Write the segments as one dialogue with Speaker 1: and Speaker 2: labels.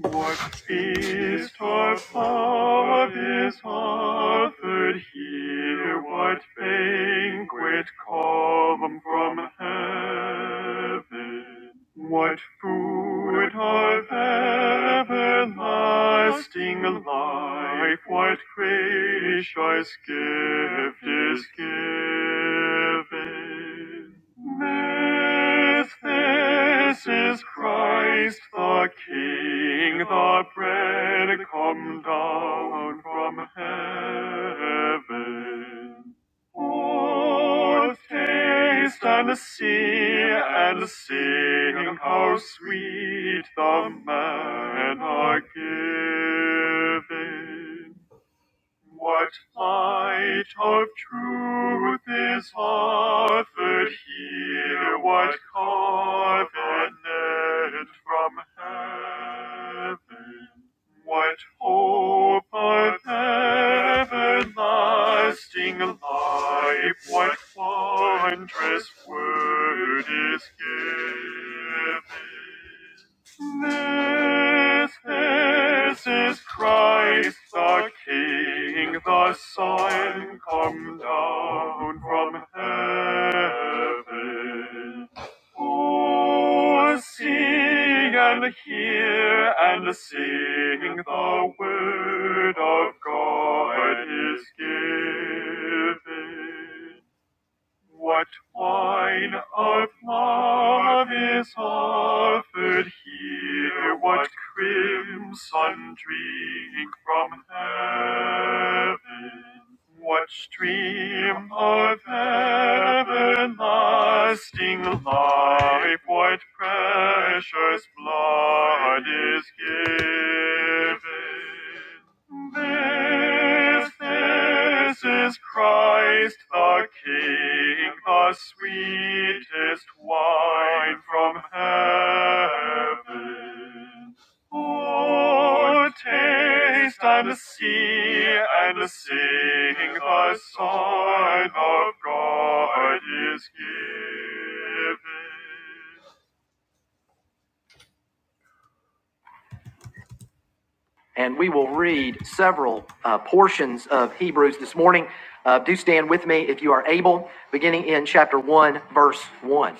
Speaker 1: What What is torpor of his offered here? What banquet call them from heaven? What food of everlasting life, what gracious gift is given? This, this is Christ the King, the bread come down from heaven. Oh, taste and see and sing how sweet the manna giving. What light of truth is offered here? What covenant from heaven? What hope of everlasting life? What wondrous word is given? This, this is Christ the King, the Son, come down from heaven. Oh, see and hear and sing the word of God is given. What wine of love is offered here? What crimson drink from heaven? What stream of everlasting life life, what precious blood is given. This, this is Christ the King, the sweetest wine from heaven. Oh, taste and see and sing the sign of God is given. And we will read several uh, portions of Hebrews this morning. Uh, do stand with me if you are able, beginning in chapter 1, verse 1.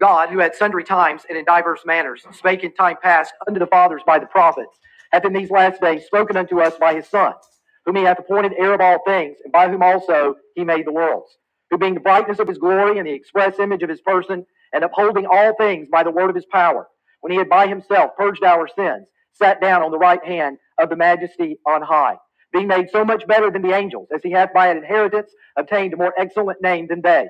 Speaker 1: God, who at sundry times and in diverse manners spake in time past unto the fathers by the prophets, hath in these last days spoken unto us by his Son, whom he hath appointed heir of all things, and by whom also he made the worlds, who being the brightness of his glory and the express image of his person, and upholding all things by the word of his power, when he had by himself purged our sins, sat down on the right hand of the majesty on high, being made so much better than the angels, as he hath by an inheritance obtained a more excellent name than they.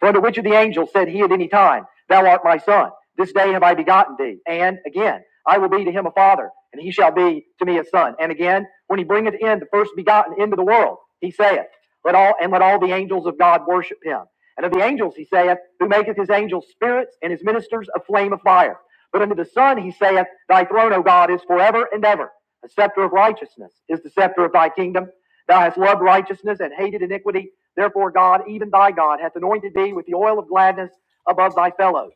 Speaker 1: For unto which of the angels said he at any time, Thou art my son, this day have I begotten thee? And again, I will be to him a father, and he shall be to me a son. And again, when he bringeth in the first begotten into the world, he saith, Let all and let all the angels of God worship him. And of the angels he saith, Who maketh his angels spirits and his ministers a flame of fire. But unto the Son he saith, Thy throne, O God, is forever and ever. A scepter of righteousness is the scepter of thy kingdom. Thou hast loved righteousness and hated iniquity. Therefore, God, even thy God, hath anointed thee with the oil of gladness above thy fellows.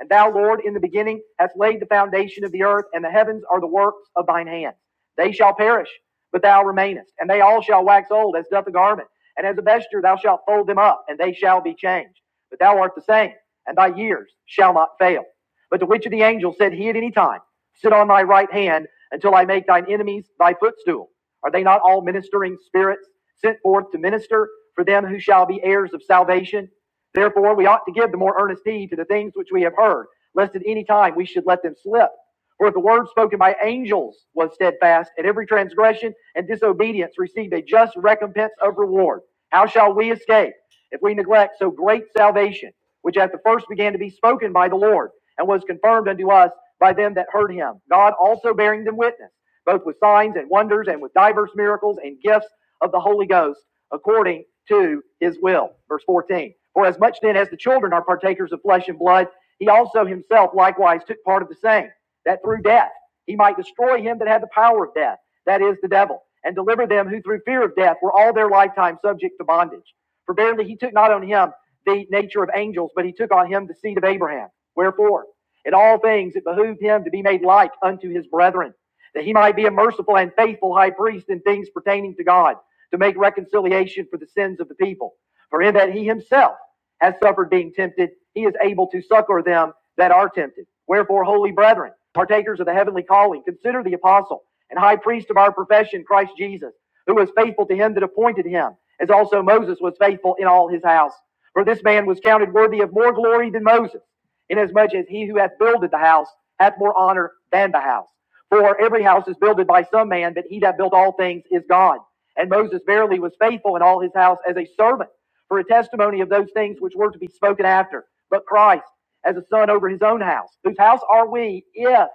Speaker 1: And thou, Lord, in the beginning hast laid the foundation of the earth, and the heavens are the works of thine hands. They shall perish, but thou remainest, and they all shall wax old as doth a garment. And as a vesture thou shalt fold them up, and they shall be changed. But thou art the same, and thy years shall not fail. But to which of the angels said he at any time, Sit on thy right hand until I make thine enemies thy footstool? Are they not all ministering spirits sent forth to minister for them who shall be heirs of salvation? Therefore, we ought to give the more earnest heed to the things which we have heard, lest at any time we should let them slip. For if the word spoken by angels was steadfast, and every transgression and disobedience received a just recompense of reward, how shall we escape if we neglect so great salvation? which at the first began to be spoken by the Lord, and was confirmed unto us by them that heard him, God also bearing them witness, both with signs and wonders, and with divers miracles and gifts of the Holy Ghost, according to his will. Verse 14. For as much then as the children are partakers of flesh and blood, he also himself likewise took part of the same, that through death he might destroy him that had the power of death, that is, the devil, and deliver them who through fear of death were all their lifetime subject to bondage. For verily he took not on him the nature of angels, but he took on him the seed of Abraham. Wherefore, in all things it behooved him to be made like unto his brethren, that he might be a merciful and faithful high priest in things pertaining to God, to make reconciliation for the sins of the people. For in that he himself has suffered being tempted, he is able to succor them that are tempted. Wherefore, holy brethren, partakers of the heavenly calling, consider the apostle and high priest of our profession, Christ Jesus, who was faithful to him that appointed him, as also Moses was faithful in all his house. For this man was counted worthy of more glory than Moses, inasmuch as he who hath builded the house hath more honor than the house. For every house is builded by some man, but he that built all things is God. And Moses verily was faithful in all his house as a servant for a testimony of those things which were to be spoken after, but Christ as a son over his own house, whose house are we If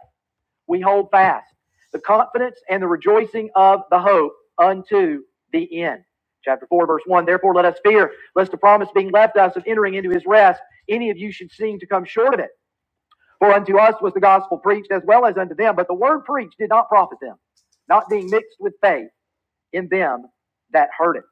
Speaker 1: we hold fast the confidence and the rejoicing of the hope unto the end. Chapter 4, verse 1 Therefore, let us fear, lest the promise being left us of entering into his rest, any of you should seem to come short of it. For unto us was the gospel preached as well as unto them, but the word preached did not profit them, not being mixed with faith in them that heard it.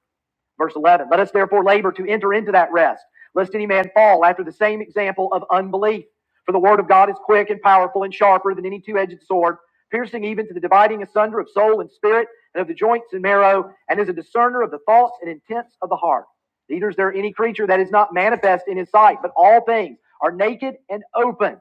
Speaker 1: Verse 11, let us therefore labor to enter into that rest, lest any man fall after the same example of unbelief. For the word of God is quick and powerful and sharper than any two edged sword, piercing even to the dividing asunder of soul and spirit, and of the joints and marrow, and is a discerner of the thoughts and intents of the heart. Neither is there any creature that is not manifest in his sight, but all things are naked and open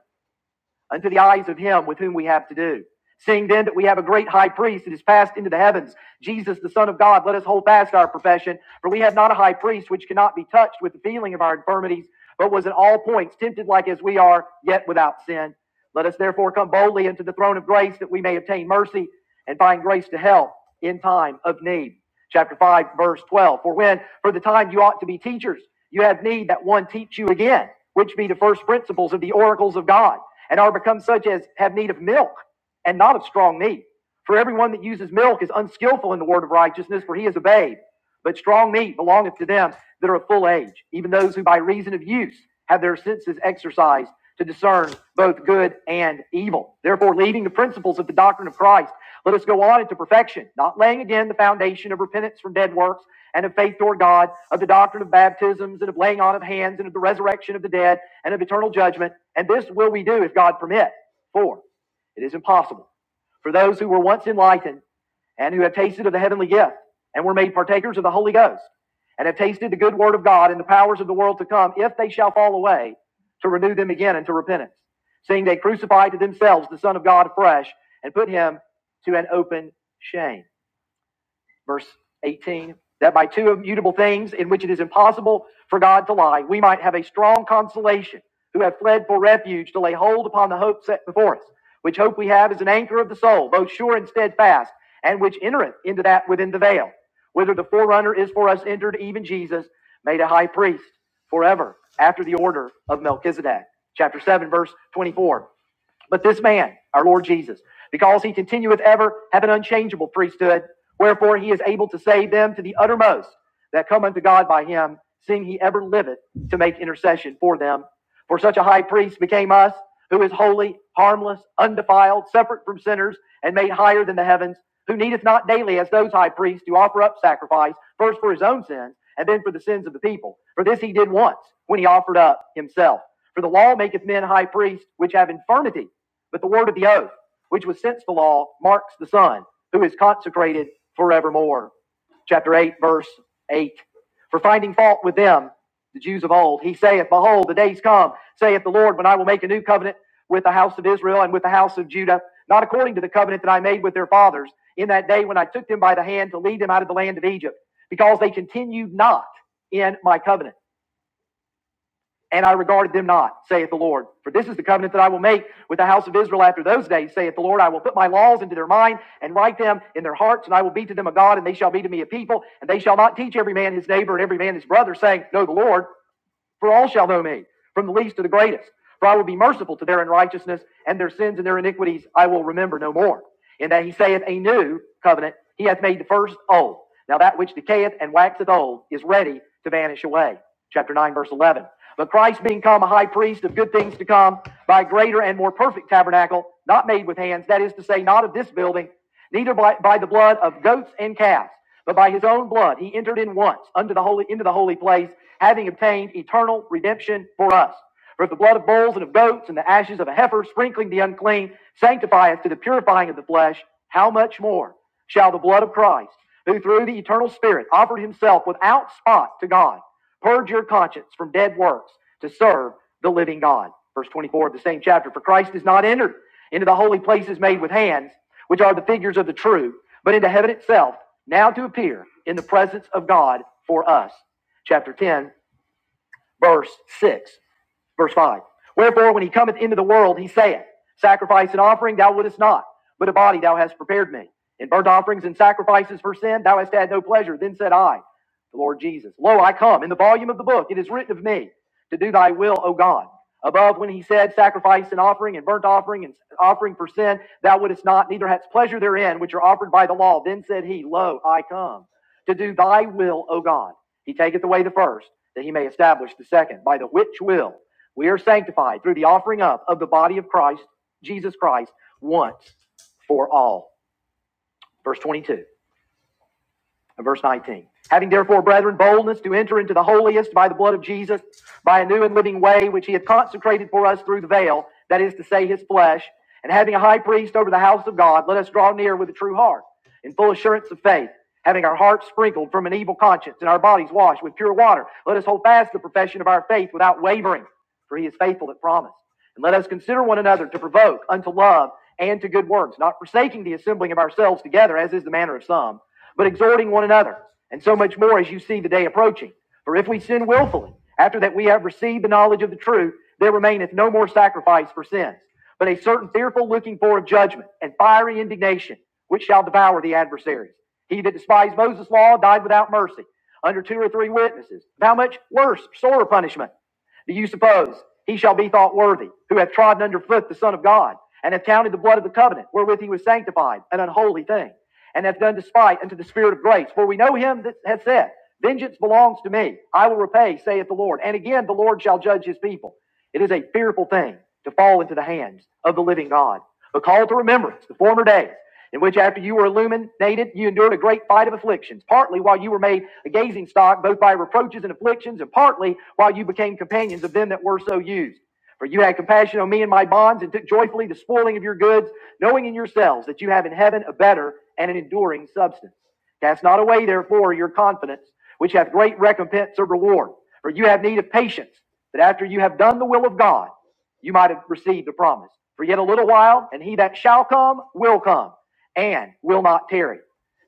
Speaker 1: unto the eyes of him with whom we have to do. Seeing then that we have a great high priest that is passed into the heavens, Jesus the Son of God, let us hold fast our profession. For we have not a high priest which cannot be touched with the feeling of our infirmities, but was in all points tempted like as we are, yet without sin. Let us therefore come boldly into the throne of grace that we may obtain mercy and find grace to help in time of need. Chapter 5, verse 12. For when, for the time you ought to be teachers, you have need that one teach you again, which be the first principles of the oracles of God and are become such as have need of milk and not of strong meat. For everyone that uses milk is unskillful in the word of righteousness, for he is a babe. But strong meat belongeth to them that are of full age, even those who by reason of use have their senses exercised to discern both good and evil. Therefore, leaving the principles of the doctrine of Christ, let us go on into perfection, not laying again the foundation of repentance from dead works and of faith toward God, of the doctrine of baptisms and of laying on of hands and of the resurrection of the dead and of eternal judgment. And this will we do if God permit. For it is impossible for those who were once enlightened and who have tasted of the heavenly gift and were made partakers of the Holy Ghost and have tasted the good word of God and the powers of the world to come, if they shall fall away, to renew them again unto repentance, seeing they crucify to themselves the Son of God afresh and put him to an open shame verse 18, that by two immutable things in which it is impossible for God to lie, we might have a strong consolation who have fled for refuge to lay hold upon the hope set before us, which hope we have is an anchor of the soul, both sure and steadfast, and which entereth into that within the veil, whither the forerunner is for us entered, even Jesus, made a high priest forever after the order of Melchizedek. Chapter 7, verse 24. But this man, our Lord Jesus, because he continueth ever, have an unchangeable priesthood, wherefore he is able to save them to the uttermost that come unto God by him, seeing he ever liveth to make intercession for them. For such a high priest became us, who is holy, harmless, undefiled, separate from sinners, and made higher than the heavens, who needeth not daily as those high priests to offer up sacrifice, first for his own sins, and then for the sins of the people. For this he did once, when he offered up himself. For the law maketh men high priests, which have infirmity but the word of the oath, which was since the law, marks the Son, who is consecrated forevermore. Chapter 8, verse 8. For finding fault with them, the Jews of old, he saith, Behold, the days come, saith the Lord, when I will make a new covenant with the house of Israel and with the house of Judah, not according to the covenant that I made with their fathers in that day when I took them by the hand to lead them out of the land of Egypt, because they continued not in my covenant and I regarded them not, saith the Lord. For this is the covenant that I will make with the house of Israel after those days, saith the Lord. I will put my laws into their mind and write them in their hearts, and I will be to them a God, and they shall be to me a people, and they shall not teach every man his neighbor and every man his brother, saying, Know the Lord. For all shall know me, from the least to the greatest. For I will be merciful to their unrighteousness, and their sins and their iniquities I will remember no more. In that he saith a new covenant, he hath made the first old. Now that which decayeth and waxeth old is ready to vanish away. Chapter 9, verse 11. But Christ being come a high priest of good things to come, by greater and more perfect tabernacle, not made with hands, that is to say, not of this building, neither by, by the blood of goats and calves, but by his own blood he entered in once unto the holy into the holy place, having obtained eternal redemption for us. For if the blood of bulls and of goats and the ashes of a heifer sprinkling the unclean sanctifieth to the purifying of the flesh, how much more shall the blood of Christ, who through the eternal Spirit offered himself without spot to God, purge your conscience from dead works to serve the living God? Verse 24 of the same chapter. For Christ is not entered into the holy places made with hands which are the figures of the true, but into heaven itself, now to appear in the presence of God for us. Chapter 10, verse 6. Verse 5. Wherefore, when he cometh into the world, he saith, Sacrifice and offering thou wouldest not, but a body thou hast prepared me. In burnt offerings and sacrifices for sin thou hast had no pleasure. Then said I, the Lord Jesus, Lo, I come. In the volume of the book it is written of me, to do thy will, O God. Above, when he said, Sacrifice and offering and burnt offering and offering for sin, thou wouldest not, neither hadst pleasure therein, which are offered by the law. Then said he, Lo, I come, to do thy will, O God. He taketh away the first, that he may establish the second, by the which will we are sanctified through the offering up of the body of Christ, Jesus Christ, once for all. Verse 22 and verse 19. Having therefore, brethren, boldness to enter into the holiest by the blood of Jesus, by a new and living way which he hath consecrated for us through the veil, that is to say, his flesh, and having a high priest over the house of God, let us draw near with a true heart, in full assurance of faith, having our hearts sprinkled from an evil conscience and our bodies washed with pure water. Let us hold fast the profession of our faith without wavering for he is faithful that promised. And let us consider one another to provoke unto love and to good works, not forsaking the assembling of ourselves together, as is the manner of some, but exhorting one another, and so much more as you see the day approaching. For if we sin willfully, after that we have received the knowledge of the truth, there remaineth no more sacrifice for sins, but a certain fearful looking for of judgment, and fiery indignation, which shall devour the adversaries. He that despised Moses' law died without mercy, under two or three witnesses. How much worse, sore punishment? Do you suppose he shall be thought worthy who hath trodden under foot the Son of God, and hath counted the blood of the covenant wherewith he was sanctified an unholy thing, and hath done despite unto the Spirit of grace? For we know him that hath said, Vengeance belongs to me, I will repay, saith the Lord. And again the Lord shall judge his people. It is a fearful thing to fall into the hands of the living God. But call to remembrance the former days in which, after you were illuminated, you endured a great fight of afflictions, partly while you were made a gazing stock, both by reproaches and afflictions, and partly while you became companions of them that were so used. For you had compassion on me and my bonds, and took joyfully the spoiling of your goods, knowing in yourselves that you have in heaven a better and an enduring substance. Cast not away, therefore, your confidence, which hath great recompense of reward. For you have need of patience, that after you have done the will of God, you might have received a promise. For yet a little while, and he that shall come will come, and will not tarry.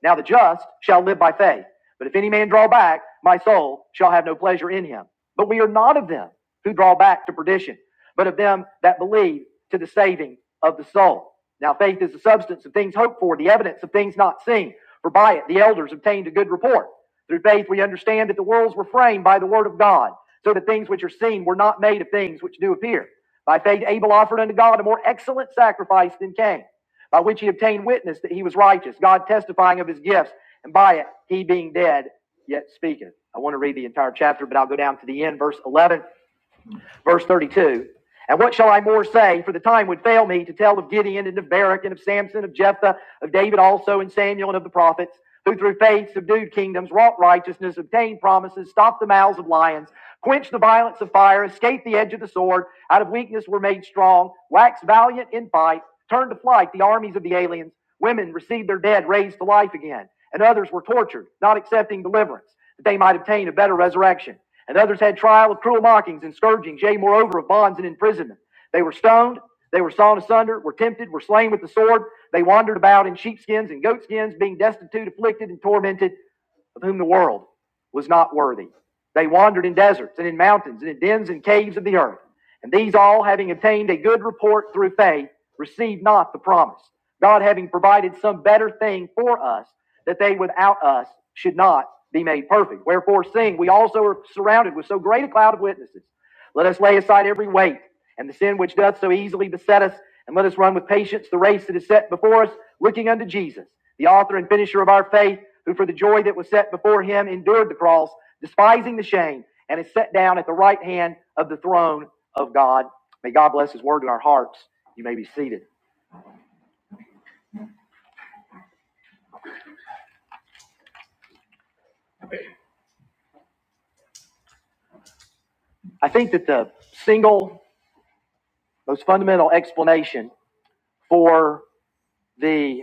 Speaker 1: Now the just shall live by faith. But if any man draw back, my soul shall have no pleasure in him. But we are not of them who draw back to perdition, but of them that believe to the saving of the soul. Now faith is the substance of things hoped for, the evidence of things not seen. For by it the elders obtained a good report. Through faith, we understand that the worlds were framed by the word of God, so that things which are seen were not made of things which do appear. By faith, Abel offered unto God a more excellent sacrifice than Cain, by which he obtained witness that he was righteous, God testifying of his gifts, and by it, he being dead, yet speaketh. I want to read the entire chapter, but I'll go down to the end, verse 11. Verse 32. And what shall I more say? For the time would fail me to tell of Gideon and of Barak and of Samson, of Jephthah, of David also, and Samuel and of the prophets, who through faith subdued kingdoms, wrought righteousness, obtained promises, stopped the mouths of lions, quenched the violence of fire, escaped the edge of the sword, out of weakness were made strong, waxed valiant in fight, turned to flight the armies of the aliens. Women received their dead raised to life again, and others were tortured, not accepting deliverance, that they might obtain a better resurrection and others had trial of cruel mockings and scourgings, yea, moreover, of bonds and imprisonment. They were stoned, they were sawn asunder, were tempted, were slain with the sword. They wandered about in sheepskins and goatskins, being destitute, afflicted, and tormented of whom the world was not worthy. They wandered in deserts and in mountains and in dens and caves of the earth. And these all, having obtained a good report through faith, received not the promise. God having provided some better thing for us, that they without us should not be made perfect. Wherefore, seeing we also are surrounded with so great a cloud of witnesses, let us lay aside every weight and the sin which doth so easily beset us, and let us run with patience the race that is set before us, looking unto Jesus, the author and finisher of our faith, who for the joy that was set before him endured the cross, despising the shame, and is set down at the right hand of the throne of God. May God bless his word in our hearts. You may be seated. I think that the single most fundamental explanation for the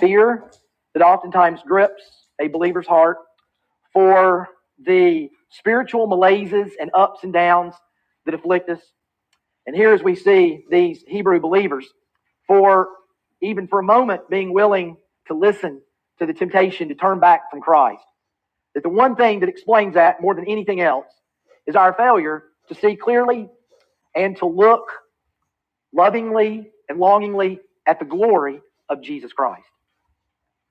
Speaker 1: fear that oftentimes grips a believer's heart for the spiritual malaises and ups and downs that afflict us. And here, as we see these Hebrew believers, for even for a moment being willing to listen to the temptation to turn back from Christ. That the one thing that explains that more than anything else is our failure to see clearly and to look lovingly and longingly at the glory of Jesus Christ.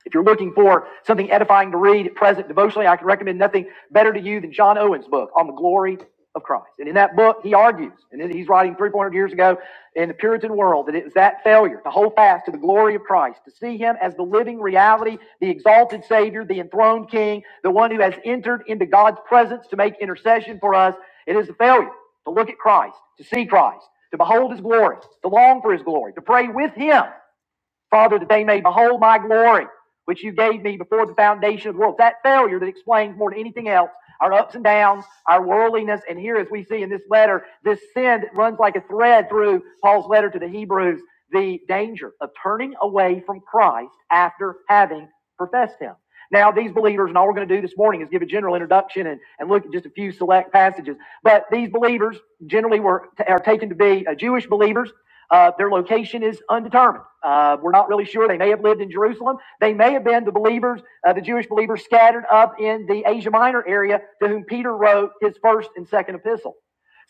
Speaker 1: If you're looking for something edifying to read, present devotionally, I can recommend nothing better to you than John Owen's book on the glory of Christ. And in that book, he argues, and he's writing 300 years ago in the Puritan world, that it was that failure to hold fast to the glory of Christ, to see him as the living reality, the exalted Savior, the enthroned King, the one who has entered into God's presence to make intercession for us. It is the failure to look at Christ, to see Christ, to behold his glory, to long for his glory, to pray with him Father, that they may behold my glory, which you gave me before the foundation of the world. That failure that explains more than anything else our ups and downs, our worldliness, and here, as we see in this letter, this sin that runs like a thread through Paul's letter to the Hebrews, the danger of turning away from Christ after having professed him. Now, these believers, and all we're going to do this morning is give a general introduction and, and look at just a few select passages. But these believers generally were are taken to be uh, Jewish believers. Uh, their location is undetermined. Uh, we're not really sure. They may have lived in Jerusalem. They may have been the believers, uh, the Jewish believers scattered up in the Asia Minor area to whom Peter wrote his first and second epistle.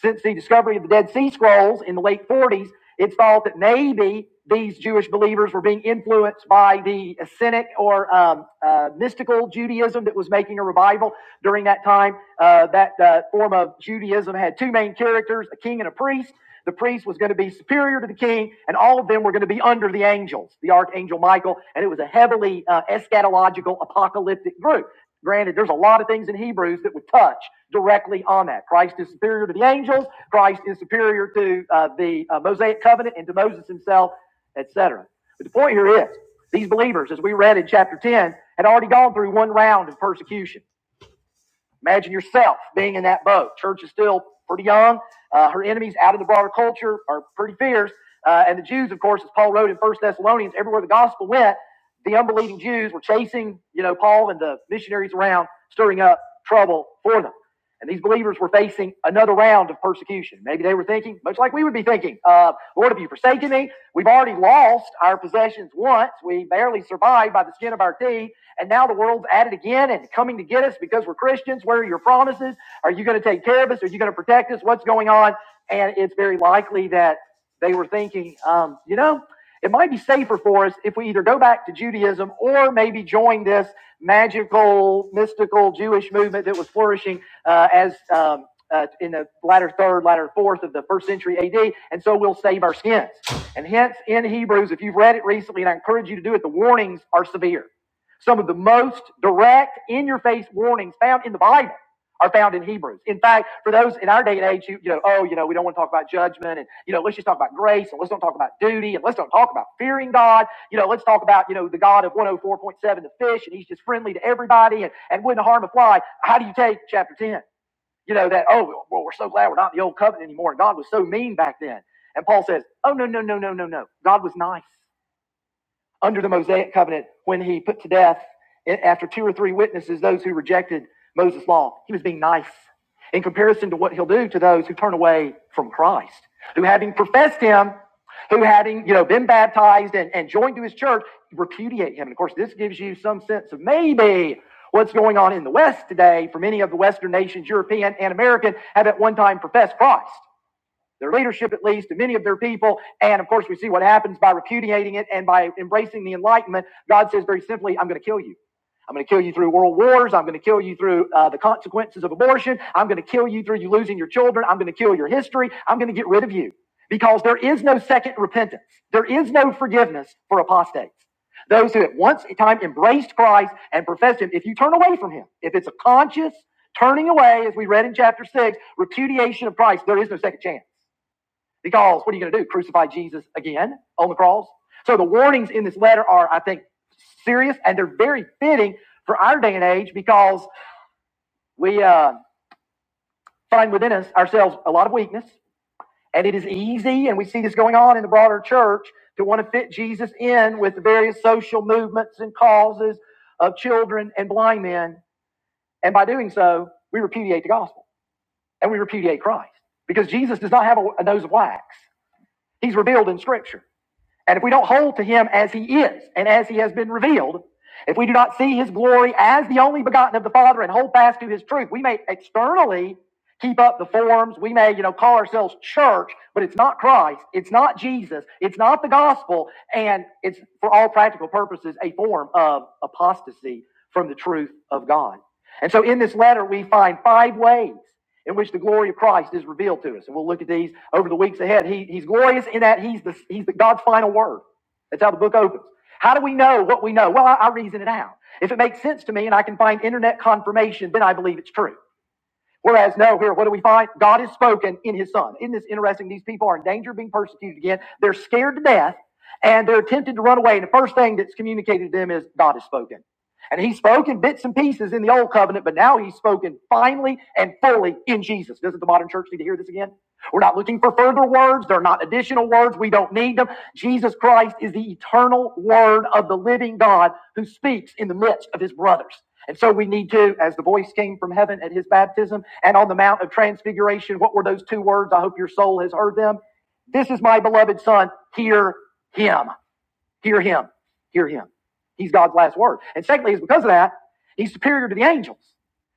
Speaker 1: Since the discovery of the Dead Sea Scrolls in the late 40s, it's thought that maybe these Jewish believers were being influenced by the Essenic or um, uh, mystical Judaism that was making a revival during that time. Uh, that uh, form of Judaism had two main characters a king and a priest. The priest was going to be superior to the king, and all of them were going to be under the angels, the archangel Michael, and it was a heavily uh, eschatological apocalyptic group. Granted, there's a lot of things in Hebrews that would touch directly on that. Christ is superior to the angels. Christ is superior to uh, the uh, Mosaic covenant and to Moses himself, et cetera. But the point here is, these believers, as we read in chapter 10, had already gone through one round of persecution. Imagine yourself being in that boat. Church is still pretty young. Uh, her enemies out of the broader culture are pretty fierce. Uh, and the Jews, of course, as Paul wrote in First Thessalonians, everywhere the gospel went, the unbelieving Jews were chasing, you know, Paul and the missionaries around, stirring up trouble for them. And these believers were facing another round of persecution. Maybe they were thinking, much like we would be thinking, uh, Lord, have you forsaken me? We've already lost our possessions once. We barely survived by the skin of our teeth. And now the world's at it again and coming to get us because we're Christians. Where are your promises? Are you going to take care of us? Are you going to protect us? What's going on? And it's very likely that they were thinking, um, you know, it might be safer for us if we either go back to Judaism or maybe join this magical, mystical Jewish movement that was flourishing uh, as um, uh, in the latter third, latter fourth of the first century AD. And so we'll save our skins. And hence, in Hebrews, if you've read it recently, and I encourage you to do it, the warnings are severe. Some of the most direct, in your face warnings found in the Bible are found in Hebrews. In fact, for those in our day and age who, you know, oh, you know, we don't want to talk about judgment and, you know, let's just talk about grace and let's don't talk about duty and let's don't talk about fearing God. You know, let's talk about, you know, the God of 104.7, the fish, and he's just friendly to everybody and, and wouldn't harm a fly. How do you take chapter 10? You know, that, oh, well, well, we're so glad we're not in the old covenant anymore. And God was so mean back then. And Paul says, oh, no, no, no, no, no, no. God was nice under the Mosaic covenant when he put to death, after two or three witnesses, those who rejected Moses' law. He was being nice in comparison to what he'll do to those who turn away from Christ, who having professed him, who having you know been baptized and, and joined to his church, repudiate him. And of course, this gives you some sense of maybe what's going on in the West today for many of the Western nations, European and American, have at one time professed Christ their leadership at least, to many of their people. And of course, we see what happens by repudiating it and by embracing the Enlightenment. God says very simply, I'm going to kill you. I'm going to kill you through world wars. I'm going to kill you through uh, the consequences of abortion. I'm going to kill you through you losing your children. I'm going to kill your history. I'm going to get rid of you because there is no second repentance. There is no forgiveness for apostates. Those who at once in time embraced Christ and professed Him, if you turn away from Him, if it's a conscious turning away, as we read in chapter 6, repudiation of Christ, there is no second chance. Because what are you going to do? Crucify Jesus again on the cross? So the warnings in this letter are, I think, serious and they're very fitting for our day and age because we uh, find within us ourselves a lot of weakness. And it is easy, and we see this going on in the broader church, to want to fit Jesus in with the various social movements and causes of children and blind men. And by doing so, we repudiate the gospel and we repudiate Christ because Jesus does not have a, a nose of wax. He's revealed in Scripture. And if we don't hold to him as he is and as he has been revealed, if we do not see his glory as the only begotten of the Father and hold fast to his truth, we may externally keep up the forms. We may, you know, call ourselves church, but it's not Christ. It's not Jesus. It's not the gospel. And it's, for all practical purposes, a form of apostasy from the truth of God. And so in this letter, we find five ways in which the glory of Christ is revealed to us. And we'll look at these over the weeks ahead. He, he's glorious in that he's the, he's the God's final word. That's how the book opens. How do we know what we know? Well, I, I reason it out. If it makes sense to me and I can find internet confirmation, then I believe it's true. Whereas now here, what do we find? God has spoken in his son. Isn't this interesting? These people are in danger of being persecuted again. They're scared to death and they're tempted to run away. And the first thing that's communicated to them is God has spoken. And he spoke in bits and pieces in the old covenant, but now he's spoken finally and fully in Jesus. Doesn't the modern church need to hear this again? We're not looking for further words. They're not additional words. We don't need them. Jesus Christ is the eternal word of the living God who speaks in the midst of his brothers. And so we need to, as the voice came from heaven at his baptism and on the Mount of Transfiguration, what were those two words? I hope your soul has heard them. This is my beloved son, hear him. Hear him. Hear him. He's God's last word. And secondly, is because of that, he's superior to the angels.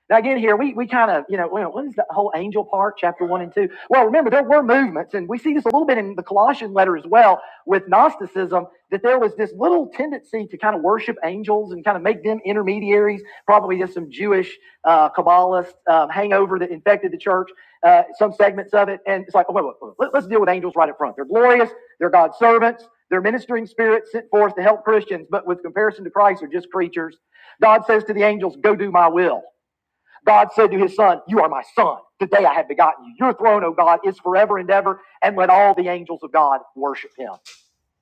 Speaker 1: Now again, here we, we kind of you know well, what is the whole angel part, chapter one and two? Well, remember there were movements, and we see this a little bit in the Colossian letter as well with Gnosticism that there was this little tendency to kind of worship angels and kind of make them intermediaries. Probably just some Jewish uh, Kabbalist um, hangover that infected the church, uh, some segments of it, and it's like, oh, wait, wait, wait, let's deal with angels right up front. They're glorious. They're God's servants. They're ministering spirits sent forth to help Christians, but with comparison to Christ, are just creatures. God says to the angels, Go do my will. God said to his son, You are my son. Today I have begotten you. Your throne, O God, is forever and ever, and let all the angels of God worship him.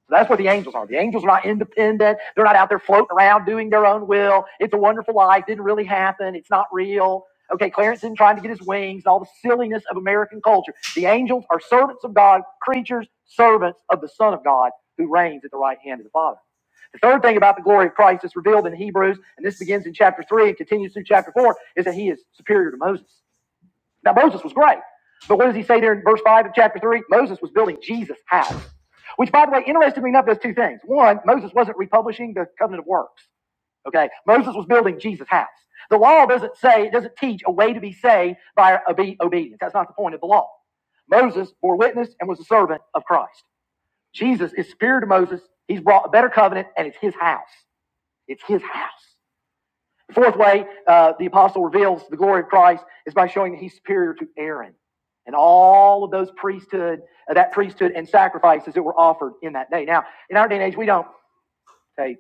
Speaker 1: So that's where the angels are. The angels are not independent. They're not out there floating around doing their own will. It's a wonderful life. Didn't really happen. It's not real. Okay, Clarence isn't trying to get his wings and all the silliness of American culture. The angels are servants of God, creatures, servants of the Son of God who reigns at the right hand of the Father. The third thing about the glory of Christ that's revealed in Hebrews, and this begins in chapter 3 and continues through chapter 4, is that he is superior to Moses. Now, Moses was great. But what does he say there in verse 5 of chapter 3? Moses was building Jesus' house. Which, by the way, interestingly enough, does two things. One, Moses wasn't republishing the covenant of works. Okay? Moses was building Jesus' house. The law doesn't say, it doesn't teach a way to be saved by obedience. That's not the point of the law. Moses bore witness and was a servant of Christ. Jesus is superior to Moses. He's brought a better covenant, and it's his house. It's his house. Fourth way uh, the apostle reveals the glory of Christ is by showing that he's superior to Aaron and all of those priesthood, uh, that priesthood and sacrifices that were offered in that day. Now, in our day and age, we don't take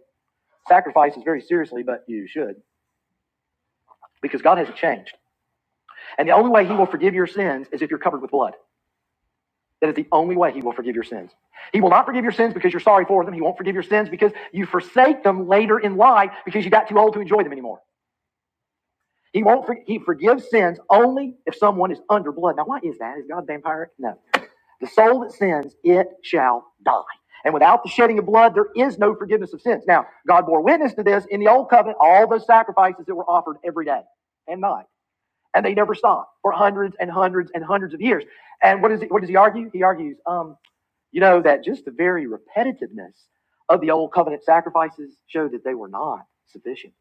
Speaker 1: sacrifices very seriously, but you should because God hasn't changed. And the only way he will forgive your sins is if you're covered with blood. That is the only way he will forgive your sins. He will not forgive your sins because you're sorry for them. He won't forgive your sins because you forsake them later in life because you got too old to enjoy them anymore. He won't. For, he forgives sins only if someone is under blood. Now, why is that? Is God a vampire? No. The soul that sins, it shall die. And without the shedding of blood, there is no forgiveness of sins. Now, God bore witness to this in the old covenant. All those sacrifices that were offered every day and night, and they never stopped for hundreds and hundreds and hundreds of years. And what is he, what does he argue? He argues. um. You know that just the very repetitiveness of the old covenant sacrifices showed that they were not sufficient.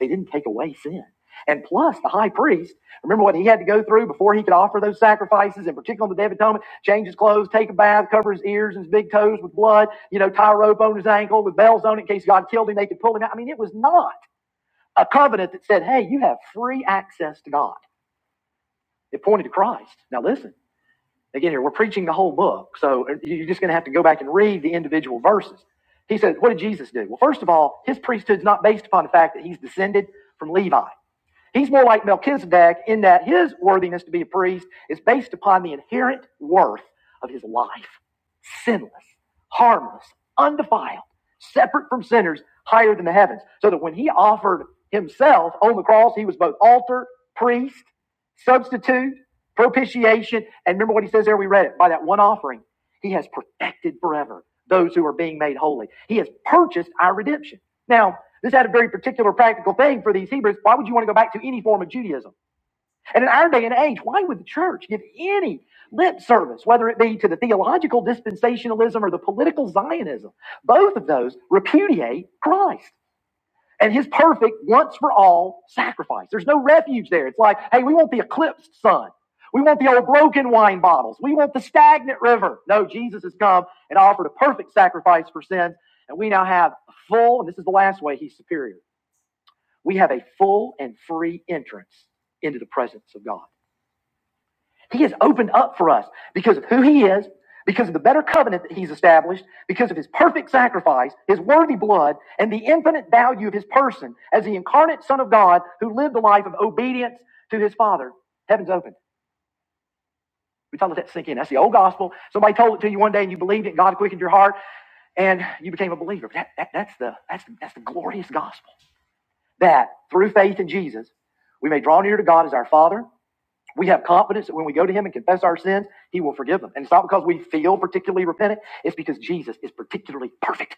Speaker 1: They didn't take away sin. And plus, the high priest, remember what he had to go through before he could offer those sacrifices, and particularly on the Day of Atonement, change his clothes, take a bath, cover his ears and his big toes with blood, you know, tie a rope on his ankle with bells on it in case God killed him, they could pull him out. I mean, it was not a covenant that said, hey, you have free access to God. It pointed to Christ. Now listen. Again, here we're preaching the whole book, so you're just going to have to go back and read the individual verses. He said, "What did Jesus do?" Well, first of all, his priesthood's not based upon the fact that he's descended from Levi. He's more like Melchizedek in that his worthiness to be a priest is based upon the inherent worth of his life sinless, harmless, undefiled, separate from sinners, higher than the heavens. So that when he offered himself on the cross, he was both altar, priest, substitute, propitiation. And remember what he says there? We read it by that one offering. He has perfected forever those who are being made holy. He has purchased our redemption. Now, this had a very particular practical thing for these Hebrews. Why would you want to go back to any form of Judaism? And in our day and age, why would the church give any lip service, whether it be to the theological dispensationalism or the political Zionism? Both of those repudiate Christ and his perfect once for all sacrifice. There's no refuge there. It's like, hey, we want the eclipsed sun. We want the old broken wine bottles. We want the stagnant river. No, Jesus has come and offered a perfect sacrifice for sins. And we now have a full, and this is the last way he's superior we have a full and free entrance into the presence of God. He has opened up for us because of who He is, because of the better covenant that He's established, because of His perfect sacrifice, His worthy blood, and the infinite value of His person as the incarnate Son of God who lived a life of obedience to His Father. Heaven's opened. We tell that sink in. That's the old gospel. Somebody told it to you one day and you believed it, and God quickened your heart, and you became a believer. That, that, that's, the, that's, the, that's the glorious gospel. that through faith in Jesus, we may draw near to God as our Father. We have confidence that when we go to Him and confess our sins, He will forgive them. And it's not because we feel particularly repentant, it's because Jesus is particularly perfect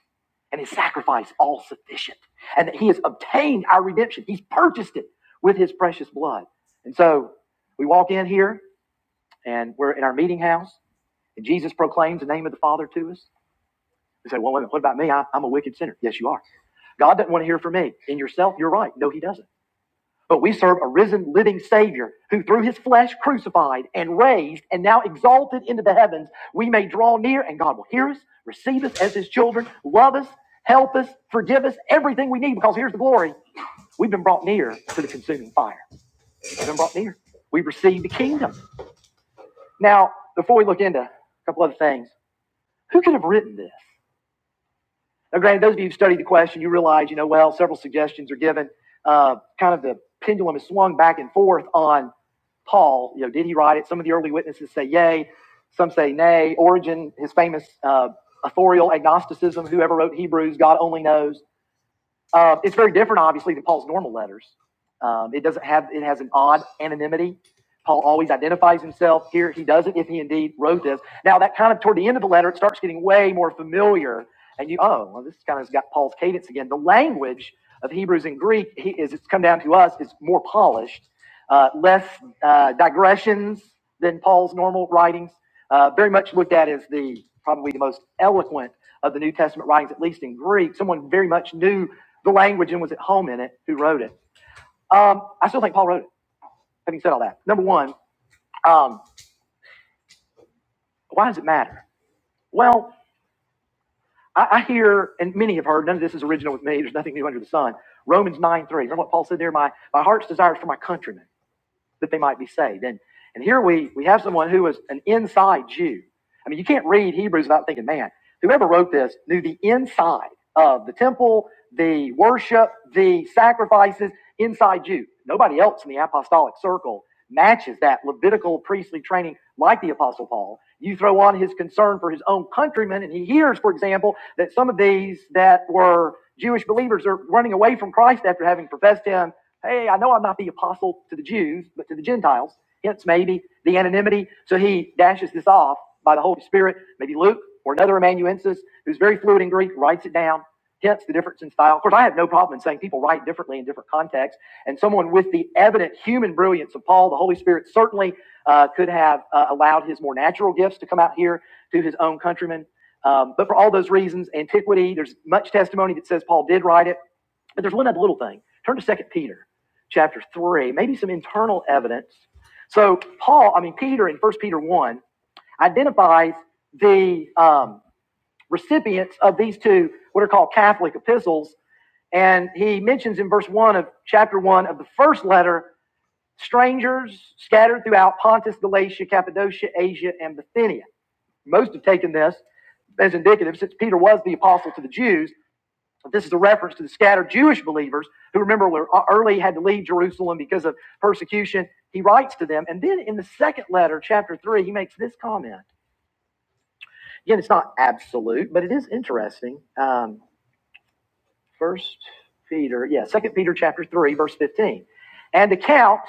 Speaker 1: and His sacrifice all sufficient. And that He has obtained our redemption, He's purchased it with His precious blood. And so we walk in here and we're in our meeting house, and Jesus proclaims the name of the Father to us. We say, Well, wait a minute, what about me? I- I'm a wicked sinner. Yes, you are. God doesn't want to hear from me. In yourself, you're right. No, He doesn't. But we serve a risen, living Savior who, through his flesh crucified and raised and now exalted into the heavens, we may draw near and God will hear us, receive us as his children, love us, help us, forgive us, everything we need because here's the glory. We've been brought near to the consuming fire. We've been brought near. We've received the kingdom. Now, before we look into a couple other things, who could have written this? Now, granted, those of you who study the question, you realize, you know, well, several suggestions are given. Uh, kind of the pendulum is swung back and forth on Paul. You know, did he write it? Some of the early witnesses say yay, some say nay. Origen, his famous uh, authorial agnosticism, whoever wrote Hebrews, God only knows. Uh, it's very different, obviously, than Paul's normal letters. Um, it doesn't have it has an odd anonymity. Paul always identifies himself. Here he doesn't, if he indeed wrote this. Now that kind of toward the end of the letter, it starts getting way more familiar, and you oh well, this kind of has got Paul's cadence again. The language of Hebrews and Greek he, is it's come down to us is more polished, uh, less uh, digressions than Paul's normal writings. Uh, very much looked at as the probably the most eloquent of the New Testament writings, at least in Greek. Someone very much knew the language and was at home in it who wrote it. Um, I still think Paul wrote it. Having said all that, number one, um, why does it matter? Well, I, I hear, and many have heard, none of this is original with me. There's nothing new under the sun. Romans 9 3. Remember what Paul said there? My, my heart's desires for my countrymen. that they might be saved. And and here we we have someone who is an inside Jew. I mean, you can't read Hebrews without thinking, man, whoever wrote this knew the inside of the temple, the worship, the sacrifices, inside Jew. Nobody else in the apostolic circle matches that Levitical priestly training like the apostle Paul. You throw on his concern for his own countrymen, and he hears, for example, that some of these that were Jewish believers are running away from Christ after having professed him Hey, I know I'm not the apostle to the Jews, but to the Gentiles. Hence, maybe the anonymity. So he dashes this off by the Holy Spirit. Maybe Luke or another amanuensis who's very fluent in Greek writes it down. Hence the difference in style. Of course, I have no problem in saying people write differently in different contexts. And someone with the evident human brilliance of Paul, the Holy Spirit certainly uh, could have uh, allowed his more natural gifts to come out here to his own countrymen. Um, but for all those reasons, antiquity, there's much testimony that says Paul did write it. But there's one other little thing. Turn to Second Peter chapter 3, maybe some internal evidence. So, Paul, I mean, Peter in First Peter 1 identifies the um, recipients of these two, what are called Catholic epistles. And he mentions in verse 1 of chapter 1 of the first letter, strangers scattered throughout Pontus, Galatia, Cappadocia, Asia, and Bithynia. Most have taken this as indicative, since Peter was the apostle to the Jews, this is a reference to the scattered Jewish believers who remember were early had to leave Jerusalem because of persecution. He writes to them. And then in the second letter, chapter 3, he makes this comment. Again, it's not absolute, but it is interesting. Um, first Peter, yeah, second Peter chapter 3, verse 15. And account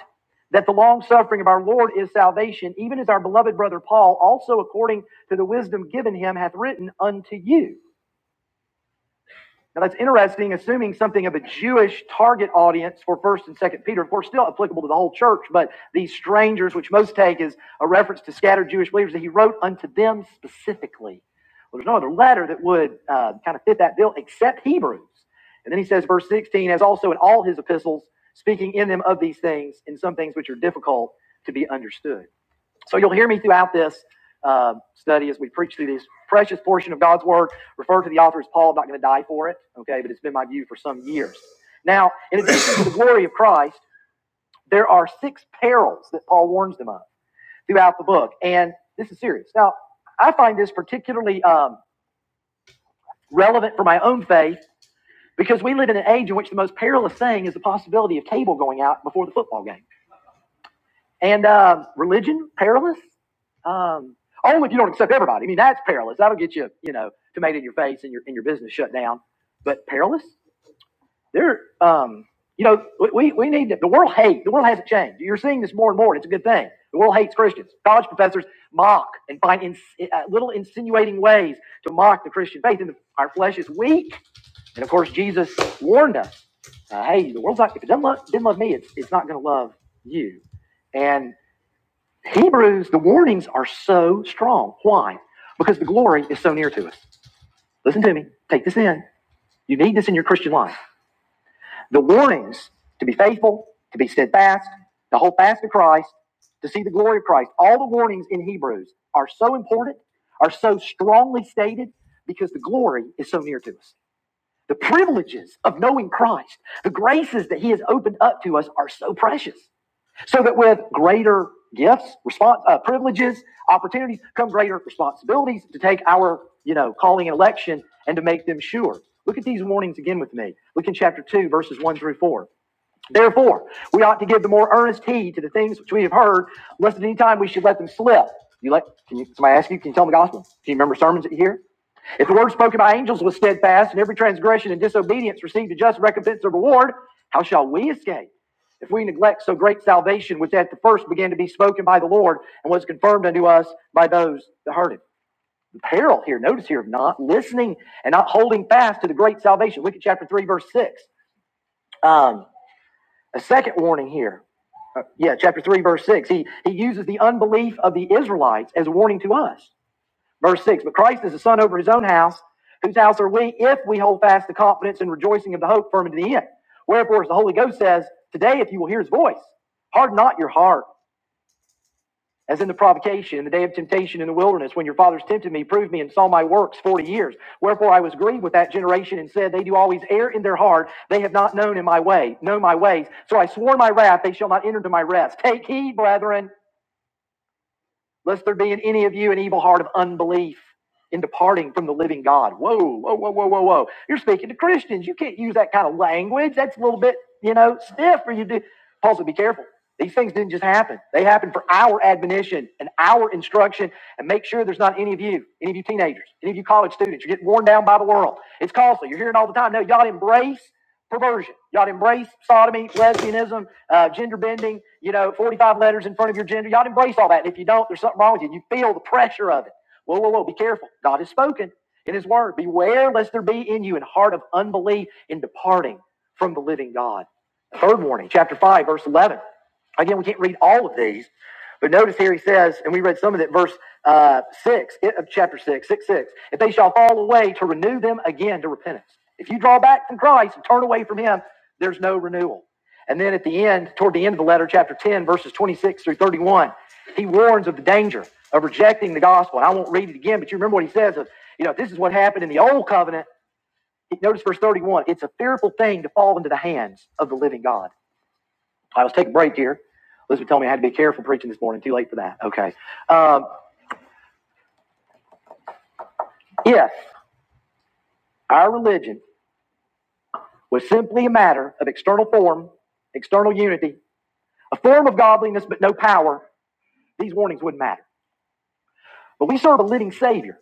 Speaker 1: that the long suffering of our Lord is salvation, even as our beloved brother Paul, also according to the wisdom given him, hath written unto you Now that's interesting, assuming something of a Jewish target audience for First and Second Peter. Of course, still applicable to the whole church, but these strangers, which most take as a reference to scattered Jewish believers, that he wrote unto them specifically. Well, there's no other letter that would uh, kind of fit that bill except Hebrews. And then he says, verse 16, as also in all his epistles, speaking in them of these things, in some things which are difficult to be understood. So you'll hear me throughout this uh, study as we preach through this precious portion of God's Word, Refer to the author as Paul. I'm not going to die for it, okay? But it's been my view for some years. Now, in addition to the glory of Christ, there are six perils that Paul warns them of throughout the book. And this is serious. Now, I find this particularly um, relevant for my own faith because we live in an age in which the most perilous thing is the possibility of cable going out before the football game. And uh, religion, perilous. Um, only if you don't accept everybody. I mean, that's perilous. That'll get you, you know, tomato in your face and your and your business shut down. But perilous, they're, um, you know, we, we we need to, the world hate. The world hasn't changed. You're seeing this more and more. and It's a good thing. The world hates Christians. College professors mock and find ins uh, little insinuating ways to mock the Christian faith. And our flesh is weak. And of course, Jesus warned us, uh, hey, the world's not. If it doesn't love, didn't love me, it's it's not going to love you. And Hebrews, the warnings are so strong. Why? Because the glory is so near to us. Listen to me. Take this in. You need this in your Christian life. The warnings to be faithful, to be steadfast, to hold fast to Christ, to see the glory of Christ. All the warnings in Hebrews are so important, are so strongly stated because the glory is so near to us. The privileges of knowing Christ, the graces that He has opened up to us are so precious so that with greater gifts, response, uh, privileges, opportunities come greater responsibilities to take our, you know, calling and election and to make them sure. Look at these warnings again with me. Look in chapter 2, verses 1 through 4. Therefore, we ought to give the more earnest heed to the things which we have heard, lest at any time we should let them slip. You let, can you, somebody ask you, can you tell them the gospel? Can you remember sermons that you hear? If the word spoken by angels was steadfast, and every transgression and disobedience received a just recompense or reward, how shall we escape? If we neglect so great salvation, which at the first began to be spoken by the Lord and was confirmed unto us by those that heard it. The peril here, notice here, of not listening and not holding fast to the great salvation. Look at chapter 3, verse 6. Um, a second warning here. Uh, yeah, chapter 3, verse 6. He, he uses the unbelief of the Israelites as a warning to us. Verse 6 But Christ is the Son over his own house, whose house are we if we hold fast the confidence and rejoicing of the hope firm unto the end? Wherefore, as the Holy Ghost says, Today, if you will hear his voice, harden not your heart, as in the provocation, in the day of temptation in the wilderness, when your fathers tempted me, proved me, and saw my works forty years. Wherefore, I was grieved with that generation and said, They do always err in their heart. They have not known in my way, know my ways. So I swore in my wrath, they shall not enter into my rest. Take heed, brethren, lest there be in any of you an evil heart of unbelief in departing from the living God. Whoa, whoa, whoa, whoa, whoa, whoa. You're speaking to Christians. You can't use that kind of language. That's a little bit, you know, stiff for you to. do. Paul said, be careful. These things didn't just happen. They happened for our admonition and our instruction. And make sure there's not any of you, any of you teenagers, any of you college students. You're getting worn down by the world. It's costly. You're hearing all the time. No, y'all embrace perversion. Y'all embrace sodomy, lesbianism, uh, gender bending, you know, 45 letters in front of your gender. Y'all embrace all that. And if you don't, there's something wrong with you. You feel the pressure of it. Whoa, whoa, whoa, be careful. God has spoken in his word. Beware lest there be in you an heart of unbelief in departing from the living God. Third warning, chapter 5, verse 11. Again, we can't read all of these, but notice here he says, and we read some of it, verse uh, 6, of chapter 6, 6 6. If they shall fall away, to renew them again to repentance. If you draw back from Christ and turn away from him, there's no renewal. And then at the end, toward the end of the letter, chapter 10, verses 26 through 31, he warns of the danger of rejecting the gospel. And I won't read it again, but you remember what he says of, you know, this is what happened in the old covenant. Notice verse 31. It's a fearful thing to fall into the hands of the living God. I was taking a break here. Elizabeth told me I had to be careful preaching this morning. Too late for that. Okay. Um, if our religion was simply a matter of external form, external unity, a form of godliness, but no power, these warnings wouldn't matter. But we serve a living Savior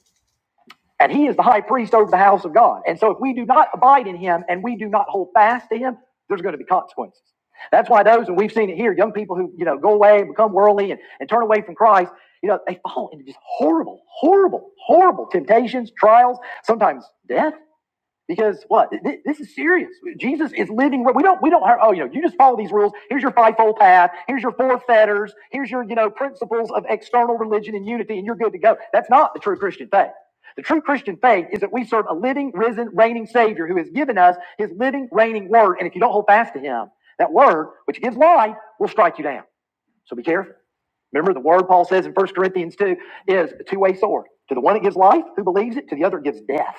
Speaker 1: And he is the high priest over the house of God. And so if we do not abide in him and we do not hold fast to him, there's going to be consequences. That's why those, and we've seen it here, young people who, you know, go away and become worldly and, and turn away from Christ, you know, they fall into just horrible, horrible, horrible temptations, trials, sometimes death. Because what? This is serious. Jesus is living. We don't. We don't. Oh, you know. You just follow these rules. Here's your fivefold path. Here's your four fetters. Here's your you know principles of external religion and unity, and you're good to go. That's not the true Christian faith. The true Christian faith is that we serve a living, risen, reigning Savior who has given us His living, reigning Word. And if you don't hold fast to Him, that Word, which gives life, will strike you down. So be careful. Remember the Word Paul says in First Corinthians two is a two-way sword. To the one it gives life, who believes it. To the other it gives death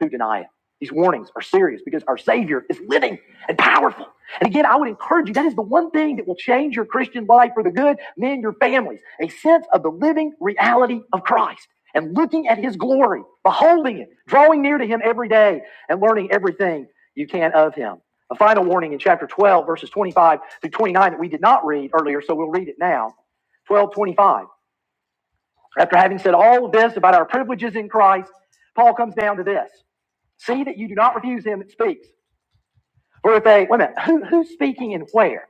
Speaker 1: who deny it. These warnings are serious because our Savior is living and powerful. And again, I would encourage you that is the one thing that will change your Christian life for the good, men, your families, a sense of the living reality of Christ and looking at His glory, beholding it, drawing near to Him every day, and learning everything you can of Him. A final warning in chapter 12, verses 25 through 29 that we did not read earlier, so we'll read it now. 12:25. After having said all of this about our privileges in Christ, Paul comes down to this. See that you do not refuse him that speaks. For if they, wait a minute, who, who's speaking and where?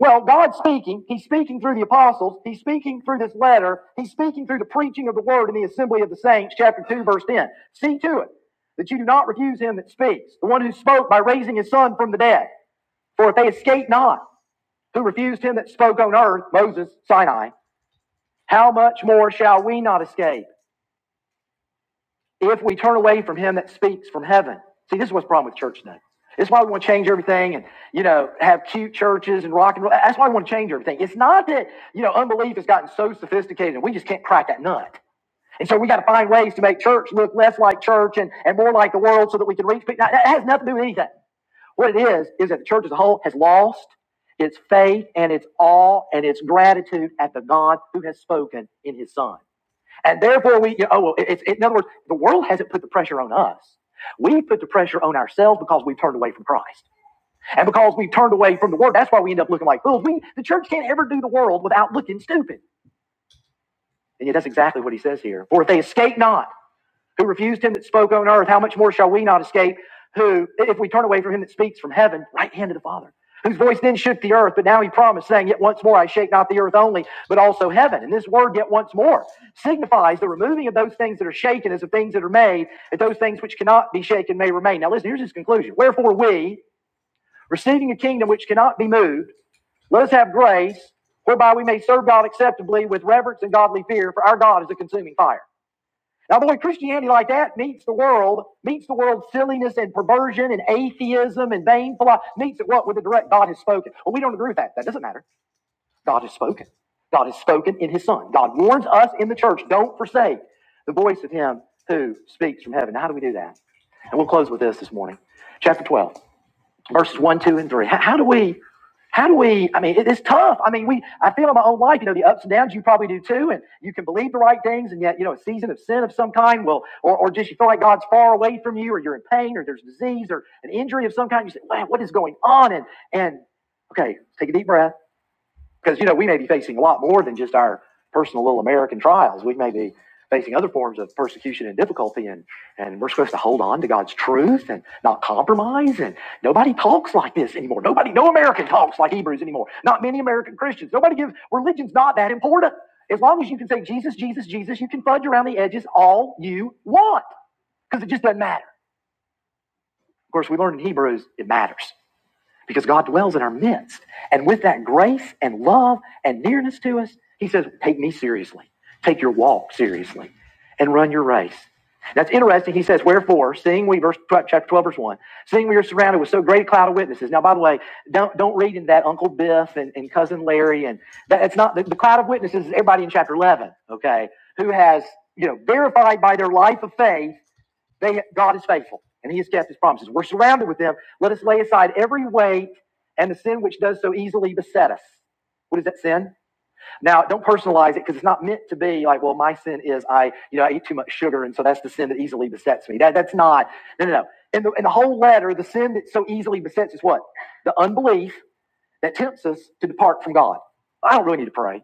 Speaker 1: Well, God's speaking. He's speaking through the apostles. He's speaking through this letter. He's speaking through the preaching of the word in the assembly of the saints, chapter 2, verse 10. See to it that you do not refuse him that speaks, the one who spoke by raising his son from the dead. For if they escape not, who refused him that spoke on earth, Moses, Sinai, how much more shall we not escape if we turn away from him that speaks from heaven. See, this is what's the problem with church today. It's why we want to change everything and, you know, have cute churches and rock and roll. That's why we want to change everything. It's not that, you know, unbelief has gotten so sophisticated and we just can't crack that nut. And so we got to find ways to make church look less like church and, and more like the world so that we can reach people. That that has nothing to do with anything. What it is, is that the church as a whole has lost its faith and its awe and its gratitude at the God who has spoken in his son. And therefore, we, you know, oh, well, it's, it, in other words, the world hasn't put the pressure on us. We've put the pressure on ourselves because we've turned away from Christ. And because we've turned away from the Word, that's why we end up looking like fools. We, the church can't ever do the world without looking stupid. And yet, that's exactly what he says here. For if they escape not who refused him that spoke on earth, how much more shall we not escape? Who, if we turn away from him that speaks from heaven, right hand of the Father, whose voice then shook the earth, but now he promised, saying, Yet once more I shake not the earth only, but also heaven. And this word, yet once more, signifies the removing of those things that are shaken as of things that are made, that those things which cannot be shaken may remain. Now listen, here's his conclusion. Wherefore we, receiving a kingdom which cannot be moved, let us have grace, whereby we may serve God acceptably with reverence and godly fear, for our God is a consuming fire. Now, the way Christianity like that meets the world, meets the world's silliness and perversion and atheism and vain philosophy, meets it what with the direct God has spoken. Well, we don't agree with that. That doesn't matter. God has spoken. God has spoken in his son. God warns us in the church, don't forsake the voice of him who speaks from heaven. Now, how do we do that? And we'll close with this this morning. Chapter 12 verses one, two, and three. How, how do we? How do we? I mean, it is tough. I mean, we. I feel in my own life, you know, the ups and downs. You probably do too. And you can believe the right things, and yet, you know, a season of sin of some kind will, or, or just you feel like God's far away from you, or you're in pain, or there's disease, or an injury of some kind. You say, "Wow, what is going on?" And and okay, take a deep breath because, you know, we may be facing a lot more than just our personal little American trials. We may be facing other forms of persecution and difficulty, and, and we're supposed to hold on to God's truth and not compromise. And nobody talks like this anymore. Nobody, no American talks like Hebrews anymore. Not many American Christians. Nobody gives, religion's not that important. As long as you can say Jesus, Jesus, Jesus, you can fudge around the edges all you want because it just doesn't matter. Of course, we learned in Hebrews, it matters because God dwells in our midst. And with that grace and love and nearness to us, He says, Take me seriously. Take your walk seriously and run your race. That's interesting. He says, Wherefore, seeing we, verse chapter 12, verse 1, seeing we are surrounded with so great a cloud of witnesses. Now, by the way, don't, don't read in that Uncle Biff and, and Cousin Larry. And that, it's not the, the cloud of witnesses is everybody in chapter 11, okay, who has, you know, verified by their life of faith they, God is faithful, and He has kept His promises. We're surrounded with them. Let us lay aside every weight and the sin which does so easily beset us. What is that sin? Now, don't personalize it because it's not meant to be like, well, my sin is I, you know, I eat too much sugar, and so that's the sin that easily besets me. That, that's not. No, no, no. In the, in the whole letter, the sin that so easily besets is what? The unbelief that tempts us to depart from God. I don't really need to pray.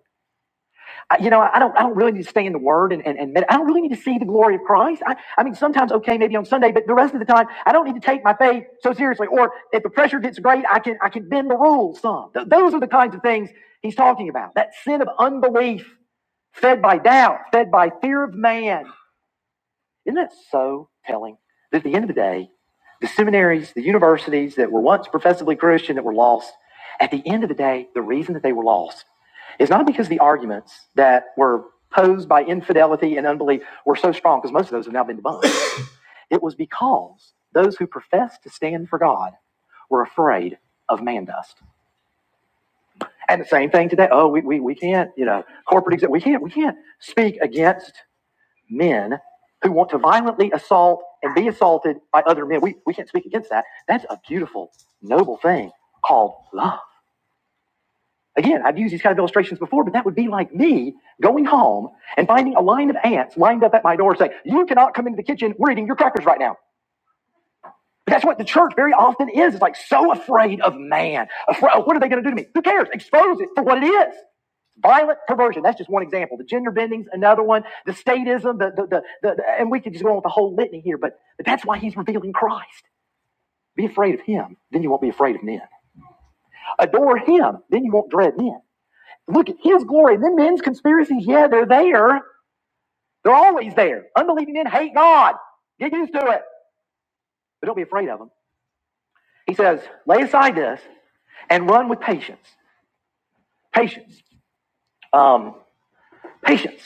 Speaker 1: I- you know, I don't, I don't really need to stay in the Word and, and, and med- I don't really need to see the glory of Christ. I, I mean, sometimes, okay, maybe on Sunday, but the rest of the time, I don't need to take my faith so seriously. Or if the pressure gets great, I can, I can bend the rules some. Th- those are the kinds of things he's talking about. That sin of unbelief, fed by doubt, fed by fear of man. Isn't that so telling? That at the end of the day, the seminaries, the universities that were once professively Christian that were lost, at the end of the day, the reason that they were lost is not because the arguments that were posed by infidelity and unbelief were so strong, because most of those have now been debunked. It was because those who professed to stand for God were afraid of man dust. And the same thing today. Oh, we, we, we can't, you know, corporate, exec- we can't, we can't speak against men who want to violently assault and be assaulted by other men. We, we can't speak against that. That's a beautiful, noble thing called love. Again, I've used these kind of illustrations before, but that would be like me going home and finding a line of ants lined up at my door saying, You cannot come into the kitchen. We're eating your crackers right now. But that's what the church very often is. It's like so afraid of man. Afraid, oh, what are they going to do to me? Who cares? Expose it for what it is. Violent perversion, that's just one example. The gender bending's another one. The statism, the, the, the, the, and we could just go on with the whole litany here, but, but that's why he's revealing Christ. Be afraid of him, then you won't be afraid of men. Adore him, then you won't dread men. Look at his glory. then men's conspiracies, yeah, they're there. They're always there. Unbelieving men hate God. Get used to it, but don't be afraid of them. He says, lay aside this and run with patience. Patience. Um, patience.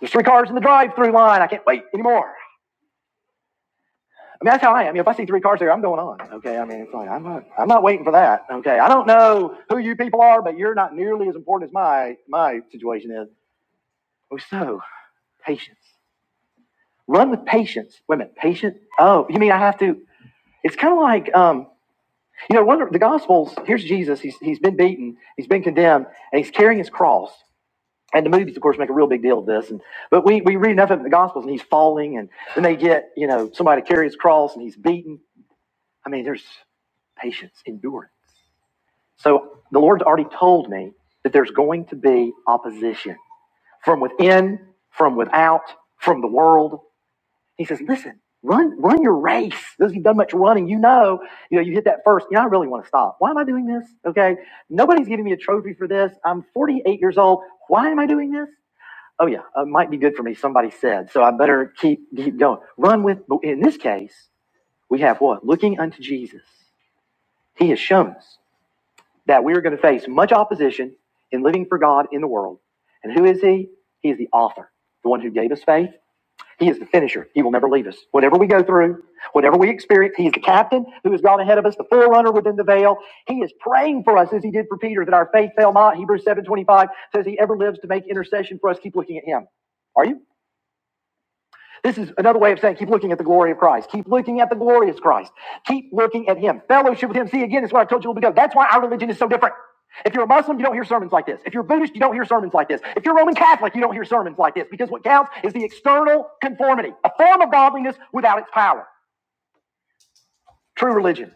Speaker 1: There's three cars in the drive-through line. I can't wait anymore. I mean, that's how I am. You know, if I see three cars there, I'm going on. Okay. I mean, it's like, I'm not, I'm not waiting for that. Okay. I don't know who you people are, but you're not nearly as important as my, my situation is. Oh, so patience. Run with patience. Wait a minute. Patient. Oh, you mean I have to, it's kind of like, um, you know, one of the gospels, here's Jesus. He's, he's been beaten. He's been condemned and he's carrying his cross. And the movies, of course, make a real big deal of this. And, but we, we read enough of the gospels and he's falling and then they get, you know, somebody to carry his cross and he's beaten. I mean, there's patience, endurance. So the Lord's already told me that there's going to be opposition from within, from without, from the world. He says, listen, run, run your race. Those of you who've done much running, you know, you know, you hit that first. You know, I really want to stop. Why am I doing this? Okay. Nobody's giving me a trophy for this. I'm 48 years old. Why am I doing this? Oh yeah, Uh, it might be good for me. Somebody said, so I better keep keep going. Run with. But in this case, we have what? Looking unto Jesus. He has shown us. that we are going to face much opposition in living for God in the world. And who is He? He is the author, the one who gave us faith. He is the finisher. He will never leave us. Whatever we go through, whatever we experience, He is the captain who has gone ahead of us, the forerunner within the veil. He is praying for us as He did for Peter that our faith fail not. Hebrews 7.25 says He ever lives to make intercession for us. Keep looking at Him. Are you? This is another way of saying keep looking at the glory of Christ. Keep looking at the glorious Christ. Keep looking at Him. Fellowship with Him. See, again, it's what I told you a little bit ago. That's why our religion is so different. If you're a Muslim, you don't hear sermons like this. If you're Buddhist, you don't hear sermons like this. If you're Roman Catholic, you don't hear sermons like this because what counts is the external conformity, a form of godliness without its power. True religion,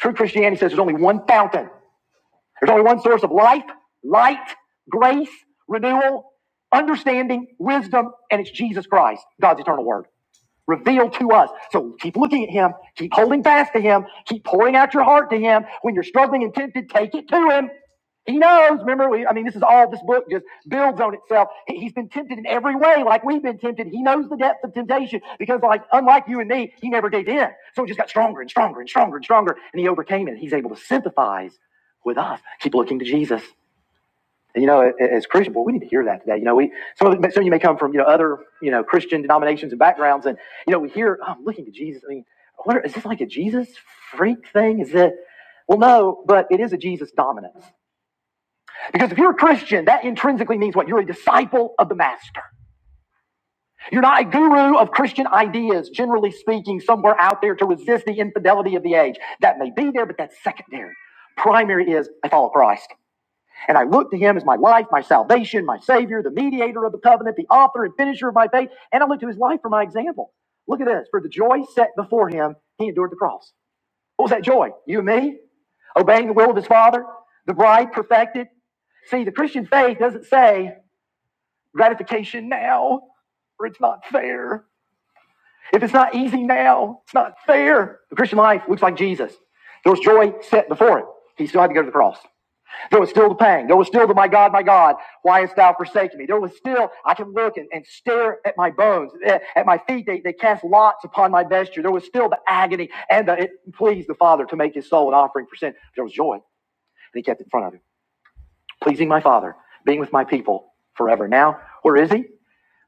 Speaker 1: true Christianity says there's only one fountain, there's only one source of life, light, grace, renewal, understanding, wisdom, and it's Jesus Christ, God's eternal word revealed to us. So keep looking at him, keep holding fast to him, keep pouring out your heart to him. When you're struggling and tempted, take it to him. He knows. Remember, we, I mean, this is all this book just builds on itself. He- He's been tempted in every way, like we've been tempted. He knows the depth of temptation because, like, unlike you and me, he never gave in. So it just got stronger and stronger and stronger and stronger, and he overcame it. He's able to sympathize with us. Keep looking to Jesus. You know, as Christian, boy, we need to hear that today. You know, we some of, the- some of you may come from you know other you know Christian denominations and backgrounds, and you know we hear, oh, I'm looking to Jesus. I mean, what are, is this like a Jesus freak thing? Is it? Well, no, but it is a Jesus dominance. Because if you're a Christian, that intrinsically means what? You're a disciple of the master. You're not a guru of Christian ideas, generally speaking, somewhere out there to resist the infidelity of the age. That may be there, but that's secondary. Primary is I follow Christ. And I look to him as my life, my salvation, my savior, the mediator of the covenant, the author and finisher of my faith. And I look to his life for my example. Look at this. For the joy set before him, he endured the cross. What was that joy? You and me? Obeying the will of his father, the bride perfected. See, the Christian faith doesn't say gratification now, or it's not fair. If it's not easy now, it's not fair. The Christian life looks like Jesus. There was joy set before him. He still had to go to the cross. There was still the pang. There was still the, my God, my God, why hast thou forsaken me? There was still, I can look and, and stare at my bones, eh, at my feet. They, they cast lots upon my vesture. There was still the agony and the, it pleased the Father to make his soul an offering for sin. There was joy that he kept in front of him, pleasing my Father, being with my people forever. Now, where is he?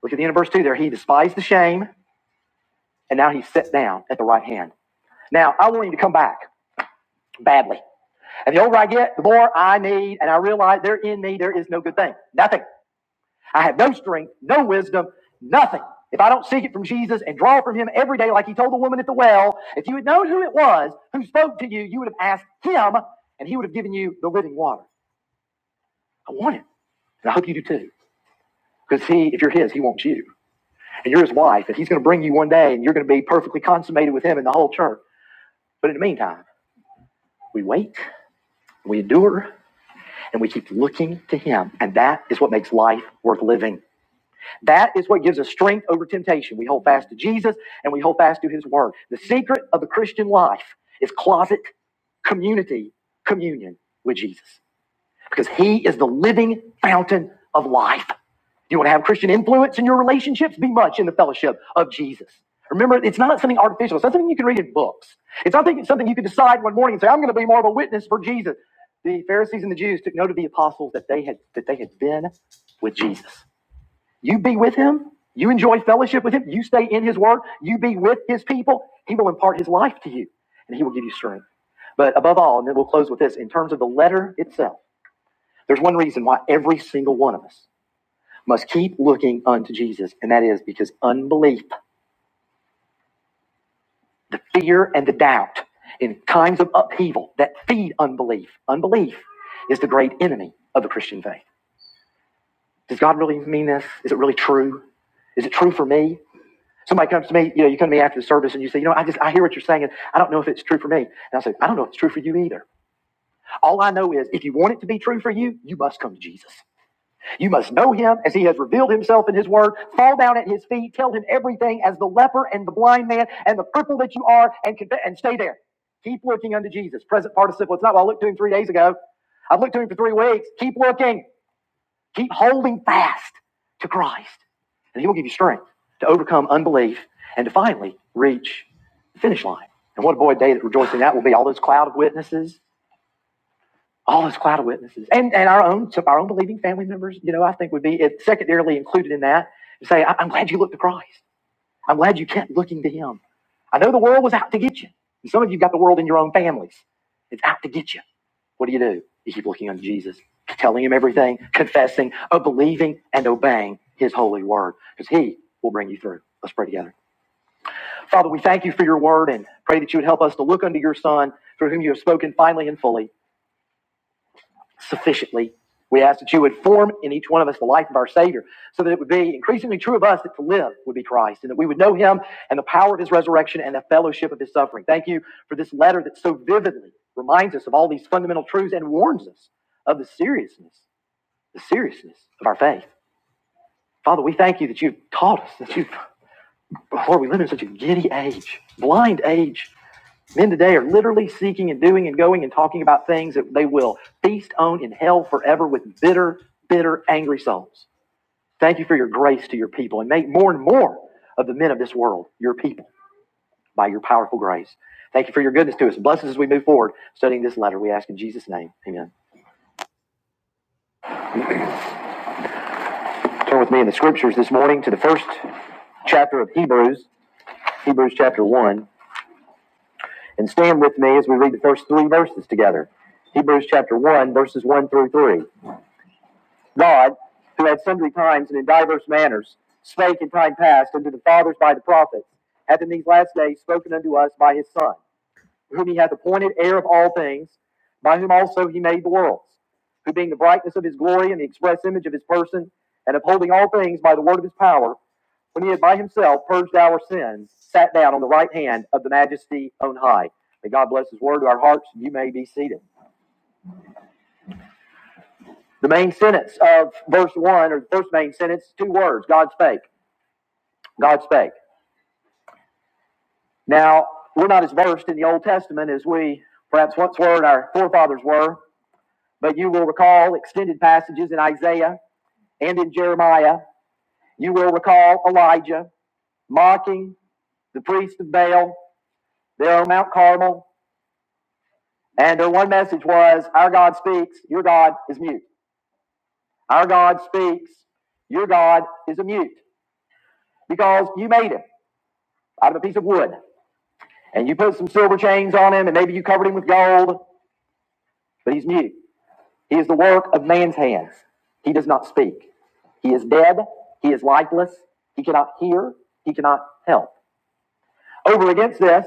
Speaker 1: Look at the end of verse 2 there. He despised the shame, and now he's set down at the right hand. Now, I want him to come back badly. And the older I get, the more I need, and I realize there in me there is no good thing. Nothing. I have no strength, no wisdom, nothing. If I don't seek it from Jesus and draw from him every day, like he told the woman at the well, if you had known who it was who spoke to you, you would have asked him and he would have given you the living water. I want it, And I hope you do too. Because he, if you're his, he wants you. And you're his wife. And he's going to bring you one day and you're going to be perfectly consummated with him and the whole church. But in the meantime, we wait, we endure, and we keep looking to him. And that is what makes life worth living. That is what gives us strength over temptation. We hold fast to Jesus and we hold fast to his word. The secret of the Christian life is closet community communion with Jesus because he is the living fountain of life. You want to have Christian influence in your relationships? Be much in the fellowship of Jesus. Remember, it's not something artificial. It's not something you can read in books. It's not something something you can decide one morning and say, I'm going to be more of a witness for Jesus. The Pharisees and the Jews took note of the apostles that they had, that they had been with Jesus. You be with him. You enjoy fellowship with him. You stay in his word. You be with his people. He will impart his life to you and he will give you strength. But above all, and then we'll close with this in terms of the letter itself, there's one reason why every single one of us must keep looking unto Jesus, and that is because unbelief, the fear and the doubt in times of upheaval that feed unbelief, unbelief is the great enemy of the Christian faith. Does God really mean this? Is it really true? Is it true for me? Somebody comes to me, you know, you come to me after the service and you say, you know, I just, I hear what you're saying and I don't know if it's true for me. And I say, I don't know if it's true for you either. All I know is if you want it to be true for you, you must come to Jesus. You must know him as he has revealed himself in his word, fall down at his feet, tell him everything as the leper and the blind man and the cripple that you are and, and stay there. Keep looking unto Jesus. Present participle. It's not, well, I looked to him three days ago. I've looked to him for three weeks. Keep looking. Keep holding fast to Christ, and He will give you strength to overcome unbelief and to finally reach the finish line. And what a boy day that rejoicing that will be! All those cloud of witnesses, all those cloud of witnesses, and and our own so our own believing family members. You know, I think would be secondarily included in that. To say, "I- am glad you looked to Christ. I'm glad you kept looking to him. I know the world was out to get you. And some of you got the world in your own families. It's out to get you. What do you do? You keep looking unto Jesus, telling him everything, confessing, uh, believing, and obeying his holy word, because he will bring you through. Let's pray together. Father, we thank you for your word and pray that you would help us to look unto your son through whom you have spoken finally and fully sufficiently. We ask that you would form in each one of us the life of our Savior, so that it would be increasingly true of us that to live would be Christ, and that we would know Him and the power of His resurrection and the fellowship of His suffering. Thank you for this letter that so vividly reminds us of all these fundamental truths and warns us of the seriousness, the seriousness of our faith. Father, we thank you that you've taught us that you, have Lord, we live in such a giddy age, blind age Men today are literally seeking and doing and going and talking about things that they will feast on in hell forever with bitter, bitter, angry souls. Thank you for your grace to your people and make more and more of the men of this world your people by your powerful grace. Thank you for your goodness to us. Bless us as we move forward studying this letter. We ask in Jesus' name. Amen. Turn with me in the scriptures this morning to the first chapter of Hebrews, Hebrews chapter 1, and stand with me as we read the first three verses together. Hebrews chapter 1, verses 1 through 3. God, who at sundry times and in divers manners spake in time past unto the fathers by the prophets, hath in these last days spoken unto us by his Son, whom he hath appointed heir of all things, by whom also he made the worlds, who being the brightness of his glory and the express image of his person, and upholding all things by the word of his power, when he had by himself purged our sins, sat down on the right hand of the majesty on high. May God bless his word to our hearts. and You may be seated. The main sentence of verse 1, or the first main sentence, two words God's fake. God spake. Now, we're not as versed in the Old Testament as we perhaps once were and our forefathers were, but you will recall extended passages in Isaiah and in Jeremiah. You will recall Elijah mocking the priest of Baal there on Mount Carmel. And their one message was, Our God speaks, your God is mute. Our God speaks, your God is a mute. Because you made him out of a piece of wood. And you put some silver chains on him, and maybe you covered him with gold, but he's mute. He is the work of man's hands. He does not speak. He is dead. He is lifeless. He cannot hear. He cannot help. Over against this,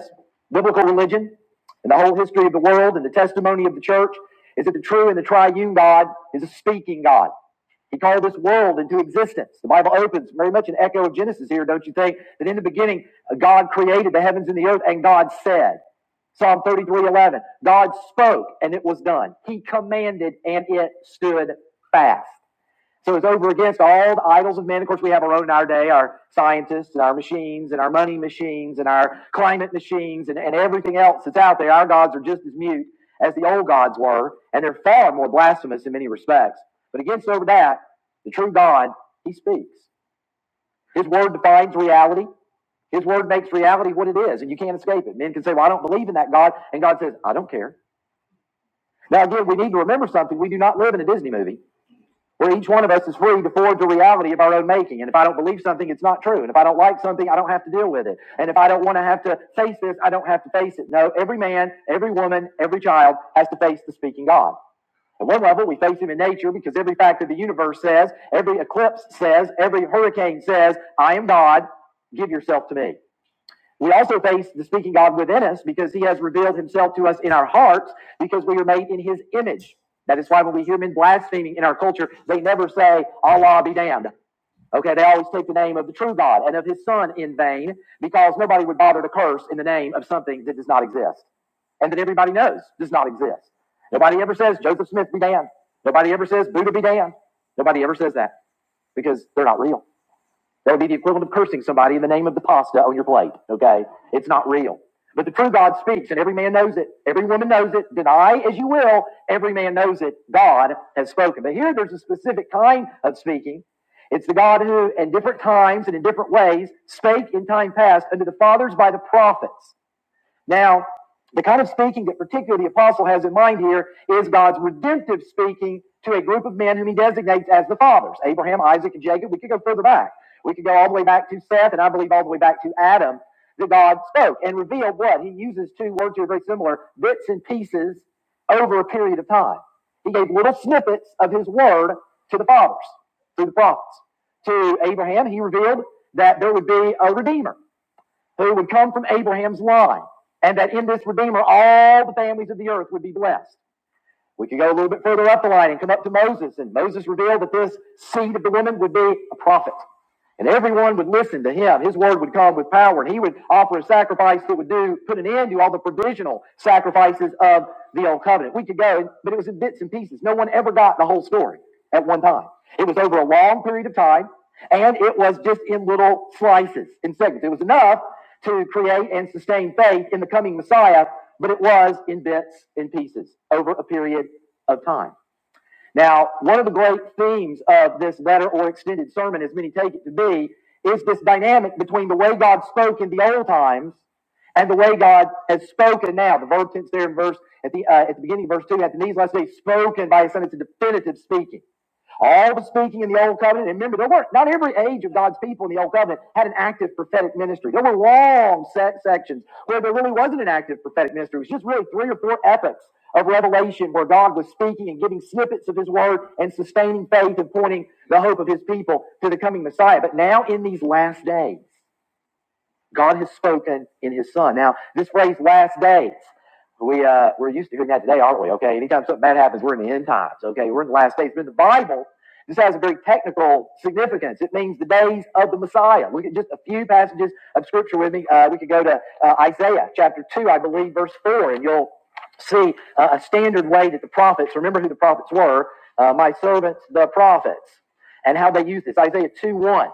Speaker 1: biblical religion and the whole history of the world and the testimony of the church is that the true and the triune God is a speaking God. He called this world into existence. The Bible opens very much an echo of Genesis here, don't you think? That in the beginning, uh, God created the heavens and the earth, and God said. Psalm 33:11. God spoke and it was done. He commanded and it stood fast. So it's over against all the idols of men. Of course, we have our own in our day, our scientists and our machines and our money machines and our climate machines and, and everything else that's out there. Our gods are just as mute as the old gods were, and they're far more blasphemous in many respects. But against over that, the true God, he speaks. His word defines reality. His word makes reality what it is, and you can't escape it. Men can say, Well, I don't believe in that God. And God says, I don't care. Now, again, we need to remember something. We do not live in a Disney movie where each one of us is free to forge a reality of our own making. And if I don't believe something, it's not true. And if I don't like something, I don't have to deal with it. And if I don't want to have to face this, I don't have to face it. No, every man, every woman, every child has to face the speaking God. At one level, we face him in nature because every fact of the universe says, every eclipse says, every hurricane says, I am God, give yourself to me. We also face the speaking God within us because he has revealed himself to us in our hearts because we are made in his image. That is why when we hear men blaspheming in our culture, they never say, Allah be damned. Okay, they always take the name of the true God and of his son in vain because nobody would bother to curse in the name of something that does not exist and that everybody knows does not exist. Nobody ever says Joseph Smith be damned. Nobody ever says Buddha be damned. Nobody ever says that because they're not real. That would be the equivalent of cursing somebody in the name of the pasta on your plate. Okay? It's not real. But the true God speaks, and every man knows it. Every woman knows it. Deny as you will, every man knows it. God has spoken. But here there's a specific kind of speaking. It's the God who, in different times and in different ways, spake in time past unto the fathers by the prophets. Now, the kind of speaking that particularly the apostle has in mind here is God's redemptive speaking to a group of men whom he designates as the fathers Abraham, Isaac, and Jacob. We could go further back. We could go all the way back to Seth, and I believe all the way back to Adam that God spoke and revealed what? He uses two words here very similar bits and pieces over a period of time. He gave little snippets of his word to the fathers through the prophets. To Abraham, he revealed that there would be a redeemer who would come from Abraham's line, and that in this Redeemer all the families of the earth would be blessed. We could go a little bit further up the line and come up to Moses, and Moses revealed that this seed of the woman would be a prophet. And everyone would listen to him. His word would come with power, and he would offer a sacrifice that would do put an end to all the provisional sacrifices of the old covenant. We could go, but it was in bits and pieces. No one ever got the whole story at one time. It was over a long period of time, and it was just in little slices, in segments. It was enough to create and sustain faith in the coming Messiah, but it was in bits and pieces over a period of time. Now, one of the great themes of this letter or extended sermon, as many take it to be, is this dynamic between the way God spoke in the old times and the way God has spoken now. The verb tense there in verse at the uh, at the beginning of verse two, at the knees last day, spoken by his son. It's a definitive speaking. All the speaking in the Old Covenant, and remember, there weren't, not every age of God's people in the Old Covenant had an active prophetic ministry. There were long set sections where there really wasn't an active prophetic ministry. It was just really three or four epochs of revelation where God was speaking and giving snippets of his word and sustaining faith and pointing the hope of his people to the coming Messiah. But now in these last days, God has spoken in his son. Now, this phrase last days, we, uh, we're used to hearing that today, aren't we? Okay, anytime something bad happens, we're in the end times. Okay, we're in the last days. But in the Bible, this has a very technical significance. It means the days of the Messiah. Look at just a few passages of scripture with me. Uh, we could go to uh, Isaiah chapter 2, I believe, verse 4, and you'll see uh, a standard way that the prophets, remember who the prophets were, uh, my servants, the prophets, and how they used this. Isaiah 2 1.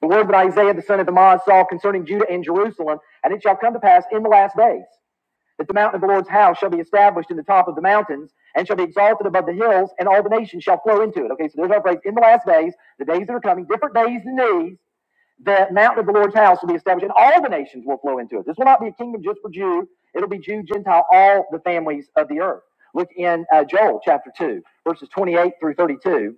Speaker 1: The word that Isaiah the son of Amoz saw concerning Judah and Jerusalem, and it shall come to pass in the last days that the mountain of the Lord's house shall be established in the top of the mountains and shall be exalted above the hills, and all the nations shall flow into it. Okay, so there's our phrase in the last days, the days that are coming, different days than these. The mountain of the Lord's house will be established, and all the nations will flow into it. This will not be a kingdom just for Jew; it'll be Jew, Gentile, all the families of the earth. Look in uh, Joel chapter two, verses 28 through 32.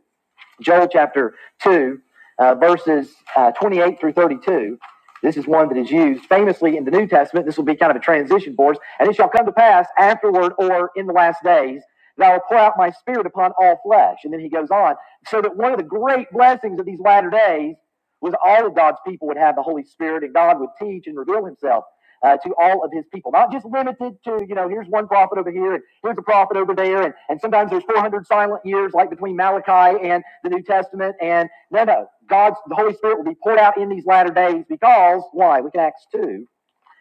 Speaker 1: Joel chapter 2, uh, verses uh, 28 through 32. This is one that is used famously in the New Testament. This will be kind of a transition for us. And it shall come to pass afterward or in the last days that I will pour out my spirit upon all flesh. And then he goes on. So that one of the great blessings of these latter days was all of God's people would have the Holy Spirit and God would teach and reveal himself uh, to all of his people, not just limited to, you know, here's one prophet over here and here's a prophet over there. And, and sometimes there's 400 silent years, like between Malachi and the New Testament. And no, no, God's, the Holy Spirit will be poured out in these latter days because why? Look at Acts 2,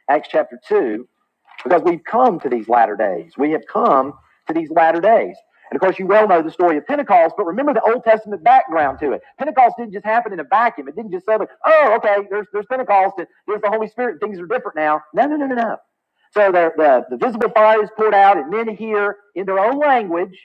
Speaker 1: Acts chapter 2 because we've come to these latter days. We have come to these latter days. And of course, you well know the story of Pentecost, but remember the Old Testament background to it. Pentecost didn't just happen in a vacuum. It didn't just say, like, oh, okay, there's, there's Pentecost, and there's the Holy Spirit, and things are different now. No, no, no, no, no. So the, the, the visible fire is poured out, and men hear in their own language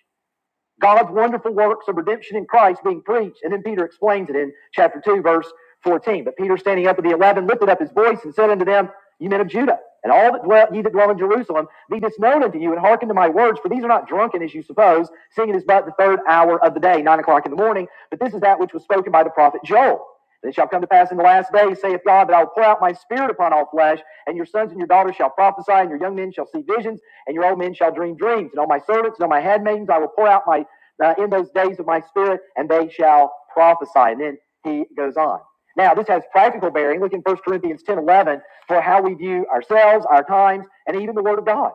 Speaker 1: God's wonderful works of redemption in Christ being preached. And then Peter explains it in chapter 2, verse 14. But Peter, standing up at the eleven, lifted up his voice and said unto them, Ye men of Judah, and all that dwell, ye that dwell in Jerusalem, be this known unto you, and hearken to my words, for these are not drunken as you suppose, seeing it is but the third hour of the day, nine o'clock in the morning. But this is that which was spoken by the prophet Joel. And it shall come to pass in the last days, saith God, that I will pour out my spirit upon all flesh, and your sons and your daughters shall prophesy, and your young men shall see visions, and your old men shall dream dreams. And on my servants and on my handmaidens I will pour out my uh, in those days of my spirit, and they shall prophesy. And then he goes on. Now, this has practical bearing. Look in First Corinthians 10, 11, for how we view ourselves, our times, and even the Word of God.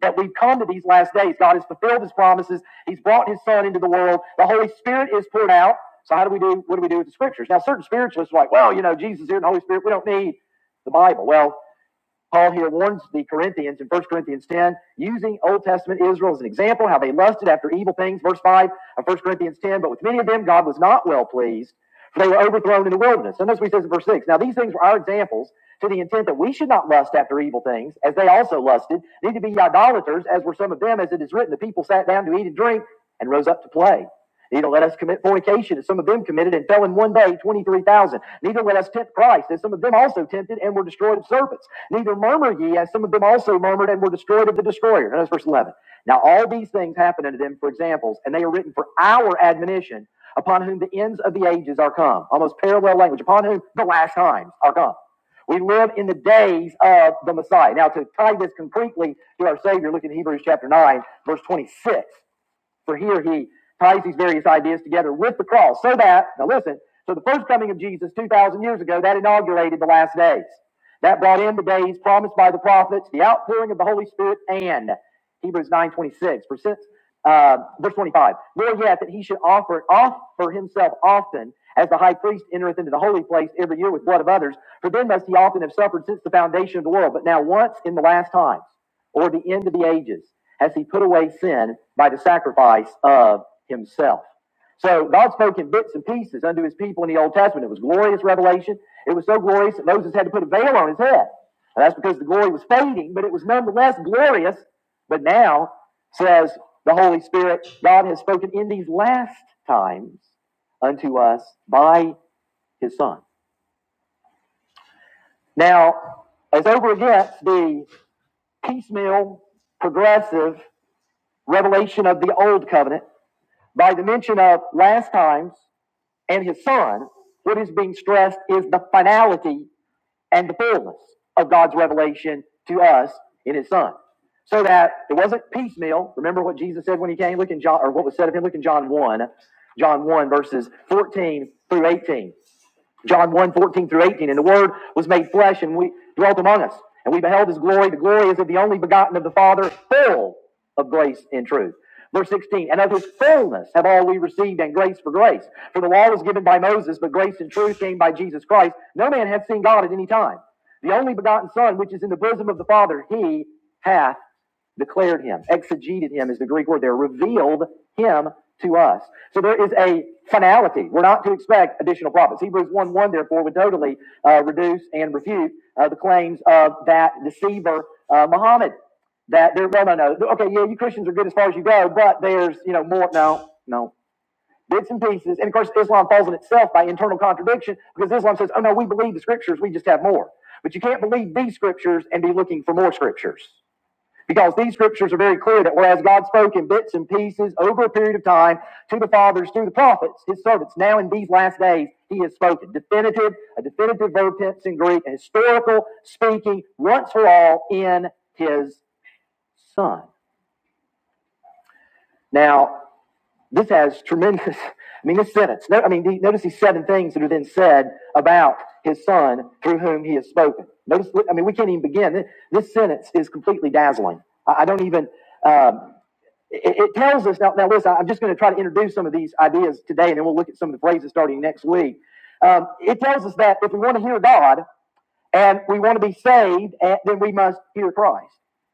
Speaker 1: That we've come to these last days. God has fulfilled his promises. He's brought his Son into the world. The Holy Spirit is poured out. So, how do we do? What do we do with the scriptures? Now, certain spiritualists are like, well, you know, Jesus is here and the Holy Spirit, we don't need the Bible. Well, Paul here warns the Corinthians in 1 Corinthians 10, using Old Testament Israel as an example, how they lusted after evil things. Verse 5 of 1 Corinthians 10. But with many of them, God was not well pleased, for they were overthrown in the wilderness. And that's what he says in verse 6. Now, these things were our examples to the intent that we should not lust after evil things, as they also lusted, neither be idolaters, as were some of them, as it is written, the people sat down to eat and drink and rose up to play. Neither let us commit fornication, as some of them committed and fell in one day, 23,000. Neither let us tempt Christ, as some of them also tempted and were destroyed of serpents. Neither murmur ye, as some of them also murmured and were destroyed of the destroyer. Notice verse 11. Now all these things happen unto them for examples, and they are written for our admonition, upon whom the ends of the ages are come. Almost parallel language, upon whom the last times are come. We live in the days of the Messiah. Now, to tie this concretely to our Savior, look in Hebrews chapter 9, verse 26. For here he ties these various ideas together with the cross. So that, now listen, so the first coming of Jesus 2,000 years ago, that inaugurated the last days. That brought in the days promised by the prophets, the outpouring of the Holy Spirit, and Hebrews 9.26, for uh, verse 25, nor yet that he should offer, offer himself often as the high priest entereth into the holy place every year with blood of others, for then must he often have suffered since the foundation of the world, but now once in the last times or the end of the ages has he put away sin by the sacrifice of himself. So God spoke in bits and pieces unto his people in the Old Testament. It was glorious revelation. It was so glorious that Moses had to put a veil on his head. And that's because the glory was fading, but it was nonetheless glorious. But now, says the Holy Spirit, God has spoken in these last times unto us by his Son. Now, as over against the piecemeal, progressive revelation of the old covenant, by the mention of last times and his son, what is being stressed is the finality and the fullness of God's revelation to us in his son. So that it wasn't piecemeal. Remember what Jesus said when he came? Look in John, or what was said of him? Look in John 1, John 1, verses 14 through 18. John one 14 through 18. And the Word was made flesh and we dwelt among us. And we beheld his glory. The glory is of the only begotten of the Father, full of grace and truth. Verse 16, and of his fullness have all we received, and grace for grace. For the law was given by Moses, but grace and truth came by Jesus Christ. No man hath seen God at any time. The only begotten Son, which is in the bosom of the Father, he hath declared him, exegeted him is the Greek word there, revealed him to us. So there is a finality. We're not to expect additional prophets. Hebrews 1 1, therefore, would totally uh, reduce and refute uh, the claims of that deceiver, uh, Muhammad. That there, no, no, no. Okay, yeah, you Christians are good as far as you go, but there's, you know, more. No, no bits and pieces. And of course, Islam falls in itself by internal contradiction because Islam says, oh no, we believe the scriptures, we just have more. But you can't believe these scriptures and be looking for more scriptures. Because these scriptures are very clear that whereas God spoke in bits and pieces over a period of time to the fathers, through the prophets, his servants, now in these last days, he has spoken. Definitive, a definitive verb tense in Greek, a historical speaking once for all in his son. Now, this has tremendous, I mean, this sentence, no, I mean, notice these seven things that are then said about his son through whom he has spoken. Notice, I mean, we can't even begin. This, sentence is completely dazzling. I, I don't even, um, it, it tells us now, now listen i'm just going to try to introduce some of these ideas today and then we'll look at some of the phrases starting next week um, it tells us that if we want to hear god and we want to be saved eh, then we must hear christ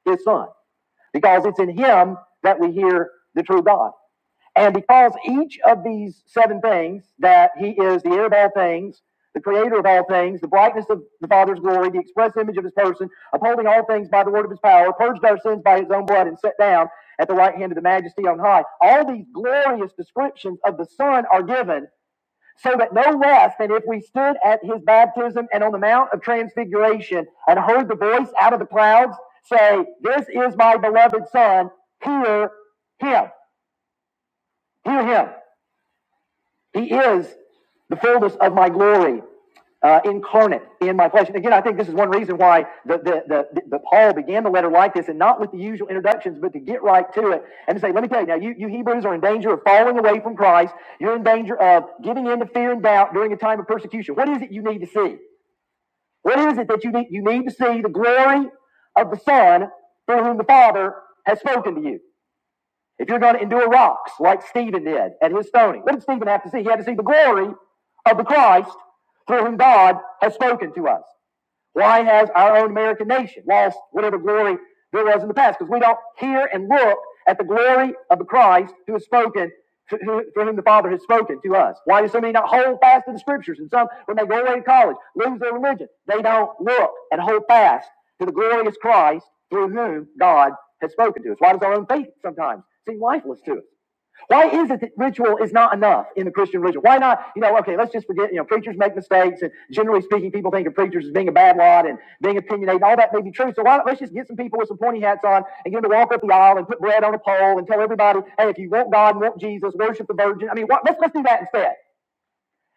Speaker 1: his son because it's in him that we hear the true god and because each of these seven things, that he is the heir of all things, the creator of all things, the brightness of the Father's glory, the express image of his person, upholding all things by the word of his power, purged our sins by his own blood, and set down at the right hand of the majesty on high. All these glorious descriptions of the Son are given so that no less than if we stood at his baptism and on the Mount of Transfiguration and heard the voice out of the clouds say, This is my beloved Son, hear him. Hear him. He is the fullness of my glory uh, incarnate in my flesh. And again, I think this is one reason why the, the, the, the, the Paul began the letter like this and not with the usual introductions, but to get right to it and to say, let me tell you now, you, you Hebrews are in danger of falling away from Christ. You're in danger of giving in to fear and doubt during a time of persecution. What is it you need to see? What is it that you need? You need to see the glory of the Son through whom the Father has spoken to you. If you're going to endure rocks like Stephen did at his stoning, what did Stephen have to see? He had to see the glory of the Christ through whom God has spoken to us. Why has our own American nation lost whatever glory there was in the past? Because we don't hear and look at the glory of the Christ who has spoken, to, who, for whom the Father has spoken to us. Why do so many not hold fast to the Scriptures? And some, when they go away to college, lose their religion. They don't look and hold fast to the glorious Christ through whom God has spoken to us. Why does our own faith sometimes seem lifeless to us? Why is it that ritual is not enough in the Christian religion? Why not, you know, okay, let's just forget, you know, preachers make mistakes, and generally speaking, people think of preachers as being a bad lot and being opinionated, and all that may be true. So why not, let's just get some people with some pointy hats on and get them to walk up the aisle and put bread on a pole and tell everybody, hey, if you want God and want Jesus, worship the Virgin. I mean, what, let's, let's do that instead.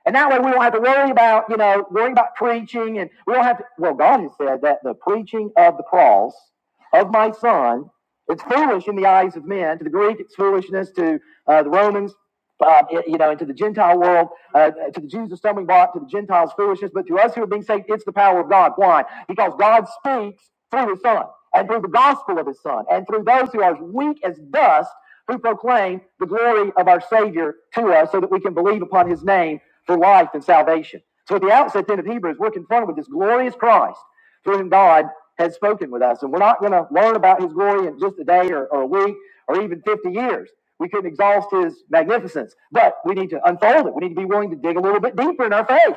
Speaker 1: And that way we don't have to worry about, you know, worrying about preaching, and we don't have to, well, God has said that the preaching of the cross of my son. It's foolish in the eyes of men. To the Greek, it's foolishness. To uh, the Romans, uh, you know, and to the Gentile world, uh, to the Jews, a stumbling block. To the Gentiles, foolishness. But to us who are being saved, it's the power of God. Why? Because God speaks through His Son and through the gospel of His Son and through those who are as weak as dust who proclaim the glory of our Savior to us so that we can believe upon His name for life and salvation. So at the outset then of Hebrews, we're confronted with this glorious Christ through whom God has spoken with us. And we're not going to learn about his glory in just a day or, or a week or even 50 years. We couldn't exhaust his magnificence, but we need to unfold it. We need to be willing to dig a little bit deeper in our faith.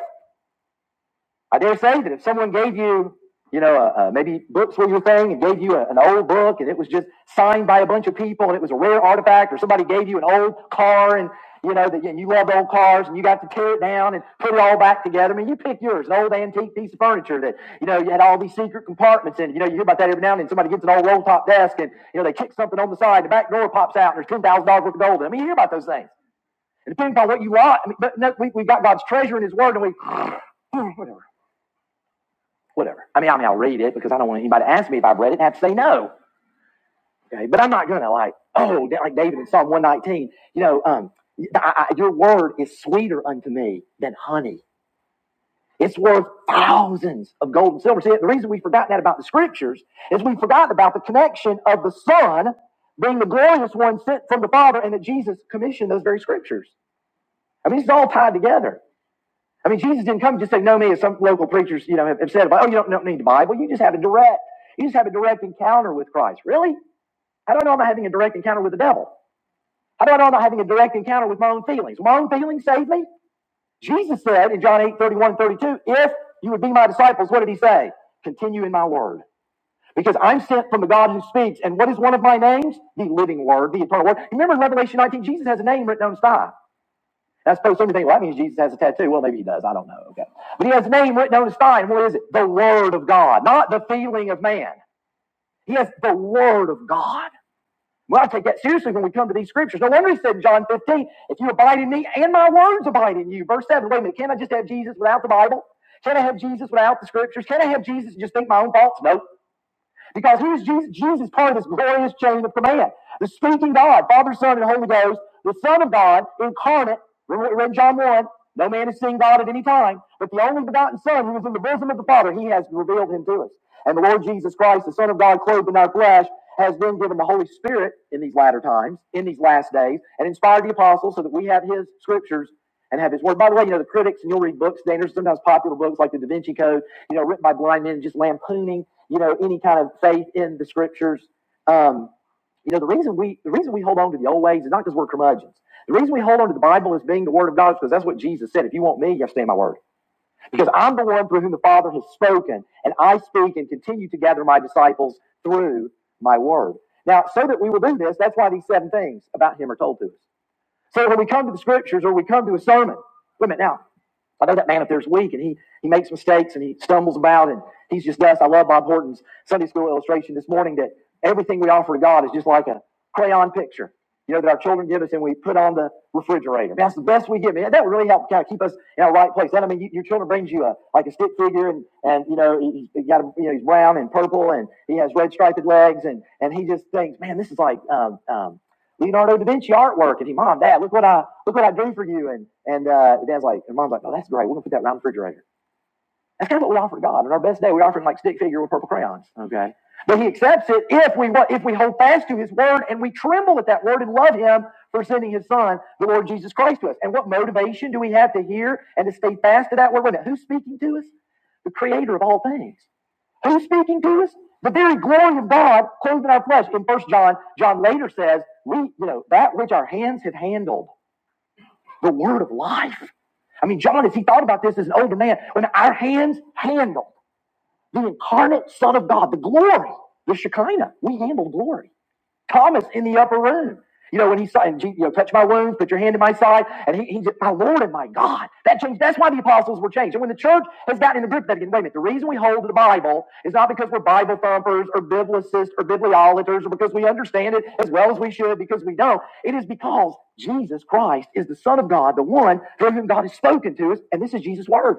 Speaker 1: I dare say that if someone gave you, you know, uh, uh, maybe books were your thing and gave you a- an old book and it was just signed by a bunch of people and it was a rare artifact, or somebody gave you an old car and you know that and you loved old cars and you got to tear it down and put it all back together. I mean, you pick yours, an old antique piece of furniture that you know you had all these secret compartments in. You know, you hear about that every now and then. Somebody gets an old roll top desk and you know they kick something on the side, the back door pops out, and there's ten thousand dollars worth of gold. I mean, you hear about those things. And depending on what you want, I mean, but no, we, we've got God's treasure in His Word, and we, whatever whatever. I mean, I mean, I'll read it because I don't want anybody to ask me if I've read it and have to say no. Okay, but I'm not gonna like, oh, like David in Psalm 119. You know, um, I, I, your word is sweeter unto me than honey. It's worth thousands of gold and silver. See, the reason we forgot that about the scriptures is we forgot about the connection of the Son being the glorious one sent from the Father, and that Jesus commissioned those very scriptures. I mean, it's all tied together. I mean, Jesus didn't come just say, know me, as some local preachers, you know, have, have said about, oh, you don't, don't need the Bible. You just have a direct, you just have a direct encounter with Christ. Really? How do I know I'm not having a direct encounter with the devil? How do I know I'm not having a direct encounter with my own feelings? My own feelings save me? Jesus said in John 8, 31, and 32, if you would be my disciples, what did he say? Continue in my word. Because I'm sent from the God who speaks. And what is one of my names? The living word, the eternal word. Remember in Revelation 19, Jesus has a name written on his thigh. And I suppose some think, well, that means Jesus has a tattoo. Well, maybe he does. I don't know. Okay. But he has a name written on his spine. what is it? The Word of God, not the feeling of man. He has the Word of God. Well, I take that seriously when we come to these scriptures. No wonder he said in John 15, if you abide in me and my words abide in you. Verse 7, wait a minute, can I just have Jesus without the Bible? Can I have Jesus without the scriptures? Can I have Jesus and just think my own thoughts? No. Nope. Because here's Jesus, Jesus part of this glorious chain of command. The speaking God, Father, Son, and Holy Ghost, the Son of God, incarnate. Remember read in John 1. No man has seen God at any time, but the only begotten Son who is in the bosom of the Father, he has revealed him to us. And the Lord Jesus Christ, the Son of God, clothed in our flesh, has then given the Holy Spirit in these latter times, in these last days, and inspired the apostles so that we have his scriptures and have his word. By the way, you know, the critics, and you'll read books, they're sometimes popular books like the Da Vinci Code, you know, written by blind men, just lampooning you know, any kind of faith in the scriptures. Um, you know, the reason we the reason we hold on to the old ways is not because we're curmudgeons. The reason we hold on to the Bible as being the Word of God is because that's what Jesus said. If you want me, you have to stay in my Word. Because I'm the one through whom the Father has spoken, and I speak and continue to gather my disciples through my Word. Now, so that we will do this, that's why these seven things about Him are told to us. So when we come to the Scriptures or we come to a sermon, wait a minute now, I know that man up there is weak and he, he makes mistakes and he stumbles about and he's just dust. I love Bob Horton's Sunday school illustration this morning that everything we offer to God is just like a crayon picture, you know, that our children give us and we put on the refrigerator. That's the best we give. Man, that would really help kind of keep us in our right place. That, I mean, you, your children brings you a, like a stick figure and, and, you know, he, he got, a, you know, he's brown and purple and he has red striped legs and, and he just thinks, man, this is like, um, um, Leonardo da Vinci artwork. And he, Mom, Dad, look what I look what I drew for you. And and uh, Dad's like, and Mom's like, oh, that's great. We're gonna put that around the refrigerator. That's kind of what we offer God on our best day. We offer him like stick figure with purple crayons. Okay, but He accepts it if we if we hold fast to His word and we tremble at that word and love Him for sending His Son, the Lord Jesus Christ, to us. And what motivation do we have to hear and to stay fast to that word? Wait a minute, Who's speaking to us? The Creator of all things. Who's speaking to us? The very glory of God clothed in our flesh. In First John, John later says, "We, you know, that which our hands have handled, the word of life." I mean, John, as he thought about this as an older man, when our hands handled the incarnate Son of God, the glory, the Shekinah, we handled glory. Thomas in the upper room. You know, when he saw, and you know, touch my wounds, put your hand in my side, and he, he said, my Lord and my God. That changed. That's why the apostles were changed. And when the church has gotten in the grip of that again, wait a minute, the reason we hold to the Bible is not because we're Bible thumpers or biblicists or bibliolaters or because we understand it as well as we should, because we don't. It is because Jesus Christ is the Son of God, the one through whom God has spoken to us, and this is Jesus' word.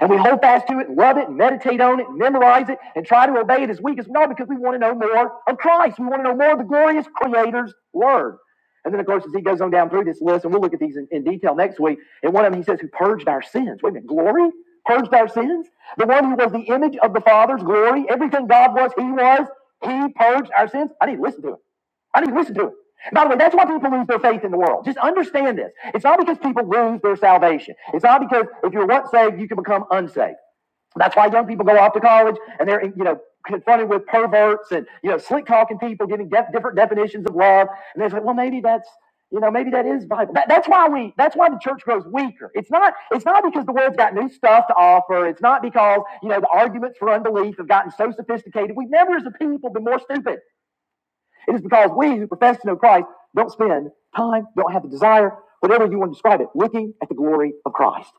Speaker 1: And we hold fast to it, love it, meditate on it, memorize it, and try to obey it as weak as we are because we want to know more of Christ. We want to know more of the glorious Creator's Word. And then, of course, as he goes on down through this list, and we'll look at these in, in detail next week, and one of them he says, Who purged our sins. Wait a minute, glory? Purged our sins? The one who was the image of the Father's glory? Everything God was, he was. He purged our sins. I need to listen to it. I need listen to it. By the way, that's why people lose their faith in the world. Just understand this. It's not because people lose their salvation. It's not because if you're once saved, you can become unsaved. That's why young people go off to college and they're, you know, confronted with perverts and, you know, slick talking people giving def- different definitions of love. And they are like, well, maybe that's, you know, maybe that is Bible. That, that's why we, that's why the church grows weaker. It's not, it's not because the world's got new stuff to offer. It's not because, you know, the arguments for unbelief have gotten so sophisticated. We've never as a people been more stupid. It is because we who profess to know Christ don't spend time, don't have the desire, whatever you want to describe it, looking at the glory of Christ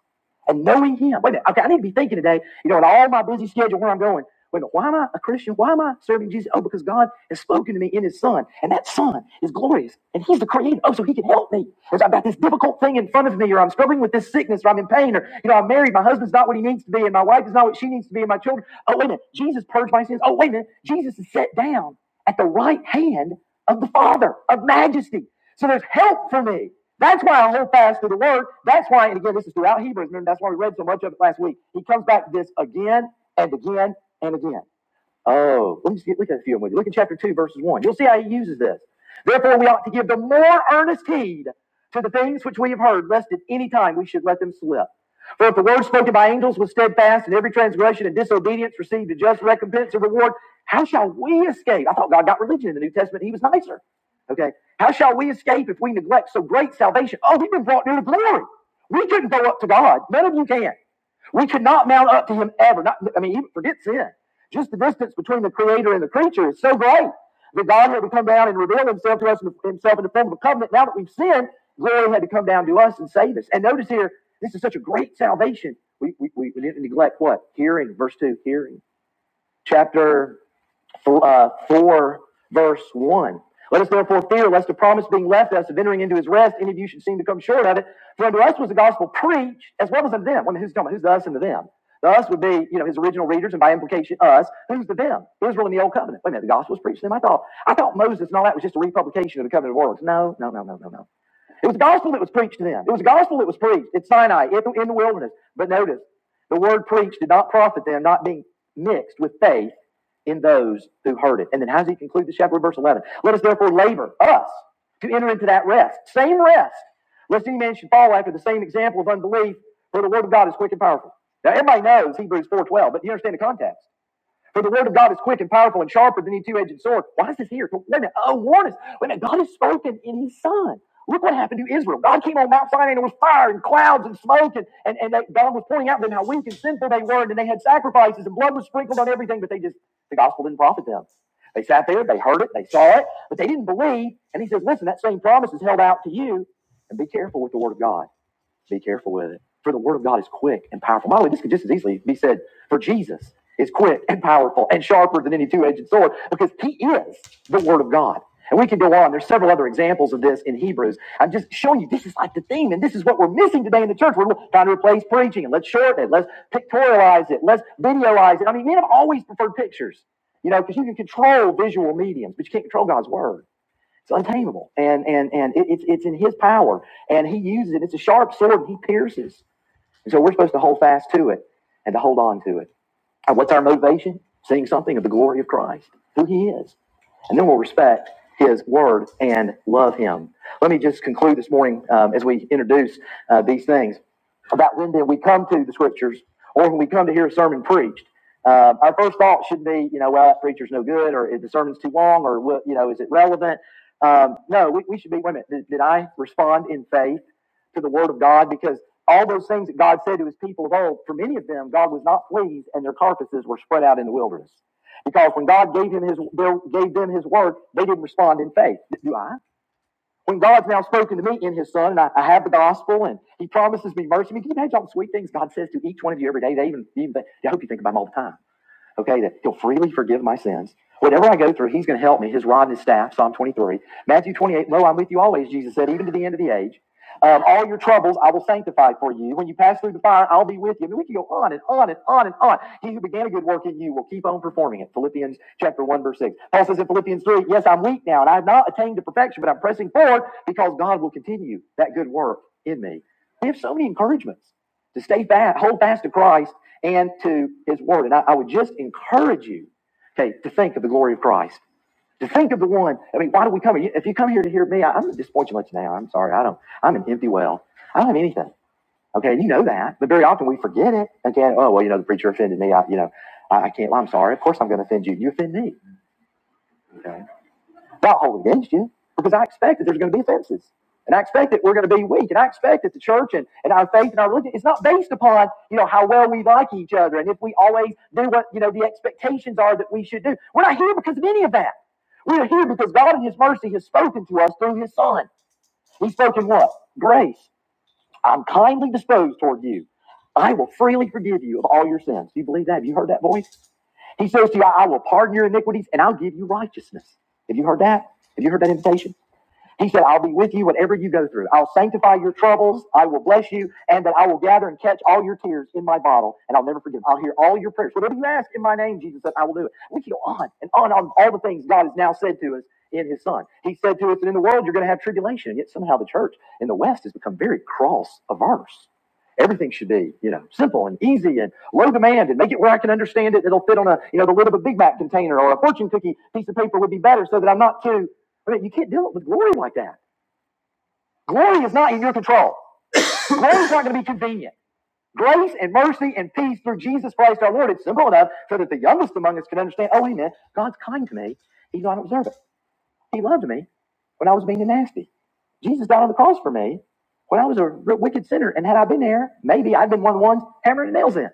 Speaker 1: and knowing him. Wait a minute. Okay, I need to be thinking today, you know, in all my busy schedule where I'm going. Wait a minute, why am I a Christian? Why am I serving Jesus? Oh, because God has spoken to me in his son. And that son is glorious. And he's the creator. Oh, so he can help me. Because I've got this difficult thing in front of me, or I'm struggling with this sickness, or I'm in pain, or you know, I'm married, my husband's not what he needs to be, and my wife is not what she needs to be, and my children. Oh, wait a minute. Jesus purged my sins. Oh, wait a minute. Jesus is set down at the right hand of the Father of majesty. So there's help for me. That's why I hold fast to the word. That's why, and again, this is throughout Hebrews. Remember, that's why we read so much of it last week. He comes back to this again and again and again. Oh, look at, look at a few of them. Look at chapter 2, verses 1. You'll see how he uses this. Therefore, we ought to give the more earnest heed to the things which we have heard, lest at any time we should let them slip. For if the word spoken by angels was steadfast, and every transgression and disobedience received a just recompense or reward, how shall we escape? I thought God got religion in the New Testament. He was nicer. Okay. How shall we escape if we neglect so great salvation? Oh, we've been brought near to glory. We couldn't go up to God. None of you can. We could not mount up to him ever. Not, I mean, even forget sin. Just the distance between the creator and the creature is so great that God had to come down and reveal himself to us, himself in the form of a covenant. Now that we've sinned, glory had to come down to us and save us. And notice here, this is such a great salvation. We, we, we didn't neglect what? Hearing, verse 2, hearing. Chapter th- uh, 4, verse 1. Let us therefore fear lest the promise being left us of entering into his rest, any of you should seem to come short of it. For unto us was the gospel preached as well as unto them. I mean, who's talking about? Who's the us and the them? The us would be, you know, his original readers, and by implication, us. Who's the them? Israel in the Old Covenant. Wait a minute, the gospel was preached to them. I thought, I thought Moses and all that was just a republication of the covenant of works. No, no, no, no, no, no. It was gospel that was preached to them. It was gospel that was preached at Sinai, in the, in the wilderness. But notice, the word preached did not profit them, not being mixed with faith in those who heard it. And then how does he conclude the chapter? Verse 11. Let us therefore labor, us, to enter into that rest. Same rest. Lest any man should fall after the same example of unbelief, for the word of God is quick and powerful. Now, everybody knows Hebrews 4.12, but you understand the context. For the word of God is quick and powerful and sharper than any two-edged sword. Why is this here? Wait a minute. Oh, warn us. Wait a minute. God has spoken in his son. Look what happened to Israel. God came on Mount Sinai and there was fire and clouds and smoke. And, and, and they, God was pointing out to them how weak and sinful they were. And they had sacrifices and blood was sprinkled on everything. But they just, the gospel didn't profit them. They sat there, they heard it, they saw it, but they didn't believe. And he says, listen, that same promise is held out to you. And be careful with the word of God. Be careful with it. For the word of God is quick and powerful. By the way, this could just as easily be said for Jesus is quick and powerful and sharper than any two-edged sword because he is the word of God. And we can go on. There's several other examples of this in Hebrews. I'm just showing you this is like the theme, and this is what we're missing today in the church. We're trying to replace preaching, and let's shorten it, let's pictorialize it, let's videoize it. I mean, men have always preferred pictures, you know, because you can control visual mediums, but you can't control God's word. It's untamable, and and and it, it's it's in His power, and He uses it. It's a sharp sword, and He pierces, and so we're supposed to hold fast to it and to hold on to it. And what's our motivation? Seeing something of the glory of Christ, who he is. And then we'll respect his word and love him. Let me just conclude this morning um, as we introduce uh, these things about when did we come to the scriptures or when we come to hear a sermon preached. Uh, our first thought should be, you know, well, that preacher's no good, or the sermon's too long, or you know, is it relevant? Um, no, we, we should be. Wait a minute. Did, did I respond in faith? to the word of God because all those things that God said to his people of old, for many of them, God was not pleased and their carcasses were spread out in the wilderness. Because when God gave him his gave them his word, they didn't respond in faith. Do I? When God's now spoken to me in his son, and I, I have the gospel and he promises me mercy. I mean, can you imagine all the sweet things God says to each one of you every day? They even, even they, I hope you think about them all the time. Okay, that he'll freely forgive my sins. Whatever I go through, he's going to help me. His rod and his staff, Psalm 23. Matthew 28, Lo, I'm with you always, Jesus said, even to the end of the age. Um, all your troubles I will sanctify for you. When you pass through the fire, I'll be with you. I mean, we can go on and on and on and on. He who began a good work in you will keep on performing it. Philippians chapter 1, verse 6. Paul says in Philippians 3, Yes, I'm weak now, and I have not attained to perfection, but I'm pressing forward because God will continue that good work in me. We have so many encouragements to stay fast, hold fast to Christ and to His Word. And I, I would just encourage you, okay, to think of the glory of Christ. To think of the one. I mean, why do we come here? If you come here to hear me, I, I'm going to disappoint you much now. I'm sorry. I don't. I'm an empty well. I don't have anything. Okay, you know that. But very often we forget it. Okay. Oh well, you know the preacher offended me. I, you know, I, I can't. Well, I'm sorry. Of course I'm going to offend you. You offend me. Okay. Not hold it against you, because I expect that there's going to be offenses. And I expect that we're going to be weak. And I expect that the church and, and our faith and our religion is not based upon, you know, how well we like each other and if we always do what, you know, the expectations are that we should do. We're not here because of any of that. We are here because God in His mercy has spoken to us through His Son. He's spoken what? Grace. I'm kindly disposed toward you. I will freely forgive you of all your sins. Do you believe that? Have you heard that voice? He says to you, I will pardon your iniquities and I'll give you righteousness. Have you heard that? Have you heard that invitation? He said, I'll be with you whatever you go through. I'll sanctify your troubles. I will bless you. And that I will gather and catch all your tears in my bottle. And I'll never forget them. I'll hear all your prayers. Whatever you ask in my name, Jesus said, I will do it. We can go on and on on all the things God has now said to us in his son. He said to us that in the world you're going to have tribulation. Yet somehow the church in the West has become very cross averse. Everything should be, you know, simple and easy and low demand and make it where I can understand it. It'll fit on a, you know, the lid of a Big Mac container or a fortune cookie piece of paper would be better so that I'm not too I mean, you can't deal with glory like that. Glory is not in your control. Glory is not going to be convenient. Grace and mercy and peace through Jesus Christ our Lord. It's simple enough so that the youngest among us can understand, oh, Amen. God's kind to me, even though I don't deserve it. He loved me when I was being nasty. Jesus died on the cross for me when I was a wicked sinner. And had I been there, maybe I'd been one of the ones hammering nails in.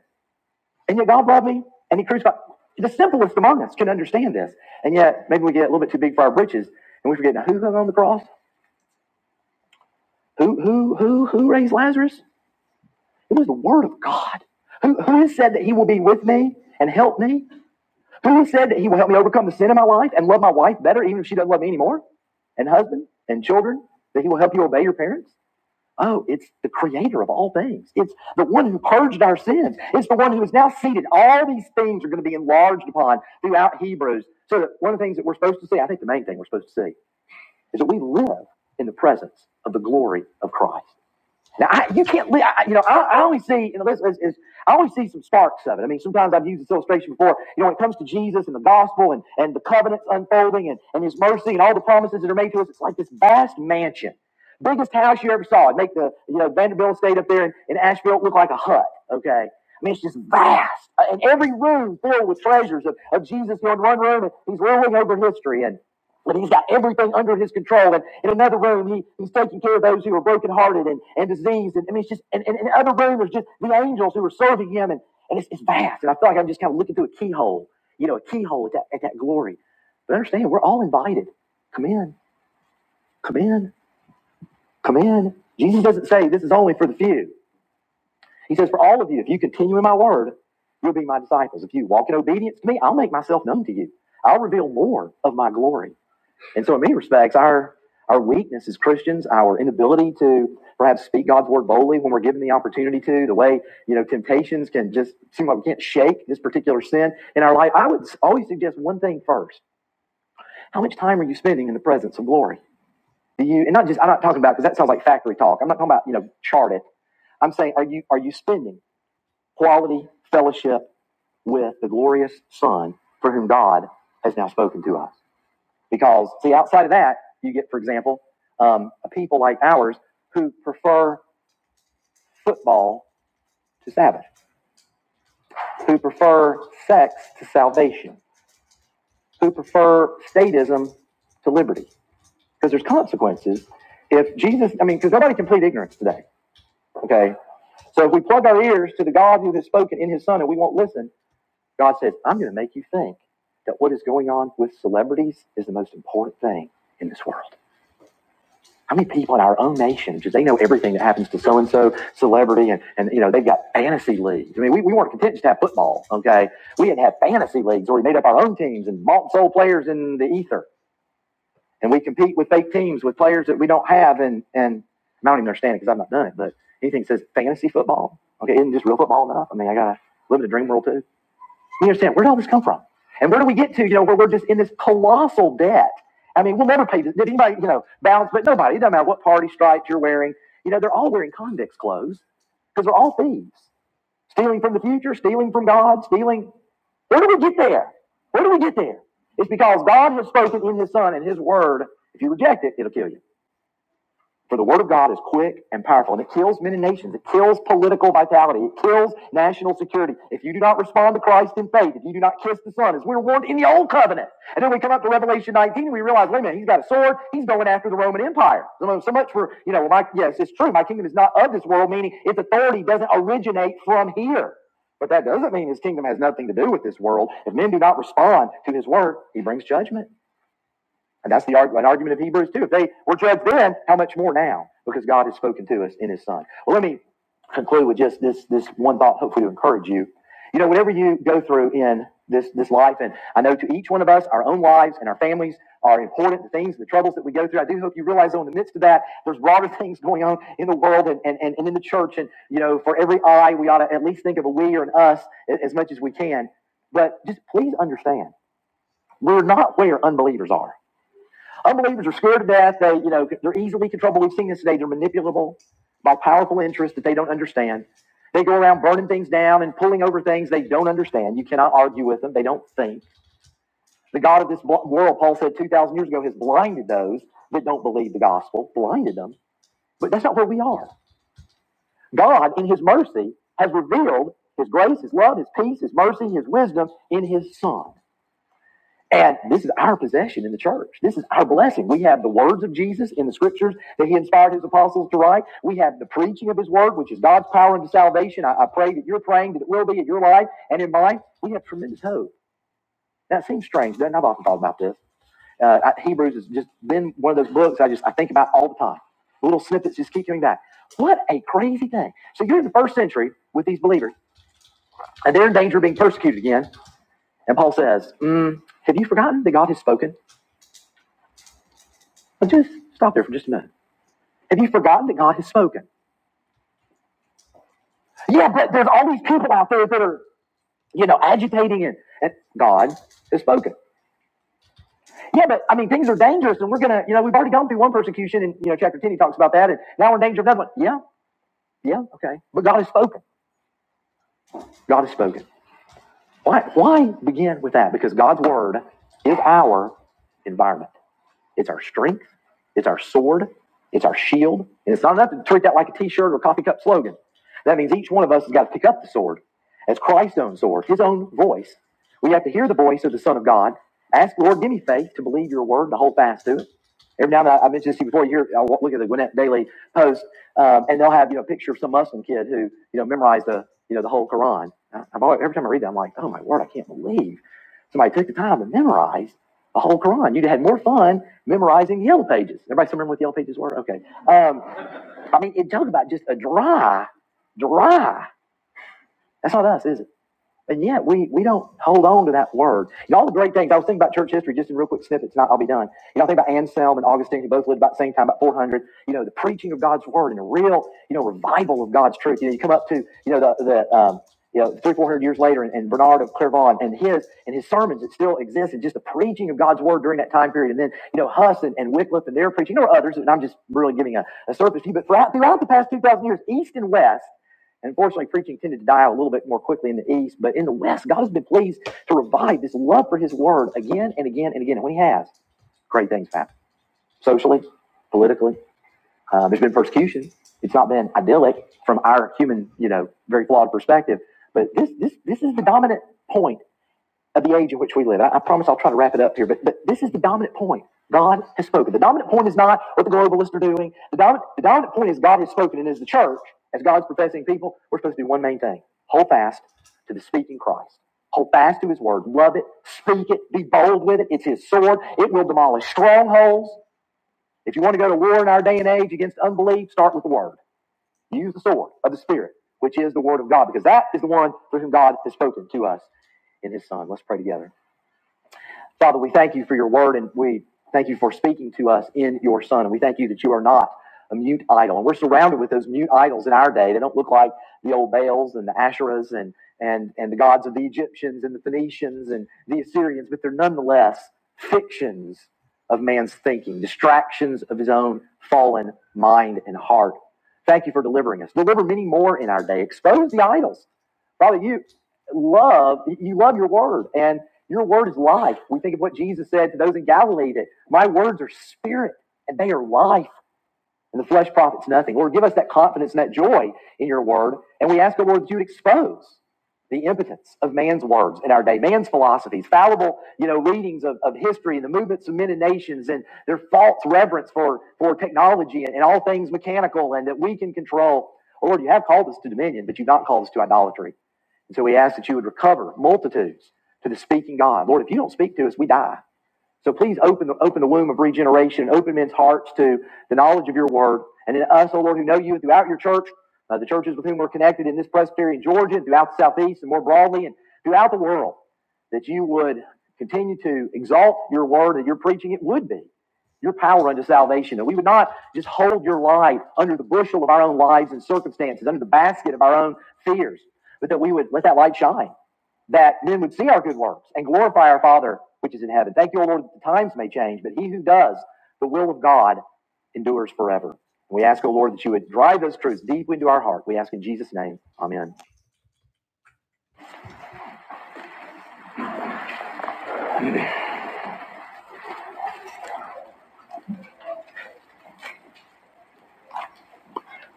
Speaker 1: And yet God loved me and he crucified. The simplest among us can understand this. And yet maybe we get a little bit too big for our britches and we forget, now who hung on the cross? Who who who who raised Lazarus? It was the word of God. Who who has said that he will be with me and help me? Who has said that he will help me overcome the sin in my life and love my wife better even if she doesn't love me anymore? And husband and children, that he will help you obey your parents? Oh, it's the creator of all things. It's the one who purged our sins. It's the one who is now seated. All these things are going to be enlarged upon throughout Hebrews. So that one of the things that we're supposed to see, I think the main thing we're supposed to see, is that we live in the presence of the glory of Christ. Now I, you can't, I, you know, I, I only see, you know, this is, is I always see some sparks of it. I mean, sometimes I've used this illustration before. You know, when it comes to Jesus and the gospel and, and the covenants unfolding and, and His mercy and all the promises that are made to us, it's like this vast mansion, biggest house you ever saw. It would make the you know Vanderbilt State up there in, in Asheville look like a hut. Okay. I mean, it's just vast, Uh, and every room filled with treasures of, of Jesus. You know, in one room, and he's ruling over history, and but he's got everything under his control. And in another room, he, he's taking care of those who are brokenhearted and, and diseased. And I mean, it's just, and in another room, there's just the angels who are serving him. And, and it's, it's vast. And I feel like I'm just kind of looking through a keyhole, you know, a keyhole at that, at that glory. But understand, we're all invited. Come in, come in, come in. Jesus doesn't say this is only for the few. He says, for all of you, if you continue in my word, you'll be my disciples. If you walk in obedience to me, I'll make myself known to you. I'll reveal more of my glory. And so, in many respects, our our weakness as Christians, our inability to perhaps speak God's word boldly when we're given the opportunity to, the way you know temptations can just seem like we can't shake this particular sin in our life. I would always suggest one thing first: How much time are you spending in the presence of glory? Do you? And not just I'm not talking about because that sounds like factory talk. I'm not talking about you know chart it. I'm saying, are you are you spending quality fellowship with the glorious Son for whom God has now spoken to us? Because, see, outside of that, you get, for example, um, people like ours who prefer football to Sabbath, who prefer sex to salvation, who prefer statism to liberty. Because there's consequences if Jesus, I mean, because nobody can plead ignorance today. Okay. So if we plug our ears to the God who has spoken in his son and we won't listen, God says, I'm going to make you think that what is going on with celebrities is the most important thing in this world. How many people in our own nation just they know everything that happens to so and so celebrity and and you know they've got fantasy leagues. I mean, we, we weren't content just to have football, okay? We had to have fantasy leagues where we made up our own teams and bought and sold players in the ether, and we compete with fake teams with players that we don't have. And and I don't even understand it because I've not done it. But anything that says fantasy football, okay, isn't just real football enough? I mean, I gotta live in a dream world too. You understand? Where did all this come from? And where do we get to, you know, where we're just in this colossal debt? I mean, we'll never pay this. Did anybody, you know, bounce? But nobody, it doesn't matter what party stripes you're wearing. You know, they're all wearing convicts clothes because they're all thieves. Stealing from the future, stealing from God, stealing. Where do we get there? Where do we get there? It's because God has spoken in his son and his word. If you reject it, it'll kill you. For the word of God is quick and powerful, and it kills many nations. It kills political vitality. It kills national security. If you do not respond to Christ in faith, if you do not kiss the Son, as we were warned in the Old Covenant, and then we come up to Revelation 19, and we realize, wait a minute, he's got a sword. He's going after the Roman Empire. So, so much for you know, my yes, it's true. My kingdom is not of this world, meaning its authority doesn't originate from here. But that doesn't mean his kingdom has nothing to do with this world. If men do not respond to his word, he brings judgment. And that's the an argument of Hebrews too. If they were judged then, how much more now? Because God has spoken to us in His Son. Well, let me conclude with just this this one thought, hopefully to encourage you. You know, whatever you go through in this this life, and I know to each one of us, our own lives and our families are important. The things, the troubles that we go through. I do hope you realize, though, in the midst of that, there's broader things going on in the world and and, and in the church. And you know, for every I, we ought to at least think of a we or an us as much as we can. But just please understand, we're not where unbelievers are. Unbelievers are scared to death. They, you know, they're easily controllable. We've seen this today. They're manipulable by powerful interests that they don't understand. They go around burning things down and pulling over things they don't understand. You cannot argue with them. They don't think. The God of this world, Paul said 2,000 years ago, has blinded those that don't believe the gospel, blinded them. But that's not where we are. God, in his mercy, has revealed his grace, his love, his peace, his mercy, his wisdom in his son. And this is our possession in the church. This is our blessing. We have the words of Jesus in the scriptures that he inspired his apostles to write. We have the preaching of his word, which is God's power into salvation. I, I pray that you're praying that it will be in your life and in mine. We have tremendous hope. That seems strange, doesn't it? I've often thought about this. Uh, I, Hebrews has just been one of those books I just I think about all the time. Little snippets just keep coming back. What a crazy thing. So you're in the first century with these believers, and they're in danger of being persecuted again. And Paul says, mm, Have you forgotten that God has spoken? But just stop there for just a minute. Have you forgotten that God has spoken? Yeah, but there's all these people out there that are, you know, agitating and, and God has spoken. Yeah, but I mean, things are dangerous and we're going to, you know, we've already gone through one persecution and, you know, chapter 10, he talks about that and now we're in danger of another one. Yeah, yeah, okay. But God has spoken. God has spoken. Why, why begin with that? Because God's word is our environment. It's our strength. It's our sword. It's our shield. And it's not enough to treat that like a T-shirt or coffee cup slogan. That means each one of us has got to pick up the sword as Christ's own sword, His own voice. We have to hear the voice of the Son of God. Ask Lord, give me faith to believe Your word and to hold fast to it. Every now and then, I I mentioned this to you before. You hear, I look at the Gwinnett Daily Post, um, and they'll have you know a picture of some Muslim kid who you know memorized the you know the whole Quran. I- I'm always, every time I read that, I'm like, oh my word, I can't believe somebody took the time to memorize a whole Quran. You'd had more fun memorizing yellow pages. Everybody remember what the yellow pages were? Okay. Um, I mean, it talk about just a dry, dry. That's not us, is it? And yet we, we don't hold on to that word. And all the great things, I was thinking about church history just in real quick snippets, and I- will be done. You know, I think about Anselm and Augustine, who both lived about the same time, about 400. You know, the preaching of God's word and a real, you know, revival of God's truth. You know, you come up to, you know, the, the um, you know, three, 400 years later, and, and Bernard of Clairvaux and his and his sermons that still exist, and just the preaching of God's word during that time period. And then, you know, Huss and, and Wycliffe and their preaching. There were others, and I'm just really giving a, a surface to you, but throughout, throughout the past 2,000 years, East and West, and unfortunately, preaching tended to die out a little bit more quickly in the East. But in the West, God has been pleased to revive this love for His Word again and again and again. And when He has, great things happen socially, politically. Um, there's been persecution. It's not been idyllic from our human, you know, very flawed perspective. But this, this, this is the dominant point of the age in which we live. I, I promise I'll try to wrap it up here, but, but this is the dominant point. God has spoken. The dominant point is not what the globalists are doing. The dominant, the dominant point is God has spoken, and as the church, as God's professing people, we're supposed to do one main thing hold fast to the speaking Christ. Hold fast to his word. Love it. Speak it. Be bold with it. It's his sword. It will demolish strongholds. If you want to go to war in our day and age against unbelief, start with the word. Use the sword of the Spirit, which is the word of God, because that is the one through whom God has spoken to us in his Son. Let's pray together. Father, we thank you for your word and we thank you for speaking to us in your son. And we thank you that you are not a mute idol. And we're surrounded with those mute idols in our day. They don't look like the old Baals and the Asherahs and, and, and the gods of the Egyptians and the Phoenicians and the Assyrians, but they're nonetheless fictions of man's thinking, distractions of his own fallen mind and heart. Thank you for delivering us. Deliver many more in our day. Expose the idols. Father, you love, you love your word, and your word is life. We think of what Jesus said to those in Galilee that my words are spirit and they are life, and the flesh profits nothing. Lord, give us that confidence and that joy in your word. And we ask the Lord that you would expose the impotence of man's words in our day, man's philosophies, fallible, you know, readings of, of history and the movements of men and nations and their false reverence for, for technology and, and all things mechanical and that we can control. Lord, you have called us to dominion, but you've not called us to idolatry. And so we ask that you would recover multitudes to the speaking God. Lord, if you don't speak to us, we die. So please open the, open the womb of regeneration, open men's hearts to the knowledge of your word. And in us, O Lord, who know you throughout your church, uh, the churches with whom we're connected in this Presbyterian Georgia, and throughout the Southeast, and more broadly, and throughout the world, that you would continue to exalt your word and your preaching. It would be your power unto salvation, that we would not just hold your light under the bushel of our own lives and circumstances, under the basket of our own fears, but that we would let that light shine that men would see our good works and glorify our Father which is in heaven. Thank you, O Lord, that the times may change, but he who does the will of God endures forever. And We ask, O Lord, that you would drive those truths deep into our heart. We ask in Jesus' name. Amen.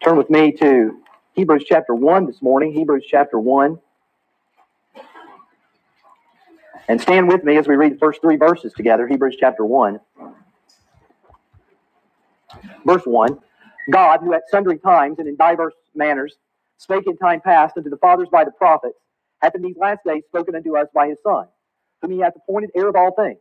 Speaker 1: Turn with me to Hebrews chapter 1 this morning, Hebrews chapter 1, and stand with me as we read the first three verses together, Hebrews chapter 1. Verse 1 God, who at sundry times and in diverse manners spake in time past unto the fathers by the prophets, hath in these last days spoken unto us by his Son, whom he hath appointed heir of all things,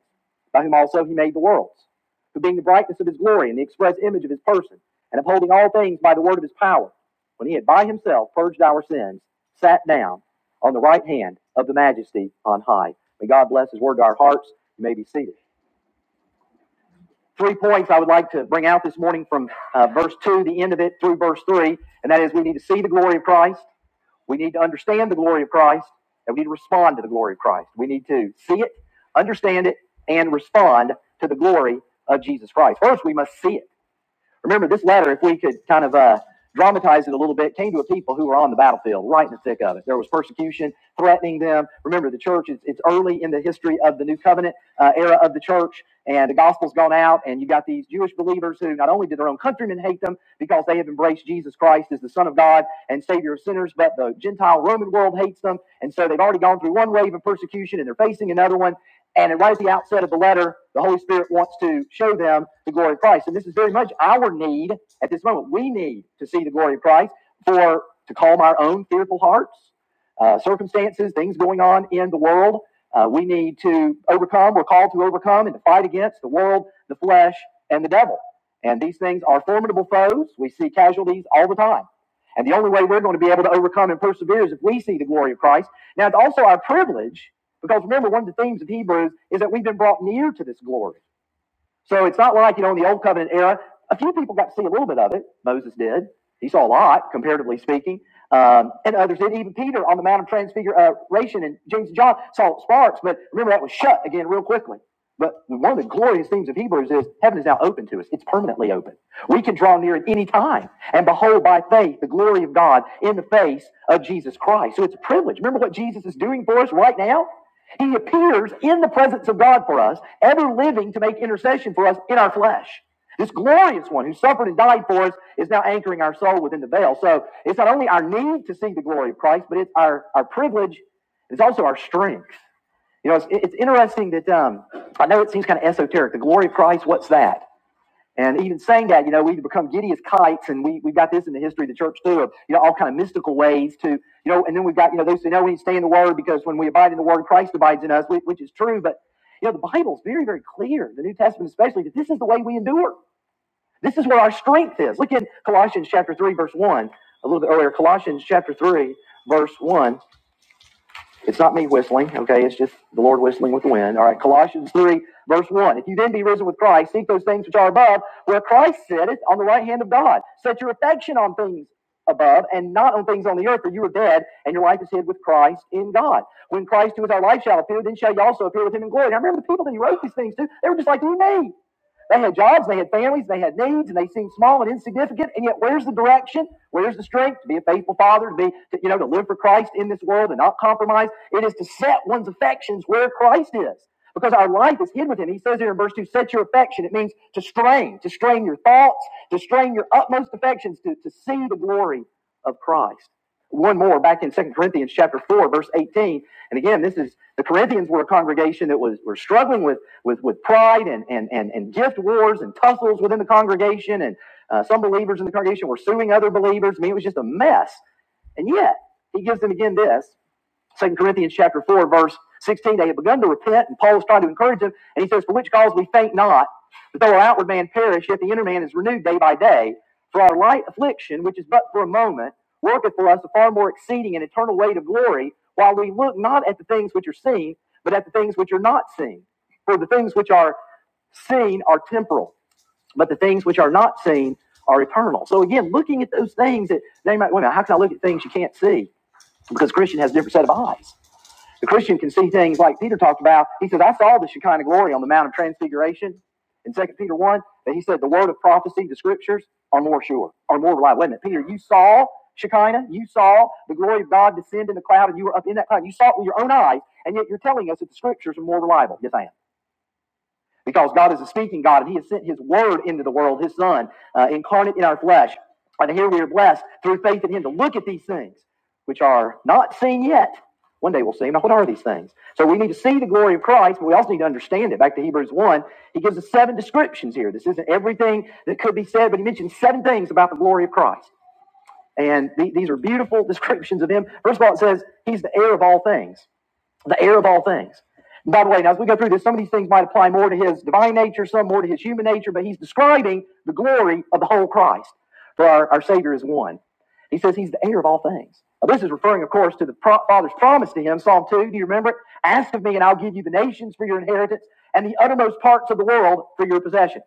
Speaker 1: by whom also he made the worlds, who being the brightness of his glory and the express image of his person, and upholding all things by the word of his power, when he had by himself purged our sins, sat down on the right hand of the majesty on high. May God bless his word to our hearts. You may be seated three points I would like to bring out this morning from uh, verse 2, the end of it, through verse 3, and that is we need to see the glory of Christ, we need to understand the glory of Christ, and we need to respond to the glory of Christ. We need to see it, understand it, and respond to the glory of Jesus Christ. First, we must see it. Remember, this letter, if we could kind of uh, dramatize it a little bit, came to a people who were on the battlefield, right in the thick of it. There was persecution threatening them. Remember, the church, it's, it's early in the history of the New Covenant uh, era of the church, and the gospel's gone out, and you got these Jewish believers who not only did their own countrymen hate them because they have embraced Jesus Christ as the Son of God and Savior of sinners, but the Gentile Roman world hates them, and so they've already gone through one wave of persecution, and they're facing another one and right at the outset of the letter, the Holy Spirit wants to show them the glory of Christ. And this is very much our need at this moment. We need to see the glory of Christ for to calm our own fearful hearts, uh, circumstances, things going on in the world. Uh, we need to overcome. We're called to overcome and to fight against the world, the flesh, and the devil. And these things are formidable foes. We see casualties all the time. And the only way we're going to be able to overcome and persevere is if we see the glory of Christ. Now, it's also our privilege because remember, one of the themes of Hebrews is that we've been brought near to this glory. So it's not like, you know, in the Old Covenant era, a few people got to see a little bit of it. Moses did. He saw a lot, comparatively speaking. Um, and others did. Even Peter on the Mount of Transfiguration and James and John saw sparks, but remember, that was shut again real quickly. But one of the glorious themes of Hebrews is heaven is now open to us. It's permanently open. We can draw near at any time and behold by faith the glory of God in the face of Jesus Christ. So it's a privilege. Remember what Jesus is doing for us right now? He appears in the presence of God for us, ever living to make intercession for us in our flesh. This glorious one who suffered and died for us is now anchoring our soul within the veil. So it's not only our need to see the glory of Christ, but it's our, our privilege. It's also our strength. You know, it's, it's interesting that um, I know it seems kind of esoteric. The glory of Christ, what's that? And even saying that, you know, we become giddy as kites, and we, we've got this in the history of the church too, of, you know, all kind of mystical ways to, you know, and then we've got, you know, those who know we need to stay in the Word because when we abide in the Word, Christ abides in us, which, is true. But, you know, the Bible's very, very clear, the New Testament especially, that this is the way we endure. This is where our strength is. Look in Colossians chapter 3, verse 1, a little bit earlier, Colossians chapter 3, verse 1. It's not me whistling, okay? It's just the Lord whistling with the wind. All right, Colossians 3, verse 1. If you then be risen with Christ, seek those things which are above, where Christ sitteth on the right hand of God. Set your affection on things above and not on things on the earth, for you are dead, and your life is hid with Christ in God. When Christ, who is our life, shall appear, then shall you also appear with him in glory. Now remember the people that he wrote these things to, they were just like you and me. They had jobs, they had families, they had needs, and they seemed small and insignificant. And yet, where's the direction? Where's the strength to be a faithful father, to be, to, you know, to live for Christ in this world and not compromise? It is to set one's affections where Christ is. Because our life is hid with him. He says here in verse 2, set your affection. It means to strain, to strain your thoughts, to strain your utmost affections, to, to see the glory of Christ one more back in Second Corinthians chapter 4, verse 18. And again, this is the Corinthians were a congregation that was were struggling with with, with pride and, and and and gift wars and tussles within the congregation. And uh, some believers in the congregation were suing other believers. I mean, it was just a mess. And yet, he gives them again this. Second Corinthians chapter 4, verse 16, they had begun to repent, and Paul was trying to encourage them, and he says, For which cause we faint not, but though our outward man perish, yet the inner man is renewed day by day. For our light affliction, which is but for a moment, worketh for us a far more exceeding and eternal weight of glory, while we look not at the things which are seen, but at the things which are not seen. For the things which are seen are temporal, but the things which are not seen are eternal. So again, looking at those things that they might, wait a minute, how can I look at things you can't see? Because Christian has a different set of eyes. The Christian can see things like Peter talked about. He says, I saw the Shekinah glory on the Mount of Transfiguration in Second Peter 1, that he said the word of prophecy, the scriptures, are more sure, are more reliable. Wait a minute, Peter, you saw Shekinah, you saw the glory of God descend in the cloud, and you were up in that cloud. You saw it with your own eyes, and yet you're telling us that the scriptures are more reliable. Yes, I am because God is a speaking God and He has sent His Word into the world, His Son, uh, incarnate in our flesh. And here we are blessed through faith in Him to look at these things which are not seen yet. One day we'll see them. Now, what are these things? So we need to see the glory of Christ, but we also need to understand it. Back to Hebrews 1, he gives us seven descriptions here. This isn't everything that could be said, but he mentions seven things about the glory of Christ. And the- these are beautiful descriptions of him. First of all, it says he's the heir of all things the heir of all things. And by the way, now as we go through this, some of these things might apply more to his divine nature, some more to his human nature, but he's describing the glory of the whole Christ. For our, our Savior is one. He says he's the heir of all things. Now, this is referring, of course, to the pro- Father's promise to him, Psalm 2. Do you remember it? Ask of me, and I'll give you the nations for your inheritance and the uttermost parts of the world for your possession.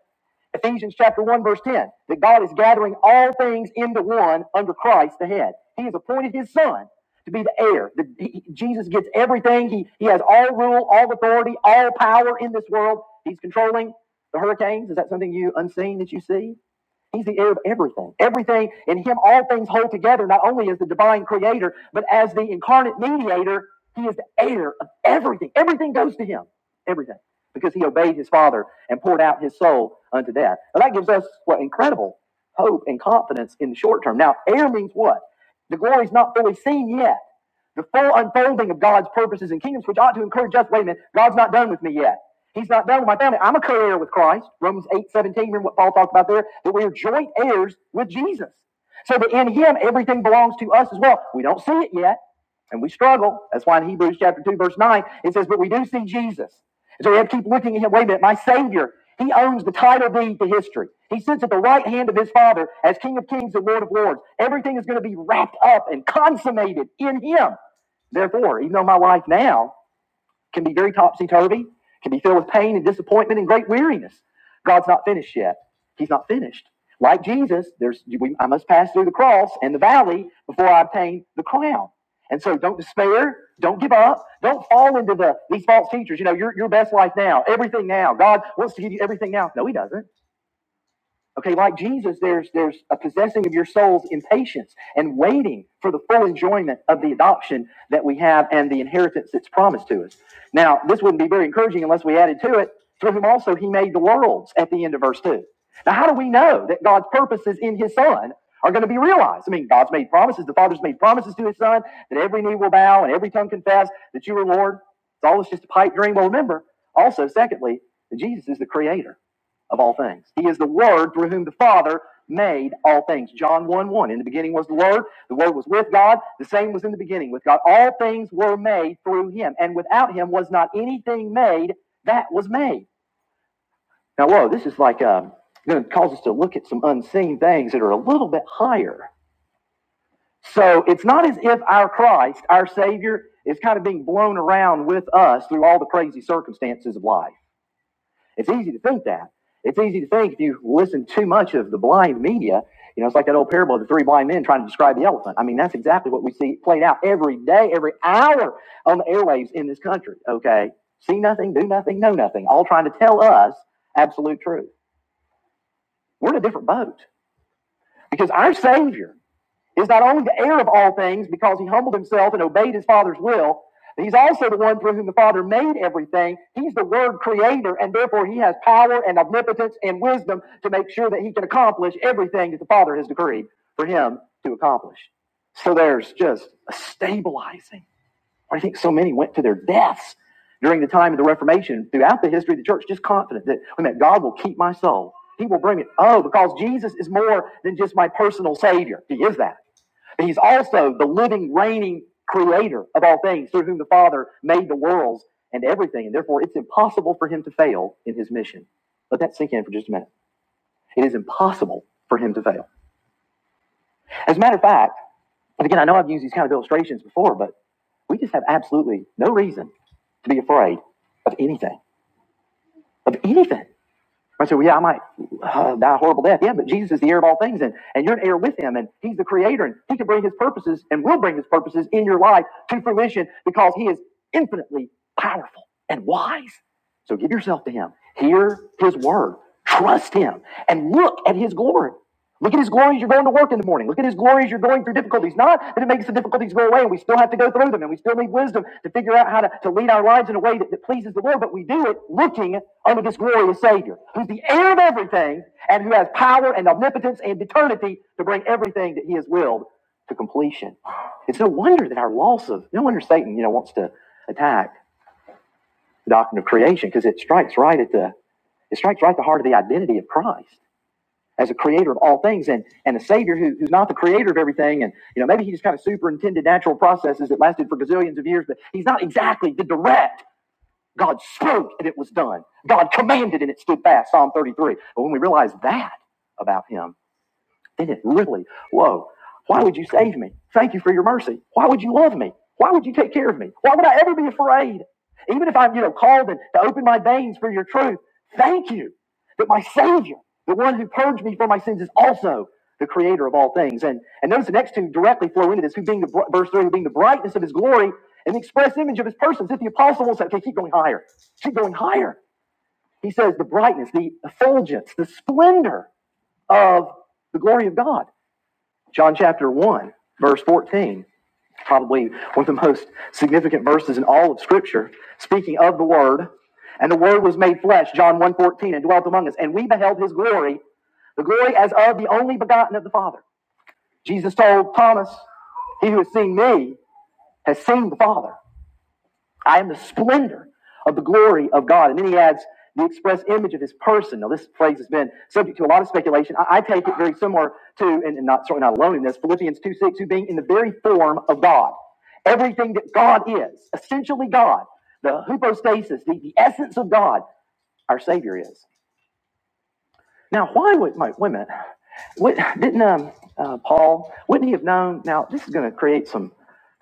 Speaker 1: Ephesians chapter 1, verse 10, that God is gathering all things into one under Christ the head. He has appointed his son to be the heir. The- he- Jesus gets everything. He, he has all rule, all authority, all power in this world. He's controlling the hurricanes. Is that something you unseen that you see? He's the heir of everything. Everything in him, all things hold together, not only as the divine creator, but as the incarnate mediator, he is the heir of everything. Everything goes to him. Everything. Because he obeyed his father and poured out his soul unto death. And that gives us what incredible hope and confidence in the short term. Now, heir means what? The glory is not fully seen yet. The full unfolding of God's purposes and kingdoms, which ought to encourage us, wait a minute, God's not done with me yet. He's not done with my family. I'm a co-heir with Christ. Romans 8 17. remember what Paul talked about there? That we are joint heirs with Jesus. So that in him, everything belongs to us as well. We don't see it yet, and we struggle. That's why in Hebrews chapter 2, verse 9, it says, but we do see Jesus. And so we have to keep looking at him. Wait a minute, my Savior, he owns the title deed to history. He sits at the right hand of his Father as King of kings and Lord of lords. Everything is going to be wrapped up and consummated in him. Therefore, even though my life now can be very topsy turvy, can be filled with pain and disappointment and great weariness. God's not finished yet. He's not finished. Like Jesus, there's we, I must pass through the cross and the valley before I obtain the crown. And so don't despair, don't give up, don't fall into the these false teachers. You know, your your best life now, everything now. God wants to give you everything now. No, he doesn't. Okay, like Jesus, there's there's a possessing of your souls in patience and waiting for the full enjoyment of the adoption that we have and the inheritance that's promised to us. Now, this wouldn't be very encouraging unless we added to it, through whom also he made the worlds at the end of verse 2. Now, how do we know that God's purposes in his son are going to be realized? I mean, God's made promises, the Father's made promises to his son that every knee will bow and every tongue confess that you are Lord. It's all just a pipe dream. Well, remember, also, secondly, that Jesus is the creator of all things. He is the Word through whom the Father made all things. John 1 1. In the beginning was the Word. The Word was with God. The same was in the beginning with God. All things were made through Him. And without Him was not anything made that was made. Now, whoa, this is like, um, going to cause us to look at some unseen things that are a little bit higher. So it's not as if our Christ, our Savior, is kind of being blown around with us through all the crazy circumstances of life. It's easy to think that. It's easy to think if you listen too much of the blind media, you know, it's like that old parable of the three blind men trying to describe the elephant. I mean, that's exactly what we see played out every day, every hour on the airwaves in this country. Okay. See nothing, do nothing, know nothing, all trying to tell us absolute truth. We're in a different boat because our Savior is not only the heir of all things because he humbled himself and obeyed his father's will, but he's also the one through whom the father made everything. He's the word creator, and therefore he has power and omnipotence and wisdom to make sure that he can accomplish everything that the father has decreed for him to accomplish. So there's just a stabilizing. I think so many went to their deaths during the time of the Reformation throughout the history of the church, just confident that, wait a minute, God will keep my soul. He will bring it. Oh, because Jesus is more than just my personal savior. He is that. And he's also the living, reigning creator of all things, through whom the Father made the worlds and everything. And therefore, it's impossible for him to fail in his mission. Let that sink in for just a minute. It is impossible for him to fail. As a matter of fact, and again, I know I've used these kind of illustrations before, but we just have absolutely no reason to be afraid of anything, of anything. I said, well, yeah, I might uh, die a horrible death. Yeah, but Jesus is the heir of all things, and, and you're an heir with him, and he's the creator, and he can bring his purposes and will bring his purposes in your life to fruition because he is infinitely powerful and wise. So give yourself to him. Hear his word. Trust him and look at his glory. Look at his glory as you're going to work in the morning. Look at his glory as you're going through difficulties. Not that it makes the difficulties go away and we still have to go through them and we still need wisdom to figure out how to, to lead our lives in a way that, that pleases the Lord, but we do it looking unto this glorious Savior who's the heir of everything and who has power and omnipotence and eternity to bring everything that he has willed to completion. It's no wonder that our loss of, no wonder Satan, you know, wants to attack the doctrine of creation because it strikes right at the, it strikes right at the heart of the identity of Christ as a creator of all things and, and a savior who, who's not the creator of everything. And, you know, maybe he just kind of superintended natural processes that lasted for gazillions of years, but he's not exactly the direct. God spoke and it was done. God commanded and it stood fast. Psalm 33. But when we realize that about him, it is really low. Why would you save me? Thank you for your mercy. Why would you love me? Why would you take care of me? Why would I ever be afraid? Even if I'm, you know, called and to open my veins for your truth, thank you that my Savior, the one who purged me for my sins, is also the creator of all things. And and notice the next two directly flow into this, who being the br- verse three, who being the brightness of his glory and the express image of his person. So If the apostle will say, okay, keep going higher, keep going higher. He says the brightness, the effulgence, the splendor of the glory of God. John chapter 1, verse 14, probably one of the most significant verses in all of Scripture, speaking of the Word. And the Word was made flesh, John one fourteen, and dwelt among us. And we beheld his glory, the glory as of the only begotten of the Father. Jesus told Thomas, He who has seen me has seen the Father. I am the splendor of the glory of God. And then he adds the express image of his person. Now, this phrase has been subject to a lot of speculation. I, I take it very similar to, and, and not certainly not alone in this, Philippians 2 6, who being in the very form of God, everything that God is, essentially God, the hypostasis, the, the essence of God, our Savior is. Now, why would, wait, wait a minute. What, didn't um, uh, Paul, wouldn't he have known? Now, this is going to create some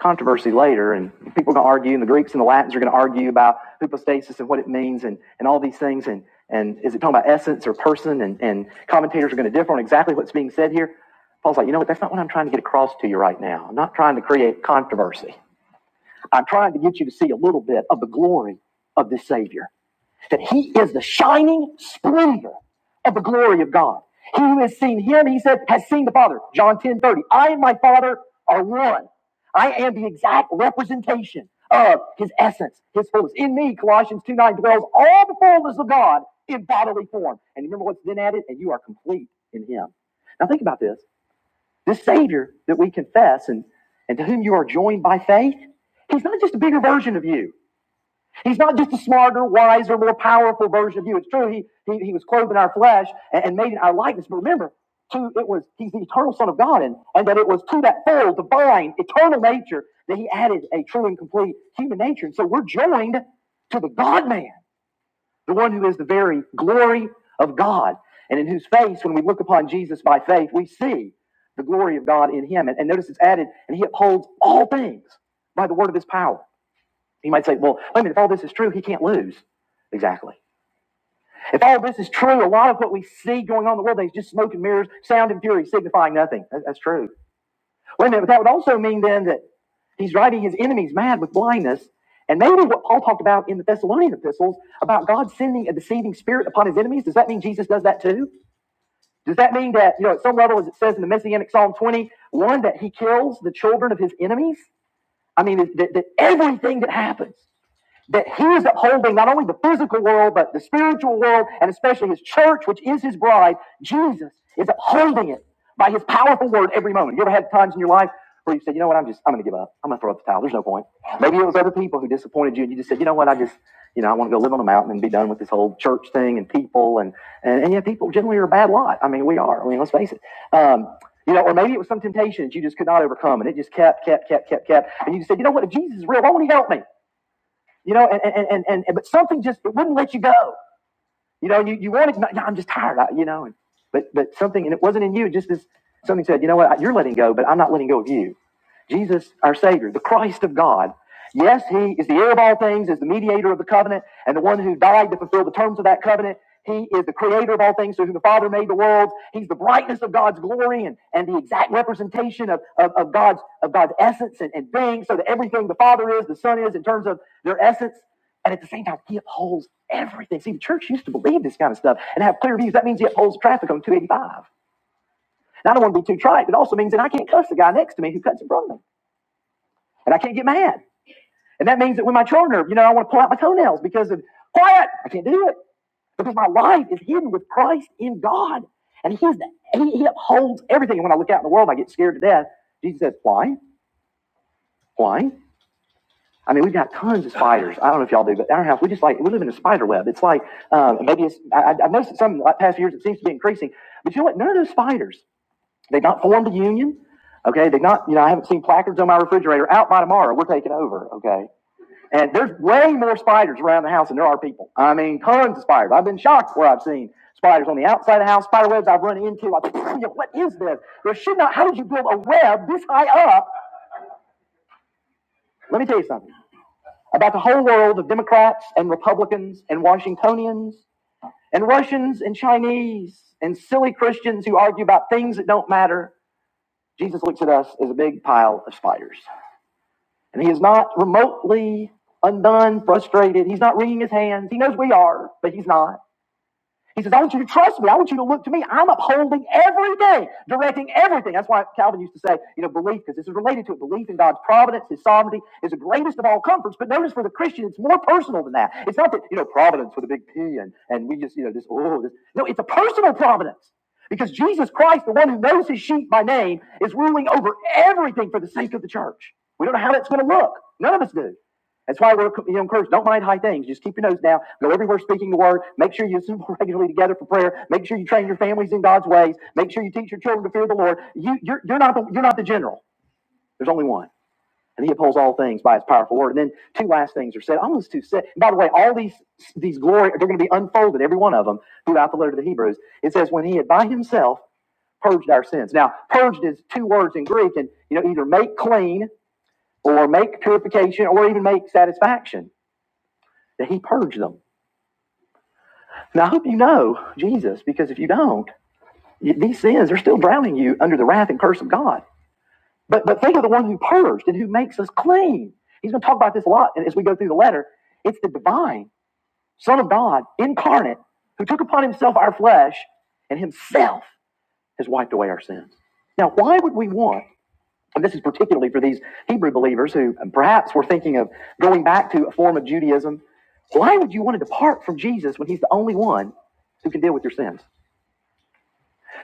Speaker 1: controversy later, and people are going to argue, and the Greeks and the Latins are going to argue about hypostasis and what it means and, and all these things. And, and is it talking about essence or person? And, and commentators are going to differ on exactly what's being said here. Paul's like, you know what? That's not what I'm trying to get across to you right now. I'm not trying to create controversy. I'm trying to get you to see a little bit of the glory of this Savior that he is the shining splendor of the glory of God. He who has seen him, he said, has seen the Father. John 10 30. I and my Father are one. I am the exact representation of his essence, his fullness. In me, Colossians 2 9 dwells all the fullness of God in bodily form. And remember what's been added? And you are complete in him. Now think about this. This Savior that we confess and, and to whom you are joined by faith, he's not just a bigger version of you. He's not just a smarter, wiser, more powerful version of you. It's true, he, he, he was clothed in our flesh and, and made in our likeness. But remember, too, it was he's the eternal Son of God, and, and that it was to that full, divine, eternal nature that he added a true and complete human nature. And so we're joined to the God man, the one who is the very glory of God, and in whose face, when we look upon Jesus by faith, we see the glory of God in him. And, and notice it's added, and he upholds all things by the word of his power. You might say, well, wait a minute, if all this is true, he can't lose. Exactly. If all this is true, a lot of what we see going on in the world today is just smoke and mirrors, sound and fury, signifying nothing. That's true. Wait a minute, but that would also mean then that he's driving his enemies mad with blindness. And maybe what Paul talked about in the Thessalonian epistles about God sending a deceiving spirit upon his enemies, does that mean Jesus does that too? Does that mean that, you know, at some level, as it says in the Messianic Psalm twenty one, that he kills the children of his enemies? I mean, that that everything that happens that he is upholding not only the physical world, but the spiritual world, and especially his church, which is his bride. Jesus is upholding it by his powerful word every moment. You ever had times in your life where you said, you know what, I'm just, I'm going to give up. I'm going to throw up the towel. There's no point. Maybe it was other people who disappointed you, and you just said, you know what, I just, you know, I want to go live on a mountain and be done with this whole church thing and people. And, and, and yeah, people generally are a bad lot. I mean, we are. I mean, let's face it. Um, you know, or maybe it was some temptation that you just could not overcome, and it just kept, kept, kept, kept, kept. And you just said, you know what, if Jesus is real, why won't he help me? you know, and, and, and, and, and but something just, it wouldn't let you go. You know, you, you wanted to, no, I'm just tired, I, you know, and, but, but something, and it wasn't in you, just this, something said, you know what, you're letting go, but I'm not letting go of you. Jesus, our Savior, the Christ of God. Yes, He is the heir of all things, is the mediator of the covenant, and the one who died to fulfill the terms of that covenant. He is the creator of all things, through whom the Father made the world. He's the brightness of God's glory and, and the exact representation of, of, of God's, of God's essence and, and being, so that everything the Father is, the Son is, in terms of their essence. And at the same time, He upholds everything. See, the church used to believe this kind of stuff and have clear views. That means He upholds traffic on 285. Now, I don't want to be too trite, but it also means that I can't cuss the guy next to me who cuts in front of me and I can't get mad. And that means that when my children are, you know, I want to pull out my toenails because of quiet. I can't do it because my life is hidden with Christ in God, and He's he, he upholds everything. And when I look out in the world, I get scared to death. Jesus says, "Why? Why?" I mean, we've got tons of spiders. I don't know if y'all do, but our house, we just like, we live in a spider web. It's like, um, maybe it's, I, I- have noticed some like, past few years, it seems to be increasing. But you know what? None of those spiders, they've not formed a union. Okay. They've not, you know, I haven't seen placards on my refrigerator out by tomorrow. We're taking over. Okay. And there's way more spiders around the house than there are people. I mean, tons of spiders. I've been shocked where I've seen spiders on the outside of the house, spider webs I've run into. I think, what is this? There should not, how did you build a web this high up? Let me tell you something about the whole world of Democrats and Republicans and Washingtonians and Russians and Chinese and silly Christians who argue about things that don't matter. Jesus looks at us as a big pile of spiders. And he is not remotely undone, frustrated. He's not wringing his hands. He knows we are, but he's not. He says, I want you to trust me. I want you to look to me. I'm upholding everything, directing everything. That's why Calvin used to say, you know, belief, because this is related to it. Belief in God's providence, his sovereignty is the greatest of all comforts. But notice for the Christian, it's more personal than that. It's not that, you know, providence with a big P and, and we just, you know, this, oh, this. No, it's a personal providence. Because Jesus Christ, the one who knows his sheep by name, is ruling over everything for the sake of the church. We don't know how that's going to look. None of us do. That's why we're you know, encouraged. Don't mind high things. Just keep your nose down. Go everywhere speaking the word. Make sure you assemble regularly together for prayer. Make sure you train your families in God's ways. Make sure you teach your children to fear the Lord. You, you're, you're, not the, you're not the general. There's only one. And he upholds all things by his powerful word. And then two last things are said. Almost two said. By the way, all these these glory, they're going to be unfolded, every one of them, throughout the letter to the Hebrews. It says, when he had by himself purged our sins. Now, purged is two words in Greek, and you know, either make clean or make purification or even make satisfaction that he purged them. Now, I hope you know Jesus, because if you don't, these sins are still drowning you under the wrath and curse of God. But, but think of the one who purged and who makes us clean. He's going to talk about this a lot as we go through the letter. It's the divine Son of God incarnate who took upon himself our flesh and himself has wiped away our sins. Now, why would we want And this is particularly for these Hebrew believers who perhaps were thinking of going back to a form of Judaism. Why would you want to depart from Jesus when he's the only one who can deal with your sins?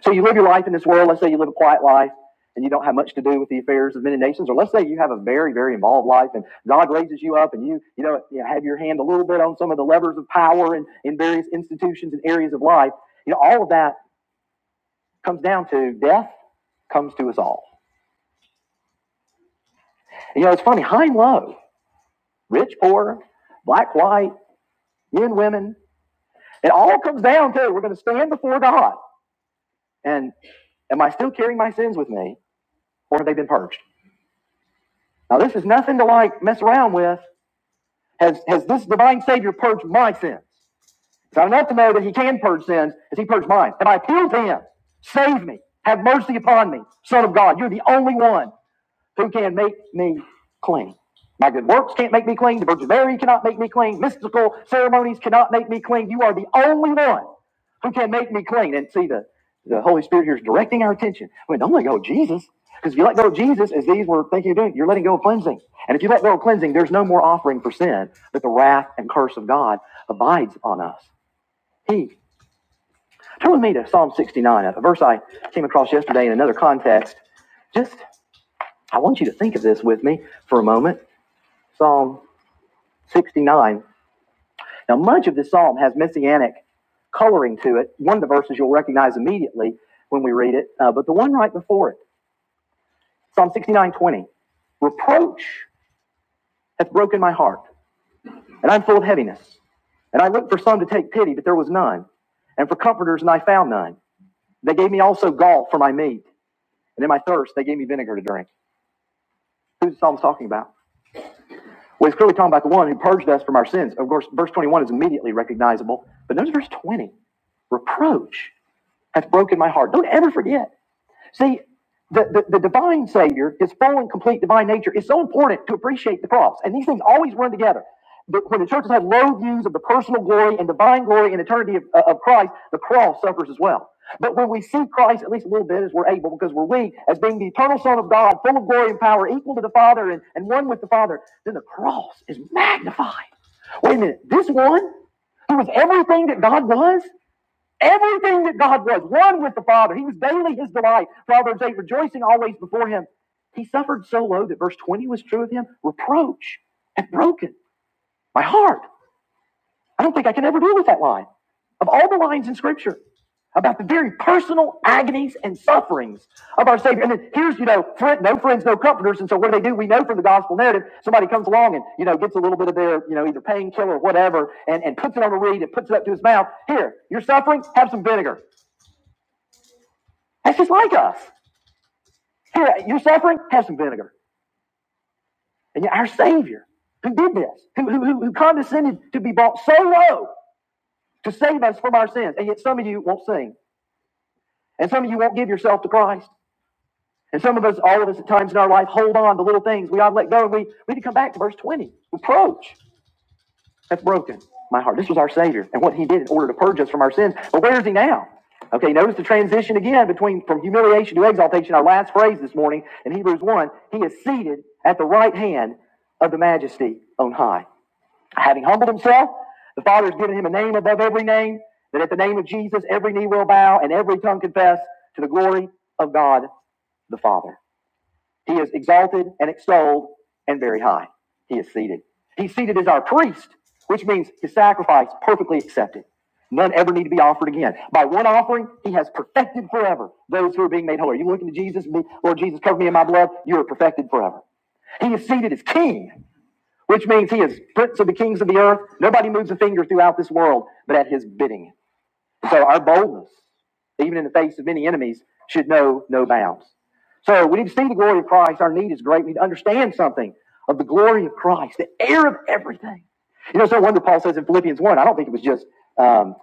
Speaker 1: So you live your life in this world. Let's say you live a quiet life and you don't have much to do with the affairs of many nations. Or let's say you have a very, very involved life and God raises you up and you, you know, you have your hand a little bit on some of the levers of power and in various institutions and areas of life. You know, all of that comes down to death comes to us all. And, You know, it's funny, high and low rich, poor, black, white, men, women. It all comes down to we're going to stand before God. And am I still carrying my sins with me, or have they been purged? Now, this is nothing to like mess around with. Has, has this divine Savior purged my sins? It's not enough to know that He can purge sins. Has He purged mine? Have I appealed to Him? Save me. Have mercy upon me. Son of God, you're the only one. who can make me clean. My good works can't make me clean. The Virgin Mary cannot make me clean. Mystical ceremonies cannot make me clean. You are the only one who can make me clean. And see, the, the Holy Spirit here is directing our attention. I mean, don't let go of Jesus. Because if you let go of Jesus, as these were thinking of doing, you're letting go of cleansing. And if you let go of cleansing, there's no more offering for sin, but the wrath and curse of God abides on us. He. Turn with me to Psalm 69, a verse I came across yesterday in another context just I want you to think of this with me for a moment. Psalm 69. Now, much of this psalm has messianic coloring to it. One of the verses you'll recognize immediately when we read it, uh, but the one right before it, Psalm 69:20, Reproach hath broken my heart, and I'm full of heaviness. And I looked for some to take pity, but there was none. And for comforters, and I found none. They gave me also gall for my meat, and in my thirst, they gave me vinegar to drink. Who's the psalm's talking about? Well, he's clearly talking about the one who purged us from our sins. Of course, verse 21 is immediately recognizable, but notice verse 20 reproach. hath broken my heart. Don't ever forget. See, the, the, the divine Savior, his full and complete divine nature, is so important to appreciate the cross. And these things always run together. But When the church has had low views of the personal glory and divine glory and eternity of, uh, of Christ, the cross suffers as well. But when we see Christ, at least a little bit as we're able, because we're weak, as being the eternal Son of God, full of glory and power, equal to the Father and, and one with the Father, then the cross is magnified. Wait a minute, this one who was everything that God was, Everything that God was, one with the Father. He was daily his delight. Proverbs 8, rejoicing always before him. He suffered so low that verse 20 was true of him. Reproach hath broken my heart. I don't think I can ever deal with that line. Of all the lines in Scripture about the very personal agonies and sufferings of our Savior. And then here's, you know, friend, no friends, no comforters. And so what do they do? We know from the gospel narrative, somebody comes along and, you know, gets a little bit of their, you know, either painkiller or whatever and, and puts it on a reed and puts it up to his mouth. Here, you're suffering? Have some vinegar. That's just like us. Here, you're suffering? Have some vinegar. And yet our Savior, who did this, who, who, who condescended to be brought so low to save us from our sins, and yet some of you won't sing, and some of you won't give yourself to Christ. And some of us, all of us at times in our life, hold on to little things we ought to let go, and we, we need to come back to verse 20. Reproach. That's broken my heart. This was our Savior and what He did in order to purge us from our sins. But where is He now? Okay, notice the transition again between from humiliation to exaltation, our last phrase this morning in Hebrews 1. He is seated at the right hand of the majesty on high. Having humbled himself, the Father has given him a name above every name, that at the name of Jesus every knee will bow and every tongue confess to the glory of God the Father. He is exalted and extolled and very high. He is seated. He's seated as our priest, which means his sacrifice perfectly accepted. None ever need to be offered again. By one offering, he has perfected forever those who are being made holy. Are you looking to Jesus? Lord Jesus, cover me in my blood. You are perfected forever. He is seated as king, which means he is prince of the kings of the earth. Nobody moves a finger throughout this world but at his bidding. So our boldness, even in the face of many enemies, should know no bounds. So we need to see the glory of Christ. Our need is great. We need to understand something of the glory of Christ, the heir of everything. You know, it's no wonder Paul says in Philippians 1, I don't think it was just um,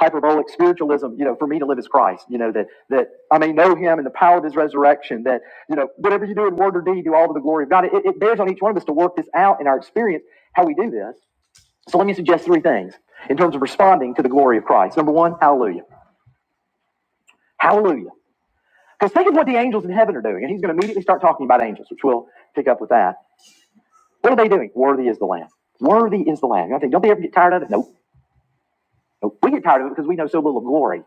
Speaker 1: hyperbolic spiritualism, you know, for me to live as Christ, you know, that, that I may know him and the power of his resurrection, that, you know, whatever you do in word or deed, do all to the glory of God. It, it bears on each one of us to work this out in our experience, how we do this. So let me suggest three things in terms of responding to the glory of Christ. Number one, hallelujah. Hallelujah. Because think of what the angels in heaven are doing. And he's going to immediately start talking about angels, which we'll pick up with that. What are they doing? Worthy is the Lamb. Worthy is the Lamb. You know, I think, don't they ever get tired of it? Nope. Nope. We get tired of it because we know so little of glory.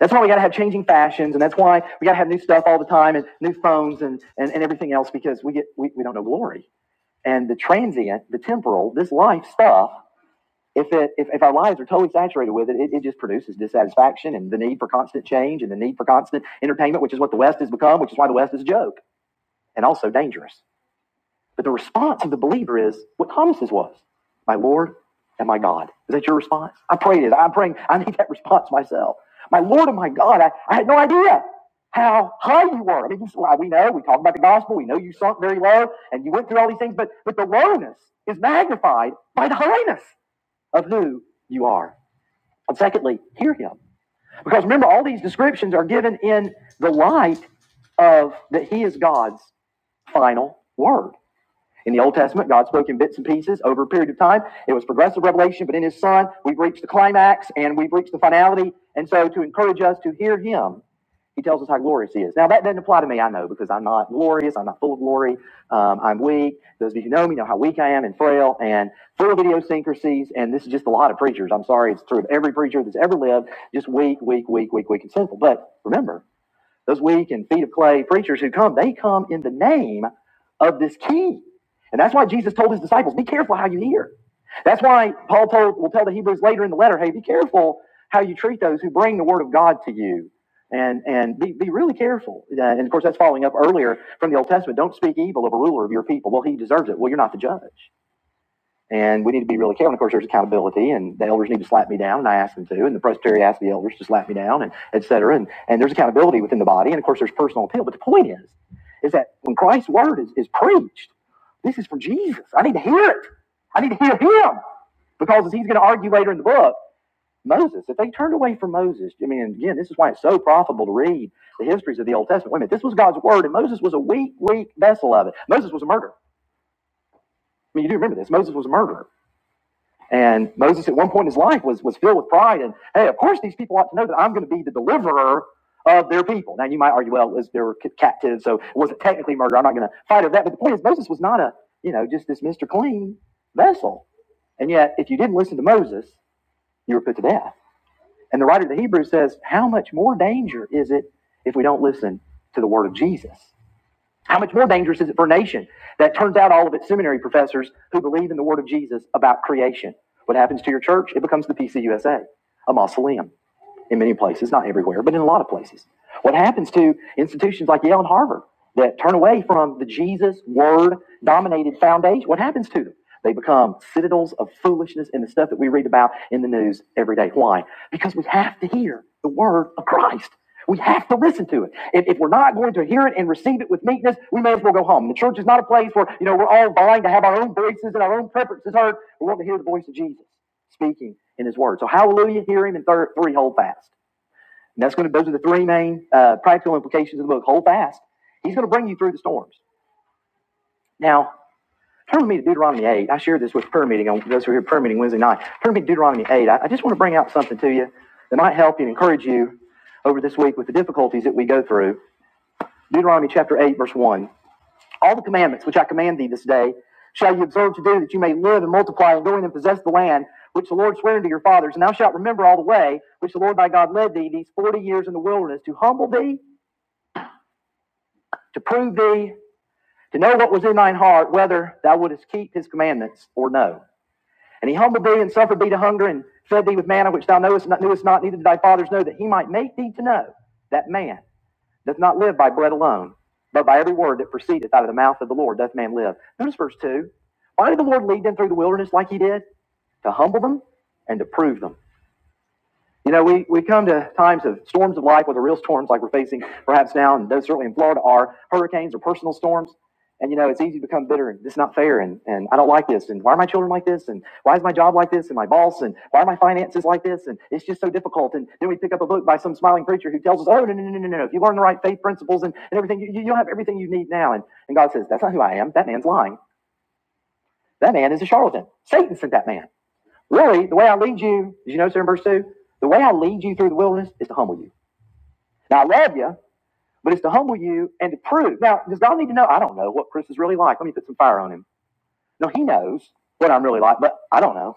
Speaker 1: That's why we got to have changing fashions, and that's why we got to have new stuff all the time and new phones and, and, and everything else because we, get, we, we don't know glory. And the transient, the temporal, this life stuff if it if, if our lives are totally saturated with it, it, it just produces dissatisfaction and the need for constant change and the need for constant entertainment, which is what the West has become, which is why the West is a joke and also dangerous. But the response of the believer is what Thomas's was, my Lord and my God. Is that your response? I prayed it. I'm praying. I need that response myself. My Lord and my God, I, I had no idea how high you were. I mean, well, we know, we talk about the gospel, we know you sunk very low and you went through all these things, but, but the lowness is magnified by the highness of who you are. And secondly, hear him. Because remember, all these descriptions are given in the light of that he is God's final word. In the Old Testament, God spoke in bits and pieces over a period of time. It was progressive revelation, but in his son, we've reached the climax and we've reached the finality. And so to encourage us to hear him he tells us how glorious he is. Now, that doesn't apply to me, I know, because I'm not glorious. I'm not full of glory. Um, I'm weak. Those of you who know me know how weak I am and frail and full of idiosyncrasies. And this is just a lot of preachers. I'm sorry, it's true of every preacher that's ever lived, just weak, weak, weak, weak, weak, and sinful. But remember, those weak and feet of clay preachers who come, they come in the name of this king. And that's why Jesus told his disciples, be careful how you hear. That's why Paul told, will tell the Hebrews later in the letter, hey, be careful how you treat those who bring the word of God to you. And, and be, be really careful. Uh, and of course, that's following up earlier from the Old Testament. Don't speak evil of a ruler of your people. Well, he deserves it. Well, you're not the judge. And we need to be really careful. And of course, there's accountability, and the elders need to slap me down, and I ask them to, and the presbytery asks the elders to slap me down, and et cetera. And, and there's accountability within the body, and of course, there's personal appeal. But the point is, is that when Christ's word is, is preached, this is for Jesus. I need to hear it. I need to hear him because as he's going to argue later in the book, Moses, if they turned away from Moses, I mean, again, this is why it's so profitable to read the histories of the Old Testament. Wait a minute, this was God's word, and Moses was a weak, weak vessel of it. Moses was a murderer. I mean, you do remember this. Moses was a murderer. And Moses, at one point in his life, was, was filled with pride. And hey, of course, these people ought to know that I'm going to be the deliverer of their people. Now, you might argue, well, it was, they were captives, so it wasn't technically murder. I'm not going to fight over that. But the point is, Moses was not a, you know, just this Mr. Clean vessel. And yet, if you didn't listen to Moses, you were put to death. And the writer of the Hebrews says, how much more danger is it if we don't listen to the word of Jesus? How much more dangerous is it for a nation that turns out all of its seminary professors who believe in the word of Jesus about creation? What happens to your church? It becomes the PCUSA, a a mausoleum in many places, not everywhere, but in a lot of places. What happens to institutions like Yale and Harvard that turn away from the Jesus word dominated foundation? What happens to them? They become citadels of foolishness and the stuff that we read about in the news every day. Why? Because we have to hear the word of Christ. We have to listen to it. If, if we're not going to hear it and receive it with meekness, we may as well go home. The church is not a place where, you know, we're all vying to have our own voices and our own preferences heard. We want to hear the voice of Jesus speaking in his word. So hallelujah, hear him, and third, three, hold fast. And that's going to, those are the three main uh, practical implications of the book. Hold fast. He's going to bring you through the storms. Now, turn with me to Deuteronomy 8. I shared this with prayer meeting on those who are here prayer meeting Wednesday night. Turn with me to Deuteronomy 8. I, I just want to bring out something to you that might help you and encourage you over this week with the difficulties that we go through. Deuteronomy chapter 8, verse 1. All the commandments which I command thee this day shall you observe to do, that you may live and multiply and go in and possess the land which the Lord sware unto your fathers. And thou shalt remember all the way which the Lord thy God led thee these forty years in the wilderness to humble thee, to prove thee, to know what was in thine heart, whether thou wouldest keep his commandments or no. And he humbled thee and suffered thee to hunger and fed thee with manna which thou knowest not, knewest not, neither did thy fathers know, that he might make thee to know that man doth not live by bread alone, but by every word that proceedeth out of the mouth of the Lord doth man live. Notice verse 2. Why did the Lord lead them through the wilderness like he did? To humble them and to prove them you know, we, we come to times of storms of life, whether real storms like we're facing perhaps now, and those certainly in Florida are hurricanes or personal storms. And, you know, it's easy to become bitter and this is not fair and, and I don't like this. And why are my children like this? And why is my job like this? And my boss? And why are my finances like this? And it's just so difficult. And then we pick up a book by some smiling preacher who tells us, oh, no, no, no, no, no. no. If you learn the right faith principles and, and everything, you, you- you'll have everything you need now. And, and God says, that's not who I am. That man's lying. That man is a charlatan. Satan sent that man. Really, the way I lead you, did you notice there in verse 2? The way I lead you through the wilderness is to humble you. Now, I love you, but it's to humble you and to prove. Now, does God need to know? I don't know what Chris is really like. Let me put some fire on him. No, he knows what I'm really like, but I don't know.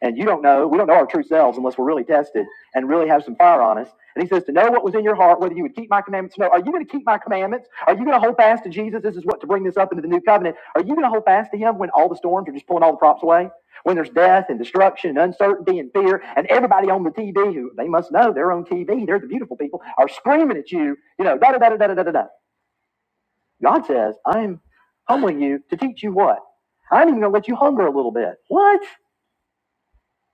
Speaker 1: And you don't know, we don't know our true selves unless we're really tested and really have some fire on us. And he says, To know what was in your heart, whether you would keep my commandments no. Are you going to keep my commandments? Are you going to hold fast to Jesus? This is what to bring this up into the new covenant. Are you going to hold fast to him when all the storms are just pulling all the props away? When there's death and destruction and uncertainty and fear, and everybody on the TV who they must know they're on TV, they're the beautiful people, are screaming at you, you know, da da da da da da da da. God says, I'm humbling you to teach you what? I'm even going to let you hunger a little bit. What?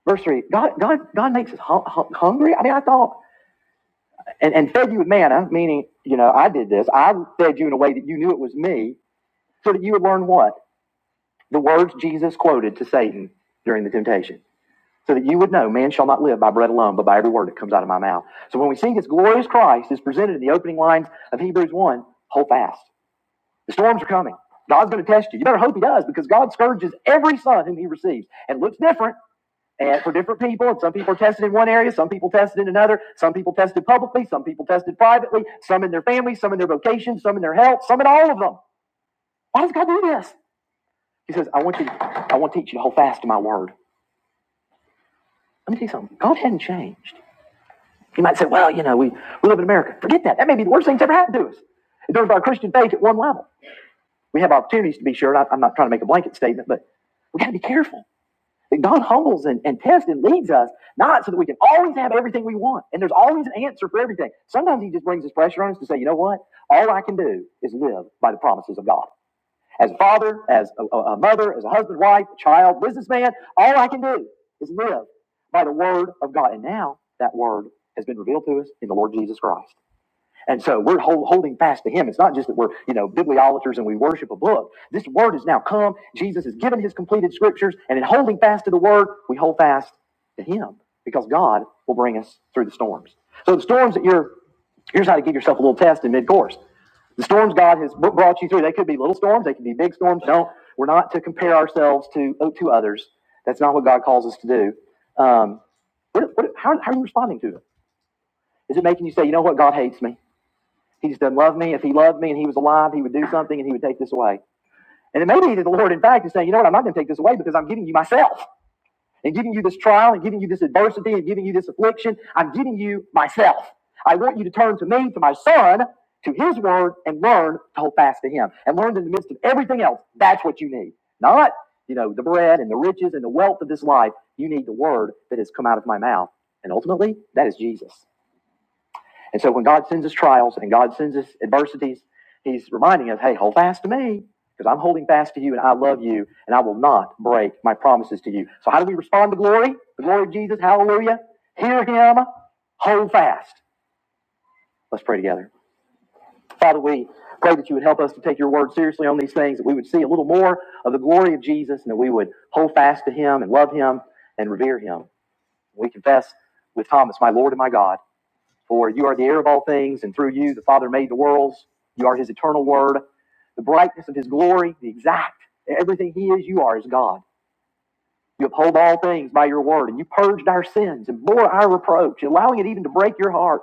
Speaker 1: Verse three, God, God, God makes us hu- hu- hungry. I mean, I thought, and, and fed you with manna, meaning, you know, I did this. I fed you in a way that you knew it was me, so that you would learn what? The words Jesus quoted to Satan during the temptation. So that you would know, man shall not live by bread alone, but by every word that comes out of my mouth. So when we see this glorious Christ is presented in the opening lines of Hebrews 1, hold fast. The storms are coming. God's going to test you. You better hope he does because God scourges every son whom he receives. And it looks different. And for different people, and some people are tested in one area, some people tested in another, some people tested publicly, some people tested privately, some in their family, some in their vocation, some in their health, some in all of them. Why does God do this? He says, I want you, I want to teach you to hold fast to my word. Let me tell you something. God hadn't changed. You might say, well, you know, we, we live in America. Forget that. That may be the worst thing that's ever happened to us. In terms of our Christian faith at one level. We have opportunities to be sure. I- I'm not trying to make a blanket statement, but we got to be careful. That God humbles and, and tests and leads us, not so that we can always have everything we want. And there's always an answer for everything. Sometimes He just brings His pressure on us to say, you know what? All I can do is live by the promises of God. As a father, as a- a mother, as a husband, wife, child, businessman, all I can do is live by the word of God. And now that word has been revealed to us in the Lord Jesus Christ. And so we're hold, holding fast to him. It's not just that we're, you know, bibliolaters and we worship a book. This word has now come. Jesus has given his completed scriptures. And in holding fast to the word, we hold fast to him because God will bring us through the storms. So the storms that you're, here's how to give yourself a little test in mid course. The storms God has brought you through, they could be little storms, they could be big storms. No, we're not to compare ourselves to, oh, to others. That's not what God calls us to do. Um, what, what, how, how are you responding to it? Is it making you say, you know what, God hates me? He just doesn't love me. If he loved me and he was alive, he would do something and he would take this away. And it may be that the Lord, in fact, is saying, you know what, I'm not going to take this away because I'm giving you myself and giving you this trial and giving you this adversity and giving you this affliction. I'm giving you myself. I want you to turn to me, to my son, to his word, and learn to hold fast to him. And learn in the midst of everything else, that's what you need. Not, you know, the bread and the riches and the wealth of this life. You need the word that has come out of my mouth. And ultimately, that is Jesus. And so when God sends us trials and God sends us adversities, He's reminding us, hey, hold fast to me because I'm holding fast to you and I love you and I will not break my promises to you. So, how do we respond to glory? The glory of Jesus, hallelujah. Hear Him, hold fast. Let's pray together. Father, we pray that you would help us to take your word seriously on these things, that we would see a little more of the glory of Jesus and that we would hold fast to Him and love Him and revere Him. We confess with Thomas, my Lord and my God. For you are the heir of all things, and through you the Father made the worlds. You are his eternal word, the brightness of his glory, the exact. Everything he is, you are as God. You uphold all things by your word, and you purged our sins and bore our reproach, allowing it even to break your heart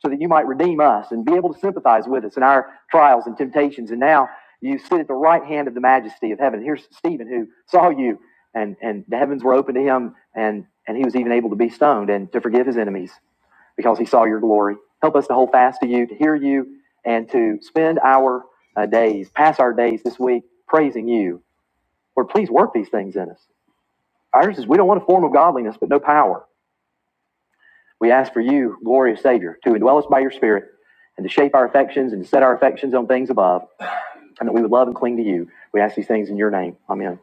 Speaker 1: so that you might redeem us and be able to sympathize with us in our trials and temptations. And now you sit at the right hand of the majesty of heaven. Here's Stephen who saw you and, and the heavens were open to him and, and he was even able to be stoned and to forgive his enemies because he saw your glory. Help us to hold fast to you, to hear you, and to spend our uh, days, pass our days this week praising you. Lord, please work these things in us. Ours is we don't want a form of godliness, but no power. We ask for you, glorious Savior, to indwell us by your Spirit and to shape our affections and to set our affections on things above, and that we would love and cling to you. We ask these things in your name. Amen.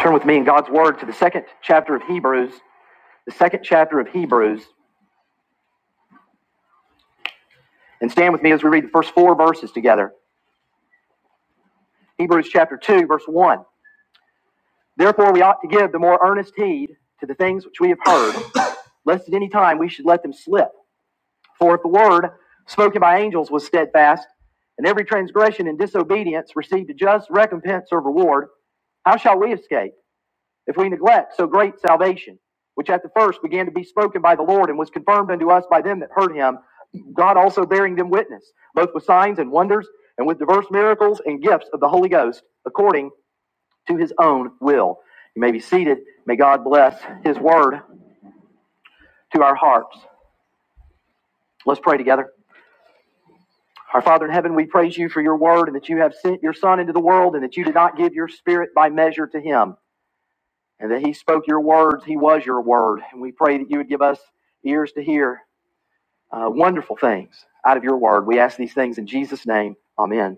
Speaker 1: Turn with me in God's Word to the second chapter of Hebrews, the second chapter of Hebrews, and stand with me as we read the first four verses together. Hebrews chapter 2, verse 1. Therefore, we ought to give the more earnest heed to the things which we have heard, lest at any time we should let them slip. For if the word spoken by angels was steadfast, and every transgression and disobedience received a just recompense or reward, how shall we escape if we neglect so great salvation, which at the first began to be spoken by the Lord and was confirmed unto us by them that heard him, God also bearing them witness, both with signs and wonders, and with diverse miracles and gifts of the Holy Ghost, according to his own will? You may be seated. May God bless his word to our hearts. Let's pray together. Our Father in heaven, we praise you for your word and that you have sent your Son into the world and that you did not give your spirit by measure to him and that he spoke your words. He was your word. And we pray that you would give us ears to hear uh, wonderful things out of your word. We ask these things in Jesus' name. Amen.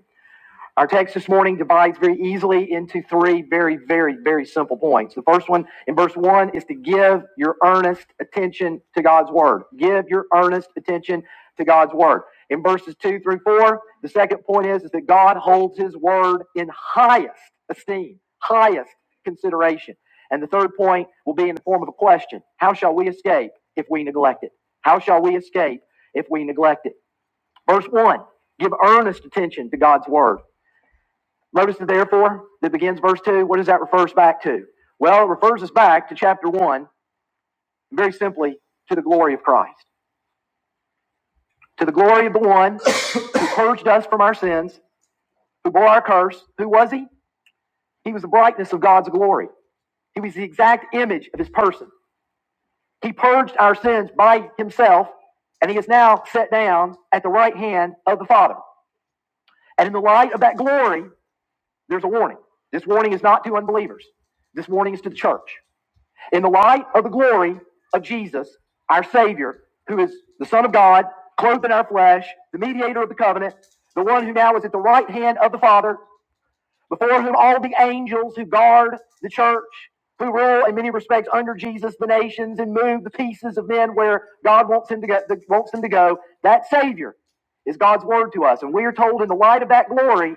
Speaker 1: Our text this morning divides very easily into three very, very, very simple points. The first one in verse one is to give your earnest attention to God's word. Give your earnest attention to God's word. In verses two through four, the second point is, is that God holds his word in highest esteem, highest consideration. And the third point will be in the form of a question. How shall we escape if we neglect it? How shall we escape if we neglect it? Verse one, give earnest attention to God's word. Notice the therefore that begins verse 2. What does that refer us back to? Well, it refers us back to chapter 1, very simply, to the glory of Christ. To the glory of the one who purged us from our sins, who bore our curse. Who was he? He was the brightness of God's glory. He was the exact image of his person. He purged our sins by himself, and he is now set down at the right hand of the Father. And in the light of that glory, there's a warning. This warning is not to unbelievers, this warning is to the church. in the light of the glory of Jesus, our Savior, who is the Son of God, clothed in our flesh, the mediator of the covenant, the one who now is at the right hand of the Father, before whom all the angels who guard the church, who rule in many respects under Jesus the nations and move the pieces of men where God wants him to go, wants them to go. That Savior is God's word to us, and we are told in the light of that glory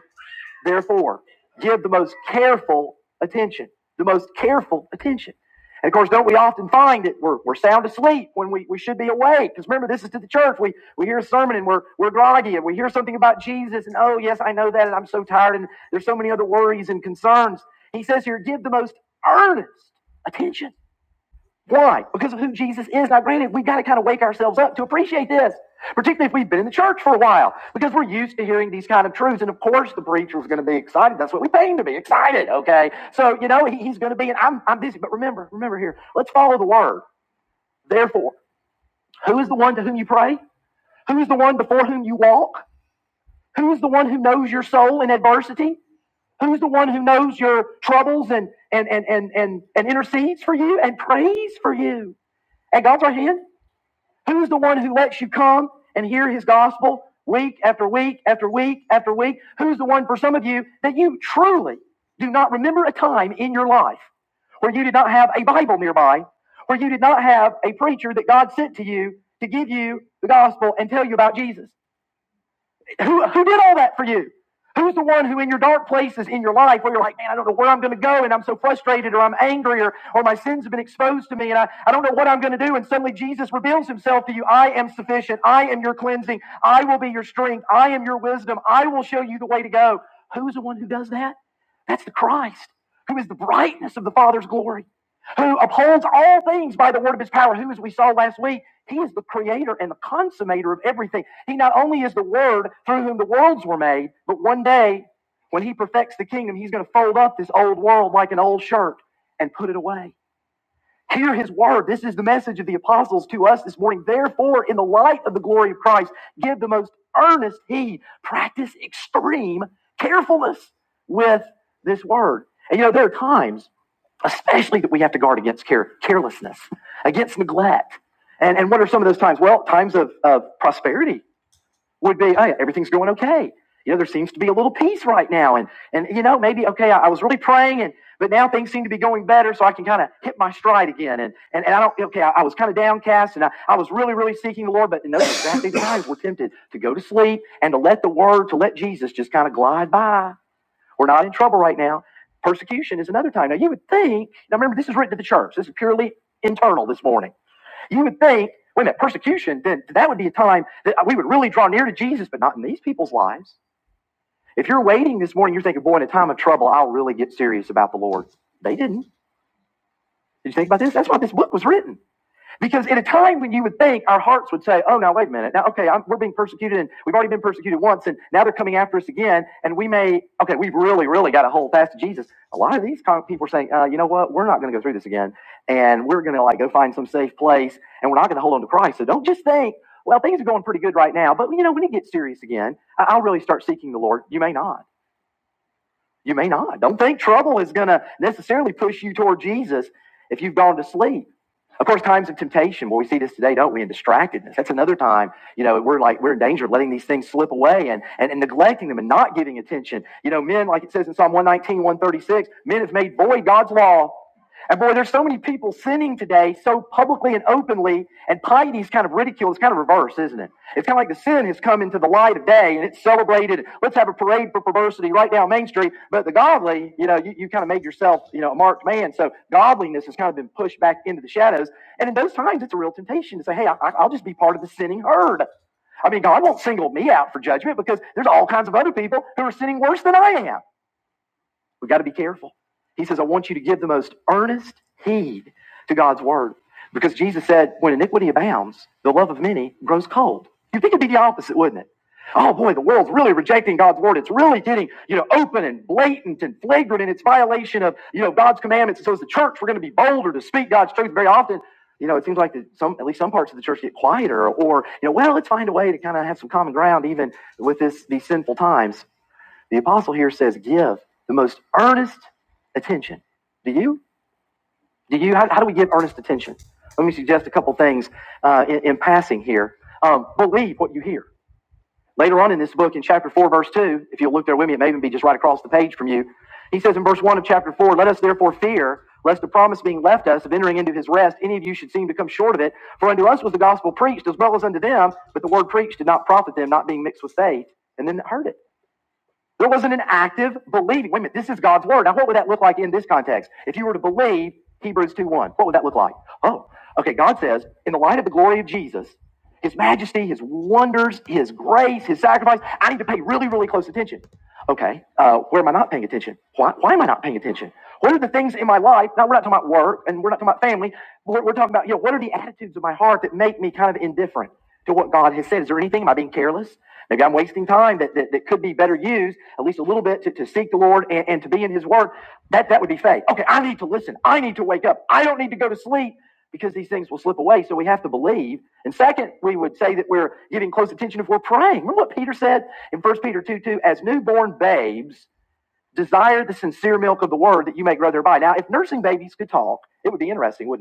Speaker 1: Therefore, give the most careful attention. The most careful attention. And of course, don't we often find that we're, we're sound asleep when we, we should be awake? Because remember, this is to the church. We, we hear a sermon and we're, we're groggy and we hear something about Jesus and, oh, yes, I know that and I'm so tired and there's so many other worries and concerns. He says here, give the most earnest attention why? Because of who Jesus is. Now, granted, we've got to kind of wake ourselves up to appreciate this, particularly if we've been in the church for a while, because we're used to hearing these kind of truths. And of course, the preacher is going to be excited. That's what we pay him to be excited, okay? So, you know, he- he's going to be, and I'm, I'm busy, but remember, remember here, let's follow the word. Therefore, who is the one to whom you pray? Who is the one before whom you walk? Who is the one who knows your soul in adversity? Who's the one who knows your troubles and, and, and, and, and, and intercedes for you and prays for you? And God's right hand? Who's the one who lets you come and hear his gospel week after week after week after week? Who's the one for some of you that you truly do not remember a time in your life where you did not have a Bible nearby, where you did not have a preacher that God sent to you to give you the gospel and tell you about Jesus? Who, who did all that for you? Who's the one who, in your dark places in your life, where you're like, man, I don't know where I'm going to go, and I'm so frustrated, or I'm angry, or, or my sins have been exposed to me, and I, I don't know what I'm going to do, and suddenly Jesus reveals himself to you I am sufficient. I am your cleansing. I will be your strength. I am your wisdom. I will show you the way to go. Who's the one who does that? That's the Christ, who is the brightness of the Father's glory, who upholds all things by the word of his power, who, as we saw last week, he is the creator and the consummator of everything. He not only is the word through whom the worlds were made, but one day when he perfects the kingdom, he's going to fold up this old world like an old shirt and put it away. Hear his word. This is the message of the apostles to us this morning. Therefore, in the light of the glory of Christ, give the most earnest heed, practice extreme carefulness with this word. And you know, there are times especially that we have to guard against care, carelessness, against neglect. And, and what are some of those times? Well, times of, of prosperity would be, hey, everything's going okay. You know, there seems to be a little peace right now. And, and you know, maybe, okay, I, I was really praying, and but now things seem to be going better, so I can kind of hit my stride again. And, and, and I don't, okay, I, I was kind of downcast, and I, I was really, really seeking the Lord. But in those exactly times, we're tempted to go to sleep and to let the word, to let Jesus just kind of glide by we're not in trouble right now. Persecution is another time. Now, you would think, now remember, this is written to the church. This is purely internal this morning. You would think, wait a minute, persecution, then that would be a time that we would really draw near to Jesus, but not in these people's lives. If you're waiting this morning, you're thinking, boy, in a time of trouble, I'll really get serious about the Lord. They didn't. Did you think about this? That's why this book was written. Because at a time when you would think our hearts would say, oh, now, wait a minute. Now, okay, I'm, we're being persecuted and we've already been persecuted once and now they're coming after us again. And we may, okay, we've really, really got to hold fast to Jesus. A lot of these people are saying, uh, you know what? We're not going to go through this again. And we're going to like go find some safe place and we're not going to hold on to Christ. So don't just think, well, things are going pretty good right now. But, you know, when it gets serious again, I'll really start seeking the Lord. You may not. You may not. Don't think trouble is going to necessarily push you toward Jesus if you've gone to sleep. Of course, times of temptation, well, we see this today, don't we? In distractedness. That's another time, you know, we're like, we're in danger of letting these things slip away and, and, and neglecting them and not giving attention. You know, men, like it says in Psalm one nineteen one thirty six, men have made void God's law. And boy, there's so many people sinning today so publicly and openly, and piety's kind of ridiculed. It's kind of reversed, isn't it? It's kind of like the sin has come into the light of day and it's celebrated. Let's have a parade for perversity right down Main Street. But the godly, you know, you, you kind of made yourself, you know, a marked man. So godliness has kind of been pushed back into the shadows. And in those times, it's a real temptation to say, hey, I, I'll just be part of the sinning herd. I mean, God won't single me out for judgment because there's all kinds of other people who are sinning worse than I am. We got to be careful. He says, I want you to give the most earnest heed to God's word. Because Jesus said, when iniquity abounds, the love of many grows cold. You'd think it'd be the opposite, wouldn't it? Oh boy, the world's really rejecting God's word. It's really getting, you know, open and blatant and flagrant in its violation of, you know, God's commandments. And so as the church, we're going to be bolder to speak God's truth very often. You know, it seems like the, some, at least some parts of the church get quieter or, you know, well, let's find a way to kind of have some common ground even with this, these sinful times. The apostle here says, give the most earnest attention. Do you? Do you? How, how do we give earnest attention? Let me suggest a couple things uh, in, in passing here. Um, believe what you hear. Later on in this book, in chapter 4, verse 2, if you'll look there with me, it may even be just right across the page from you. He says in verse 1 of chapter 4, Let us therefore fear, lest the promise being left us of entering into his rest, any of you should seem to come short of it. For unto us was the gospel preached, as well as unto them, but the word preached did not profit them, not being mixed with faith, and then that heard it. There wasn't an active believing. Wait a minute, this is God's word. Now, what would that look like in this context? If you were to believe Hebrews two one, what would that look like? Oh, okay, God says, in the light of the glory of Jesus, his majesty, his wonders, his grace, his sacrifice, I need to pay really, really close attention. Okay, uh, where am I not paying attention? Why, why am I not paying attention? What are the things in my life? Now, we're not talking about work and we're not talking about family. We're, we're talking about, you know, what are the attitudes of my heart that make me kind of indifferent to what God has said? Is there anything? Am I being careless? Maybe I'm wasting time that, that, that could be better used, at least a little bit, to, to seek the Lord and, and to be in His Word. That, that would be faith. Okay, I need to listen. I need to wake up. I don't need to go to sleep because these things will slip away. So we have to believe. And second, we would say that we're giving close attention if we're praying. Remember what Peter said in First Peter 2 2 As newborn babes, desire the sincere milk of the Word that you may grow thereby. Now, if nursing babies could talk, it would be interesting, wouldn't it?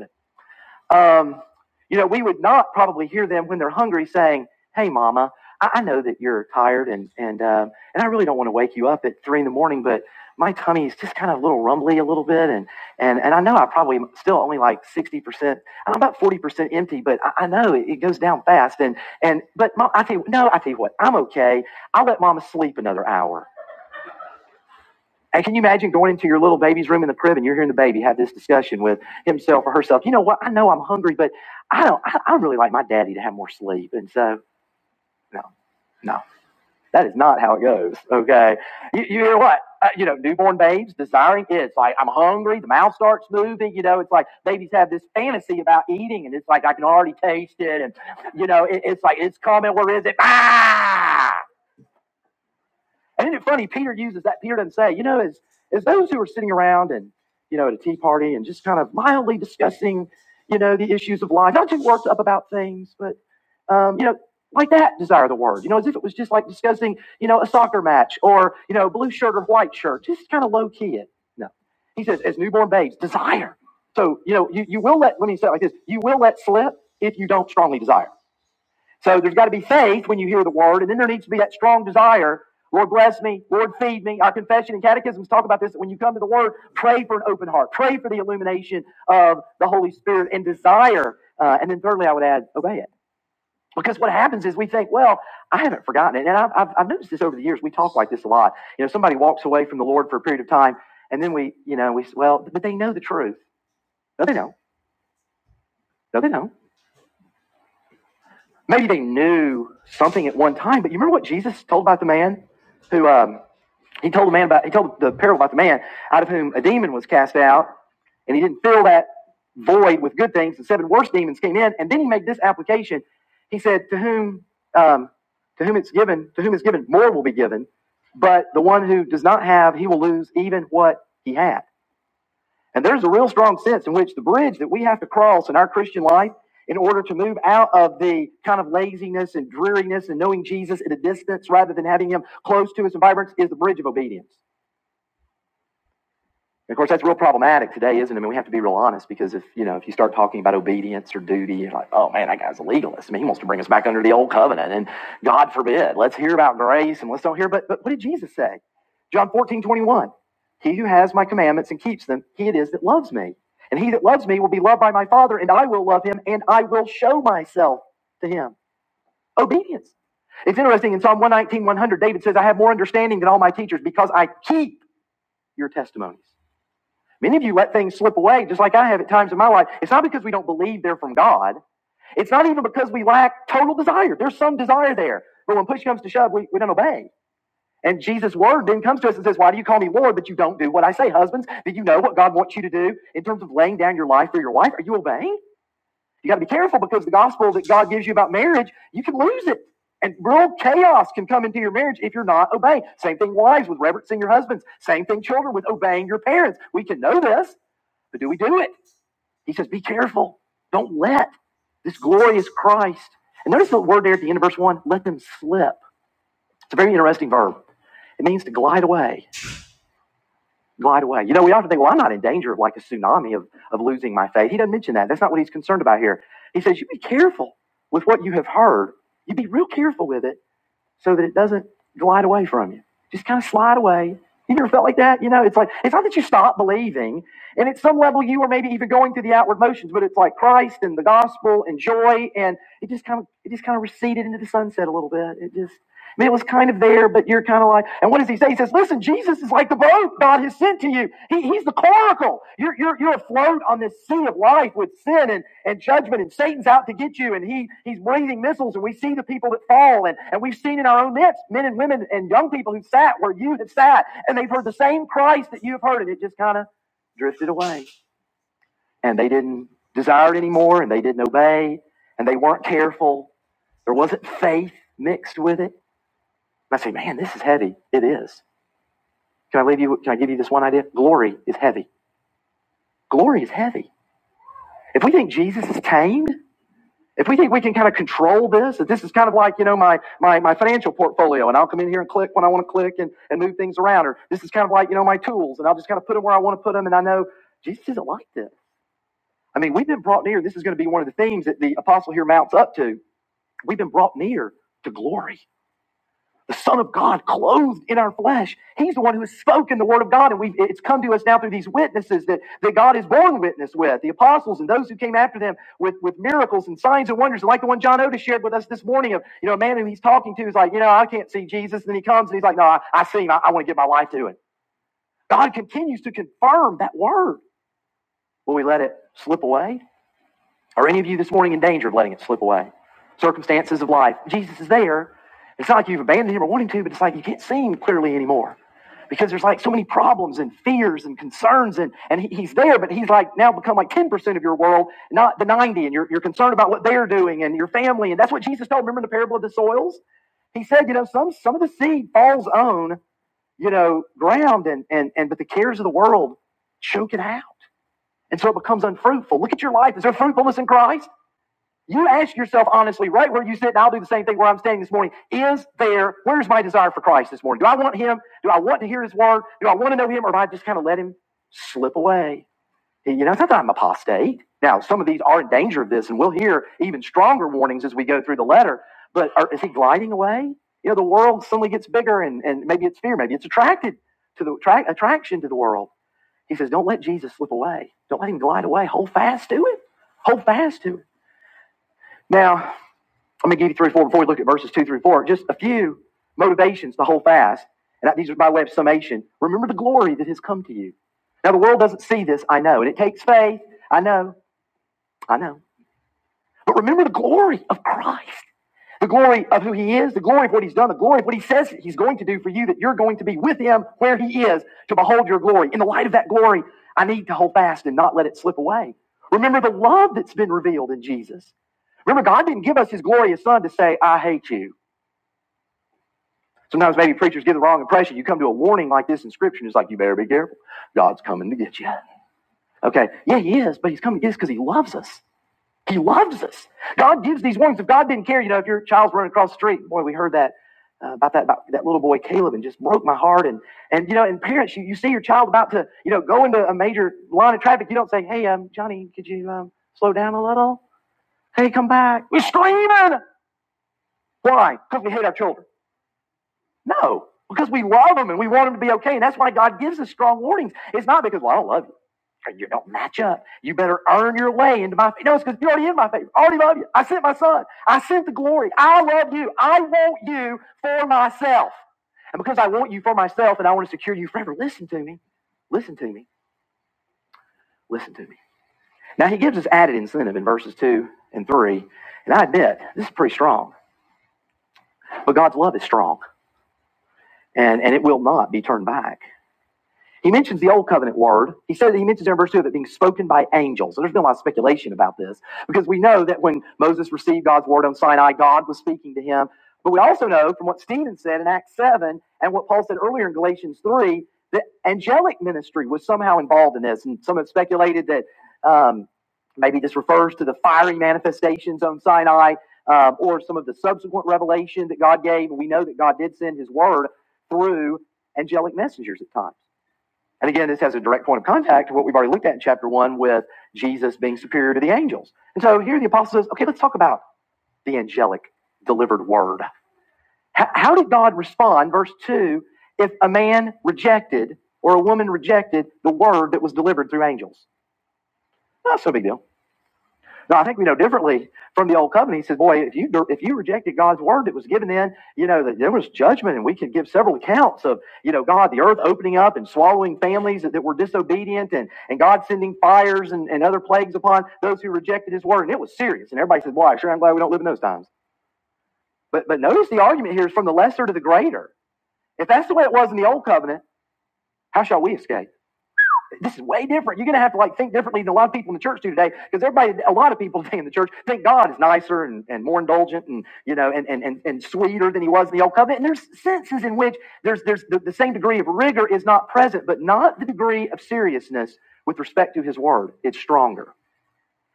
Speaker 1: Um, you know, we would not probably hear them when they're hungry saying, "Hey, Mama, I, I know that you're tired, and and um, and I really don't want to wake you up at three in the morning, but my tummy is just kind of a little rumbly a little bit, and and and I know I probably am still only like sixty percent, I'm about forty percent empty, but I, I know it, it goes down fast, and and but Mom, I tell you, no, I tell you what, I'm okay. I'll let Mama sleep another hour. And can you imagine going into your little baby's room in the crib and you're hearing the baby have this discussion with himself or herself? You know what? I know I'm hungry, but I don't. I, I really like my daddy to have more sleep, and so no, no, that is not how it goes. Okay, you, you hear what? Uh, you know, newborn babes desiring it's like I'm hungry. The mouth starts moving. You know, it's like babies have this fantasy about eating, and it's like I can already taste it, and you know, it, it's like it's coming. Where is it? Ah! And isn't it funny? Peter uses that. Peter doesn't say, you know, as as those who are sitting around and you know at a tea party and just kind of mildly discussing, you know, the issues of life, not too worked up about things, but um, you know, like that desire the word. You know, as if it was just like discussing, you know, a soccer match or you know, blue shirt or white shirt, just kind of low key. It no, he says, as newborn babes, desire. So you know, you, you will let. Let me say it like this: you will let slip if you don't strongly desire. So there's got to be faith when you hear the word, and then there needs to be that strong desire. Lord, bless me. Lord, feed me. Our confession and catechisms talk about this. When you come to the word, pray for an open heart, pray for the illumination of the Holy Spirit and desire. Uh, and then, thirdly, I would add, obey it. Because what happens is we think, well, I haven't forgotten it. And I've, I've, I've noticed this over the years. We talk like this a lot. You know, somebody walks away from the Lord for a period of time, and then we, you know, we, well, but they know the truth. No, they don't. No, they don't. Maybe they knew something at one time, but you remember what Jesus told about the man who um, he told the man about he told the parable about the man out of whom a demon was cast out, and he didn't fill that void with good things, and seven worse demons came in, and then he made this application. He said, "To whom, um, to whom it's given, to whom it's given, more will be given, but the one who does not have, he will lose even what he has." And there's a real strong sense in which the bridge that we have to cross in our Christian life in order to move out of the kind of laziness and dreariness and knowing Jesus at a distance rather than having him close to us and vibrant is the bridge of obedience. And of course, that's real problematic today, isn't it? I mean, we have to be real honest because if you know if you start talking about obedience or duty, you're like, oh man, that guy's a legalist. I mean, he wants to bring us back under the old covenant, and God forbid. Let's hear about grace and let's don't hear. But but what did Jesus say? John 14 21, He who has my commandments and keeps them, he it is that loves me. And he that loves me will be loved by my Father, and I will love him, and I will show myself to him. Obedience. It's interesting in Psalm one nineteen one hundred, David says, I have more understanding than all my teachers because I keep your testimonies. Many of you let things slip away, just like I have at times in my life. It's not because we don't believe they're from God. It's not even because we lack total desire. There's some desire there. But when push comes to shove, we, we don't obey. And Jesus' word then comes to us and says, Why do you call me Lord, but you don't do what I say? Husbands, do you know what God wants you to do in terms of laying down your life for your wife? Are you obeying? You got to be careful because the gospel that God gives you about marriage, you can lose it. And real chaos can come into your marriage if you're not obeying. Same thing, wives, with reverencing your husbands. Same thing, children, with obeying your parents. We can know this. But do we do it? He says, be careful. Don't let this glorious Christ. And notice the word there at the end of verse one, let them slip. It's a very interesting verb. It means to glide away. Glide away. You know, we often think, well, I'm not in danger of like a tsunami of, of losing my faith. He doesn't mention that. That's not what he's concerned about here. He says, you be careful with what you have heard. You be real careful with it so that it doesn't glide away from you. Just kind of slide away. You never felt like that? You know, it's like, it's not that you stop believing. And at some level, you are maybe even going through the outward motions, but it's like Christ and the gospel and joy. And it just kind of, it just kind of receded into the sunset a little bit. It just, I mean, it was kind of there, but you're kind of like, and what does he say? He says, listen, Jesus is like the boat God has sent to you. He, he's the coracle. You're, you're, you're afloat on this sea of life with sin and, and judgment, and Satan's out to get you, and he, he's breathing missiles, and we see the people that fall, and, and we've seen in our own midst men and women and young people who sat where you have sat, and they've heard the same Christ that you have heard, and it just kind of drifted away. And they didn't desire it anymore, and they didn't obey, and they weren't careful. There wasn't faith mixed with it. And I say, man, this is heavy. It is. Can I leave you? Can I give you this one idea? Glory is heavy. Glory is heavy. If we think Jesus is tamed, if we think we can kind of control this, that this is kind of like you know my my my financial portfolio, and I'll come in here and click when I want to click and and move things around, or this is kind of like you know my tools, and I'll just kind of put them where I want to put them, and I know Jesus isn't like this. I mean, we've been brought near. This is going to be one of the themes that the apostle here mounts up to. We've been brought near to glory. the Son of God clothed in our flesh. He's the one who has spoken the Word of God, and we it's come to us now through these witnesses that, that God is born witness with, the apostles and those who came after them with, with miracles and signs and wonders, And like the one John Otis shared with us this morning of, you know, a man who he's talking to is like, you know, I can't see Jesus. And then he comes and he's like, no, I, I see him. I, I want to give my life to him. God continues to confirm that word. Will we let it slip away? Are any of you this morning in danger of letting it slip away? Circumstances of life. Jesus is there. It's not like you've abandoned him or wanting to, but it's like you can't see him clearly anymore because there's like so many problems and fears and concerns and, and he, he's there but he's like now become like 10% of your world not the 90 and you're, you're concerned about what they're doing and your family and that's what jesus told remember the parable of the soils he said you know some some of the seed falls on you know ground and and, and but the cares of the world choke it out and so it becomes unfruitful look at your life is there fruitfulness in christ you ask yourself honestly, right where you sit, and I'll do the same thing where I'm standing this morning. Is there, where's my desire for Christ this morning? Do I want Him? Do I want to hear His word? Do I want to know Him? Or do I just kind of let Him slip away? Hey, You know, it's not that I'm apostate. Now, some of these are in danger of this, and we'll hear even stronger warnings as we go through the letter. But are, is He gliding away? You know, the world suddenly gets bigger, and, and maybe it's fear, maybe it's attracted to the tra- attraction to the world. He says, don't let Jesus slip away. Don't let Him glide away. Hold fast to it. Hold fast to it." Now, let me give you three or four before we look at verses two through four. Just a few motivations to hold fast. And these are by way of summation. Remember the glory that has come to you. Now the world doesn't see this, I know, and it takes faith. I know, I know. But remember the glory of Christ, the glory of who he is, the glory of what he's done, the glory of what he says he's going to do for you, that you're going to be with him where he is to behold your glory. In the light of that glory, I need to hold fast and not let it slip away. Remember the love that's been revealed in Jesus. Remember, God didn't give us his glorious son to say, I hate you. Sometimes maybe preachers give the wrong impression. You come to a warning like this in Scripture, and it's like, you better be careful. God's coming to get you. Okay, yeah, he is, but he's coming to get us because he loves us. He loves us. God gives these warnings. If God didn't care, you know, if your child's running across the street, boy, we heard that uh, about that about that little boy Caleb, and just broke my heart. And and you know, and parents, you, you see your child about to you know go into a major line of traffic, you don't say, hey, um, Johnny, could you um, slow down a little? Hey, come back. We're screaming. Why? Because we hate our children. No, because we love them and we want them to be okay. And that's why God gives us strong warnings. It's not because, well, I don't love you. or You don't match up. You better earn your way into my favor. No, it's because you're already in my favor. I already love you. I sent my son. I sent the glory. I love you. I want you for myself. And because I want you for myself and I want to secure you forever, listen to me. Listen to me. Listen to me. Now, he gives us added incentive in verses 2 and 3. And I admit, this is pretty strong. But God's love is strong and, and it will not be turned back. He mentions the old covenant word. He says he mentions there in verse 2 of it being spoken by angels. And there's been a lot of speculation about this because we know that when Moses received God's word on Sinai, God was speaking to him. But we also know from what Stephen said in Acts 7 and what Paul said earlier in Galatians 3 that angelic ministry was somehow involved in this. And some have speculated that um, maybe this refers to the fiery manifestations on Sinai um, or some of the subsequent revelation that God gave. And we know that God did send his word through angelic messengers at times. And again, this has a direct point of contact to what we've already looked at in chapter one with Jesus being superior to the angels. And so here the apostle says, okay, let's talk about the angelic delivered word. H- how did God respond? Verse two, if a man rejected or a woman rejected the word that was delivered through angels? Not so big deal. Now, I think we know differently from the old covenant. He says, "Boy, if you if you rejected God's word that was given, then you know that there was judgment, and we could give several accounts of you know God, the earth opening up and swallowing families that, that were disobedient, and and God sending fires and, and other plagues upon those who rejected His word, and it was serious." And everybody says, "Boy, I sure am glad we don't live in those times." But but notice the argument here is from the lesser to the greater. If that's the way it was in the old covenant, how shall we escape? This is way different. You're going to have to like think differently than a lot of people in the church do today, because everybody, a lot of people today in the church think God is nicer and, and more indulgent and you know and, and and and sweeter than He was in the old covenant. And there's senses in which there's there's the, the same degree of rigor is not present, but not the degree of seriousness with respect to His word. It's stronger.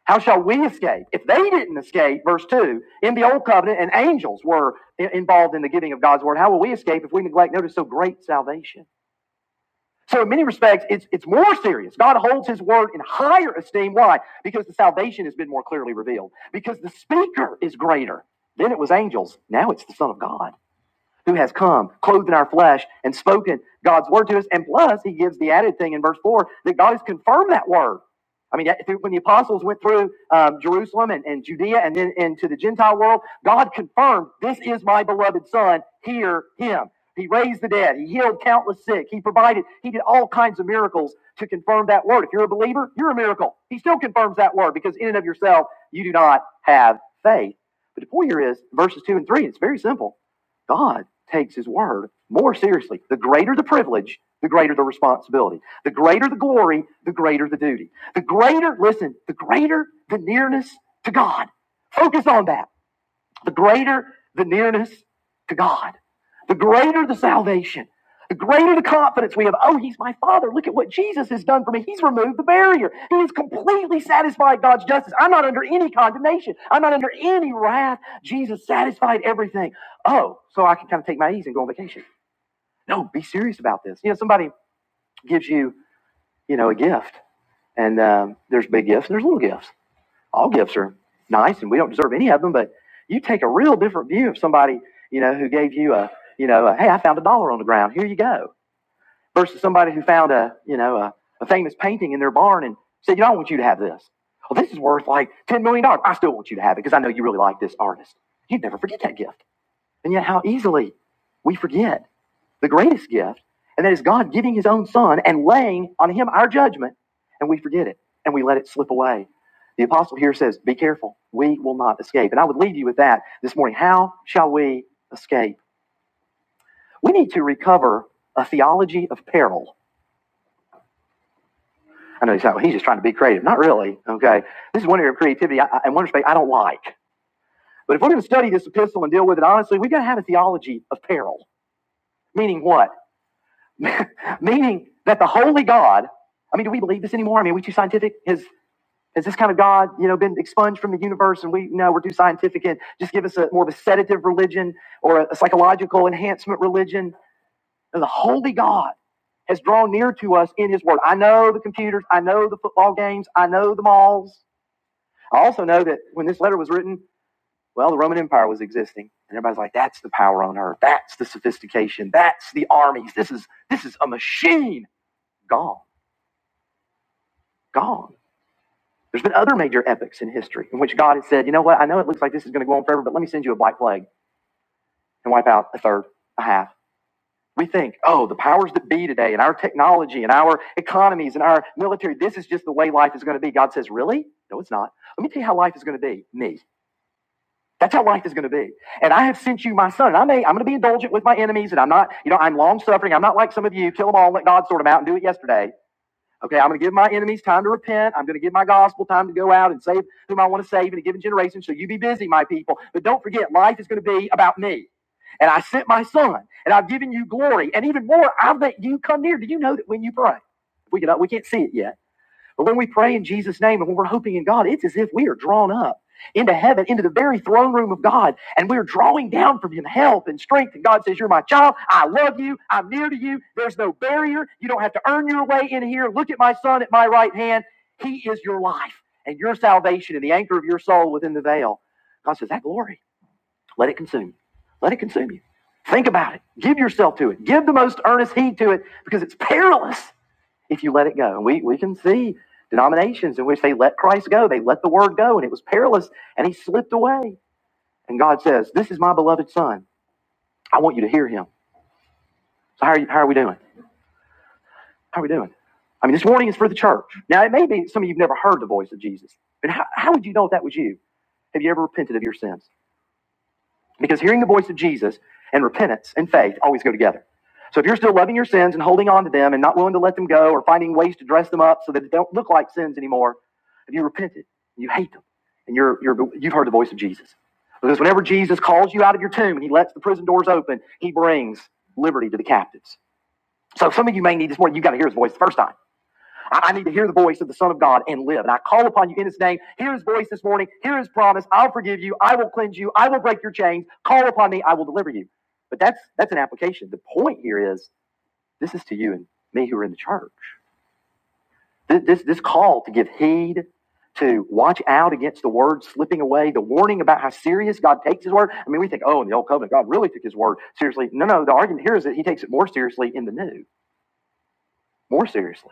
Speaker 1: How shall we escape? If they didn't escape, verse 2, in the old covenant and angels were involved in the giving of God's word, how will we escape if we neglect, notice, so great salvation? So, in many respects, it's, it's more serious. God holds his word in higher esteem. Why? Because the salvation has been more clearly revealed, because the speaker is greater. Then it was angels, now it's the Son of God who has come, clothed in our flesh, and spoken God's word to us. And plus, he gives the added thing in verse 4 that God has confirmed that word. I mean, when the apostles went through um, Jerusalem and, and Judea and then into the Gentile world, God confirmed, This is my beloved son, hear him. He raised the dead. He healed countless sick. He provided, he did all kinds of miracles to confirm that word. If you're a believer, you're a miracle. He still confirms that word because in and of yourself, you do not have faith. But the point here is verses 2 and 3, it's very simple. God takes his word more seriously. The greater the privilege, the greater the responsibility. The greater the glory, the greater the duty. The greater, listen, the greater the nearness to God. Focus on that. The greater the nearness to God, the greater the salvation, the greater the confidence we have. Oh, he's my father. Look at what Jesus has done for me. He's removed the barrier. He has completely satisfied God's justice. I'm not under any condemnation. I'm not under any wrath. Jesus satisfied everything. Oh, so I can kind of take my ease and go on vacation. No, be serious about this. You know, somebody gives you, you know, a gift, and um, there's big gifts and there's little gifts all gifts are nice and we don't deserve any of them, but you take a real different view of somebody, you know, who gave you a, you know, a, hey, I found a dollar on the ground, here you go, versus somebody who found a, you know, a, a famous painting in their barn and said, you know, I want you to have this. Well, this is worth like $10 million. dollars. I still want you to have it because I know you really like this artist. You'd never forget that gift. And yet, how easily we forget the greatest gift, and that is God giving his own son and laying on him our judgment, and we forget it and we let it slip away. The apostle here says, Be careful, we will not escape. And I would leave you with that this morning. How shall we escape? We need to recover a theology of peril. I know he's, not, he's just trying to be creative. Not really. Okay. This is one area of creativity I, I- and one respect I don't like. But if we're going to study this epistle and deal with it honestly, we've got to have a theology of peril. Meaning what? Meaning that the holy God, I mean, do we believe this anymore? I mean, are we too scientific? Has, has this kind of God, you know, been expunged from the universe and we no, we're too scientific and just give us a more of a sedative religion or a, a psychological enhancement religion? No, the holy God has drawn near to us in his word. I know the computers, I know the football games, I know the malls. I also know that when this letter was written, well, the Roman Empire was existing. And everybody's like, that's the power on earth, that's the sophistication, that's the armies, this is this is a machine. Gone. Gone. There's been other major epics in history in which God has said, you know what, I know it looks like this is going to go on forever, but let me send you a black plague and wipe out a third, a half. We think, oh, the powers that be today and our technology and our economies and our military, this is just the way life is going to be. God says, really? No, it's not. Let me tell you how life is going to be. Me. That's how life is going to be. And I have sent you my son. And I may, I'm going to be indulgent with my enemies and I'm not, you know, I'm long suffering. I'm not like some of you. Kill them all, let God sort them out and do it yesterday. Okay, I'm going to give my enemies time to repent. I'm going to give my gospel time to go out and save whom I want to save in a given generation. So you be busy, my people. But don't forget, life is going to be about me. And I sent my son, and I've given you glory. And even more, I'll let you come near. Do you know that when you pray? We, can, we can't see it yet. But when we pray in Jesus' name and when we're hoping in God, it's as if we are drawn up into heaven, into the very throne room of God, and we're drawing down from Him help and strength. And God says, You're my child. I love you. I'm near to you. There's no barrier. You don't have to earn your way in here. Look at my son at my right hand. He is your life and your salvation and the anchor of your soul within the veil. God says, That glory, let it consume you. Let it consume you. Think about it. Give yourself to it. Give the most earnest heed to it because it's perilous if you let it go. And we, we can see denominations in which they let Christ go, they let the word go, and it was perilous, and he slipped away. And God says, This is my beloved son. I want you to hear him. So, how are, you, how are we doing? How are we doing? I mean, this warning is for the church. Now, it may be some of you have never heard the voice of Jesus, but how, how would you know if that was you? Have you ever repented of your sins? Because hearing the voice of Jesus and repentance and faith always go together. So if you're still loving your sins and holding on to them and not willing to let them go or finding ways to dress them up so that they don't look like sins anymore, if you repented and you hate them and you're, you're, you've heard the voice of Jesus. Because whenever Jesus calls you out of your tomb and he lets the prison doors open, he brings liberty to the captives. So some of you may need this morning, you've got to hear his voice the first time. I need to hear the voice of the Son of God and live. And I call upon you in His name. Hear His voice this morning. Hear His promise. I'll forgive you. I will cleanse you. I will break your chains. Call upon me. I will deliver you. But that's that's an application. The point here is this is to you and me who are in the church. This this, this call to give heed. To watch out against the word slipping away, the warning about how serious God takes His word. I mean, we think, oh, in the Old Covenant, God really took His word seriously. No, no, the argument here is that He takes it more seriously in the New, more seriously.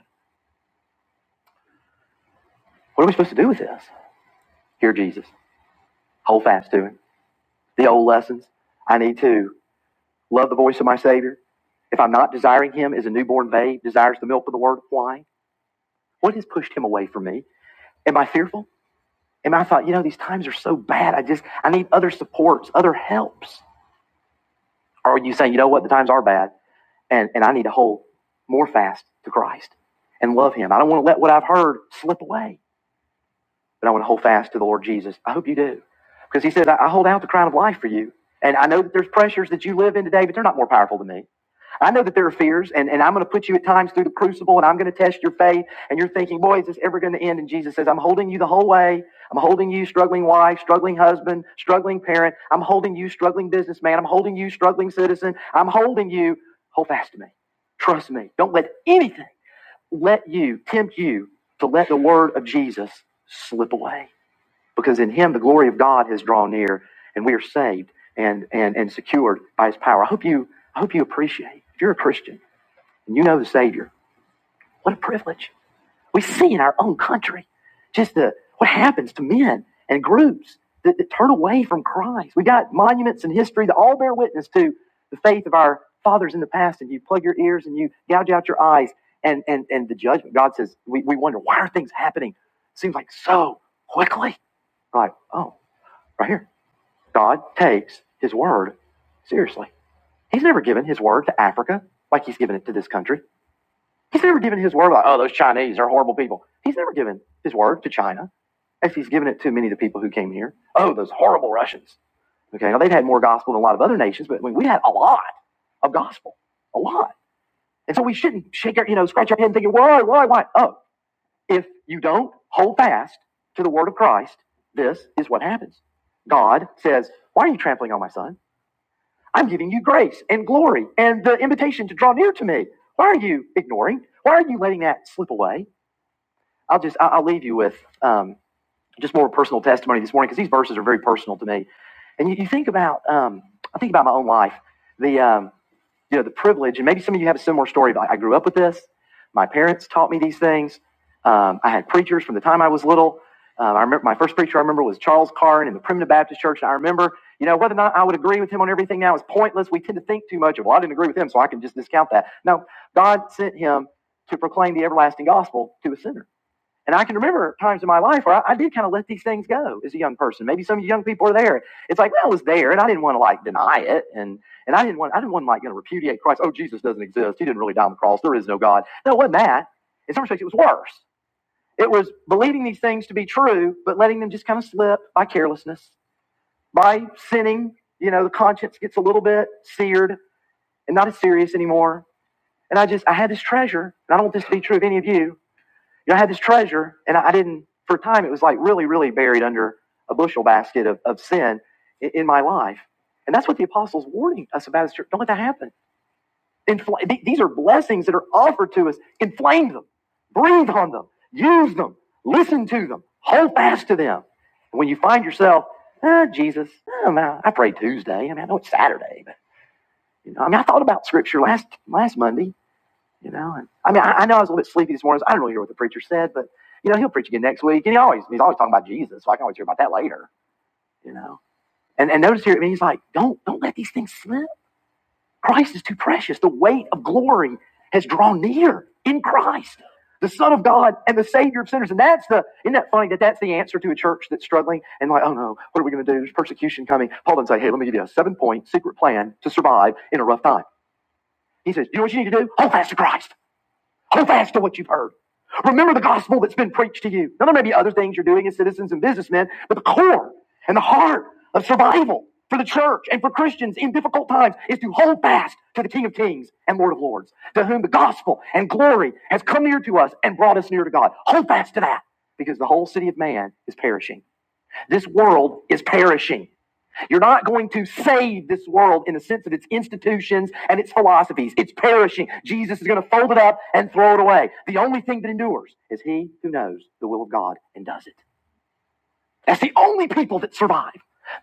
Speaker 1: What are we supposed to do with this? Hear Jesus, hold fast to Him the old lessons. I need to love the voice of my Savior. If I'm not desiring Him as a newborn babe desires the milk of the Word, why? What has pushed Him away from me? Am I fearful? Am I thought, you know, these times are so bad. I just, I need other supports, other helps. Or are you saying, you know what, the times are bad and, and I need to hold more fast to Christ and love Him? I don't want to let what I've heard slip away, but I want to hold fast to the Lord Jesus. I hope you do. Because He said, I I hold out the crown of life for you. And I know that there's pressures that you live in today, but they're not more powerful than me. I know that there are fears, and, and I'm going to put you at times through the crucible, and I'm going to test your faith. And you're thinking, boy, is this ever going to end? And Jesus says, I'm holding you the whole way. I'm holding you, struggling wife, struggling husband, struggling parent. I'm holding you, struggling businessman. I'm holding you, struggling citizen. I'm holding you. Hold fast to me. Trust me. Don't let anything let you, tempt you to let the word of Jesus slip away because in him the glory of God has drawn near and we are saved and and and secured by his power. I hope you I hope you appreciate if you're a Christian and you know the Savior, what a privilege. We see in our own country just the what happens to men and groups that, that turn away from Christ. We got monuments in history that all bear witness to the faith of our fathers in the past, and you plug your ears and you gouge out your eyes and and, and the judgment. God says, we, we wonder why are things happening? Seems like so quickly. Right. Oh, right here. God takes his word seriously. He's never given his word to Africa like he's given it to this country. He's never given his word like, oh, those Chinese are horrible people. He's never given his word to China as he's given it to many of the people who came here. Oh, those horrible Russians. Okay, now they've had more gospel than a lot of other nations, but I mean, we had a lot of gospel, a lot. And so we shouldn't shake our, you know, scratch our head and thinking, why, why, why? Oh, if you don't hold fast to the word of Christ, this is what happens. God says, why are you trampling on my son? I'm giving you grace and glory and the invitation to draw near to me. Why are you ignoring? Why are you letting that slip away? I'll just, I- will leave you with um, just more personal testimony this morning because these verses are very personal to me. And you, you think about, um, I think about my own life. The, um, you know, the privilege, and maybe some of you have a similar story, but I grew up with this. My parents taught me these things. Um, I had preachers from the time I was little. Um, I remember my first preacher I remember was Charles Carn in the Primitive Baptist Church. And I remember, you know, whether or not I would agree with him on everything now is pointless. We tend to think too much of, well, I didn't agree with him, so I can just discount that. No, God sent him to proclaim the everlasting gospel to a sinner. And I can remember times in my life where I, I did kind of let these things go as a young person. Maybe some of you young people are there. It's like, well, I was there, and I didn't want to like deny it, and and I didn't want I didn't want like you know, repudiate Christ. Oh, Jesus doesn't exist. He didn't really die on the cross. There is no God. No, it wasn't that. In some respects, it was worse. It was believing these things to be true, but letting them just kind of slip by carelessness, by sinning. You know, the conscience gets a little bit seared and not as serious anymore. And I just I had this treasure, and I don't want this to be true of any of you. You know, I had this treasure, and I didn't, for a time, it was like really, really buried under a bushel basket of, of sin in, in my life. And that's what the apostles warning us about is don't let that happen. Infl- th- these are blessings that are offered to us. Inflame them, breathe on them, use them, listen to them, hold fast to them. And when you find yourself, ah, Jesus, oh, man, I prayed Tuesday. I mean, I know it's Saturday, but you know, I mean, I thought about scripture last last Monday. You know, and I mean, I, I know I was a little bit sleepy this morning. So I didn't really hear what the preacher said, but you know, he'll preach again next week, and he always he's always talking about Jesus, so I can always hear about that later. You know, and and notice here, I mean, he's like, don't don't let these things slip. Christ is too precious. The weight of glory has drawn near in Christ, the Son of God and the Savior of sinners. And that's the isn't that funny that that's the answer to a church that's struggling and like, oh no, what are we going to do? There's persecution coming. Paul doesn't say, hey, let me give you a seven point secret plan to survive in a rough time. He says, you know what you need to do? Hold fast to Christ. Hold fast to what you've heard. Remember the gospel that's been preached to you. Now, there may be other things you're doing as citizens and businessmen, but the core and the heart of survival for the church and for Christians in difficult times is to hold fast to the King of Kings and Lord of Lords, to whom the gospel and glory has come near to us and brought us near to God. Hold fast to that because the whole city of man is perishing. This world is perishing. You're not going to save this world in the sense of its institutions and its philosophies. It's perishing. Jesus is going to fold it up and throw it away. The only thing that endures is he who knows the will of God and does it. That's the only people that survive.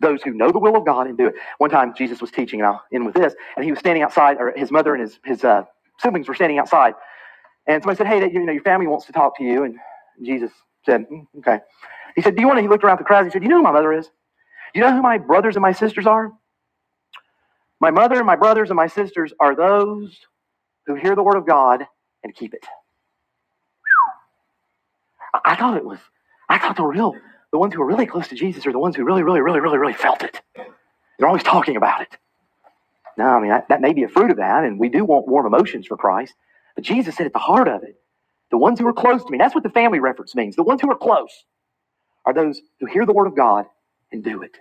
Speaker 1: Those who know the will of God and do it. One time, Jesus was teaching, and I'll end with this, and he was standing outside, or his mother and his, his uh, siblings were standing outside. And somebody said, Hey, that, you know, your family wants to talk to you. And Jesus said, "Mm, Okay. He said, Do you want to? He looked around the crowd and he said, You know who my mother is? You know who my brothers and my sisters are? My mother, my brothers, and my sisters are those who hear the word of God and keep it. I, thought it was, I thought the real, the ones who are really close to Jesus are the ones who really, really, really, really, really felt it. They're always talking about it. No, I mean, that, that may be a fruit of that, and we do want warm emotions for Christ, but Jesus said at the heart of it, the ones who are close to me, that's what the family reference means. The ones who are close are those who hear the word of God and do it.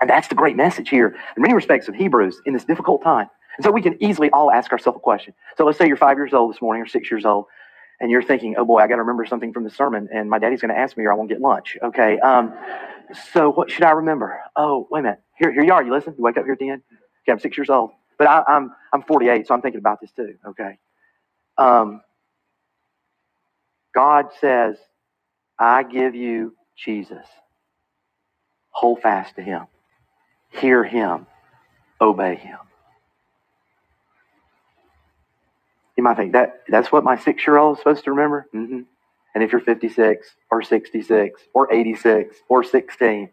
Speaker 1: And that's the great message here in many respects of Hebrews in this difficult time. And so we can easily all ask ourselves a question. So let's say you're five years old this morning or six years old, and you're thinking, oh boy, I got to remember something from the sermon, and my daddy's going to ask me or I won't get lunch. Okay. Um, so what should I remember? Oh, wait a minute. Here, here you are. You listen. You wake up here at the end. Okay, I'm six years old, but I, I'm I'm 48, so I'm thinking about this too. Okay. Um, God says, I give you Jesus. Hold fast to Him. Hear Him. Obey Him. You might think that that's what my six year old is supposed to remember. hmm And if you're 56 or 66 or 86 or 16,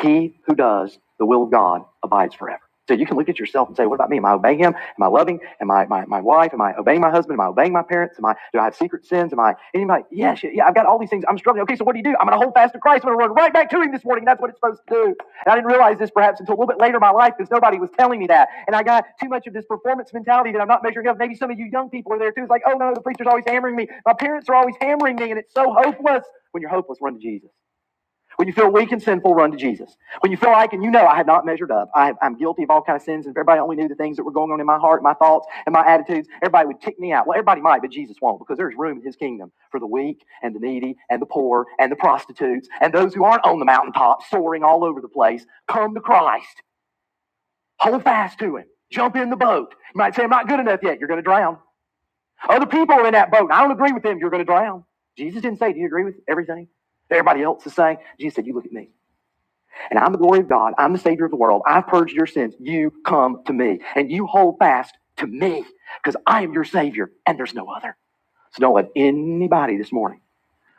Speaker 1: he who does the will of God abides forever. So you can look at yourself and say, What about me? Am I obeying him? Am I loving? Am I my, my wife? Am I obeying my husband? Am I obeying my parents? Am I do I have secret sins? Am I anybody? Yeah, yeah, I've got all these things. I'm struggling. Okay, so what do you do? I'm gonna hold fast to Christ. I'm gonna run right back to him this morning. That's what it's supposed to do. And I didn't realize this perhaps until a little bit later in my life because nobody was telling me that. And I got too much of this performance mentality that I'm not measuring up. Maybe some of you young people are there too. It's like, oh no, no, the preacher's always hammering me. My parents are always hammering me, and it's so hopeless. When you're hopeless, run to Jesus. When you feel weak and sinful, run to Jesus. When you feel like, and you know, I have not measured up. I, I'm guilty of all kinds of sins. And if everybody only knew the things that were going on in my heart, my thoughts, and my attitudes, everybody would kick me out. Well, everybody might, but Jesus won't, because there's room in His kingdom for the weak and the needy and the poor and the prostitutes and those who aren't on the mountaintop soaring all over the place. Come to Christ. Hold fast to Him. Jump in the boat. You might say, "I'm not good enough yet." You're going to drown. Other people are in that boat. and I don't agree with them. You're going to drown. Jesus didn't say, "Do you agree with everything?" Everybody else is saying. Jesus said, "You look at me." and I'm the glory of God. I'm the Savior of the world. I've purged your sins. You come to me, and you hold fast to me because I am your Savior, and there's no other. So don't let anybody this morning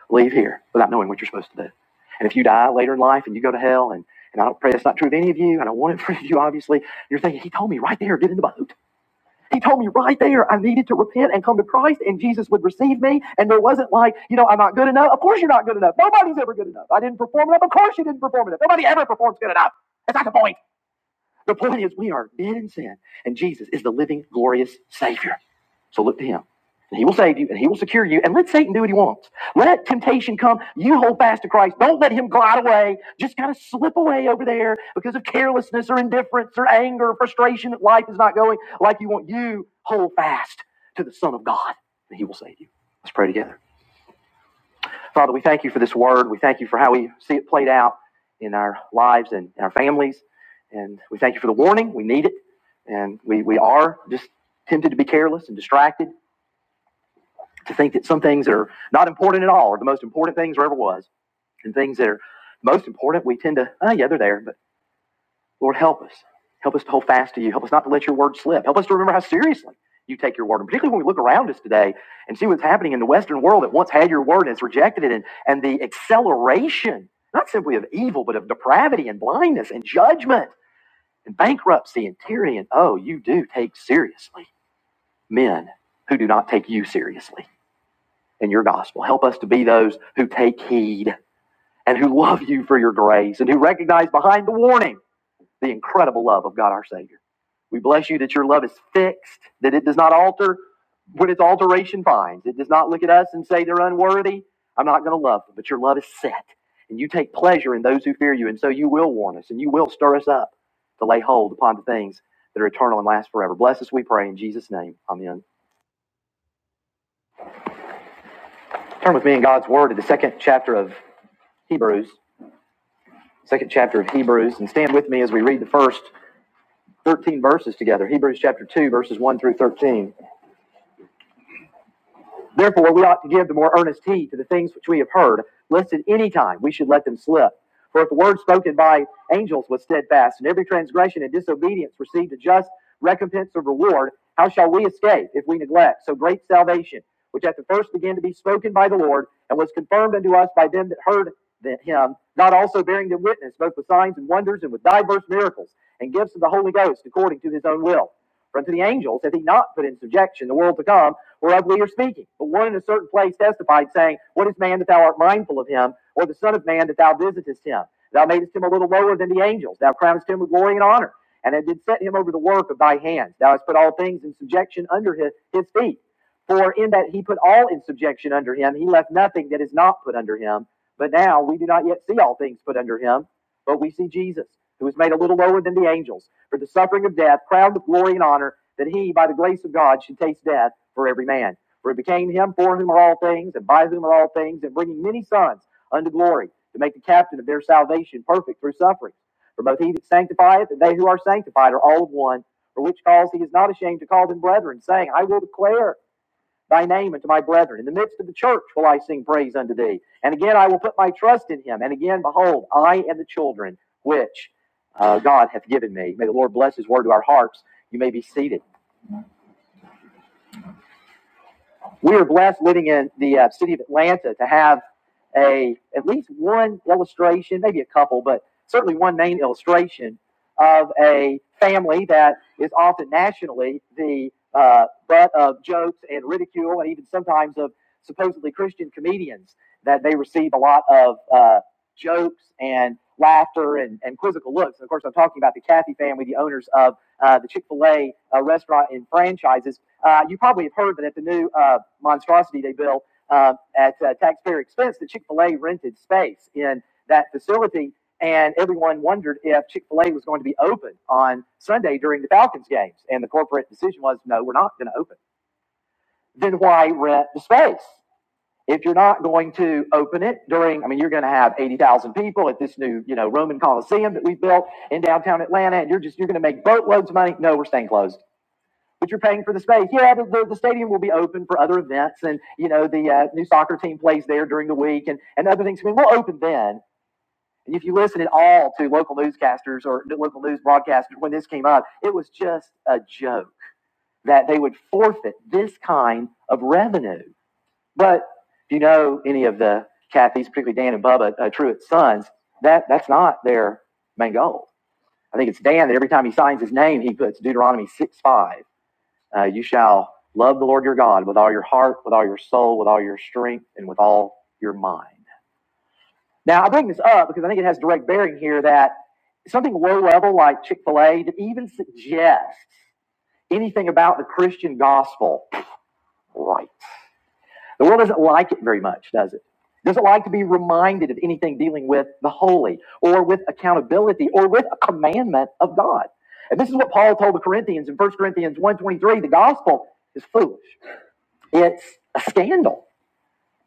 Speaker 1: leave here without knowing what you're supposed to do. And if you die later in life and you go to hell, and, and I don't pray that's not true of any of you, I don't want it for you, obviously, you're thinking, He told me right there, get in the boat. He told me right there I needed to repent and come to Christ and Jesus would receive me. And there wasn't like, you know, I'm not good enough. Of course you're not good enough. Nobody's ever good enough. I didn't perform enough. Of course you didn't perform enough. Nobody ever performs good enough. That's not the point. The point is we are dead in sin and Jesus is the living, glorious Savior. So look to him. And he will save you and he will secure you. And let Satan do what he wants. Let temptation come. You hold fast to Christ. Don't let him glide away. Just kind of slip away over there because of carelessness or indifference or anger or frustration that life is not going like you want. You hold fast to the Son of God and he will save you. Let's pray together. Father, we thank you for this word. We thank you for how we see it played out in our lives and in our families. And we thank you for the warning. We need it. And we, we are just tempted to be careless and distracted to think that some things are not important at all or the most important things there ever was and things that are most important we tend to oh yeah they're there but lord help us help us to hold fast to you help us not to let your word slip help us to remember how seriously you take your word and particularly when we look around us today and see what's happening in the western world that once had your word and has rejected it and, and the acceleration not simply of evil but of depravity and blindness and judgment and bankruptcy and tyranny and oh you do take seriously men who do not take you seriously in your gospel. Help us to be those who take heed and who love you for your grace and who recognize behind the warning the incredible love of God our Savior. We bless you that your love is fixed, that it does not alter when its alteration finds. It does not look at us and say they're unworthy. I'm not going to love them, but your love is set. And you take pleasure in those who fear you, and so you will warn us and you will stir us up to lay hold upon the things that are eternal and last forever. Bless us, we pray, in Jesus' name. Amen. Turn with me in God's Word to the second chapter of Hebrews. second chapter of Hebrews, and stand with me as we read the first 13 verses together. Hebrews chapter 2, verses 1 through 13. Therefore, we ought to give the more earnest heed to the things which we have heard, lest at any time we should let them slip. For if the word spoken by angels was steadfast, and every transgression and disobedience received a just recompense of reward, how shall we escape if we neglect so great salvation, which at the first began to be spoken by the Lord, and was confirmed unto us by them that heard him, God also bearing them witness, both with signs and wonders and with diverse miracles, and gifts of the Holy Ghost according to his own will? For unto the angels hath he not put in subjection the world to come, whereof we are speaking. But one in a certain place testified, saying, What is man that thou art mindful of him, or the Son of man that thou visitest him? Thou madest him a little lower than the angels. Thou crownest him with glory and honor, and it did set him over the work of thy hands. Thou hast put all things in subjection under his, his feet. For in that he put all in subjection under him, he left nothing that is not put under him. But now we do not yet see all things put under him, but we see Jesus, who was made a little lower than the angels for the suffering of death, crowned with glory and honor, that he, by the grace of God, should taste death for every man. For it became him for whom are all things, and by whom are all things, and bringing many sons unto glory, to make the captain of their salvation perfect through suffering. For both he that sanctifieth and they who are sanctified are all of one, for which cause he is not ashamed to call them brethren, saying, I will declare thy name and to my brethren. In the midst of the church will I sing praise unto thee. And again I will put my trust in him. And again, behold, I and the children which uh, God hath given me. May the Lord bless his word to our hearts. You may be seated. we are blessed living in the uh, city of Atlanta to have a at least one illustration, maybe a couple, but certainly one main illustration of a family that is often nationally the uh, butt of jokes and ridicule, and even sometimes of supposedly Christian comedians. That they receive a lot of uh, jokes and laughter and, and quizzical looks. And of course, I'm talking about the Cathy family, the owners of uh, the Chick fil A uh, restaurant and franchises. Uh, you probably have heard that at the new uh, monstrosity they built uh, at uh, taxpayer expense, the Chick fil A rented space in that facility. And everyone wondered if Chick fil A was going to be open on Sunday during the Falcons games. And the corporate decision was no, we're not going to open. Then why rent the space? If you're not going to open it during, I mean, you're going to have 80,000 people at this new, you know, Roman Coliseum that we built in downtown Atlanta, and you're just, you're going to make boatloads of money. No, we're staying closed but you're paying for the space. Yeah, the, the, the stadium will be open for other events, and you know the uh, new soccer team plays there during the week, and and other things. I mean, we'll open then. And if you listen at all to local newscasters or local news broadcasters when this came up, it was just a joke that they would forfeit this kind of revenue. But if you know any of the Cathy's, particularly Dan and Bubba uh, Truett's sons, that that's not their main goal. I think it's Dan that every time he signs his name, he puts Deuteronomy six five. Uh, you shall love the Lord your God with all your heart, with all your soul, with all your strength, and with all your mind. Now, I bring this up because I think it has direct bearing here that something low level like Chick fil A to even suggest anything about the Christian gospel, right? The world doesn't like it very much, does it? Doesn't like to be reminded of anything dealing with the holy or with accountability or with a commandment of God. And this is what Paul told the Corinthians in First Corinthians one twenty-three: the gospel is foolish It's a scandal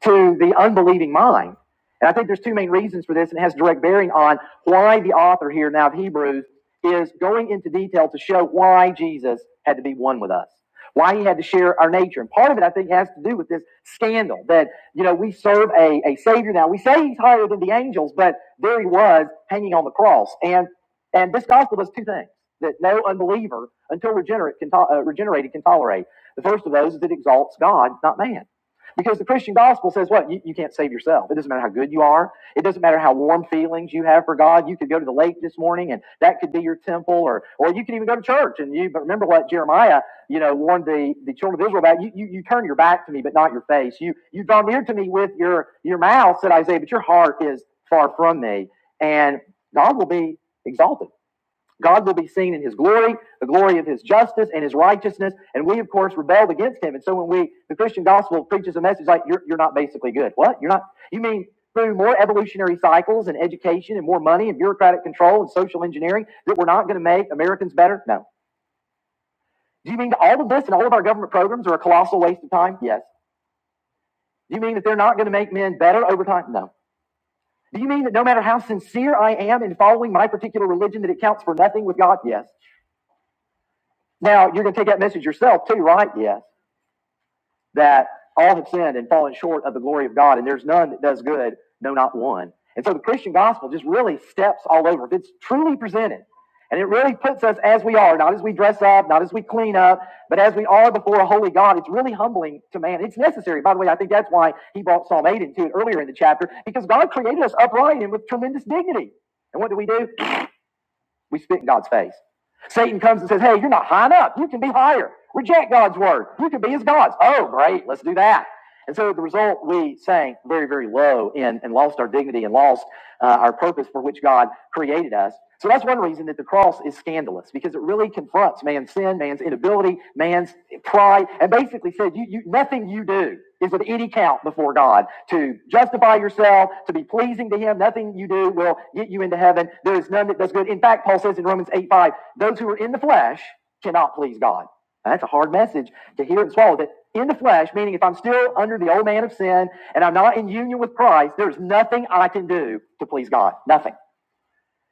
Speaker 1: to the unbelieving mind. And I think there's two main reasons for this, and it has direct bearing on why the author here now of Hebrews is going into detail to show why Jesus had to be one with us, why he had to share our nature. And part of it, I think, has to do with this scandal that, you know, we serve a, a Savior now. We say he's higher than the angels, but there he was hanging on the cross. And and this gospel does two things that no unbeliever, until regenerate, can to, uh, regenerated, can tolerate. The first of those is it exalts God, not man. Because the Christian gospel says what? You, you can't save yourself. It doesn't matter how good you are. It doesn't matter how warm feelings you have for God. You could go to the lake this morning and that could be your temple or, or you could even go to church and you, but remember what Jeremiah, you know, warned the, the children of Israel about. You, you, you turn your back to me, but not your face. You, you draw near to me with your, your mouth, said Isaiah, but your heart is far from me and God will be exalted. God will be seen in his glory, the glory of his justice and his righteousness. And we, of course, rebelled against him. And so when we, the Christian gospel preaches a message like, you're, you're not basically good. What? You're not, you mean through more evolutionary cycles and education and more money and bureaucratic control and social engineering that we're not going to make Americans better? No. Do you mean all of this and all of our government programs are a colossal waste of time? Yes. Do you mean that they're not going to make men better over time? No. Do you mean that no matter how sincere I am in following my particular religion, that it counts for nothing with God? Yes. Now, you're going to take that message yourself too, right? Yes. That all have sinned and fallen short of the glory of God, and there's none that does good, no, not one. And so the Christian gospel just really steps all over. If it's truly presented, and it really puts us as we are, not as we dress up, not as we clean up, but as we are before a holy God, it's really humbling to man. It's necessary. By the way, I think that's why he brought Psalm 8 into it earlier in the chapter, because God created us upright and with tremendous dignity. And what do we do? We spit in God's face. Satan comes and says, Hey, you're not high enough. You can be higher. Reject God's word. You can be as gods. Oh, great. Let's do that. And so the result, we sank very, very low and, and lost our dignity and lost uh, our purpose for which God created us. So that's one reason that the cross is scandalous because it really confronts man's sin, man's inability, man's pride, and basically said, you, you, nothing you do is of any count before God. To justify yourself, to be pleasing to Him, nothing you do will get you into heaven. There is none that does good. In fact, Paul says in Romans 8 5, those who are in the flesh cannot please God. Now, that's a hard message to hear and swallow that in the flesh, meaning if I'm still under the old man of sin and I'm not in union with Christ, there's nothing I can do to please God. Nothing.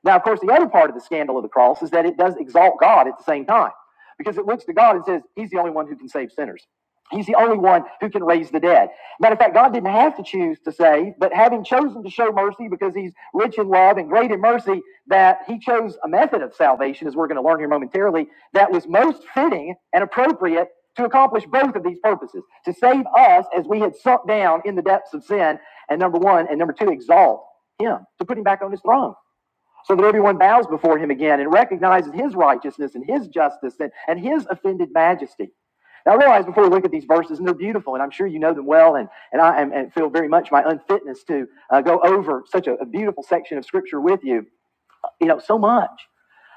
Speaker 1: Now, of course, the other part of the scandal of the cross is that it does exalt God at the same time because it looks to God and says, He's the only one who can save sinners. He's the only one who can raise the dead. Matter of fact, God didn't have to choose to save, but having chosen to show mercy because He's rich in love and great in mercy, that He chose a method of salvation, as we're going to learn here momentarily, that was most fitting and appropriate to accomplish both of these purposes to save us as we had sunk down in the depths of sin, and number one, and number two, exalt Him, to put Him back on His throne so that everyone bows before him again and recognizes his righteousness and his justice and, and his offended majesty. Now, I realize before we look at these verses, and they're beautiful, and I'm sure you know them well, and, and I am, and feel very much my unfitness to uh, go over such a, a beautiful section of Scripture with you. You know, so much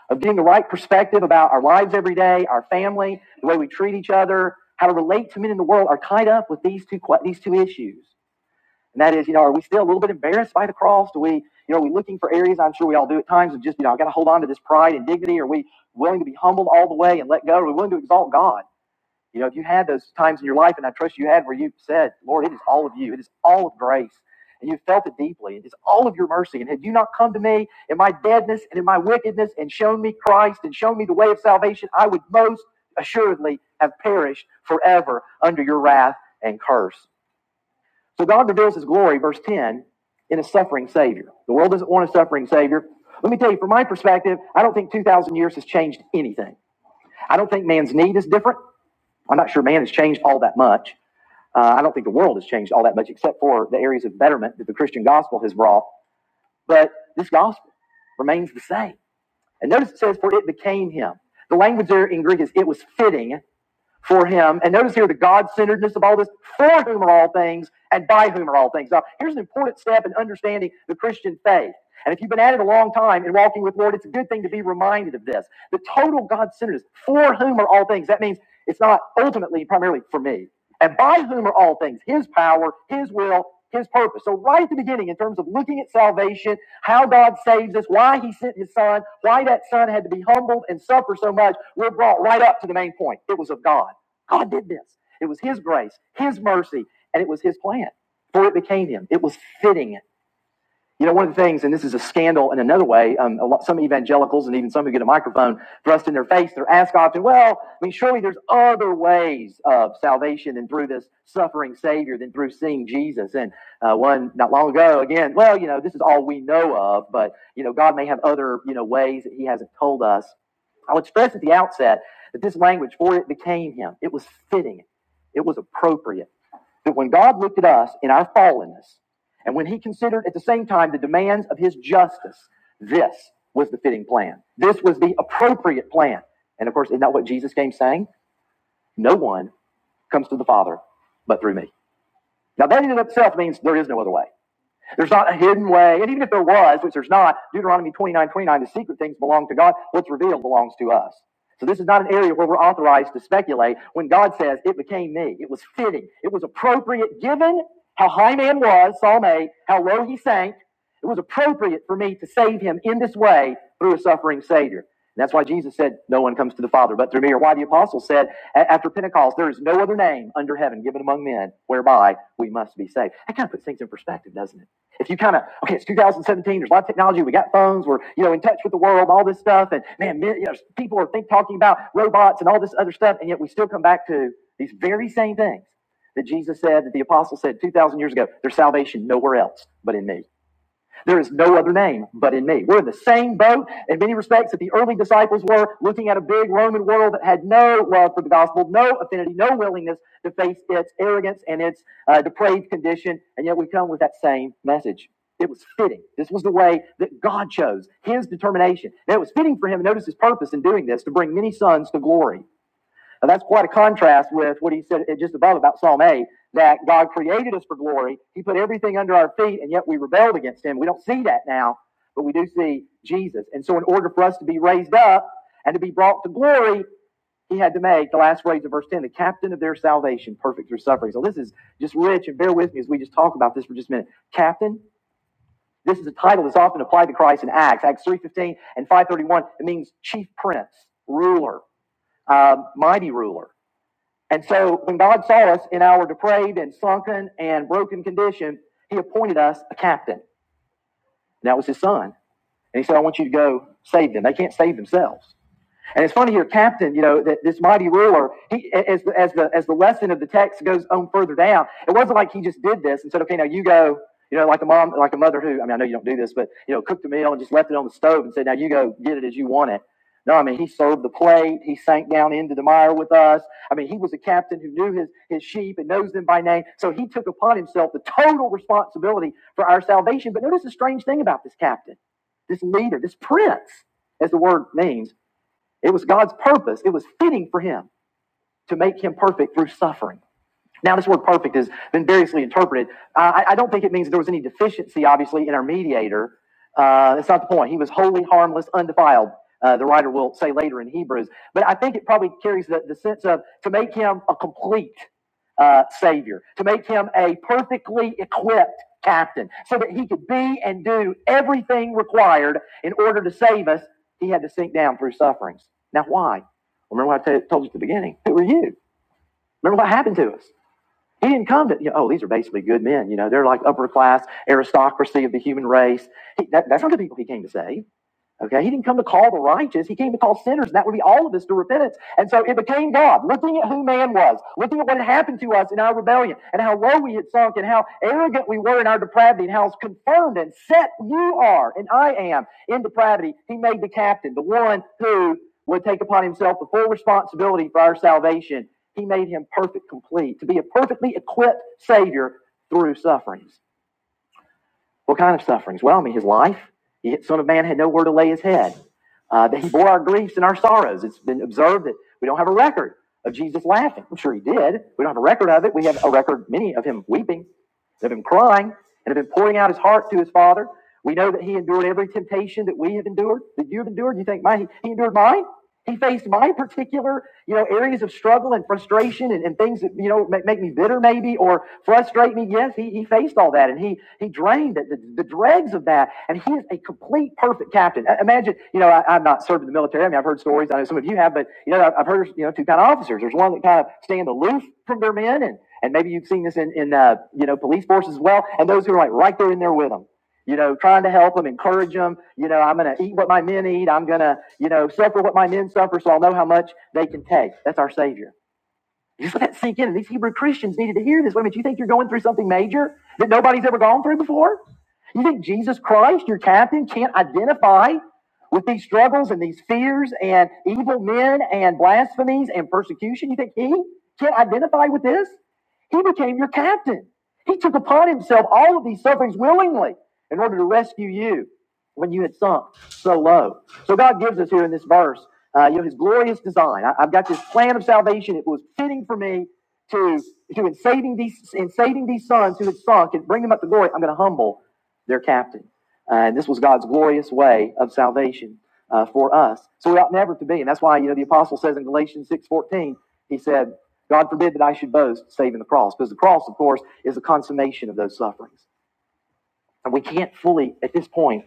Speaker 1: of getting the right perspective about our lives every day, our family, the way we treat each other, how to relate to men in the world are tied up with these two, these two issues. And that is, you know, are we still a little bit embarrassed by the cross? Do we, you know, are we looking for areas, I'm sure we all do at times, of just, you know, i got to hold on to this pride and dignity? Are we willing to be humbled all the way and let go? Are we willing to exalt God? You know, if you had those times in your life, and I trust you had, where you said, Lord, it is all of you, it is all of grace. And you felt it deeply. It is all of your mercy. And had you not come to me in my deadness and in my wickedness and shown me Christ and shown me the way of salvation, I would most assuredly have perished forever under your wrath and curse. So God reveals his glory, verse 10, in a suffering Savior. The world doesn't want a suffering Savior. Let me tell you, from my perspective, I don't think 2,000 years has changed anything. I don't think man's need is different. I'm not sure man has changed all that much. Uh, I don't think the world has changed all that much, except for the areas of betterment that the Christian gospel has brought. But this gospel remains the same. And notice it says, For it became him. The language there in Greek is, It was fitting for him. And notice here the God centeredness of all this, for whom are all things, and by whom are all things. Now, here's an important step in understanding the Christian faith. And if you've been at it a long time in walking with the Lord, it's a good thing to be reminded of this. The total God centeredness, for whom are all things, that means it's not ultimately primarily for me. And by whom are all things? His power, His will, His purpose. So, right at the beginning, in terms of looking at salvation, how God saves us, why He sent His Son, why that Son had to be humbled and suffer so much, we're brought right up to the main point. It was of God. God did this. It was His grace, His mercy, and it was His plan. For it became Him. It was fitting. You know, one of the things, and this is a scandal in another way, um, a lot, some evangelicals and even some who get a microphone thrust in their face, they're asked often, well, I mean, surely there's other ways of salvation than through this suffering Savior, than through seeing Jesus. And uh, one not long ago, again, well, you know, this is all we know of, but, you know, God may have other, you know, ways that He hasn't told us I would stress at the outset that this language, for it became him, it was fitting, it was appropriate. That when God looked at us in our fallenness, and when he considered at the same time the demands of his justice, this was the fitting plan. This was the appropriate plan. And of course, isn't that what Jesus came saying? No one comes to the Father but through me. Now, that in itself means there is no other way. There's not a hidden way. And even if there was, which there's not, Deuteronomy 29:29, the secret things belong to God. What's revealed belongs to us. So this is not an area where we're authorized to speculate. When God says, it became me, it was fitting, it was appropriate given how high man was, Psalm 8, how low he sank. It was appropriate for me to save him in this way through a suffering Savior. And that's why Jesus said, No one comes to the Father but through me, or why the apostles said after Pentecost, There is no other name under heaven given among men whereby we must be saved. That kind of puts things in perspective, doesn't it? If you kind of, okay, it's 2017, there's a lot of technology, we got phones, we're, you know, in touch with the world, all this stuff, and man, you know, people are think, talking about robots and all this other stuff, and yet we still come back to these very same things that Jesus said, that the apostle said 2,000 years ago, there's salvation nowhere else but in me. There is no other name but in me. We're in the same boat in many respects that the early disciples were, looking at a big Roman world that had no love for the gospel, no affinity, no willingness to face its arrogance and its uh, depraved condition. And yet we come with that same message. It was fitting. This was the way that God chose, his determination. And it was fitting for him. Notice his purpose in doing this to bring many sons to glory. Now, that's quite a contrast with what he said just above about Psalm 8, that God created us for glory. He put everything under our feet, and yet we rebelled against him. We don't see that now, but we do see Jesus. And so, in order for us to be raised up and to be brought to glory, he had to make the last phrase of verse 10 the captain of their salvation, perfect through suffering. So, this is just rich, and bear with me as we just talk about this for just a minute. Captain, this is a title that's often applied to Christ in Acts, Acts 3.15 and 5.31. It means chief prince, ruler, um, mighty ruler. And so when God saw us in our depraved and sunken and broken condition, he appointed us a captain. And that was his son. And he said, I want you to go save them. They can't save themselves. And it's funny here, Captain, you know, that this mighty ruler, he, as, the, as, the, as the lesson of the text goes on further down, it wasn't like he just did this and said, okay, now you go, you know, like a mom, like a mother who, I mean, I know you don't do this, but, you know, cooked the meal and just left it on the stove and said, now you go get it as you want it. No, I mean, he served the plate. He sank down into the mire with us. I mean, he was a captain who knew his, his sheep and knows them by name. So he took upon himself the total responsibility for our salvation. But notice the strange thing about this captain, this leader, this prince, as the word means. It was God's purpose. It was fitting for him to make him perfect through suffering. Now, this word perfect has been variously interpreted. Uh, I, I don't think it means there was any deficiency, obviously, in our mediator. Uh, that's not the point. He was holy, harmless, undefiled, uh, the writer will say later in Hebrews. But I think it probably carries the, the sense of to make him a complete uh, Savior, to make him a perfectly equipped captain, so that he could be and do everything required in order to save us. He had to sink down through sufferings. Now, why? Well, Remember what I t- told you at the beginning. Who are you? Remember what happened to us? He didn't come to, you know, oh, these are basically good men. You know, they're like upper class aristocracy of the human race. He, that, that's not the people he came to save. Okay, he didn't come to call the righteous, he came to call sinners, and that would be all of us to repentance. And so it became God, looking at who man was, looking at what had happened to us in our rebellion, and how low we had sunk, and how arrogant we were in our depravity, and how confirmed and set you are, and I am in depravity. He made the captain, the one who would take upon himself the full responsibility for our salvation. He made him perfect, complete, to be a perfectly equipped Savior through sufferings. What kind of sufferings? Well, I mean, his life. The Son of Man had nowhere to lay his head. Uh, that he bore our griefs and our sorrows. It's been observed that we don't have a record of Jesus laughing. I'm sure he did. We don't have a record of it. We have a record, many of him weeping, of him crying, and of him pouring out his heart to his Father. We know that he endured every temptation that we have endured, that you have endured. You think, my, he endured mine? He faced my particular, you know, areas of struggle and frustration and, and things that, you know, make, make me bitter maybe or frustrate me. Yes, he, he faced all that and he he drained it, the, the dregs of that. And he is a complete perfect captain. Imagine, you know, I, I've not served in the military. I mean, I've heard stories. I know some of you have, but, you know, I've I've heard, you know, two kind of officers. There's one that kind of stand aloof from their men and and maybe you've seen this in, in uh, you know police forces as well and those who are like right there in there with them you know, trying to help them, encourage them. You know, I'm going to eat what my men eat. I'm going to, you know, suffer what my men suffer so I'll know how much they can take. That's our Savior. Just let that sink in. And these Hebrew Christians needed to hear this. Wait a minute, you think you're going through something major that nobody's ever gone through before? You think Jesus Christ, your captain, can't identify with these struggles and these fears and evil men and blasphemies and persecution? You think he can't identify with this? He became your captain. He took upon himself all of these sufferings willingly in order to rescue you when you had sunk so low. So God gives us here in this verse, uh, you know, His glorious design. I, have got this plan of salvation. It was fitting for me to to in saving these in saving these sons who had sunk and bring them up to glory. I'm going to humble their captain, uh, and this was God's glorious way of salvation uh, for us. So we ought never to be, and that's why you know the apostle says in Galatians six fourteen, he said. God forbid that I should boast, save in the cross, because the cross, of course, is the consummation of those sufferings. And we can't fully, at this point,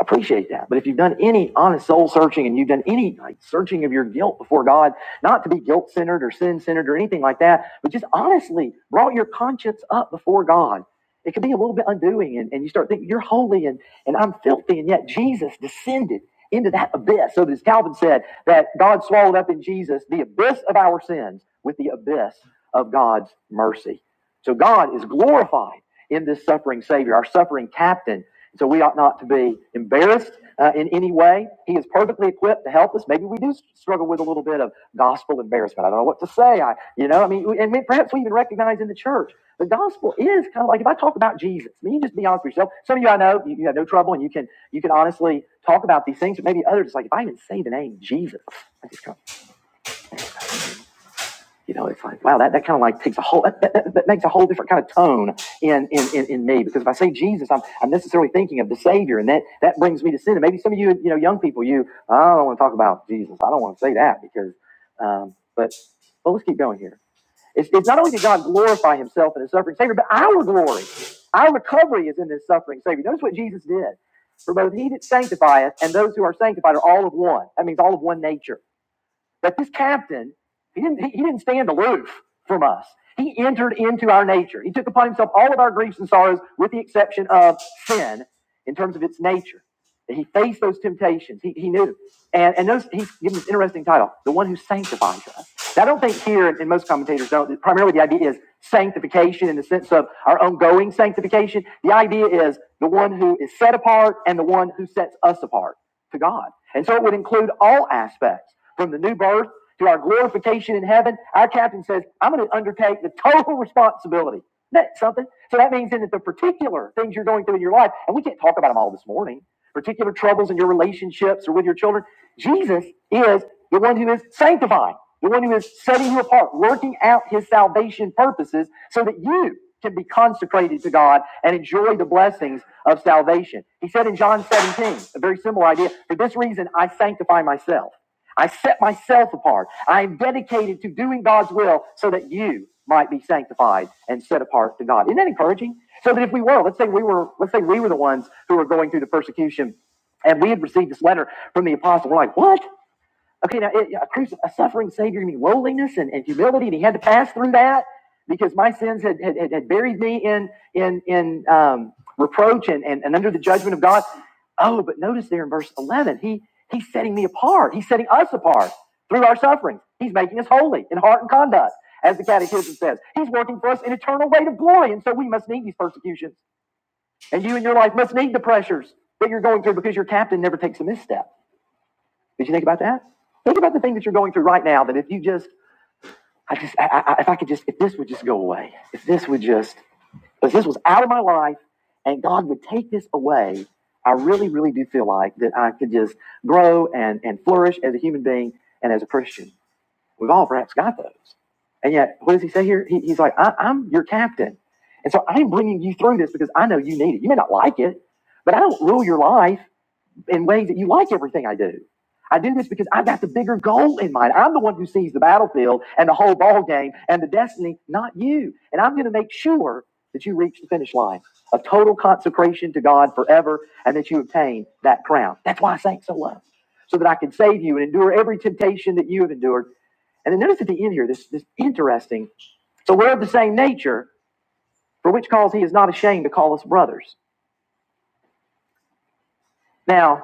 Speaker 1: appreciate that. But if you've done any honest soul searching and you've done any like searching of your guilt before God, not to be guilt centered or sin centered or anything like that, but just honestly brought your conscience up before God, it can be a little bit undoing. And, and you start thinking, you're holy and, and I'm filthy. And yet Jesus descended into that abyss. So as Calvin said, that God swallowed up in Jesus the abyss of our sins with the abyss of God's mercy. So God is glorified in this suffering Savior, our suffering captain so we ought not to be embarrassed uh, in any way. He is perfectly equipped to help us. Maybe we do struggle with a little bit of gospel embarrassment. I don't know what to say. I, you know, I mean, and perhaps we even recognize in the church the gospel is kind of like if I talk about Jesus. I mean, you just be honest with yourself. Some of you I know you, you have no trouble and you can you can honestly talk about these things. But maybe others, it's like if I even say the name Jesus, I just go, you know, it's like, wow, that, that kind of like takes a whole, that, that, that makes a whole different kind of tone in, in, in, in me. Because if I say Jesus, I'm, I'm necessarily thinking of the Savior, and that, that brings me to sin. And maybe some of you, you know, young people, you, "Oh, I don't want to talk about Jesus. I don't want to say that because, um, but, well let's keep going here. It's, it's not only did God glorify himself in his suffering Savior, but our glory, our recovery is in this suffering Savior. Notice what Jesus did. For both he that sanctifieth and those who are sanctified are all of one. That means all of one nature that this captain, he didn't, he didn't stand aloof from us. He entered into our nature. He took upon himself all of our griefs and sorrows, with the exception of sin in terms of its nature. He faced those temptations. He, he knew. And, and notice he's given this interesting title, the one who sanctifies us. Now, I don't think here, and most commentators don't, primarily the idea is sanctification in the sense of our ongoing sanctification. The idea is the one who is set apart and the one who sets us apart to God. And so it would include all aspects from the new birth to our glorification in heaven. Our captain says, I'm going to undertake the total responsibility. Isn't that something? So that means then that the particular things you're going through in your life, and we can't talk about them all this morning, particular troubles in your relationships or with your children. Jesus is the one who is sanctifying, the one who is setting you apart, working out his salvation purposes so that you can be consecrated to God and enjoy the blessings of salvation. He said in John 17, a very similar idea, for this reason I sanctify myself I set myself apart. I am dedicated to doing God's will so that you might be sanctified and set apart to God. Isn't that encouraging? So that if we were, let's say we were, let's say we were the ones who were going through the persecution and we had received this letter from the apostle, we're like, what? Okay, now it, a, cruci- a suffering Savior means lowliness and, and humility, and He had to pass through that because my sins had, had, had had buried me in in in um, reproach and, and and under the judgment of God. Oh, but notice there in verse eleven, He He's setting me apart. He's setting us apart through our sufferings. He's making us holy in heart and conduct, as the Catechism says. He's working for us an eternal weight of glory, and so we must need these persecutions, and you in your life must need the pressures that you're going through because your captain never takes a misstep. Did you think about that? Think about the thing that you're going through right now. That if you just, I just, I, I, if I could just, if this would just go away, if this would just, if this was out of my life, and God would take this away, I really, really do feel like that I could just grow and and flourish as a human being and as a Christian. We've all perhaps got those, and yet, what does He say here? He, he's like, I, I'm your captain, and so I'm bringing you through this because I know you need it. You may not like it, but I don't rule your life in ways that you like everything I do. I do this because I've got the bigger goal in mind. I'm the one who sees the battlefield and the whole ball game and the destiny, not you. And I'm going to make sure that you reach the finish line of total consecration to God forever and that you obtain that crown. That's why I sank so low, so that I can save you and endure every temptation that you have endured. And then notice at the end here, this this interesting. So we're of the same nature, for which cause he is not ashamed to call us brothers. Now.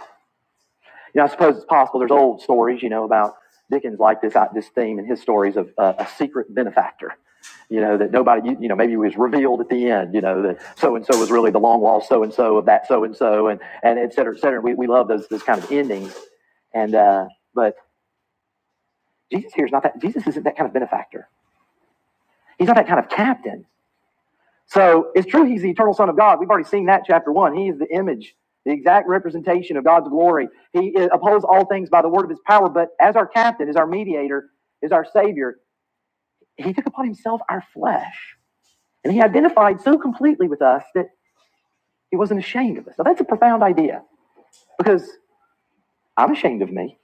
Speaker 1: You know, I suppose it's possible. There's old stories, you know, about Dickens like this uh, this theme in his stories of uh, a secret benefactor. You know that nobody, you, you know, maybe it was revealed at the end. You know that so and so was really the long lost so and so of that so and so, and and et cetera, et cetera. We we love those those kind of endings. And uh, but Jesus here is not that. Jesus isn't that kind of benefactor. He's not that kind of captain. So it's true he's the eternal Son of God. We've already seen that chapter one. He is the image, the exact representation of God's glory. He uh, upholds all things by the word of his power, but as our captain, as our mediator, as our savior, he took upon himself our flesh. And he identified so completely with us that he wasn't ashamed of us. Now that's a profound idea because I'm ashamed of me,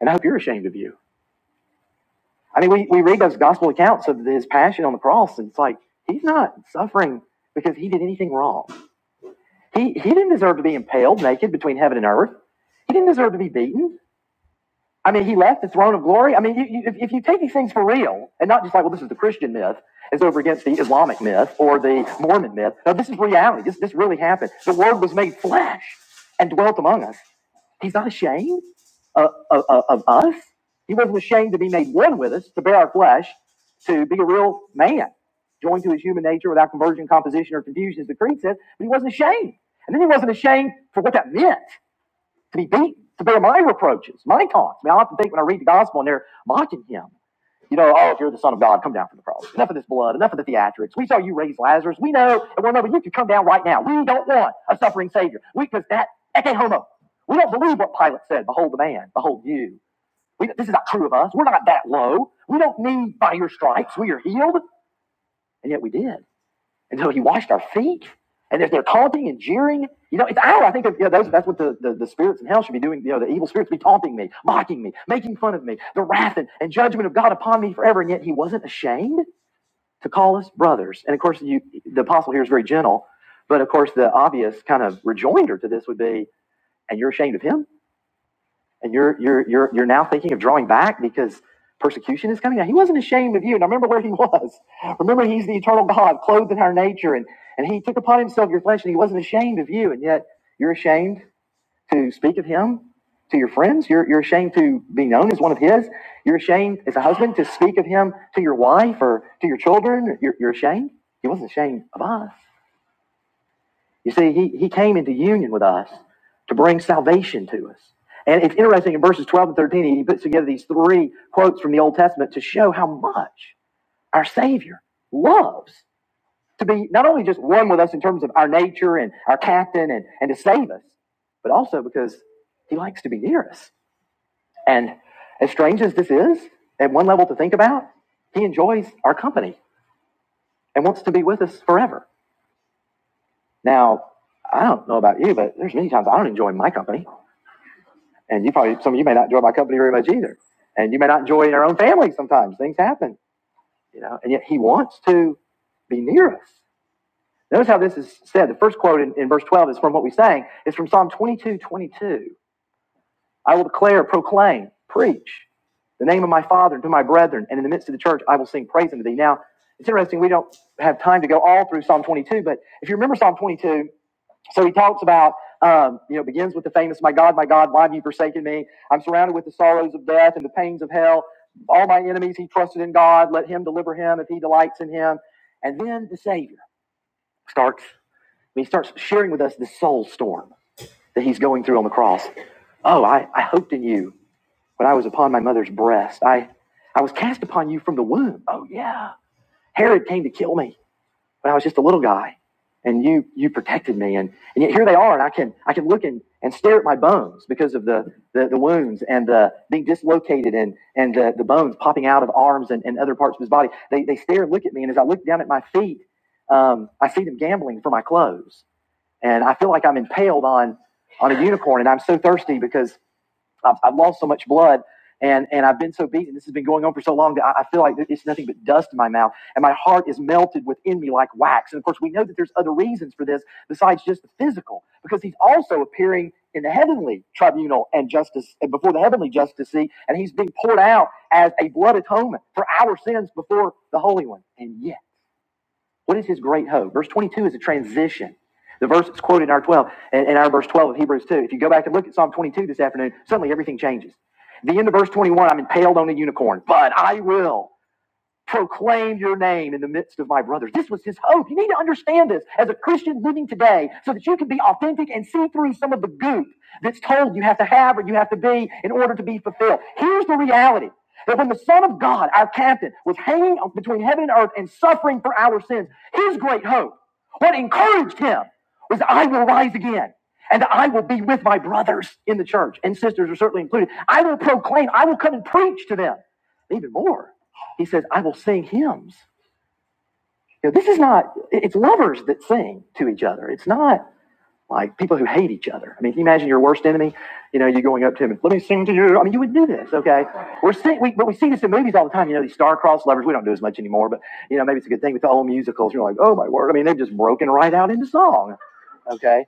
Speaker 1: and I hope you're ashamed of you. I mean, we, we read those gospel accounts of his passion on the cross, and it's like he's not suffering because he did anything wrong. He he didn't deserve to be impaled naked between heaven and earth. He didn't deserve to be beaten. I mean, he left the throne of glory. I mean, you, you, if, if you take these things for real and not just like, well, this is the Christian myth, it's over against the Islamic myth or the Mormon myth. No, this is reality. This this really happened. The Word was made flesh and dwelt among us. He's not ashamed of, of, of us. He wasn't ashamed to be made one with us, to bear our flesh, to be a real man, joined to his human nature without conversion, composition, or confusion, as the creed says. But he wasn't ashamed. And then he wasn't ashamed for what that meant to be beaten, to bear my reproaches, my taunts. I mean, I often think when I read the gospel and they're mocking him, you know, oh, if you're the son of God, come down from the cross. Enough of this blood, enough of the theatrics. We saw you raise Lazarus. We know, and we'll remember you could come down right now. We don't want a suffering Savior. We, because that, eke homo. We don't believe what Pilate said, behold the man, behold you. We, this is not true of us. We're not that low. We don't need by your stripes. We are healed. And yet we did. And so he washed our feet. And they're, they're taunting and jeering. You know, it's out. I think you know, that's, that's what the, the, the spirits in hell should be doing. You know, the evil spirits be taunting me, mocking me, making fun of me, the wrath and, and judgment of God upon me forever. And yet he wasn't ashamed to call us brothers. And of course, you, the apostle here is very gentle. But of course, the obvious kind of rejoinder to this would be, and you're ashamed of him? and you're you're you're you're now thinking of drawing back because persecution is coming. Now he wasn't ashamed of you. Now remember where he was. Remember he's the eternal God, clothed in our nature, and and he took upon himself your flesh, and he wasn't ashamed of you, and yet you're ashamed to speak of him to your friends. You're you're ashamed to be known as one of his. You're ashamed as a husband to speak of him to your wife or to your children. You're, you're ashamed. He wasn't ashamed of us. You see, he, he came into union with us to bring salvation to us. And it's interesting in verses 12 and 13, he puts together these three quotes from the Old Testament to show how much our Savior loves to be not only just one with us in terms of our nature and our captain and, and to save us, but also because he likes to be near us. And as strange as this is, at one level to think about, he enjoys our company and wants to be with us forever. Now, I don't know about you, but there's many times I don't enjoy my company. And you probably, some of you may not enjoy my company very much either. And you may not enjoy in our own family sometimes. Things happen, you know, and yet he wants to be near us. Notice how this is said. The first quote in, in verse 12 is from what we sang. It's from Psalm 22, 22. I will declare, proclaim, preach the name of my Father to my brethren, and in the midst of the church I will sing praise unto thee. Now, it's interesting, we don't have time to go all through Psalm 22, but if you remember Psalm 22, so he talks about, um, you know, begins with the famous, My God, my God, why have you forsaken me? I'm surrounded with the sorrows of death and the pains of hell. All my enemies, he trusted in God. Let him deliver him if he delights in him. And then the Savior starts, he starts sharing with us the soul storm that he's going through on the cross. Oh, I, I hoped in you when I was upon my mother's breast. I, I was cast upon you from the womb. Oh, yeah. Herod came to kill me when I was just a little guy, and you you protected me, and and yet here they are, and I can I can look and, and stare at my bones because of the the, the wounds and the being dislocated and and the, the bones popping out of arms and, and other parts of his body. They they stare and look at me, and as I look down at my feet, um, I see them gambling for my clothes, and I feel like I'm impaled on on a unicorn, and I'm so thirsty because I've, I've lost so much blood and, and I've been so beaten. This has been going on for so long that I, I feel like it's nothing but dust in my mouth. And my heart is melted within me like wax. And of course, we know that there's other reasons for this besides just the physical, because he's also appearing in the heavenly tribunal and justice and before the heavenly justice seat. And he's being poured out as a blood atonement for our sins before the Holy One. And yet, what is his great hope? Verse 22 is a transition. The verse that's quoted in our 12 and in our verse 12 of Hebrews 2. If you go back and look at Psalm 22 this afternoon, suddenly everything changes. The end of verse 21, I'm impaled on a unicorn, but I will proclaim your name in the midst of my brothers. This was his hope. You need to understand this as a Christian living today so that you can be authentic and see through some of the goop that's told you have to have or you have to be in order to be fulfilled. Here's the reality. That when the Son of God, our captain, was hanging between heaven and earth and suffering for our sins, his great hope, what encouraged him, was I will rise again and I will be with my brothers in the church, and sisters are certainly included. I will proclaim, I will come and preach to them even more. He says, I will sing hymns. You know, this is not, it's lovers that sing to each other. It's not like people who hate each other. I mean, can you imagine your worst enemy? You know, you going up to him and let me sing to you. I mean, you would do this, okay? We're sing, we, but we see this in movies all the time. You know, these star-crossed lovers. We don't do as much anymore, but you know, maybe it's a good thing with the old musicals. You're like, oh my word! I mean, they've just broken right out into song, okay?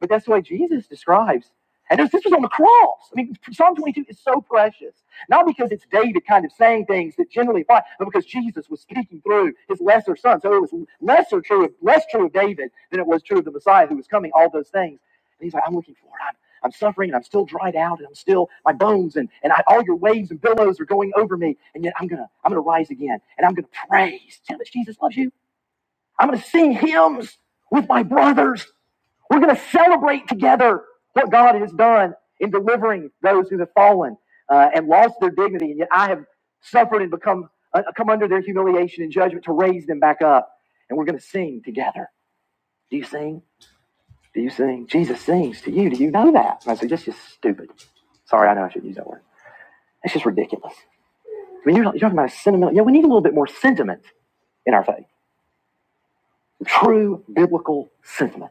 Speaker 1: But that's the way Jesus describes. And this, was on the cross. I mean, Psalm 22 is so precious. Not because it's David kind of saying things that generally apply, but because Jesus was speaking through his lesser son. So it was lesser true of, less true of David than it was true of the Messiah who was coming, all those things. And he's like, I'm looking for it. I'm, I'm suffering and I'm still dried out and I'm still my bones and, and I, all your waves and billows are going over me. And yet I'm gonna I'm gonna rise again and I'm gonna praise. tell us Jesus loves you? I'm going to sing hymns with my brothers. We're going to celebrate together what God has done in delivering those who have fallen uh, and lost their dignity, and yet I have suffered and become uh, come under their humiliation and judgment to raise them back up. And we're going to sing together. Do you sing? Do you sing? Jesus sings to you. Do you know that? And I said, that's just stupid. Sorry, I know I should use that word. That's just ridiculous. I mean, you're, you're talking about a sentimental. Yeah, we need a little bit more sentiment in our faith. True biblical sentiment.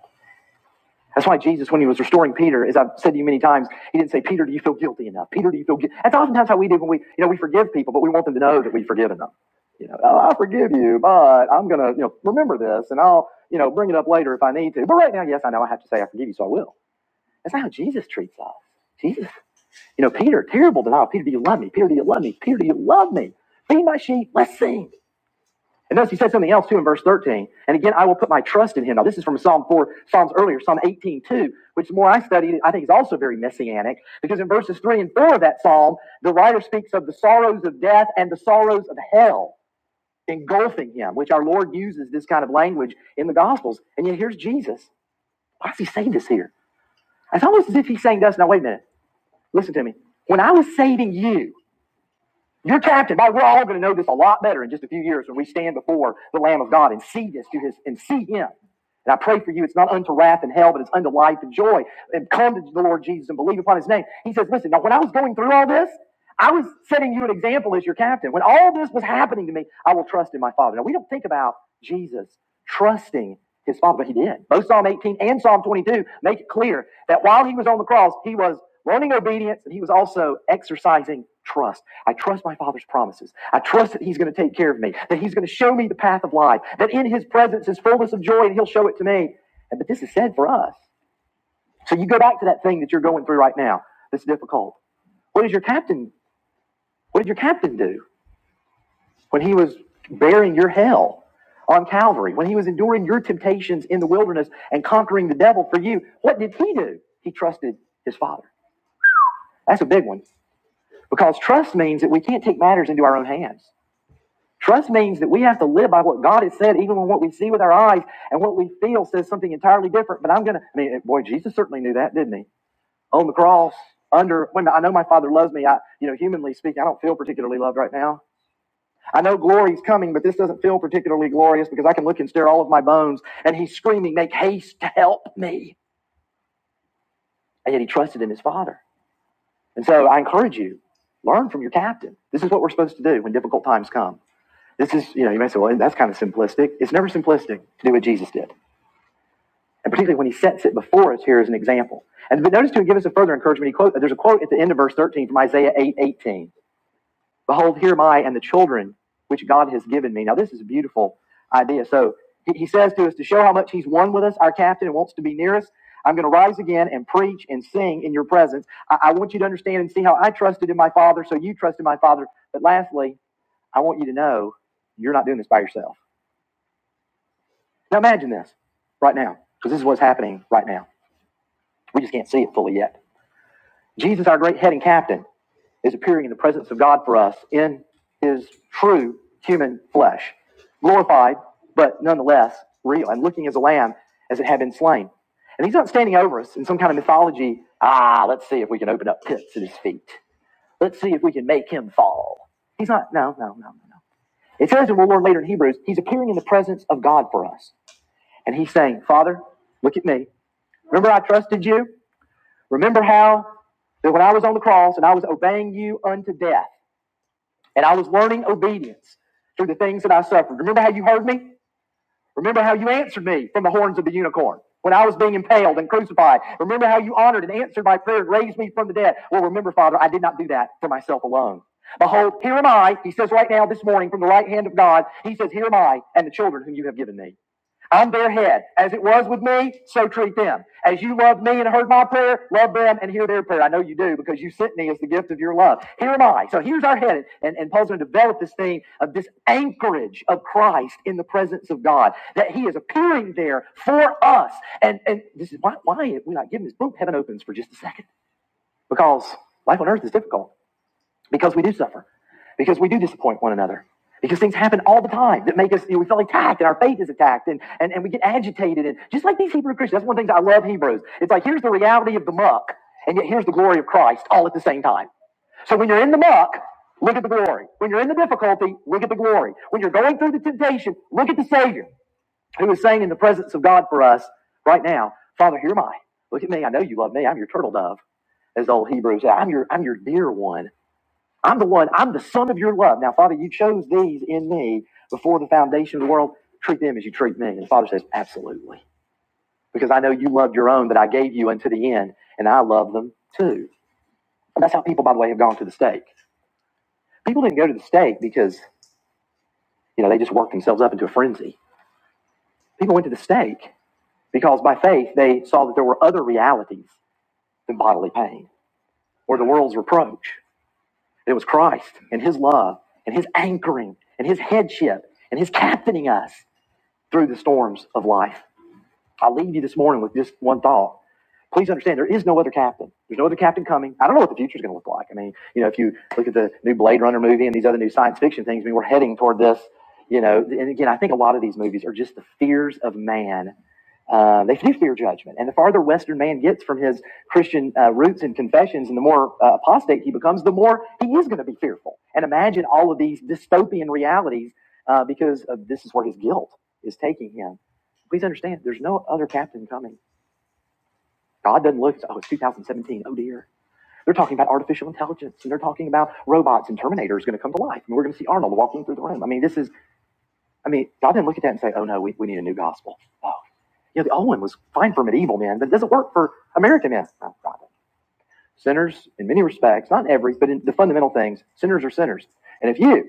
Speaker 1: That's why Jesus, when he was restoring Peter, as I've said to you many times, he didn't say, Peter, do you feel guilty enough? Peter, do you feel guilty? That's oftentimes how we do when we, you know, we forgive people, but we want them to know that we've forgiven them. You know, oh, I forgive you, but I'm going to, you know, remember this and I'll, you know, bring it up later if I need to. But right now, yes, I know I have to say I forgive you, so I will. That's not how Jesus treats us. Jesus, you know, Peter, terrible denial. Peter, do you love me? Peter, do you love me? Peter, do you love me? Feed my sheep. Let's sing. And notice he said something else too in verse 13. And again, I will put my trust in him. Now, this is from Psalm 4, Psalms earlier, Psalm 18 too, which the more I study, I think is also very messianic because in verses 3 and 4 of that psalm, the writer speaks of the sorrows of death and the sorrows of hell engulfing him, which our Lord uses this kind of language in the Gospels. And yet here's Jesus. Why is he saying this here? It's almost as if he's saying to us, now, wait a minute, listen to me. When I was saving you, you're captive. Now, we're all going to know this a lot better in just a few years when we stand before the Lamb of God and see this to his and see him. And I pray for you, it's not unto wrath and hell, but it's unto life and joy. And come to the Lord Jesus and believe upon his name. He says, Listen, now when I was going through all this, I was setting you an example as your captain. When all this was happening to me, I will trust in my Father. Now, we don't think about Jesus trusting his Father, but he did. Both Psalm 18 and Psalm 22 make it clear that while he was on the cross, he was learning obedience and he was also exercising trust. I trust my Father's promises. I trust that he's going to take care of me, that he's going to show me the path of life, that in his presence is fullness of joy and he'll show it to me. But this is said for us. So you go back to that thing that you're going through right now that's difficult. What is your captain what did your captain do when he was bearing your hell on Calvary, when he was enduring your temptations in the wilderness and conquering the devil for you? What did he do? He trusted his father. That's a big one because trust means that we can't take matters into our own hands. Trust means that we have to live by what God has said, even when what we see with our eyes and what we feel says something entirely different. But I'm going to, I mean, boy, Jesus certainly knew that, didn't he? On the cross, under, when I know my father loves me, I, you know, humanly speaking, I don't feel particularly loved right now I know glory's coming, but this doesn't feel particularly glorious because I can look and stare all of my bones. And he's screaming, Make haste to help me. And yet he trusted in his father. And so I encourage you, learn from your captain. This is what we're supposed to do when difficult times come. This is, you know, you may say, well, that's kind of simplistic. It's never simplistic to do what Jesus did. And particularly when he sets it before us here as an example. And but notice to give us a further encouragement, he quote, there's a quote at the end of verse 13 from Isaiah eight eighteen. Behold, here am I and the children which God has given me. Now, this is a beautiful idea. So he says to us to show how much he's one with us, our captain, and wants to be near us. I'm going to rise again and preach and sing in your presence. I, I want you to understand and see how I trusted in my Father, so you trust in my Father. But lastly, I want you to know you're not doing this by yourself. Now, imagine this right now, because this is what's happening right now. We just can't see it fully yet. Jesus, our great head and captain. is appearing in the presence of God for us in his true human flesh, glorified, but nonetheless real, and looking as a lamb as it had been slain. And he's not standing over us in some kind of mythology. Ah, let's see if we can open up pits at his feet. Let's see if we can make him fall. He's not, no, no, no, no, no. It says, and we'll learn later in Hebrews, he's appearing in the presence of God for us. And he's saying, Father, look at me. Remember I trusted you? Remember how that when I was on the cross and I was obeying you unto death, and I was learning obedience through the things that I suffered. Remember how you heard me? Remember how you answered me from the horns of the unicorn when I was being impaled and crucified? Remember how you honored and answered my prayer and raised me from the dead? Well, remember, Father, I did not do that for myself alone. Behold, here am I, he says right now this morning from the right hand of God. He says, Here am I and the children whom you have given me. I'm their head. As it was with me, so treat them. As you loved me and heard my prayer, love them and hear their prayer. I know you do because you sent me as the gift of your love. Here am I. So here's our head. And, and Paul's going to develop this theme of this anchorage of Christ in the presence of God, that he is appearing there for us. And, and this is why, why we're not giving this book, heaven opens for just a second because life on earth is difficult because we do suffer, because we do disappoint one another, because things happen all the time that make us, you know, we feel attacked and our faith is attacked and, and, and we get agitated. And just like these Hebrew Christians, that's one of the things I love Hebrews. It's like, here's the reality of the muck, and yet here's the glory of Christ all at the same time. So when you're in the muck, look at the glory. When you're in the difficulty, look at the glory. When you're going through the temptation, look at the Savior who is saying in the presence of God for us right now, Father, here am I. Look at me. I know you love me. I'm your turtle dove, as the old Hebrews say. I'm your, I'm your dear one. I'm the one, I'm the son of your love. Now, Father, you chose these in me before the foundation of the world. Treat them as you treat me. And the Father says, Absolutely. Because I know you loved your own that I gave you unto the end, and I love them too. And that's how people, by the way, have gone to the stake. People didn't go to the stake because, you know, they just worked themselves up into a frenzy. People went to the stake because by faith they saw that there were other realities than bodily pain or the world's reproach. It was Christ and his love and his anchoring and his headship and his captaining us. through the storms of life. I leave you this morning with just one thought. Please understand, there is no other captain. There's no other captain coming. I don't know what the future is going to look like. I mean, you know, if you look at the new Blade Runner movie and these other new science fiction things, I mean, we're heading toward this. You know, and again, I think a lot of these movies are just the fears of man. Uh, they do fear judgment, and the farther Western man gets from his Christian uh, roots and confessions, and the more uh, apostate he becomes, the more he is going to be fearful. And imagine all of these dystopian realities uh, because of, this is where his guilt is taking him. Please understand, there's no other captain coming. God doesn't look, oh, it's 2017, oh dear. They're talking about artificial intelligence and they're talking about robots and Terminator is going to come to life. And we're going to see Arnold walking through the room. I mean, this is, I mean, God didn't look at that and say, oh no, we, we need a new gospel. Oh, you know, the old one was fine for medieval men, but it doesn't work for American men. No God. Sinners, in many respects, not every, but in the fundamental things, sinners are sinners. And if you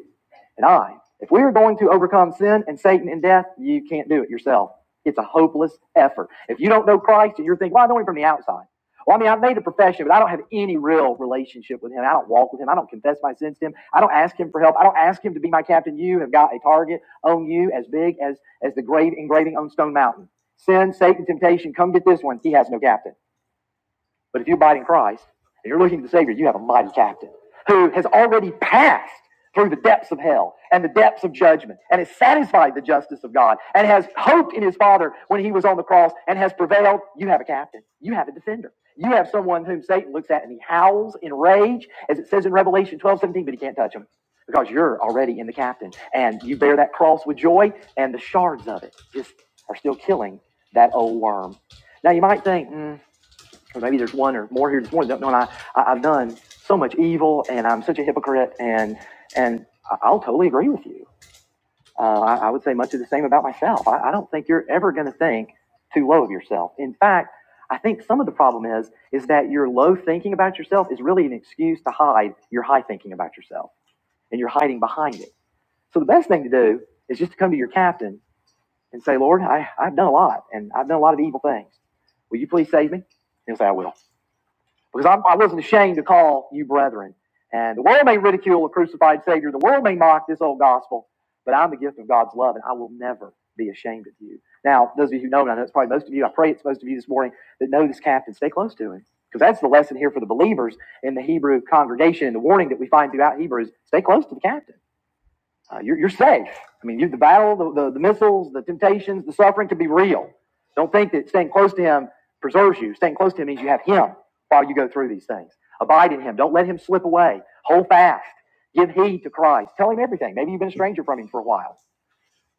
Speaker 1: and I. If we are going to overcome sin and Satan and death, you can't do it yourself. It's a hopeless effort. If you don't know Christ and you're thinking, well, I know him from the outside. Well, I mean, I've made a profession, but I don't have any real relationship with him. I don't walk with him. I don't confess my sins to him. I don't ask him for help. I don't ask him to be my captain. You have got a target on you as big as, as the grave engraving on Stone Mountain. Sin, Satan, temptation, come get this one. He has no captain. But if you abide in Christ and you're looking to the Savior, you have a mighty captain who has already passed through the depths of hell and the depths of judgment and is satisfied with the justice of God and has hoped in his Father when he was on the cross and has prevailed. You have a captain. You have a defender. You have someone whom Satan looks at and he howls in rage, as it says in Revelation 12 17, but he can't touch him because you're already in the captain and you bear that cross with joy and the shards of it just are still killing that old worm. Now you might think, hmm, or maybe there's one or more here this morning that knowing I, I, I've done so much evil and I'm such a hypocrite and and I- will totally agree with you. Uh, I, I would say much of the same about myself. I, I don't think you're ever going to think too low of yourself. In fact, I think some of the problem is is that your low thinking about yourself is really an excuse to hide your high thinking about yourself, and you're hiding behind it. So the best thing to do is just to come to your captain and say, Lord, I, I've done a lot, and I've done a lot of evil things. Will you please save me? He'll say, I will because I'm, I wasn't ashamed to call you brethren. And the world may ridicule the crucified Savior, the world may mock this old gospel, but I'm the gift of God's love, and I will never be ashamed of you. Now, those of you who know, and I know it's probably most of you, I pray it's most of you this morning that know this captain, stay close to him. Because that's the lesson here for the believers in the Hebrew congregation and the warning that we find throughout Hebrews stay close to the captain uh, you're, you're safe. I mean, you, the battle, the, the, the missiles, the temptations, the suffering can be real. Don't think that staying close to Him preserves you. Staying close to Him means you have Him while you go through these things. Abide in Him. Don't let Him slip away. Hold fast. Give heed to Christ. Tell Him everything. Maybe you've been a stranger from Him for a while.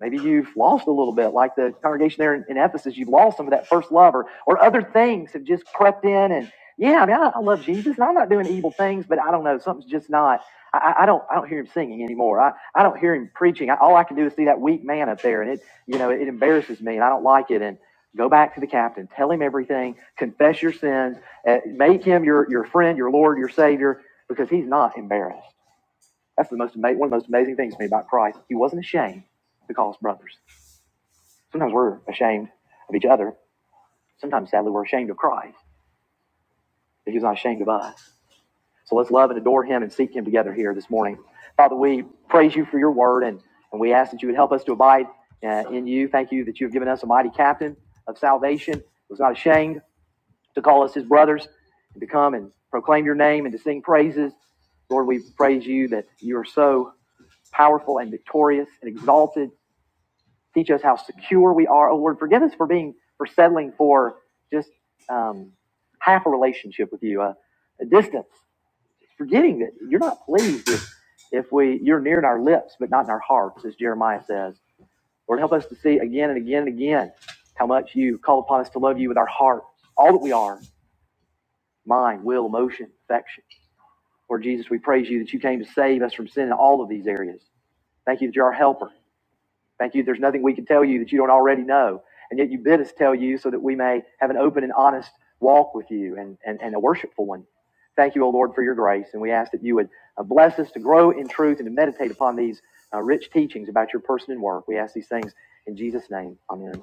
Speaker 1: Maybe you've lost a little bit, like the congregation there in, Ephesus. You've lost some of that first love, or, or other things have just crept in. And yeah, I mean, I, I love Jesus, and I'm not doing evil things, but I don't know, something's just not. I, I I don't, I don't hear him singing anymore. I, I don't hear him preaching. I, all I can do is see that weak man up there, and it, you know, it embarrasses me, and I don't like it. And go back to the captain, tell him everything, confess your sins, uh, make him your your friend, your Lord, your Savior, because he's not embarrassed. That's the most ama- one of the most amazing things to me about Christ. He wasn't ashamed to call us brothers. Sometimes we're ashamed of each other. Sometimes, sadly, we're ashamed of Christ, that He's not ashamed of us. So let's love and adore Him and seek Him together here this morning. Father, we praise you for your word and, and we ask that you would help us to abide uh, in you. Thank you that you have given us a mighty captain of salvation who was not ashamed to call us His brothers and to come and proclaim your name and to sing praises. Lord, we praise you that you are so powerful and victorious and exalted teach us how secure we are. Oh Lord, forgive us for being for settling for just um, half a relationship with you, uh, a distance, forgetting that you're not pleased if, if we you're near in our lips but not in our hearts, as Jeremiah says. Lord, help us to see again and again and again how much you call upon us to love you with our heart, all that we are, mind, will, emotion, affection. Lord Jesus, we praise you that you came to save us from sin in all of these areas. Thank you that you're our helper. Thank you. There's nothing we can tell you that you don't already know. And yet you bid us tell you so that we may have an open and honest walk with you and, and, and a worshipful one. Thank you, O Lord, for your grace. And we ask that you would uh, bless us to grow in truth and to meditate upon these uh, rich teachings about your person and work. We ask these things in Jesus' name. Amen.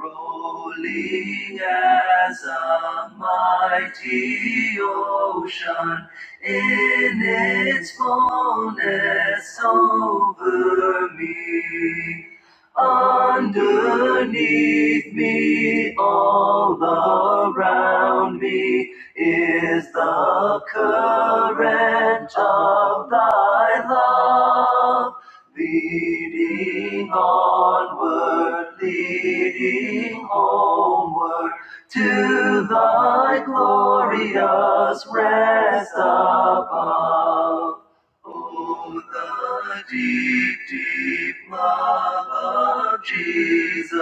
Speaker 1: Rolling as a mighty ocean. Jesus,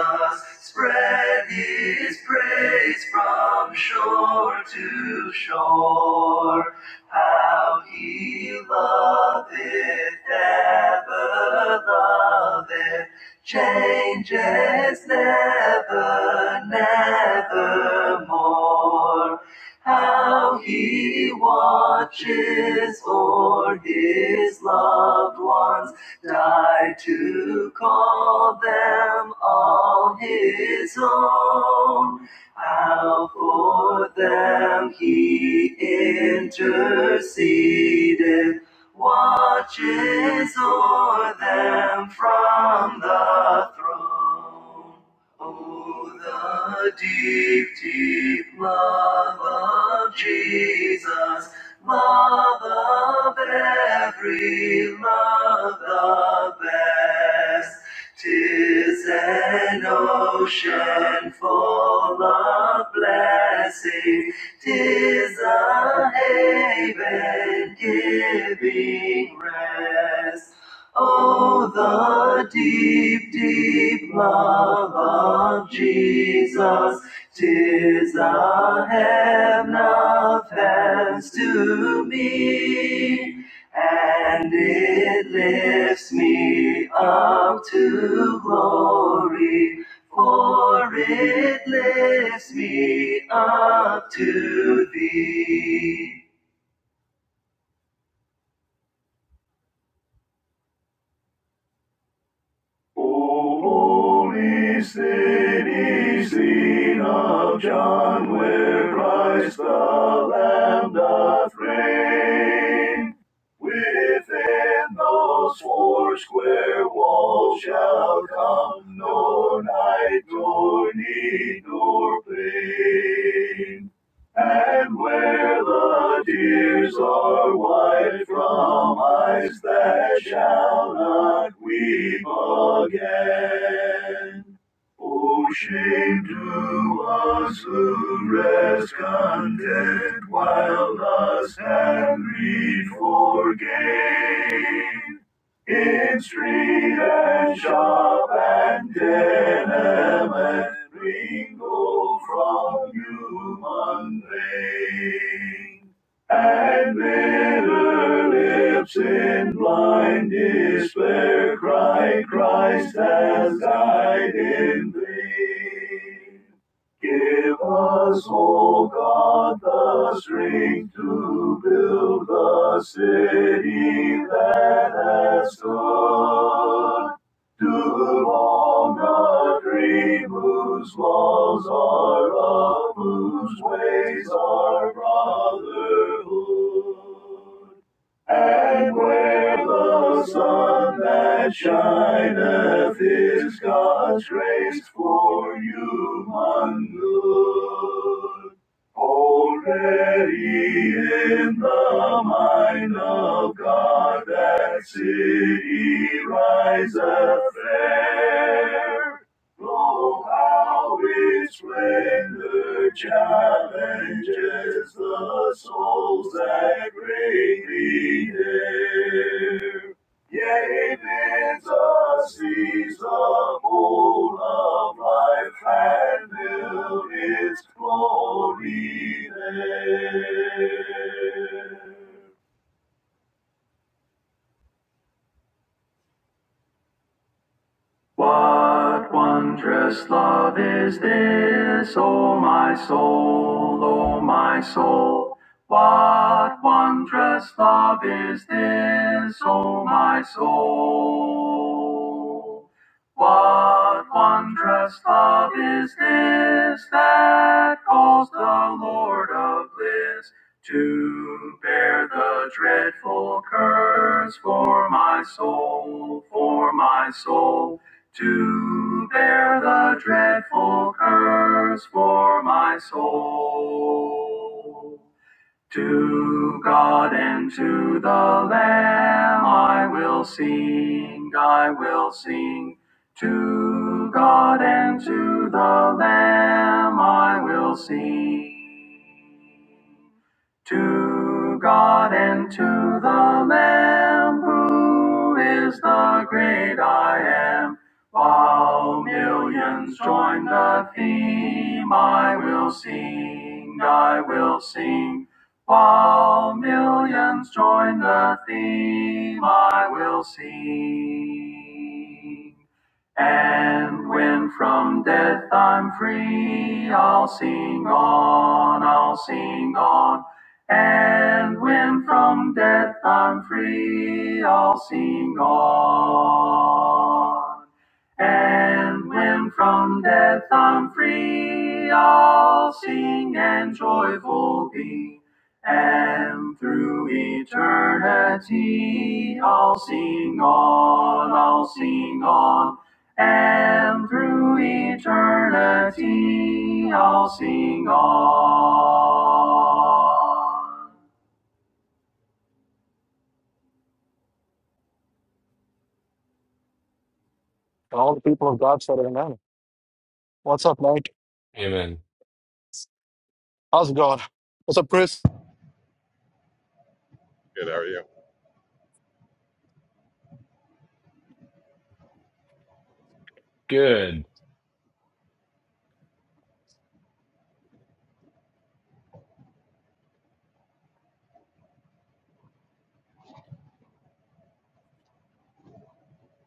Speaker 1: spread his praise from shore to shore. Beloved angels never, never more. How he watches o'er his loved ones died to call them all his own. How for them he interceded, watches o'er the deep, deep love of Jesus, love of every love the best. Tis an ocean full of blessing, tis a haven giving rest. Oh, the deep, deep love of Jesus, tis the heaven of heavens to me, and it lifts me up to glory, for it lifts me up to thee. O holy city, seen of John, where Christ the Lamb doth reign. Within those four square walls shall come no night, nor need, nor pain. And where the tears are wiped from eyes that shall not weep again. O shame to us who rest content while lust and greed for gain. In street and shop and denim and. Ring from human vein, and bitter lips in blind despair cry, Christ has died in vain. Give us, O God, the strength to build the city that has stood. Too long a dream whose laws are love, whose ways are brotherhood. And where the sun that shineth is God's grace for human good. Already in the mind of God that city riseth fair. Blow how its rain, challenges, the souls that greatly dare. Yea, bids us seize the whole of life and build its glory there. What wondrous love is this, O my soul, O my soul? What wondrous love is this, O my soul? What wondrous love is this that calls the Lord of bliss to bear the dreadful curse for my soul, for my soul? To bear the dreadful curse for my soul. To God and to the Lamb I will sing, I will sing. To God and to the Lamb I will sing. To God and to the Lamb, who is the great I am. While millions join the theme, I will sing, I will sing. While millions join the theme, I will sing. And when from death I'm free, I'll sing on, I'll sing on. And when from death I'm free, I'll sing on. And when from death I'm free, I'll sing and joyful be. And through eternity, I'll sing on, I'll sing on. And through eternity, I'll sing on.
Speaker 2: All the people of God said amen. What's up, Mike?
Speaker 3: Amen.
Speaker 2: How's it going? What's up, Chris?
Speaker 4: Good, how are you? That
Speaker 3: Good.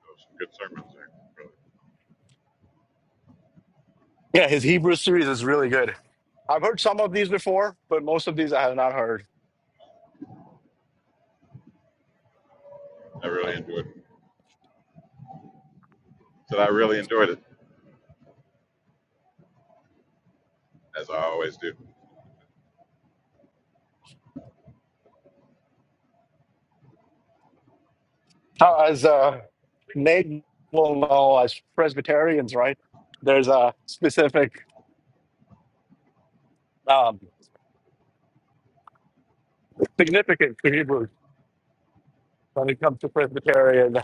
Speaker 4: was some good sermons there.
Speaker 2: Yeah, his Hebrew series is really good. I've heard some of these before, but most of these I have not heard.
Speaker 4: I
Speaker 3: Uh,
Speaker 4: really enjoyed it. Said I really enjoyed it, as I always do.
Speaker 2: How- As uh, Nate will know, as Presbyterians, right, there's a specific um, significance to Hebrew when it comes to Presbyterian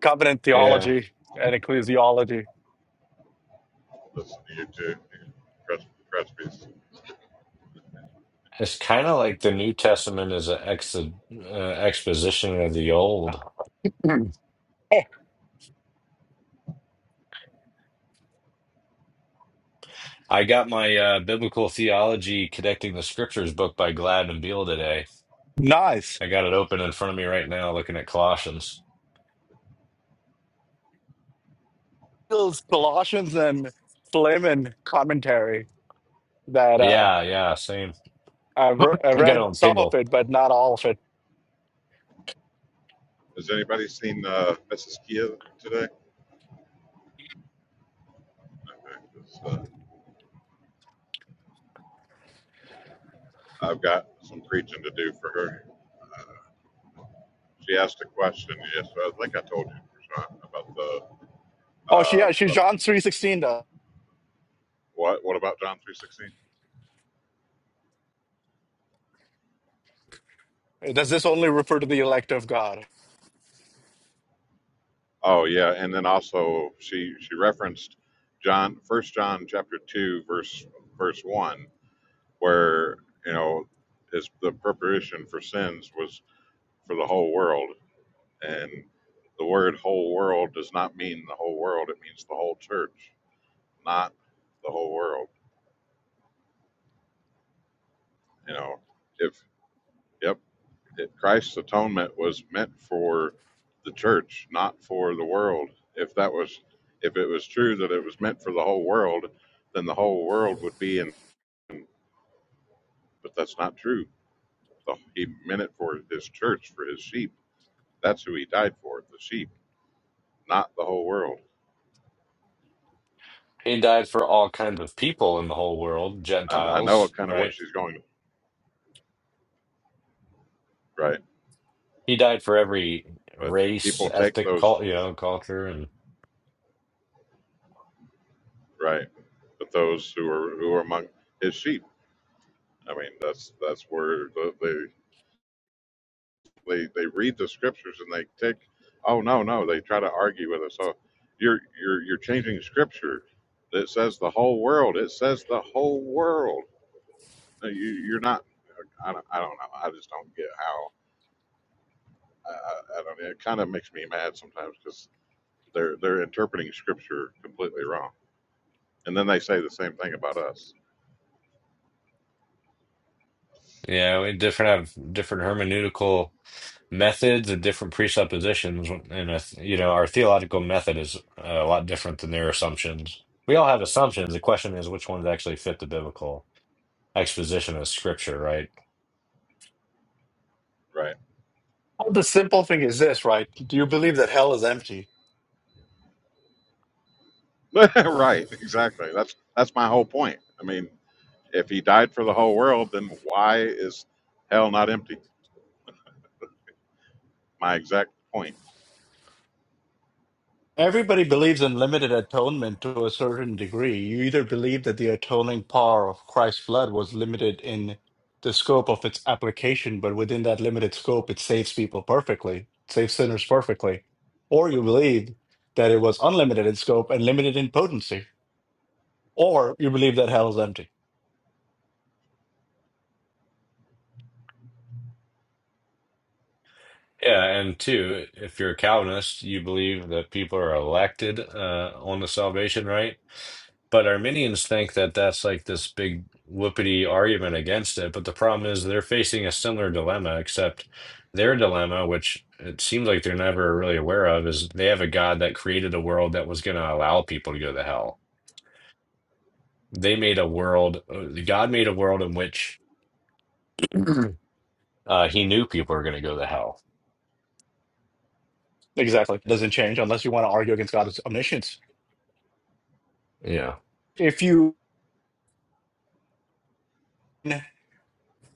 Speaker 2: covenant
Speaker 4: Listen,
Speaker 3: Yeah.
Speaker 2: theology and ecclesiology.
Speaker 4: listen to you too. Crutch, crutch piece.
Speaker 3: It's kind of like the New Testament is an ex uh, exposition of the Old. Mm.
Speaker 2: Oh,
Speaker 3: I got my uh, Biblical Theology Connecting the Scriptures book by Glad and Beal today.
Speaker 2: nice.
Speaker 3: I got it open in front of me right now, looking at Colossians.
Speaker 2: Those Colossians and Philemon commentary that uh,
Speaker 3: Yeah, yeah, same.
Speaker 2: I, re- I
Speaker 3: I got it
Speaker 2: read
Speaker 3: on
Speaker 2: some of
Speaker 3: Kindle.
Speaker 2: it, but not all of it.
Speaker 4: Has anybody seen uh, Mrs. Kia today? Okay, 'cause, uh, I've got some preaching to do for her. She asked a question yesterday. I think I told you, Prashant, about the,
Speaker 2: Oh, she,
Speaker 4: uh,
Speaker 2: yeah, she
Speaker 4: the
Speaker 2: John three sixteen does.
Speaker 4: what? What about John three sixteen?
Speaker 2: Does this only refer to the elect of God?
Speaker 4: Oh yeah, and then also she she referenced John First John chapter two verse verse one where you know his the preparation for sins was for the whole world and the word whole world does not mean the whole world it means the whole church not the whole world you know if yep if christ's atonement was meant for the church not for the world if that was if it was true that it was meant for the whole world then the whole world would be in but that's not true The- he meant it for his church for his sheep that's who he died for the sheep not the whole world.
Speaker 3: He died for all kinds of people in the whole world,
Speaker 4: And I know
Speaker 3: Gentiles,
Speaker 4: kind of what
Speaker 3: right?
Speaker 4: she's going right,
Speaker 3: He died for every
Speaker 4: but
Speaker 3: race,
Speaker 4: people take
Speaker 3: ethnic,
Speaker 4: those
Speaker 3: cult, you know, culture, and
Speaker 4: right, but those who are who are among his sheep. I mean, that's that's where the, they they they read the scriptures and they take. Oh no, no, they try to argue with us. Oh, you're you're you're changing scripture. It says the whole world. It says the whole world. No, You, you're not. I don't, I don't know. I just don't get how. I, I I don't. It kind of makes me mad sometimes because they're they're interpreting scripture completely wrong. and then they say the same thing about us.
Speaker 3: you know, different have different hermeneutical methods and different presuppositions and uh, you know our theological method is uh, a lot different than their assumptions we all have assumptions the question is which ones actually fit the biblical exposition of scripture right
Speaker 4: Right.
Speaker 2: Well, the simple thing is this, right? Do you believe that hell is empty?
Speaker 4: right. Exactly. That's that's my whole point. I mean, if he died for the whole world, then why is hell not empty? My exact point.
Speaker 2: Everybody believes in limited atonement to a certain degree. You either believe that the atoning power of Christ's blood was limited in the scope of its application, but within that limited scope, it saves people perfectly, saves sinners perfectly, or you believe that it was unlimited in scope and limited in potency Or you believe that hell is empty.
Speaker 3: yeah and two if you're a calvinist you believe that people are elected uh, on the salvation right But Arminians think that that's like this big whoopity argument against it. But the problem is they're facing a similar dilemma, except their dilemma, which it seems like they're never really aware of, is they have a God that created a world that was going to allow people to go to hell. They made a world, uh, God made a world in which uh, he knew people were going to go to hell.
Speaker 2: Exactly. It doesn't change unless you want to argue against God's omniscience.
Speaker 3: Yeah.
Speaker 2: If you,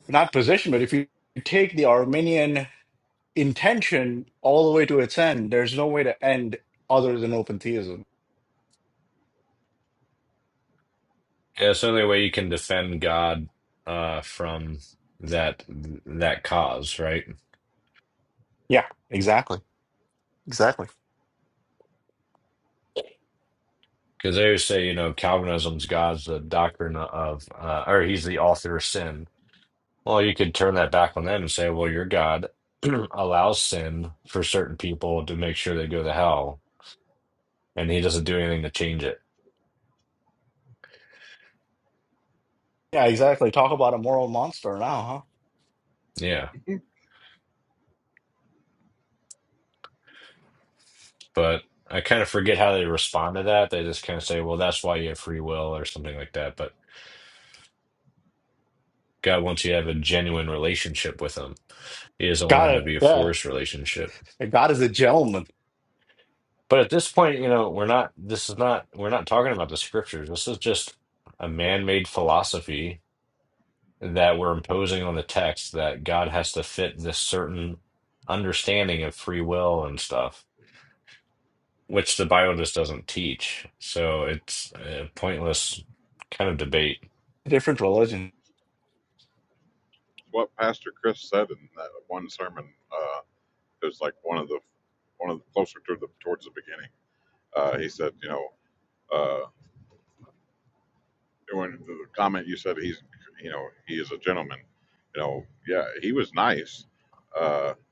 Speaker 2: not position, but if you take the Arminian intention all the way to its end, there's no way to end other than open theism.
Speaker 3: Yeah, it's the only way you can defend God uh, from that that cause, right?
Speaker 2: Yeah, exactly. Exactly.
Speaker 3: Because they always say, you know, Calvinism's God's the doctrine of, uh, or he's the author of sin. Well, you could turn that back on them and say, well, your God allows sin for certain people to make sure they go to hell, and he doesn't do anything to change it.
Speaker 2: Yeah, exactly. Talk about a moral monster now, huh?
Speaker 3: Yeah. But I kind of forget how they respond to that. They just kind of say, well, that's why you have free will or something like that. But God wants you to have a genuine relationship with him, He doesn't want it
Speaker 2: Got
Speaker 3: to
Speaker 2: it.
Speaker 3: be a
Speaker 2: Yeah.
Speaker 3: forced relationship.
Speaker 2: God is a gentleman.
Speaker 3: But at this point, you know, we're not, this is not, we're not talking about the scriptures. This is just a man-made philosophy that we're imposing on the text that God has to fit this certain understanding of free will and stuff, which the Bible just doesn't teach. So it's a pointless kind of debate.
Speaker 2: a Different religion.
Speaker 4: What Pastor Chris said in that one sermon uh, it was like one of the one of the closer to the towards the beginning. Uh, he said, you know, uh, when the comment you said he's, you know, he is a gentleman. You know, yeah, he was nice because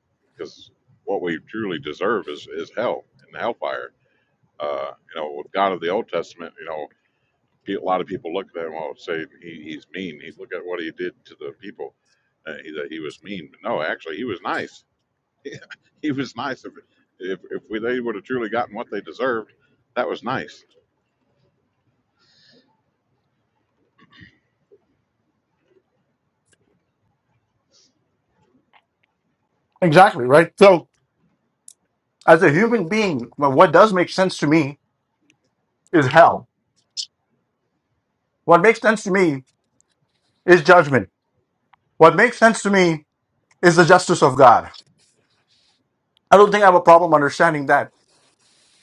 Speaker 4: what we truly deserve is is hell and hellfire Uh, you know, with God of the Old Testament, you know, a lot of people look at him and say he, he's mean. He look at what he did to the people. Uh, he, that he was mean, but no, actually, he was nice. he was nice. If if, if we, they would have truly gotten what they deserved, that was nice.
Speaker 2: Exactly, right? So, as a human being, well, what does make sense to me is hell. What makes sense to me is judgment. What makes sense to me is the justice of God. I don't think I have a problem understanding that.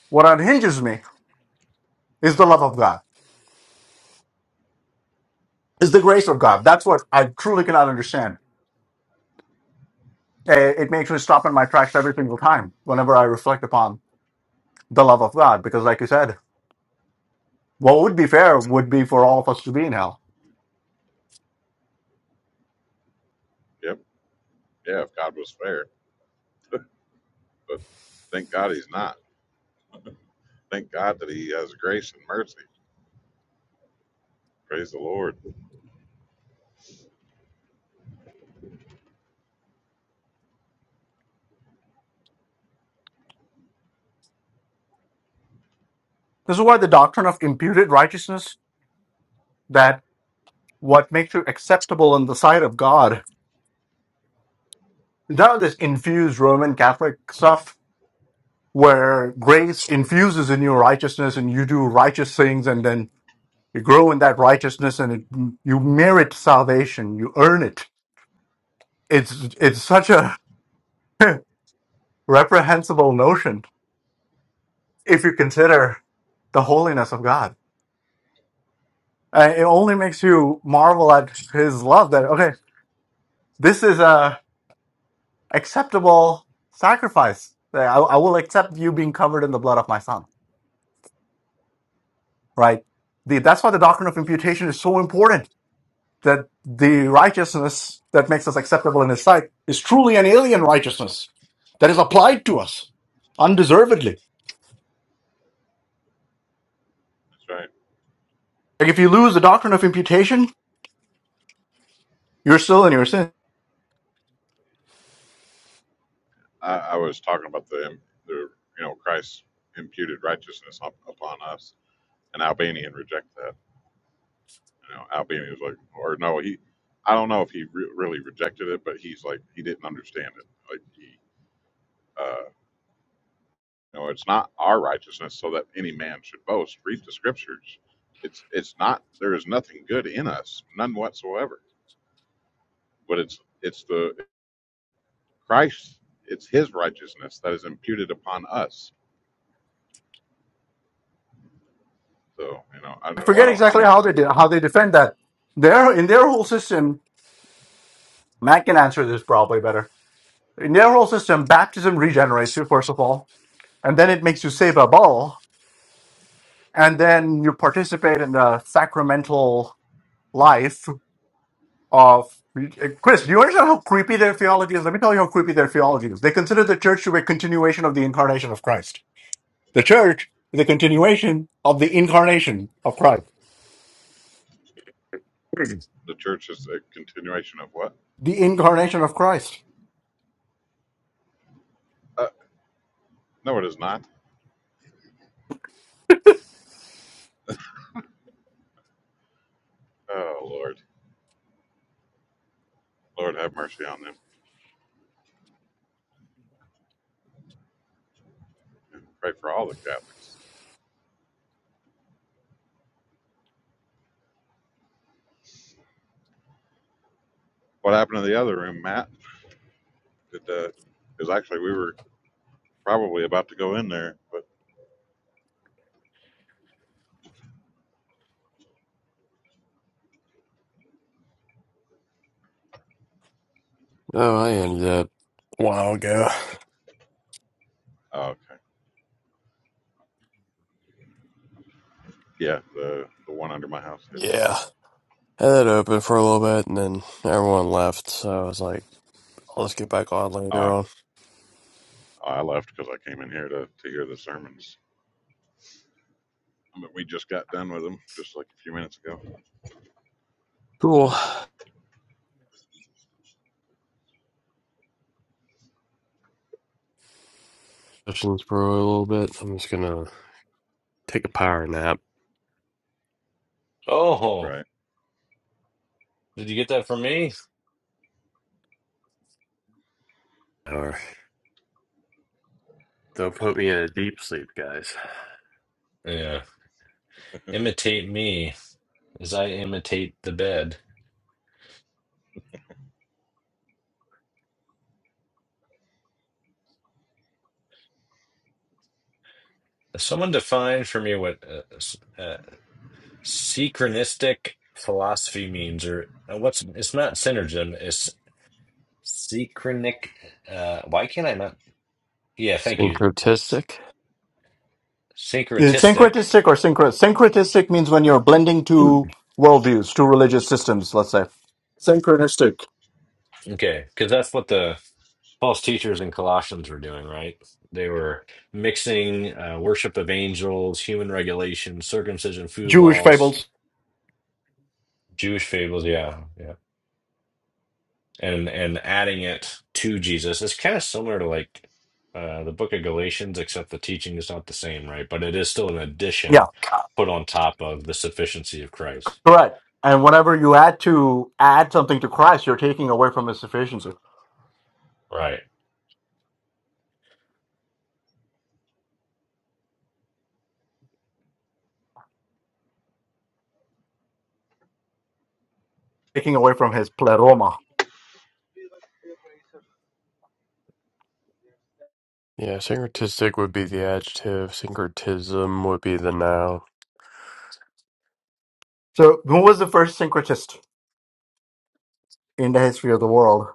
Speaker 2: What unhinges me is the love of God, is the grace of God. That's what I truly cannot understand. Eh, It makes me stop in my tracks every single time whenever I reflect upon the love of God, because, like you said, what would be fair would be for all of us to be in hell.
Speaker 4: Yep, yeah. If God was fair, but thank God he's not. Thank God that he has grace and mercy. Praise the Lord.
Speaker 2: This is why the doctrine of imputed righteousness, that what makes you acceptable in the sight of God, none of this infused Roman Catholic stuff where grace infuses in you righteousness and you do righteous things and then you grow in that righteousness and it, you merit salvation you earn it it's it's such a reprehensible notion if you consider the holiness of god and it only makes you marvel at his love that okay this is a acceptable sacrifice That I, I will accept you being covered in the blood of my son right the, that's why the doctrine of imputation is so important that the righteousness that makes us acceptable in his sight is truly an alien righteousness that is applied to us undeservedly.
Speaker 4: That's right.
Speaker 2: Like if you lose the doctrine of imputation, you're still in your sin.
Speaker 4: I, I was talking about the the you know Christ imputed righteousness up, upon us, and Albanian reject that. You know, Albany was like, or no, he, I don't know if he re- really rejected it, but he's like, he didn't understand it. Like he, uh, you know, it's not our righteousness so that any man should boast. Read the scriptures. It's it's not. There is nothing good in us, none whatsoever. But it's it's the Christ. It's His righteousness that is imputed upon us. So you know, I
Speaker 2: I
Speaker 4: don't know. Why
Speaker 2: forget
Speaker 4: don't I
Speaker 2: exactly
Speaker 4: mean
Speaker 2: how they de- how they defend that. Their in their whole system, Matt can answer this probably better. In their whole system, baptism regenerates you first of all, and then it makes you save and then you participate in the sacramental life of Chris, do you understand how creepy their theology is? Let me tell you how creepy their theology is. They consider the church to be a continuation of the incarnation of Christ. The church is a continuation of the incarnation of Christ.
Speaker 4: the church is a continuation of what?
Speaker 2: The incarnation of Christ.
Speaker 4: Uh, no, it is not. Oh Lord, Lord have mercy on them. Pray for all the Catholics. What happened in the other room, Matt? Did because uh, actually we were probably about to go in there, but
Speaker 5: Oh, I ended up a while ago.
Speaker 4: oh, okay, yeah, the the one under my house did.
Speaker 5: Yeah. I had it open for a little bit and then everyone left, so I was like, I'll just get back on
Speaker 4: Oh,
Speaker 5: later
Speaker 4: I,
Speaker 5: on.
Speaker 4: I left because I came in here to to hear the sermons. But we just got done with them just like a few minutes ago,
Speaker 5: Cool. Sessions for a little bit. I'm just gonna take a power nap
Speaker 3: Oh,
Speaker 4: right?
Speaker 3: did you get that from me?
Speaker 5: or they'll put me in a deep sleep, guys.
Speaker 3: Yeah. Imitate me as I imitate the bed. Someone define for me what uh, Synchronistic philosophy means, or uh, what's it's not synergism, it's synchronic. Uh, why can't I not? Yeah, thank you.
Speaker 5: Syncretistic?
Speaker 2: Is it
Speaker 3: Syncretistic.
Speaker 2: syncretistic or syncretic? Syncretistic means when you're blending two worldviews, two religious systems, let's say. Synchronistic.
Speaker 3: Okay, because that's what the false teachers in Colossians were doing, right? They were mixing uh, worship of angels, human regulation, circumcision, food
Speaker 2: Jewish
Speaker 3: laws,
Speaker 2: fables.
Speaker 3: Jewish fables. Yeah, yeah. and and adding it to Jesus is kind of similar to like uh, the book of Galatians, except the teaching is not the same, right? But it is still an
Speaker 2: Yeah,
Speaker 3: addition put on top of the sufficiency of Christ,
Speaker 2: correct. And whenever you add to add something to Christ, you're taking away from his sufficiency,
Speaker 3: right?
Speaker 2: taking away from his pleroma
Speaker 5: Yeah, syncretistic would be the adjective, syncretism would be the noun.
Speaker 2: So, who was the first syncretist in the history of the world?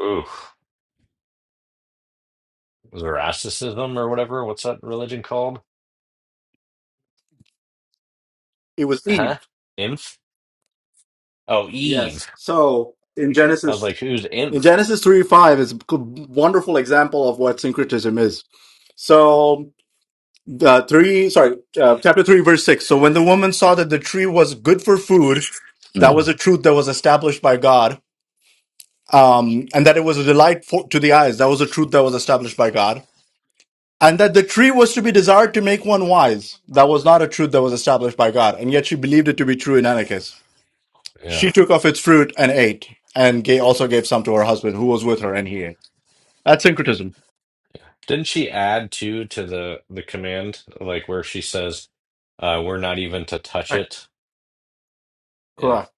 Speaker 3: Ooh, Zoroastrianism or whatever. What's that religion called?
Speaker 2: It was Eve.
Speaker 3: Huh? Inf? Oh,
Speaker 2: Yes.
Speaker 3: Eve.
Speaker 2: So in
Speaker 3: I was
Speaker 2: Genesis,
Speaker 3: like, who's
Speaker 2: in
Speaker 3: Inf?
Speaker 2: Genesis three five is a good- wonderful example of what syncretism is. So the three, sorry, uh, chapter three, verse six. So when the woman saw that the tree was good for food, that was a truth that was established by God, um, and that it was a delight for, to the eyes. That was a truth that was established by God. and that the tree was to be desired to make one wise. That was not a truth that was established by God, and yet she believed it to be true in any case.
Speaker 3: Yeah.
Speaker 2: She took of its fruit and ate, and gave, also gave some to her husband, who was with her, and he ate. That's syncretism.
Speaker 3: Didn't she add two to the the command, like where she says, uh, "We're not even to touch
Speaker 2: Right.
Speaker 3: it." Yeah.
Speaker 2: Correct.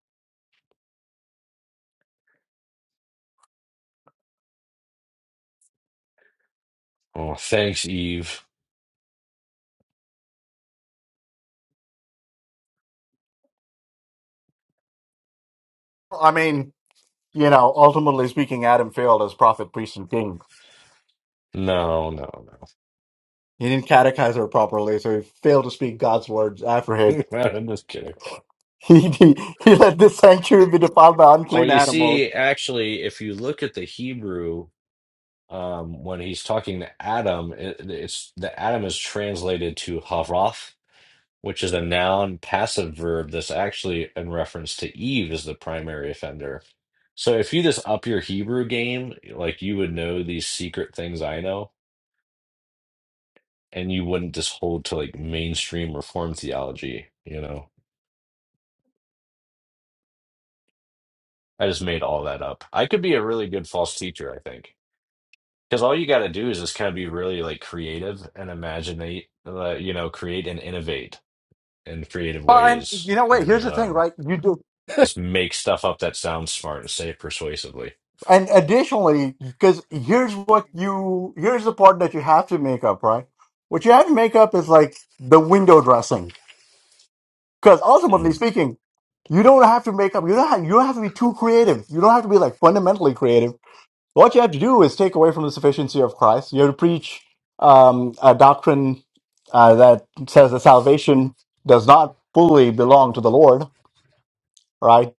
Speaker 3: Oh, thanks, Eve.
Speaker 2: I mean, you know, ultimately speaking, Adam failed as prophet, priest, and king.
Speaker 3: No, no,
Speaker 2: He didn't catechize her properly, so he failed to speak God's words after him.
Speaker 3: I'm just kidding.
Speaker 2: He, he, he let this sanctuary be defiled by
Speaker 3: Well,
Speaker 2: unclean
Speaker 3: you
Speaker 2: animals.
Speaker 3: see, actually, if you look at the Hebrew, um, when he's talking to Adam, it, it's the Adam is translated to Havath, which is a noun passive verb that's actually in reference to Eve as the primary offender. So if you just up your Hebrew game, like you would know these secret things I know, and you wouldn't just hold to like mainstream reform theology, you know. I just made all that up. I could be a really good false teacher, I think. Because all you got to do is just kind of be really like creative and imagine, uh, you know, create and innovate in creative
Speaker 2: But and
Speaker 3: ways
Speaker 2: you know, wait. Here's
Speaker 3: and
Speaker 2: the thing,
Speaker 3: um,
Speaker 2: right? You do
Speaker 3: just make stuff up that sounds smart and say it persuasively.
Speaker 2: And additionally, because here's what you here's the part that you have to make up, right? What you have to make up is like the window dressing, because ultimately
Speaker 3: Mm,
Speaker 2: speaking, you don't have to make up. You don't have, you don't have to be too creative. You don't have to be like fundamentally creative. What you have to do is take away from the sufficiency of Christ. You have to preach um, a doctrine uh, that says that salvation does not fully belong to the Lord, right?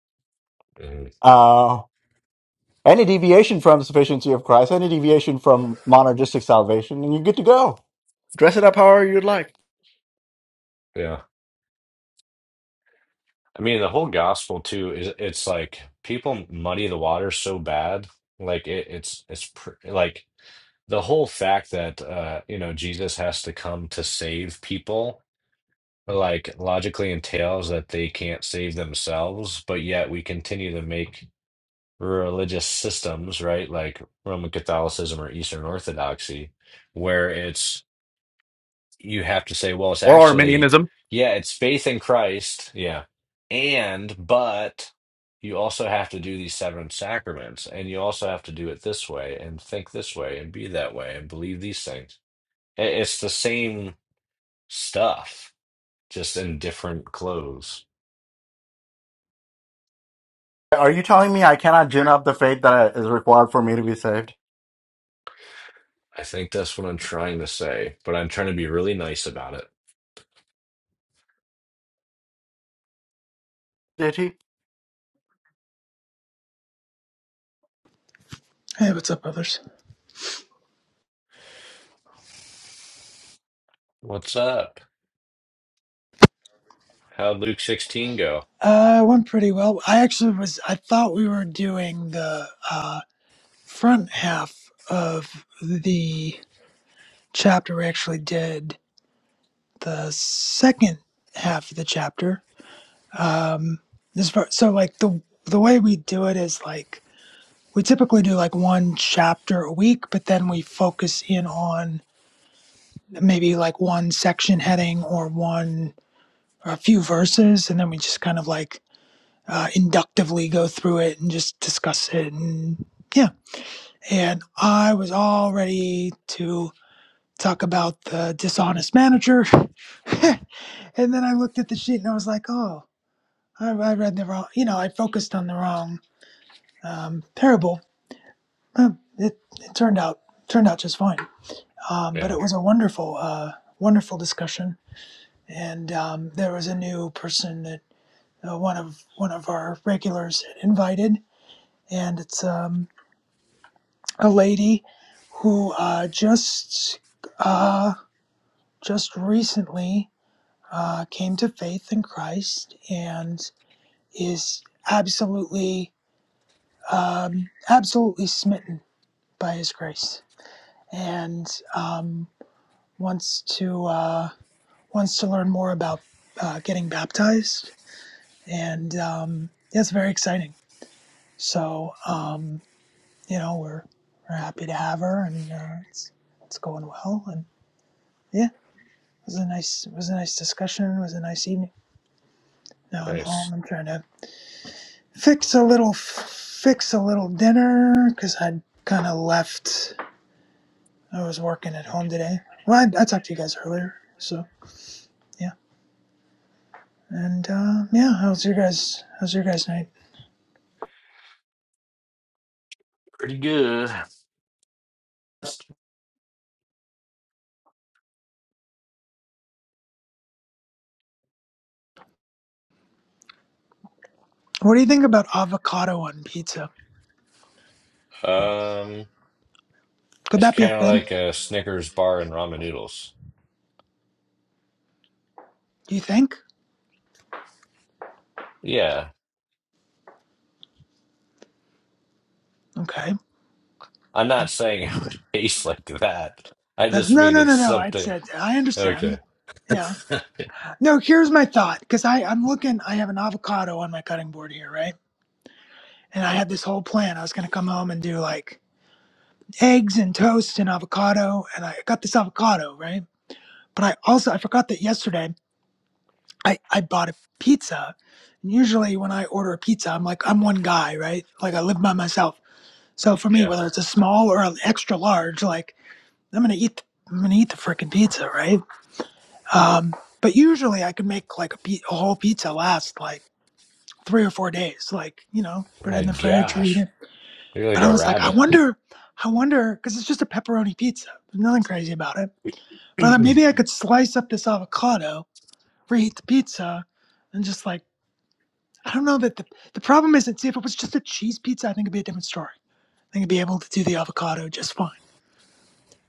Speaker 3: mm,
Speaker 2: Uh, Any deviation from sufficiency of Christ, any deviation from monergistic salvation, and you're good to go. Dress it up however you'd like.
Speaker 3: yeah. I mean, the whole gospel too is it's like people muddy the water so bad. Like it, it's it's pr like the whole fact that uh, you know, Jesus has to come to save people like logically entails that they can't save themselves, but yet we continue to make religious systems, right? Like Roman Catholicism or Eastern Orthodoxy, where it's you have to say, well, it's
Speaker 2: Or
Speaker 3: actually,
Speaker 2: Arminianism.
Speaker 3: yeah, it's faith in Christ, yeah, and but you also have to do these seven sacraments, and you also have to do it this way, and think this way, and be that way, and believe these things. I- It's the same stuff, just in different clothes.
Speaker 2: Are you telling me I cannot gin up the faith that is required for me to be saved?
Speaker 3: I think that's what I'm trying to say, but I'm trying to be really nice about it.
Speaker 2: JT,
Speaker 6: Hey, what's up, others?
Speaker 3: What's up? How'd Luke 16 go?
Speaker 6: Uh, it went pretty well. I actually was, I thought we were doing the uh, front half of the chapter. We actually did the second half of the chapter. Um, this far, so like the the way we do it is like we typically do like one chapter a week, but then we focus in on maybe like one section heading or one or a few verses, and then we just kind of like uh, inductively go through it and just discuss it and yeah and i was all ready to talk about the dishonest manager and then i looked at the sheet and i was like oh i, I read the wrong you know i focused on the wrong um, parable Huh, it, it turned out turned out just fine um, but
Speaker 3: Yeah,
Speaker 6: it was a wonderful uh, wonderful discussion and um, there was a new person that uh, one of one of our regulars had invited and it's um, a lady who uh, just uh, just recently uh, came to faith in Christ and is absolutely um, absolutely smitten by His grace and um, wants to uh, wants to learn more about uh, getting baptized and um, yeah, it's very exciting. So um, you know we're we're happy to have her and uh, it's it's going well and. yeah. It was a nice it was a nice discussion. It was a nice evening. Now I'm
Speaker 3: nice.
Speaker 6: home. I'm trying to fix a little fix a little dinner because I'd kind of left. I was working at home today. Well, I, I talked to you guys earlier, so yeah. And uh, yeah, how's your guys? How's your guys' night?
Speaker 3: Pretty good.
Speaker 6: What do you think about avocado on pizza?
Speaker 3: Um,
Speaker 6: Could
Speaker 3: it's
Speaker 6: that be a
Speaker 3: kind of
Speaker 6: thing?
Speaker 3: like a Snickers bar and ramen noodles.
Speaker 6: Do you think?
Speaker 3: Yeah,
Speaker 6: Okay.
Speaker 3: I'm not saying it would taste like that. I
Speaker 6: That's,
Speaker 3: just
Speaker 6: no,
Speaker 3: mean
Speaker 6: no,
Speaker 3: it's
Speaker 6: no, no. I
Speaker 3: something.
Speaker 6: said I understand.
Speaker 3: Okay.
Speaker 6: Yeah. No, here's my thought because I I'm looking. I have an avocado on my cutting board here, right? and I had this whole plan. I was gonna come home and do like eggs and toast and avocado, and I got this avocado right. But I also I forgot that yesterday I I bought a pizza. And usually when I order a pizza, I'm like I'm one guy, right? Like I live by myself. So for me,
Speaker 3: Yeah.
Speaker 6: whether it's a small or an extra large, like I'm gonna eat I'm gonna eat the freaking pizza, right? Um, but usually I could make like a, pi- a whole pizza last like three or four days, like you know, put it
Speaker 3: My
Speaker 6: in the fridge, or eat
Speaker 3: gosh,
Speaker 6: it
Speaker 3: you're like
Speaker 6: But I
Speaker 3: a
Speaker 6: was like, I
Speaker 3: rabbit.
Speaker 6: wonder, I wonder, because it's just a pepperoni pizza. There's nothing crazy about it. But I thought maybe I could slice up this avocado, reheat the pizza, and just like, I don't know that the, the problem isn't, see, if it was just a cheese pizza, I think it'd be a different story. I think I'd be able to do the avocado just fine.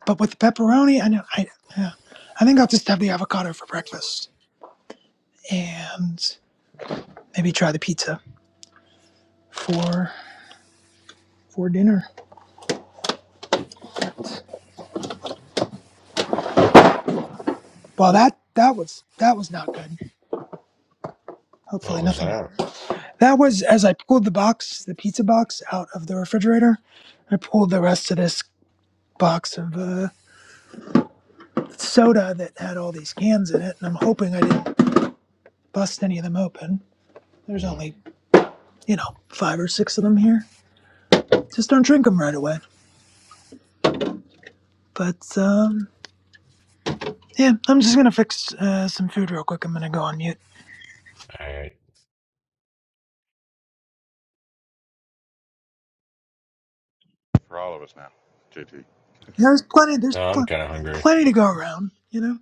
Speaker 6: But with the pepperoni, I know, I, yeah, I think I'll just have the avocado for breakfast and maybe try the pizza for for dinner. Well, that that was that was not good.
Speaker 3: What
Speaker 6: Hopefully,
Speaker 3: was
Speaker 6: nothing
Speaker 3: that?
Speaker 6: That was as I pulled the box, the pizza box, out of the refrigerator. I pulled the rest of this box of uh, soda that had all these cans in it, and I'm hoping I didn't bust any of them open. There's
Speaker 3: Mm,
Speaker 6: only, you know, five or six of them here. Just don't drink them right away. But um, yeah, I'm just gonna fix uh, some food real quick. I'm gonna go on mute.
Speaker 3: all right.
Speaker 4: For all of us now, JT,
Speaker 6: There's plenty. There's
Speaker 3: No, I'm
Speaker 6: pl-
Speaker 3: kind of hungry.
Speaker 6: plenty to go around, you know.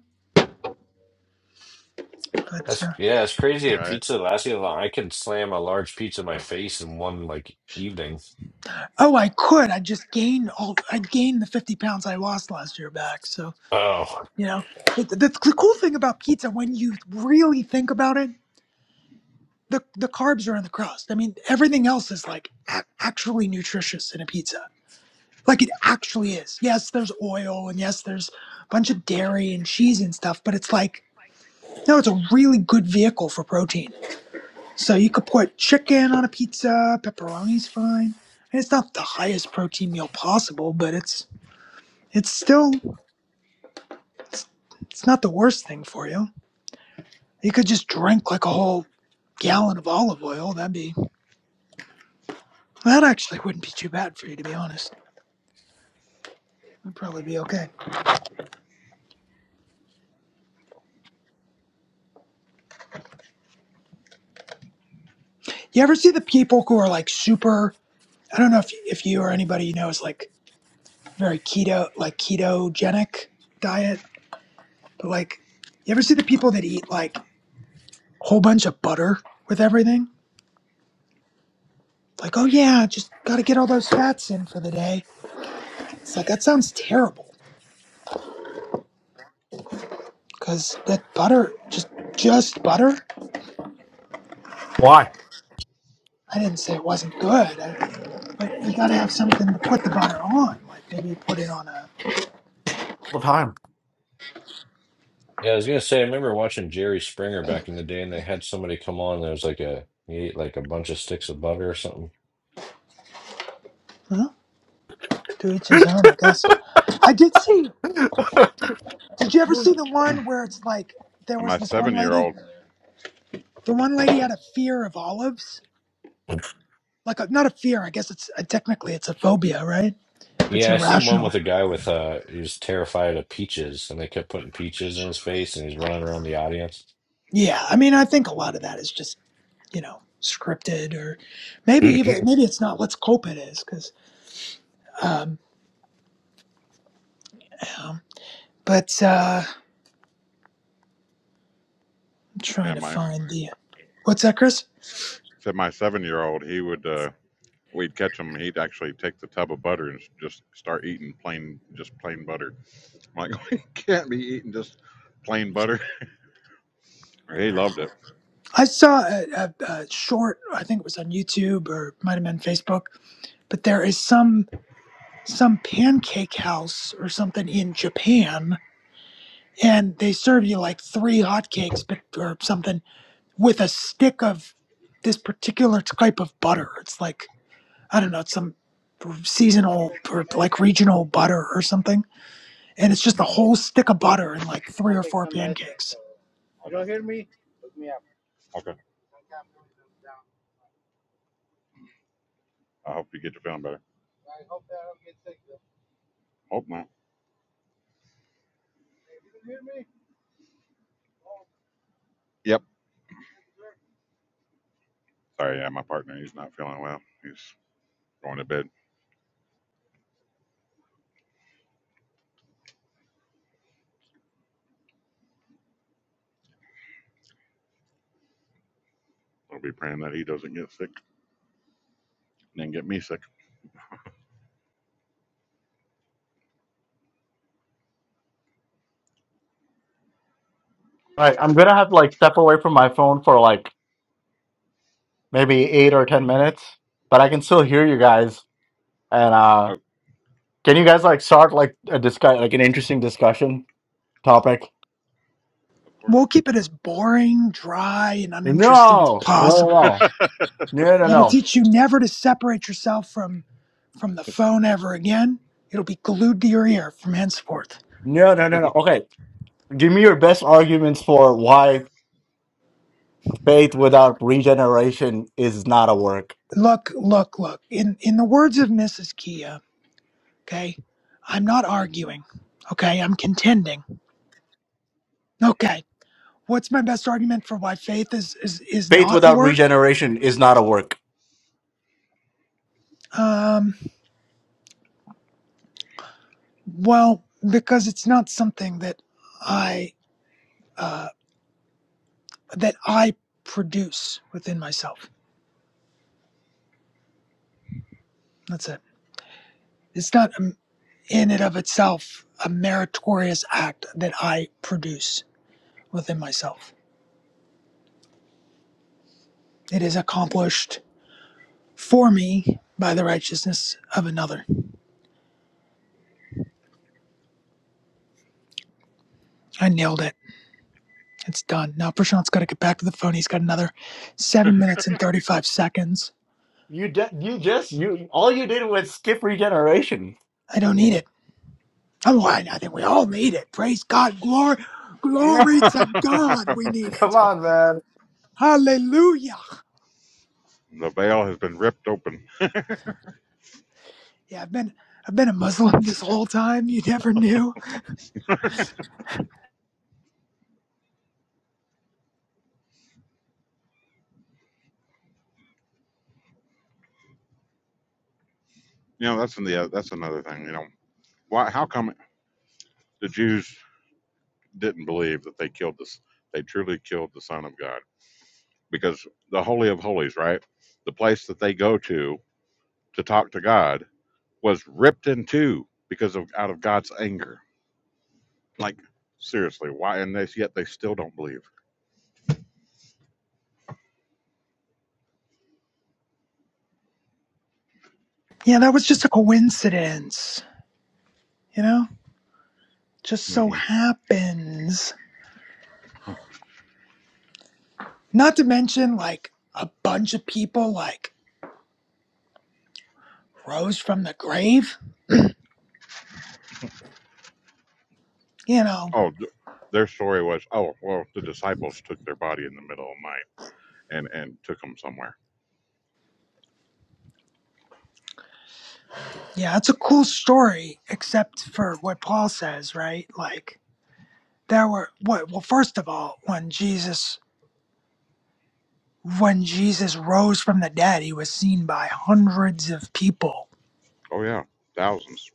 Speaker 6: But
Speaker 3: That's
Speaker 6: uh,
Speaker 3: yeah. It's crazy. A
Speaker 4: right?
Speaker 3: pizza lasts you that long. I can slam a large pizza in my face in one like evening.
Speaker 6: oh, I could. I just gained all. I gained the 50 pounds I lost last year back. So
Speaker 3: Oh.
Speaker 6: You know, But the, the, the cool thing about pizza, when you really think about it, the, the carbs are in the crust. I mean, everything else is like ac actually nutritious in a pizza. Like it actually is. Yes, there's oil and yes, there's a bunch of dairy and cheese and stuff, but it's like, no, it's a really good vehicle for protein. So you could put chicken on a pizza, pepperoni's fine. And it's not the highest protein meal possible, but it's it's still it's, it's not the worst thing for you. You could just drink like a whole gallon of olive oil. That'd be that actually wouldn't be too bad for you to be honest. That'd probably be okay. You ever see the people who are like super? I don't know if if you or anybody you know is like very keto, like ketogenic diet, but like you ever see the people that eat like a whole bunch of butter with everything? Like, oh yeah, just gotta get all those fats in for the day. It's like that sounds terrible because that butter just just butter
Speaker 2: Why?
Speaker 6: I didn't say it wasn't good, I, but you gotta have something to put the butter on. Like maybe put it on a,
Speaker 2: all the time.
Speaker 3: Yeah, I was gonna say, I remember watching Jerry Springer back in the day, and they had somebody come on. There was like a he ate like a bunch of sticks of butter or something.
Speaker 6: huh? To each his own, I guess. I did see. Did you ever see the one where it's like there
Speaker 4: And
Speaker 6: was
Speaker 4: my
Speaker 6: this one
Speaker 4: seven year
Speaker 6: lady?
Speaker 4: old
Speaker 6: The one lady had a fear of olives. Like a, not a fear. I guess it's uh, technically it's a phobia, right? If it's
Speaker 3: Yeah, I seen one
Speaker 6: irrational.
Speaker 3: with a guy with uh, he was terrified of peaches, and they kept putting peaches in his face, and he's running around the audience.
Speaker 6: Yeah. I mean, I think a lot of that is just you know scripted or maybe even maybe it's not. Let's cope it is because um, you know. but. uh I'm trying
Speaker 4: and
Speaker 6: to
Speaker 4: my
Speaker 6: find the what's that, Chris?
Speaker 4: said my seven year old he would uh we'd catch him he'd actually take the tub of butter and just start eating plain just plain butter I'm like we can't be eating just plain butter He loved it.
Speaker 6: I saw a, a, a short. I think it was on YouTube or might have been Facebook. But there is some some pancake house or something in Japan, and they serve you like three hotcakes, but or something with a stick of this particular type of butter. It's like I don't know, it's some seasonal or like regional butter or something, and it's just a
Speaker 4: hmm
Speaker 6: whole stick of butter and like three or four pancakes
Speaker 4: Okay. I hope you get to feeling better. Hope not. Yep. Sorry, yeah, my partner, he's not feeling well. He's going to bed. I'll be praying that he doesn't get sick and then get me sick.
Speaker 2: Like, I'm gonna have to like step away from my phone for like maybe eight or ten minutes, but I can still hear you guys. And uh
Speaker 4: Oh,
Speaker 2: can you guys like start like a discuss like an interesting discussion topic?
Speaker 4: of
Speaker 6: We'll
Speaker 4: course.
Speaker 6: keep it as boring, dry, and uninteresting as
Speaker 2: No, no, no,
Speaker 6: possible.
Speaker 2: no, no,
Speaker 6: That'll
Speaker 2: no,
Speaker 6: teach you never to separate yourself from from the phone ever again. It'll be glued to your ear from henceforth.
Speaker 2: no, no, no, no. no. Okay, Give me your best arguments for why faith without regeneration is not a work.
Speaker 6: Look, look, look. In in the words of Mrs. Kia, okay, I'm not arguing. Okay, I'm contending. Okay. What's my best argument for why faith is is, is
Speaker 2: Faith
Speaker 6: not a
Speaker 2: without
Speaker 6: work?
Speaker 2: regeneration is not a work.
Speaker 6: Um well, because it's not something that I uh. that I produce within myself. That's it. It's not um, in and of itself a meritorious act that I produce within myself. It is accomplished for me by the righteousness of another. I nailed it. It's done. Now Prashant's got to get back to the phone. He's got another seven minutes and 35 seconds.
Speaker 2: You de- you just you all you did was skip regeneration.
Speaker 6: I don't need
Speaker 4: Mhm.
Speaker 6: it. I'm lying. I think we all need it. Praise God. Glory, glory to God. We need
Speaker 2: Come
Speaker 6: it.
Speaker 2: on, man.
Speaker 6: Hallelujah.
Speaker 4: the veil has been ripped open.
Speaker 6: Yeah, I've been I've been a Muslim this whole time. You never knew.
Speaker 4: You know, that's in the uh, that's another thing. You know, why? How come the Jews didn't believe that they killed this? They truly killed the Son of God because the Holy of Holies, right? The place that they go to to talk to God was ripped in two because of out of God's anger. Like seriously, why? And they yet they still don't believe.
Speaker 6: Yeah, that was just a coincidence. You know, just so
Speaker 4: hmm
Speaker 6: happens. Not to mention, like a bunch of people like rose from the grave. You know,
Speaker 4: Oh, th- their story was oh well, the disciples took their body in the middle of the night and and took them somewhere.
Speaker 6: yeah, it's a cool story, except for what Paul says, right? Like there were what? Well, first of all, when Jesus when Jesus rose from the dead, he was seen by hundreds of people.
Speaker 4: Oh yeah, thousands.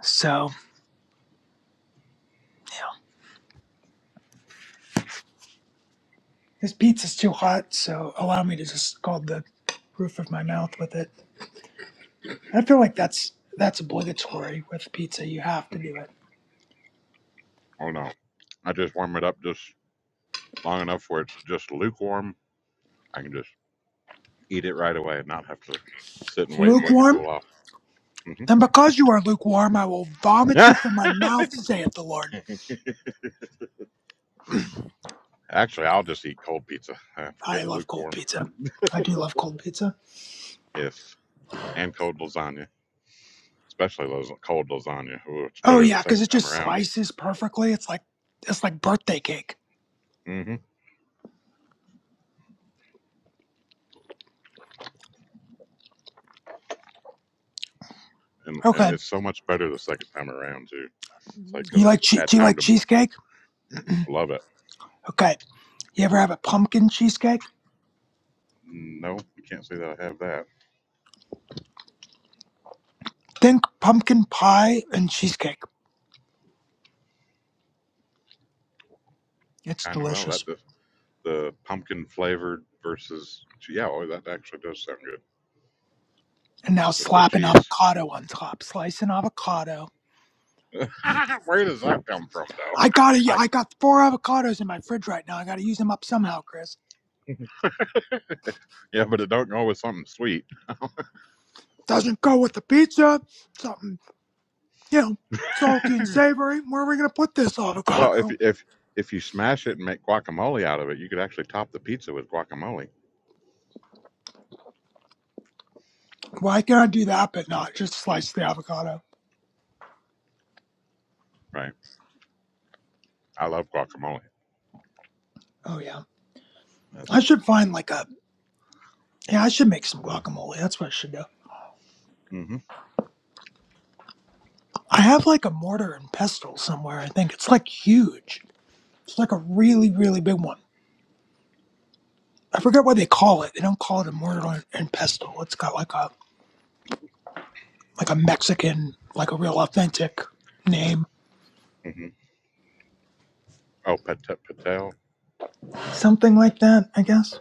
Speaker 6: So This pizza's too hot, so allow me to just scald the roof of my mouth with it. I feel like that's that's obligatory with pizza. You have to do it.
Speaker 4: Oh no, I just warm it up just long enough where it's just lukewarm. I can just eat it right away and not have to sit and wait for it to cool
Speaker 6: Lukewarm?
Speaker 4: off. hmm
Speaker 6: Then because you are lukewarm, I will vomit you
Speaker 4: Yeah,
Speaker 6: from my mouth, saith the Lord.
Speaker 4: actually, I'll just eat cold pizza. I
Speaker 6: I
Speaker 4: forget
Speaker 6: love cold
Speaker 4: lukewarm.
Speaker 6: pizza. I do love cold pizza.
Speaker 4: Yes, and cold lasagna. especially those cold lasagna. Ooh, it's
Speaker 6: Oh
Speaker 4: better the
Speaker 6: yeah, because
Speaker 4: second
Speaker 6: it
Speaker 4: time
Speaker 6: just
Speaker 4: around.
Speaker 6: slices perfectly. It's like it's like birthday cake.
Speaker 4: hmm And and
Speaker 6: Okay.
Speaker 4: it's so much better the second time around too. It's like because
Speaker 6: You
Speaker 4: it's
Speaker 6: like che-
Speaker 4: had
Speaker 6: do you
Speaker 4: time
Speaker 6: like
Speaker 4: to
Speaker 6: cheesecake?
Speaker 4: love it.
Speaker 6: Okay. You ever have a pumpkin cheesecake?
Speaker 4: No, we can't say that I have that.
Speaker 6: Think pumpkin pie and cheesecake. It's
Speaker 4: Kind of well
Speaker 6: delicious.
Speaker 4: that the, the pumpkin flavored versus yeah. Oh, that actually does sound good
Speaker 6: and now
Speaker 4: with the
Speaker 6: slapping
Speaker 4: cheese.
Speaker 6: avocado on top, slicing avocado.
Speaker 4: Where does that come from
Speaker 6: I
Speaker 4: though?
Speaker 6: gotta, yeah,
Speaker 4: like
Speaker 6: I got four avocados in my fridge right now. I gotta use them up somehow, Chris.
Speaker 4: yeah, but it don't go with something sweet.
Speaker 6: Doesn't go with the pizza. Something, you know, salty and savory. Where are we gonna put this
Speaker 4: Well, if
Speaker 6: avocado?
Speaker 4: if if you smash it and make guacamole out of it, you could actually top the pizza with guacamole.
Speaker 6: Why can't I do that but not just slice the avocado?
Speaker 4: Right. I love guacamole.
Speaker 6: Oh yeah,
Speaker 4: That's
Speaker 6: I should find like a, yeah, I should make some guacamole. That's what I should do.
Speaker 4: hmm
Speaker 6: I have like a mortar and pestle somewhere. I think it's like huge. It's like a really, really big one. I forget what they call it. They don't call it a murder and pestle. It's got like a like a Mexican, like a real authentic name,
Speaker 4: hmm Oh, Pat- Patel.
Speaker 6: something like that. I guess.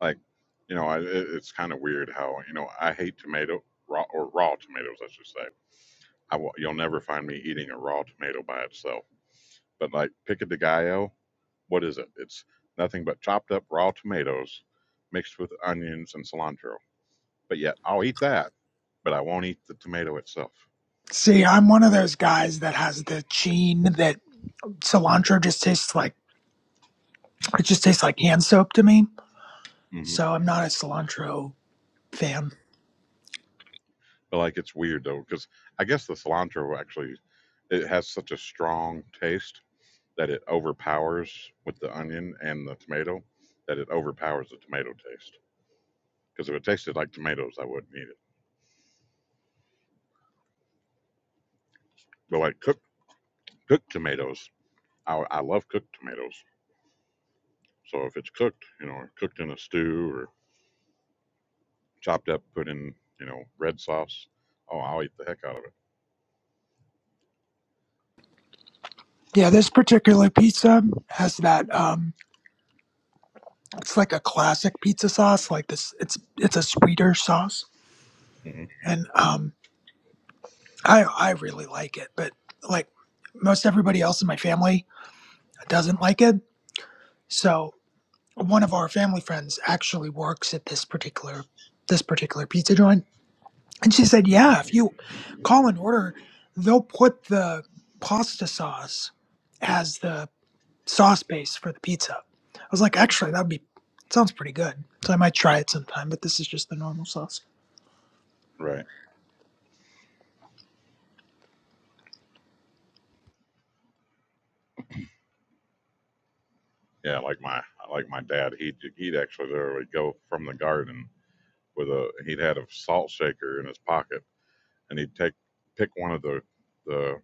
Speaker 4: Like, you know, I, it, it's kind of weird how you know I hate tomato raw or raw tomatoes. I should say. I will, you'll never find me eating a raw tomato by itself. But like pico de gallo, what is it? It's nothing but chopped up raw tomatoes mixed with onions and cilantro. But yet I'll eat that, but I won't eat the tomato itself.
Speaker 6: See, I'm one of those guys that has the gene that cilantro just tastes like it just tastes like hand soap to me.
Speaker 4: hmm
Speaker 6: So I'm not a cilantro fan.
Speaker 4: But like it's weird though, because I guess the cilantro actually it has such a strong taste that it overpowers with the onion and the tomato, that it overpowers the tomato taste. Because if it tasted like tomatoes, I wouldn't eat it. But like cooked cooked tomatoes, I, I love cooked tomatoes. So if it's cooked, you know, cooked in a stew or chopped up, put in, you know, red sauce, oh, I'll eat the heck out of
Speaker 6: Yeah, this particular pizza has that. Um, it's like a classic pizza sauce. Like this, it's it's a sweeter sauce,
Speaker 4: it. hmm
Speaker 6: and um, I I really like it, but like most everybody else in my family doesn't like it. So one of our family friends actually works at this particular this particular pizza joint, and she said,
Speaker 4: hmm
Speaker 6: "Yeah, if you call an order, they'll put the pasta sauce as the sauce base for the pizza." I was like, "Actually, that'd be sounds pretty good." So I might try it sometime, but this is just the normal sauce.
Speaker 4: Right. Yeah, like my like my dad, he'd he'd actually literally go from the garden with a he'd had a salt shaker in his pocket, and he'd take pick one of the the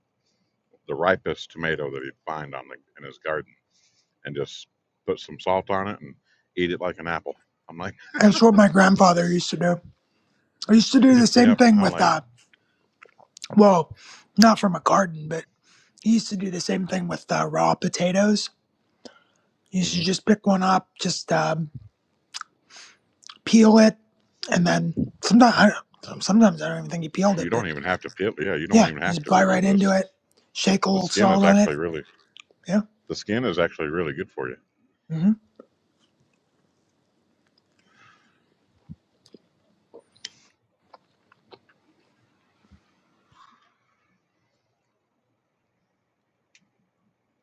Speaker 4: the ripest tomato that he'd find on the in his garden and just put some salt on it and eat it like an apple. I'm like,
Speaker 6: That's what my grandfather used to do. I used to do the same
Speaker 4: yep.
Speaker 6: thing
Speaker 4: I'm
Speaker 6: with
Speaker 4: like,
Speaker 6: that Well, not from a garden, but he used to do the same thing with uh, raw potatoes. He used to
Speaker 4: hmm
Speaker 6: just pick one up, just um, peel it, and then sometimes I, don't- sometimes I don't even think he peeled it,
Speaker 4: you
Speaker 6: but
Speaker 4: don't even have to peel. Yeah, you don't
Speaker 6: yeah,
Speaker 4: even have
Speaker 6: just
Speaker 4: to.
Speaker 6: bite
Speaker 4: peel
Speaker 6: right
Speaker 4: This
Speaker 6: into it, shake a
Speaker 4: the
Speaker 6: little
Speaker 4: skin
Speaker 6: salt
Speaker 4: is
Speaker 6: on it.
Speaker 4: actually really
Speaker 6: Yeah,
Speaker 4: the skin is actually really good for you.
Speaker 6: hmm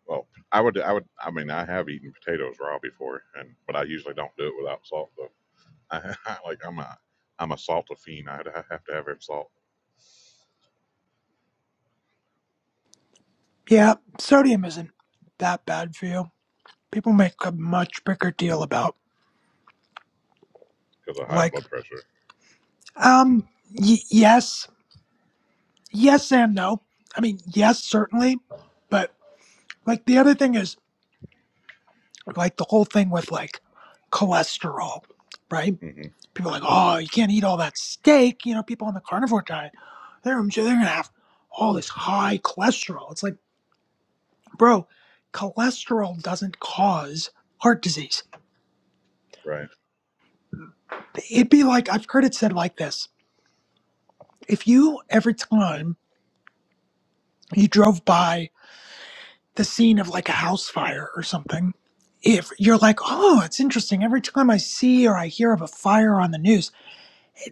Speaker 4: Well, I would I would I mean I have eaten potatoes raw before, and but I usually don't do it without salt though. I, I like I'm a I'm a salt fiend. I have to have salt
Speaker 6: yeah. Sodium isn't that bad for you. People make a much bigger deal about
Speaker 4: because of high
Speaker 6: like
Speaker 4: blood pressure.
Speaker 6: um y- yes, yes and no. I mean yes, certainly, but like the other thing is like the whole thing with like cholesterol, right?
Speaker 4: hmm
Speaker 6: People are like, oh, you can't eat all that steak. You know, people on the carnivore diet, they're they're gonna have all this high cholesterol. It's like, bro, cholesterol doesn't cause heart disease.
Speaker 4: Right.
Speaker 6: It'd be like I've heard it said like this: if you every time you drove by the scene of like a house fire or something. If you're like, oh, it's interesting. Every time I see or I hear of a fire on the news,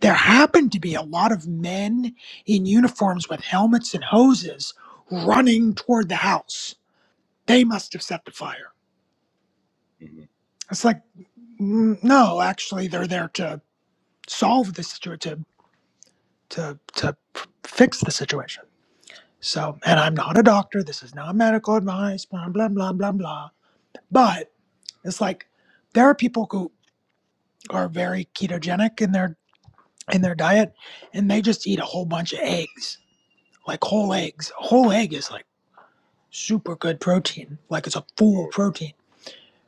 Speaker 6: there happened to be a lot of men in uniforms with helmets and hoses running toward the house. They must have set the fire.
Speaker 4: hmm
Speaker 6: It's like, mm, no, actually, they're there to solve the situation, to, to, to fix the situation. So, and I'm not a doctor. This is not medical advice, blah, blah, blah, blah, blah. But it's like, there are people who are very ketogenic in their in their diet and they just eat a whole bunch of eggs like whole eggs a whole egg is like super good protein, like it's a full
Speaker 4: Oh,
Speaker 6: protein.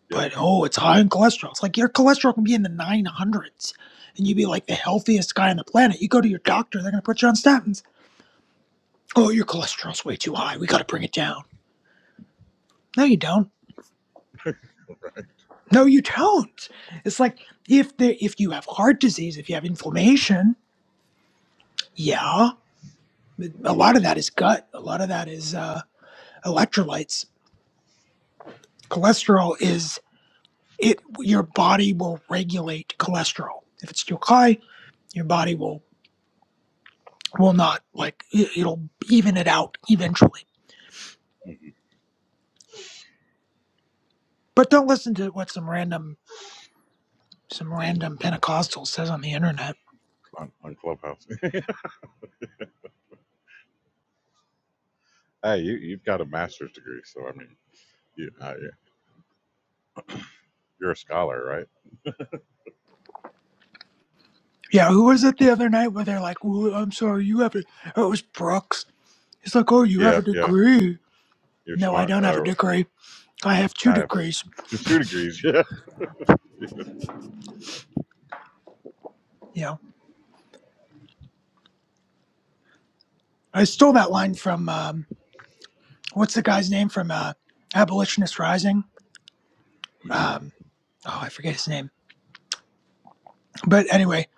Speaker 4: yep.
Speaker 6: But oh, it's high in cholesterol. It's like your cholesterol can be in the 900s and you'd be like the healthiest guy on the planet. You go to your doctor, they're going to put you on statins. Oh, your cholesterol's way too high. We got to bring it down. No, you don't. No, you don't. It's like if there, if you have heart disease, if you have inflammation, yeah, a lot of that is gut. A lot of that is uh, electrolytes. Cholesterol is it. Your body will regulate cholesterol. If it's too high, Your body will will not like it- will even it out eventually.
Speaker 4: hmm
Speaker 6: But don't listen to what some random some random Pentecostal says on the internet.
Speaker 4: On, on Clubhouse. Hey, you, you've got a master's degree, so I mean, you, uh, yeah, you're a scholar, right?
Speaker 6: Yeah, who was it the other night where they're like, well, "I'm sorry, you have a." oh, It was Brooks. He's like, "Oh, you have
Speaker 4: Yeah,
Speaker 6: a
Speaker 4: yeah,
Speaker 6: degree."
Speaker 4: you're
Speaker 6: No, I
Speaker 4: smart.
Speaker 6: don't have a
Speaker 4: Uh,
Speaker 6: degree. I have two
Speaker 4: I have
Speaker 6: degrees.
Speaker 4: two degrees, yeah,
Speaker 6: You know, I stole that line from um, what's the guy's name from uh, Abolitionist Rising? Um, oh, I forget his name. But anyway,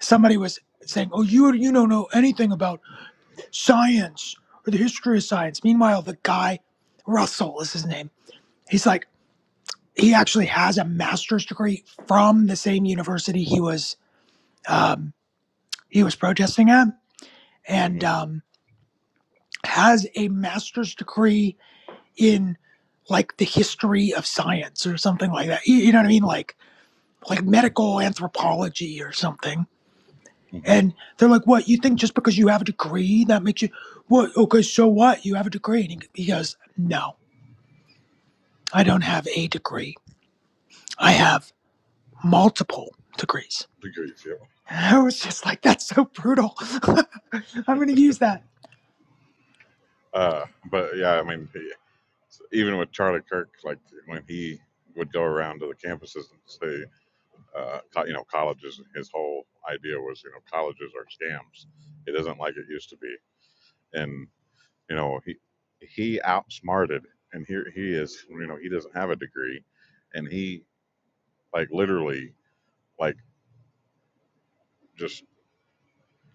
Speaker 6: somebody was saying, "Oh, you you don't know anything about." science or the history of science. Meanwhile, the guy, Russell is his name, he's like, he actually has a master's degree from the same university he was um, he was protesting at, and
Speaker 4: hmm
Speaker 6: um, has a master's degree in like the history of science or something like that. You, you know what I mean? Like like medical anthropology or something.
Speaker 4: hmm
Speaker 6: And they're like, "What? You think just because you have a degree that makes you what? Okay, so what? You have a degree?" And he he goes, "No, I don't have a degree. I have multiple degrees.
Speaker 4: degrees, yeah.
Speaker 6: And I was just like, that's so brutal. I'm going to use that.
Speaker 4: Uh, but yeah, I mean, he- so, even with Charlie Kirk, like when he would go around to the campuses and say, uh, co- you know, colleges. His whole idea was, you know, colleges are scams. It isn't like it used to be, and you know, he he outsmarted, and here he is. You know, he doesn't have a degree, and he like literally like just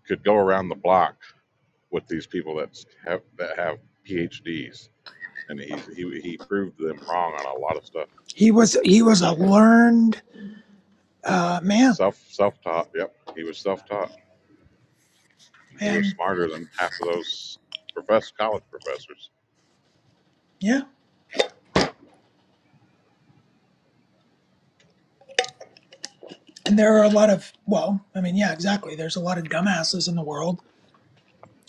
Speaker 4: could go around the block with these people that's have that have PhDs and he's he he proved them wrong on a lot of stuff
Speaker 6: He was he was a
Speaker 4: like
Speaker 6: learned uh, man,
Speaker 4: self self taught yep he was self taught and he was
Speaker 6: and
Speaker 4: smarter than half of those professor college professors
Speaker 6: yeah. And there are a lot of well, I mean, yeah, exactly. There's a lot of dumbasses in the world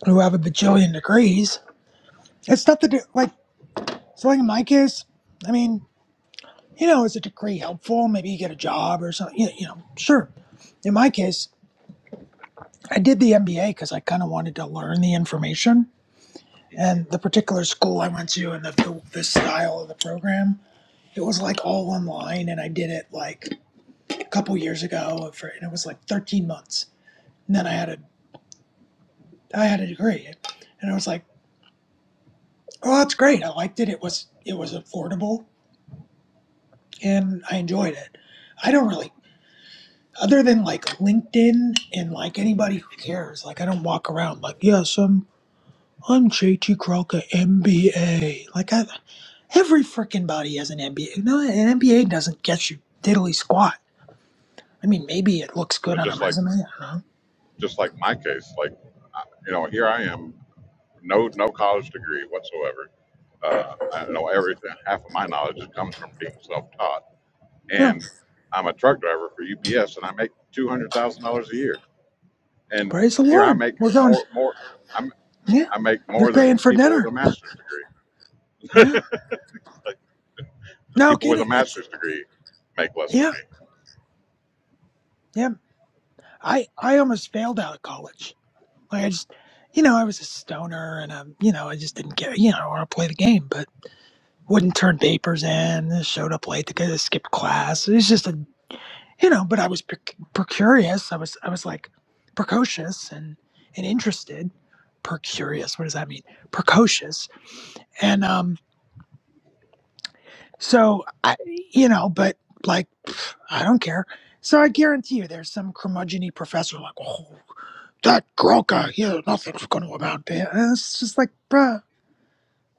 Speaker 6: who have a bajillion degrees. It's not the like. So like in my case, I mean, you know, is a degree helpful? Maybe you get a job or something. You you know, sure. In my case, I did the MBA because I kind of wanted to learn the information And the particular school I went to and the, the, the style of the program, it was like all online. And I did it like a couple years ago for, and it was like 13 months. And then I had a, I had a degree and I was like, oh, that's great. I liked it. It was, it was affordable and I enjoyed it. I don't really, other than like LinkedIn and like anybody who cares, like I don't walk around like, yes, I'm I'm JT Crocker, MBA. Like, I, every freaking body has an MBA. No, an MBA doesn't get you diddly squat. I mean, maybe it looks good
Speaker 4: but
Speaker 6: on a
Speaker 4: just like
Speaker 6: resume. I don't know.
Speaker 4: just like my case like I- you know here I am no no college degree whatsoever uh, I know everything half of my knowledge comes from being self taught
Speaker 6: No,
Speaker 4: and I'm a truck driver for UPS, and I make two hundred thousand dollars a year. And
Speaker 6: praise the
Speaker 4: here I
Speaker 6: Lord.
Speaker 4: make
Speaker 6: We're going,
Speaker 4: more more. I'm
Speaker 6: yeah,
Speaker 4: I make
Speaker 6: you're
Speaker 4: more
Speaker 6: paying
Speaker 4: than
Speaker 6: for
Speaker 4: people with
Speaker 6: dinner.
Speaker 4: a master's degree.
Speaker 6: Yeah.
Speaker 4: Like, the
Speaker 6: No
Speaker 4: people with a
Speaker 6: kidding. It's,
Speaker 4: master's degree make less than
Speaker 6: yeah,
Speaker 4: me.
Speaker 6: yeah. I, I almost failed out of college. Like, I just, you know, I was a stoner and, um, you know, I just didn't get, you know, I want to play the game, but wouldn't turn papers in, showed up late to get, skipped class. It was just a you know but i was per- percurious i was i was like precocious and and interested percurious what does that mean precocious and um so i you know but like pff, i don't care so i guarantee you there's some curmudgeony professor like oh that gronka here nothing's going to amount to him." and it's just like bruh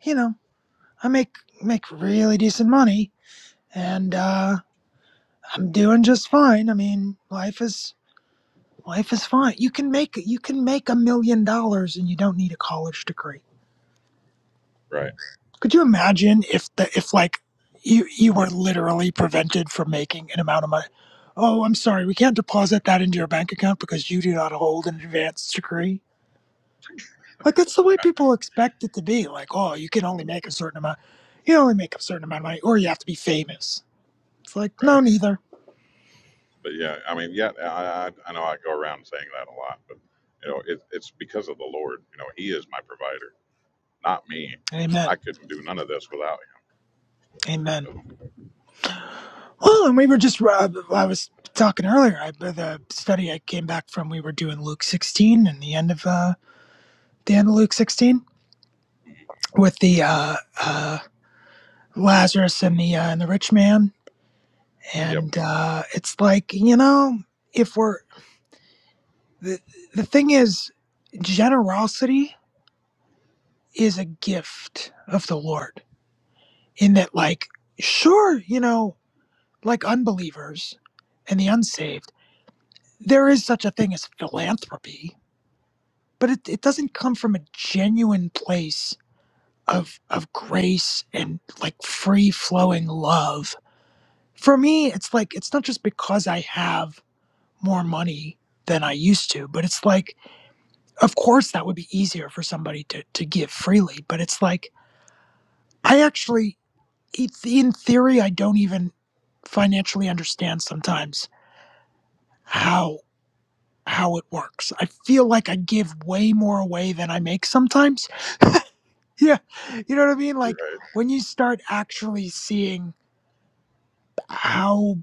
Speaker 6: you know i make make really decent money and uh i'm doing just fine i mean life is Life is fine. You can make you can make a million dollars and you don't need a college degree.
Speaker 4: Right,
Speaker 6: Could you imagine if the if like you you were literally prevented from making an amount of money? Oh, I'm sorry, we can't deposit that into your bank account because you do not hold an advanced degree. Like that's the way people expect it to be. Like, oh, you can only make a certain amount. You can only make a certain amount of money, or you have to be famous. It's like no,
Speaker 4: right.
Speaker 6: neither.
Speaker 4: But yeah, I mean, yeah, I I, I know I go around saying that a lot, but you know, it, it's because of the Lord. You know, He is my provider, not me.
Speaker 6: Amen.
Speaker 4: I couldn't do none of this without Him.
Speaker 6: Amen.
Speaker 4: So,
Speaker 6: Well, and we were just, uh, I was talking earlier, I, the study I came back from, we were doing Luke 16 and the end of, uh, the end of Luke 16 with the, uh, uh, Lazarus and the, uh, and the rich man.
Speaker 4: yep,
Speaker 6: And, uh, it's like, you know, if we're, the, the thing is, generosity is a gift of the Lord in that, like, sure, you know, like unbelievers and the unsaved, there is such a thing as philanthropy but it, it doesn't come from a genuine place of of grace and like free flowing love for me it's like it's not just because i have more money than i used to but it's like of course that would be easier for somebody to to give freely but it's like i actually it's- in theory i don't even financially understand sometimes how how it works i feel like i give way more away than i make sometimes yeah you know what i mean like
Speaker 4: right.
Speaker 6: when you start actually seeing how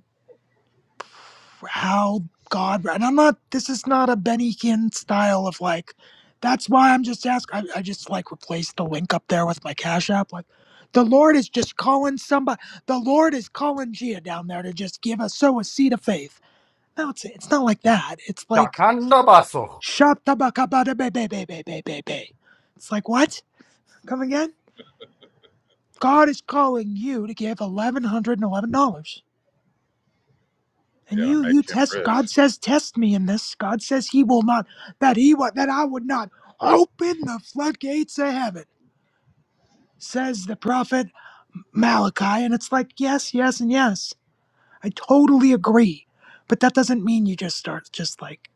Speaker 6: how god and i'm not this is not a benny hinn style of like that's why i'm just asking I, I just like replaced the link up there with my cash app like the lord is just calling somebody the lord is calling gia down there to just give us so a seed of faith no it's it's not like that it's like
Speaker 2: Chacanda Baso.
Speaker 6: shop tabakabada be be be be be be. it's like what come again God is calling you to give eleven hundred and eleven dollars. And
Speaker 4: Yeah,
Speaker 6: you you
Speaker 4: make Him
Speaker 6: test God
Speaker 4: rich.
Speaker 6: says test me in this. God says he will not that he would that I would not open the floodgates of heaven, says the prophet Malachi. And it's like, yes, yes, and yes. I totally agree. But that doesn't mean you just start just like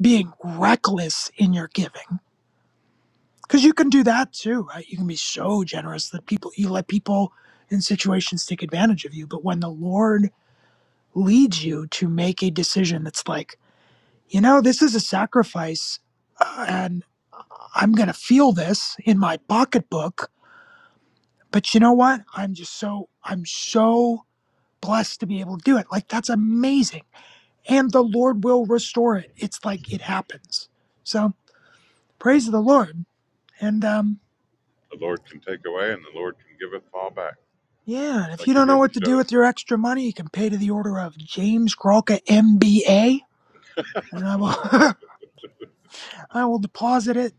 Speaker 6: being reckless in your giving. Because you can do that too, right? You can be so generous that people you let people in situations take advantage of you. But when the Lord leads you to make a decision that's like, you know, this is a sacrifice uh, and I'm going to feel this in my pocketbook. But you know what? I'm just so, I'm so blessed to be able to do it. Like, that's amazing. And the Lord will restore it. It's like it happens. So
Speaker 4: Yep.
Speaker 6: praise the Lord. And, um,
Speaker 4: The Lord can take away, and the Lord can give it fall back.
Speaker 6: yeah, and
Speaker 4: just
Speaker 6: if
Speaker 4: like
Speaker 6: you
Speaker 4: he
Speaker 6: don't know
Speaker 4: did
Speaker 6: what
Speaker 4: with
Speaker 6: to do
Speaker 4: Job.
Speaker 6: with your extra money, you can pay to the order of James Kralka MBA, and I will I will deposit it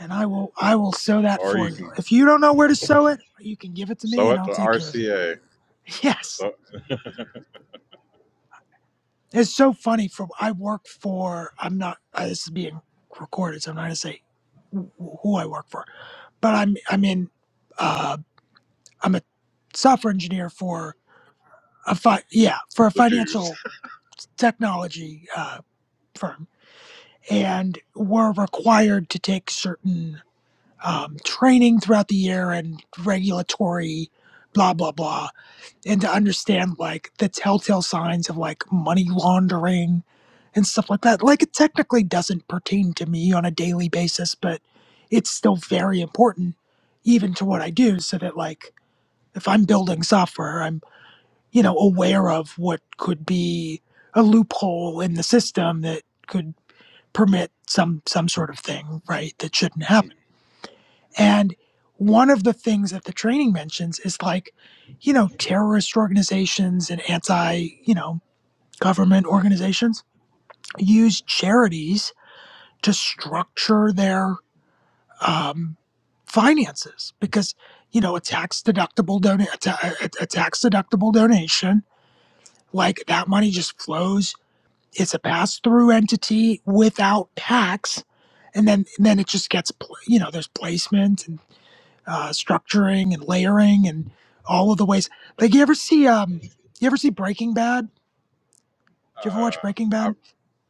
Speaker 6: and I will I will sew that
Speaker 4: Or
Speaker 6: for
Speaker 4: you
Speaker 6: you.
Speaker 4: can
Speaker 6: If you don't know where to sew it, you can give it to me
Speaker 4: sow
Speaker 6: and
Speaker 4: it
Speaker 6: I'll
Speaker 4: to
Speaker 6: take care of it.
Speaker 4: RCA,
Speaker 6: Yes.
Speaker 4: so
Speaker 6: It's so funny for I work for I'm not uh, this is being recorded so I'm not going to say wh- who I work for. But I'm I'm in uh I'm a software engineer for a fi- yeah, for a
Speaker 4: the Jews.
Speaker 6: financial technology uh firm and we're required to take certain um, training throughout the year and regulatory blah blah blah and to understand like the telltale signs of like money laundering and stuff like that. Like it technically doesn't pertain to me on a daily basis, but it's still very important even to what I do so that like if I'm building software, I'm, you know, aware of what could be a loophole in the system that could permit some some sort of thing, right, that shouldn't happen and one of the things that the training mentions is like, you know, terrorist organizations and anti, you know, government organizations use charities to structure their um, finances because, you know, a tax deductible don a, ta- a tax deductible donation, like that money just flows. It's a pass through entity without tax. And then, and then it just gets, pl- you know, there's placement and. uh, structuring and layering and all of the ways. Like you ever see um you ever see Breaking Bad? Did you ever watch
Speaker 4: Uh,
Speaker 6: Breaking
Speaker 4: I
Speaker 6: Bad?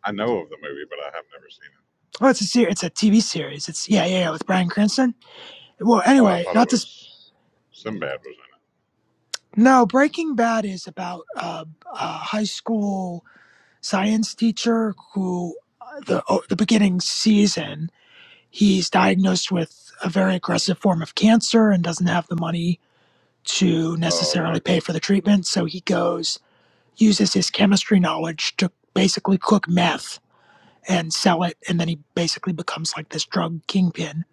Speaker 4: I know of the movie, but I have never seen it.
Speaker 6: Oh, it's a ser- it's a TV series. It's yeah yeah yeah with Bryan Cranston. Well,
Speaker 4: Oh, I
Speaker 6: anyway,
Speaker 4: thought it
Speaker 6: not this.
Speaker 4: was Sinbad was in
Speaker 6: No, Breaking Bad is about uh, a high school science teacher who uh, the oh, the beginning season he's diagnosed with a very aggressive form of cancer and doesn't have the money to
Speaker 4: it. Oh,
Speaker 6: necessarily
Speaker 4: okay,
Speaker 6: pay
Speaker 4: then
Speaker 6: for the treatment so he goes uses his chemistry knowledge to basically cook meth and sell it, and then he basically becomes like this drug kingpin.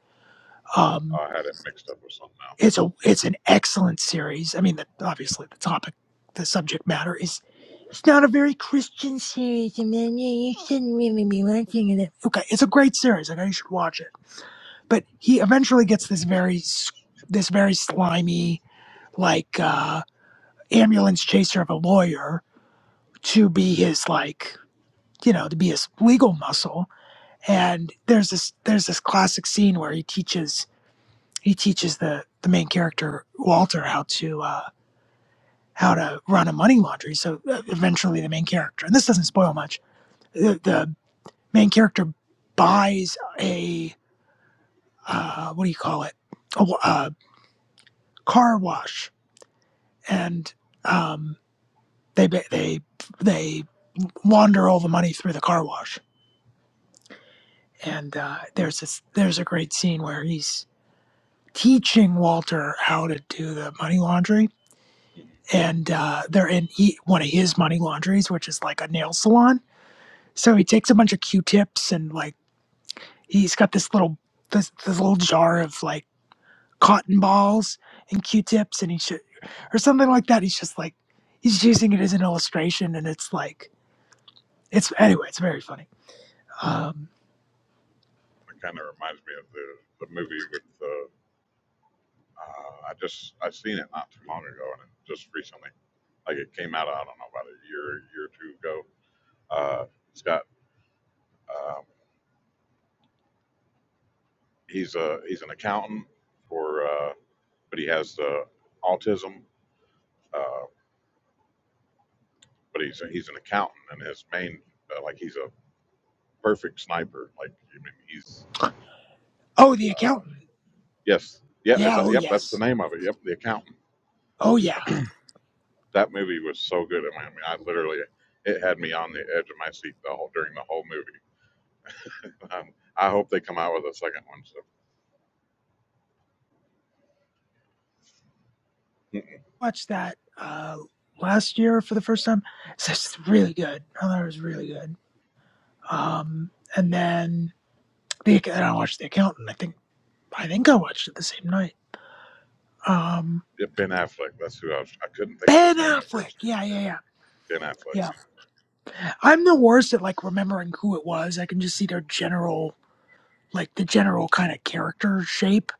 Speaker 6: Um,
Speaker 4: I had it mixed up with something else.
Speaker 6: it's a it's an excellent series. I mean, the, obviously the topic, the subject matter is it's not a very Christian series, and then you shouldn't really be watching it. Okay, it's a great series. I know you should watch it. But he eventually gets this very s- this very slimy like uh, ambulance chaser of a lawyer to be his like you know to be his legal muscle and there's this there's this classic scene where he teaches he teaches the the main character Walter how to uh, how to run a money laundry. So uh, eventually, the main character and this doesn't spoil much. The, the main character buys a uh, what do you call it a, uh car wash, and um, they they they launder all the money through the car wash. And uh, there's this there's a great scene where he's teaching Walter how to do the money laundry
Speaker 4: Mm-hmm.
Speaker 6: and uh, they're in he, one of his money laundries, which is like a nail salon. So he takes a bunch of Q-tips and like he's got this little this this little jar of like cotton balls and Q-tips, and he should or something like that. He's just like he's using it as an illustration, and it's like it's anyway, it's very funny. Um,
Speaker 4: It kind of reminds me of the the movie with the. Uh, I just I seen it not too long ago, and it just recently, like it came out. I don't know about a year year or two ago. Uh, it's got um, he's a he's an accountant for. Uh, but he has uh, autism. Uh, but he's he's an accountant, and his main uh, like he's a perfect sniper. Like I mean, he's
Speaker 6: oh, the
Speaker 4: uh,
Speaker 6: accountant.
Speaker 4: yes, yeah, is
Speaker 6: Yeah.
Speaker 4: that
Speaker 6: Oh
Speaker 4: yep? That's the
Speaker 6: yes.
Speaker 4: name of it. Yep, the accountant.
Speaker 6: Oh yeah.
Speaker 4: That movie was so good. I mean, I mean, I literally it had me on the edge of my seat the whole during the whole movie. Um, I hope they come out with a second one. So Mm-mm.
Speaker 6: Watched that uh, last year for the first time. It's just really good. I thought it was really good. Um, and then The, and I watched The Accountant. I think I think I watched it the same night. Um,
Speaker 4: Yeah, Ben Affleck. That's who I was. I couldn't think of
Speaker 6: Ben
Speaker 4: his name at
Speaker 6: Affleck.
Speaker 4: first.
Speaker 6: Yeah, yeah,
Speaker 4: Ben Affleck.
Speaker 6: yeah, yeah. I'm the worst at like remembering who it was. I can just see their general, like the general kind of character shape.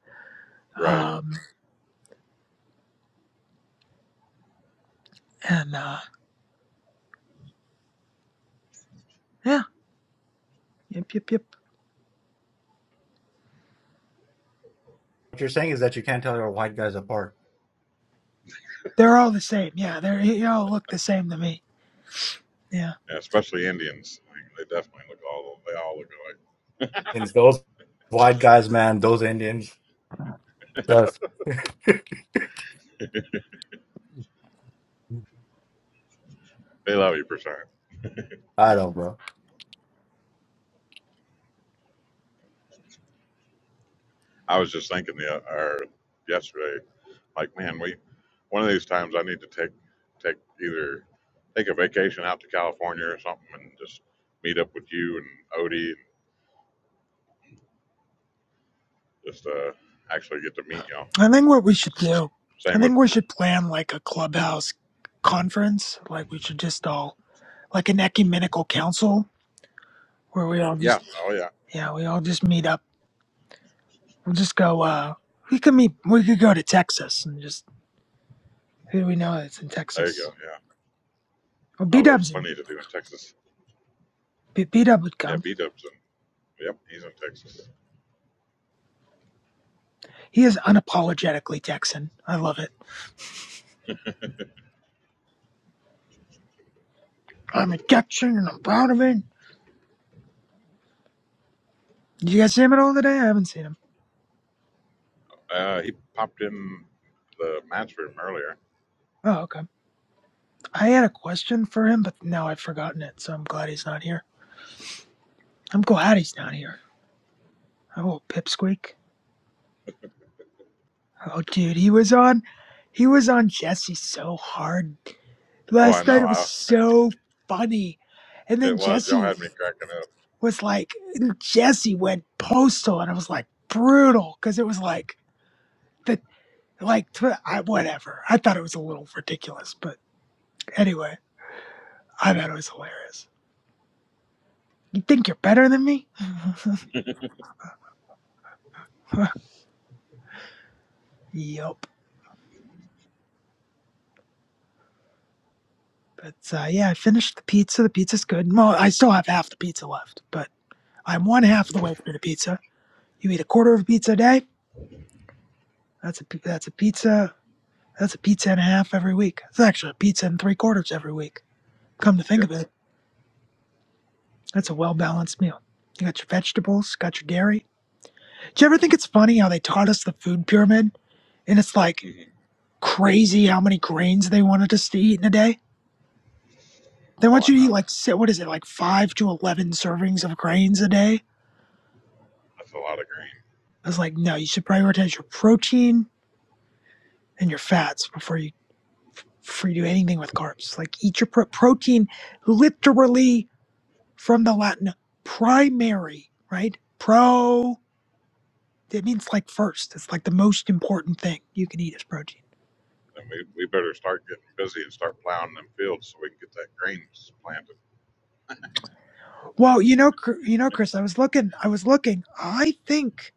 Speaker 4: Right.
Speaker 6: Um, and uh, yeah, yep, yep, yep.
Speaker 2: What you're saying is that you can't tell your white guys apart.
Speaker 6: They're all the same. Yeah, they're they all look the same to me. Yeah.
Speaker 4: Yeah, especially Indians. Like, they definitely look all. They all look alike.
Speaker 2: And those white guys, man, those Indians. Yes.
Speaker 4: They love you, percent.
Speaker 2: I don't, bro.
Speaker 4: I was just thinking the or yesterday, like man, we one of these times I need to take take either take a vacation out to California or something and just meet up with you and Odie and just uh actually get to meet y'all.
Speaker 6: I think
Speaker 4: So,
Speaker 6: what we should do. I
Speaker 4: same with
Speaker 6: think we should plan like a clubhouse conference. Like we should just all like an ecumenical council where we all
Speaker 4: yeah,
Speaker 6: just
Speaker 4: oh yeah,
Speaker 6: yeah we all just meet up We'll just go. uh We could meet. We could go to Texas and just who do we know that's in
Speaker 4: there you
Speaker 6: Texas?
Speaker 4: go, yeah.
Speaker 6: Well, B
Speaker 4: Oh, there's
Speaker 6: Dub's in.
Speaker 4: plenty to do in Texas.
Speaker 6: B Dub would
Speaker 4: Yeah,
Speaker 6: come.
Speaker 4: B Dub's in yep, he's in Texas.
Speaker 6: He is unapologetically Texan. I love it. I'm a Texan and I'm proud of it. Did you guys see him at all today? I haven't seen him.
Speaker 4: Uh, he popped in the match room earlier.
Speaker 6: Oh, okay. I had a question for him, but now I've forgotten it. So I'm glad he's not here. I'm glad he's not here. Oh, pipsqueak. Oh, dude, he was on. He was on Jesse so hard
Speaker 4: Oh, I
Speaker 6: last
Speaker 4: know.
Speaker 6: night. It was
Speaker 4: I
Speaker 6: so funny. And then
Speaker 4: it was y'all
Speaker 6: Jesse
Speaker 4: had me cracking up.
Speaker 6: was like Jesse went postal, and it was like brutal because it was like the like tw- I, whatever. I thought it was a little ridiculous, but anyway, I thought it was hilarious. You think you're better than me? yup. But uh, yeah, I finished the pizza. The pizza's good. Well, I still have half the pizza left, but I'm one half of the way through the pizza. You eat a quarter of a pizza a day. That's a pi- that's a pizza. That's a pizza and a half every week. It's actually a pizza and three quarters every week. Come to think
Speaker 4: Yep.
Speaker 6: of it. That's a well balanced meal. You got your vegetables, got your dairy. Do you ever think it's funny how they taught us the food pyramid? And it's like
Speaker 4: hmm
Speaker 6: crazy how many grains they wanted us to eat in a day. They
Speaker 4: Oh,
Speaker 6: want
Speaker 4: I
Speaker 6: you to eat
Speaker 4: know.
Speaker 6: like, si- what is it, like five to 11 servings of grains a day?
Speaker 4: That's a lot of green.
Speaker 6: I was like, no, you should prioritize your protein and your fats before you, before you do anything with carbs. Like, eat your pro- protein literally from the Latin primary, right? Pro. It means like first. It's like the most important thing you can eat is protein.
Speaker 4: then we, we better start getting busy and start plowing them fields so we can get that grain planted.
Speaker 6: Well, you know, Chr- you know, Chris, I was looking. I was looking. I think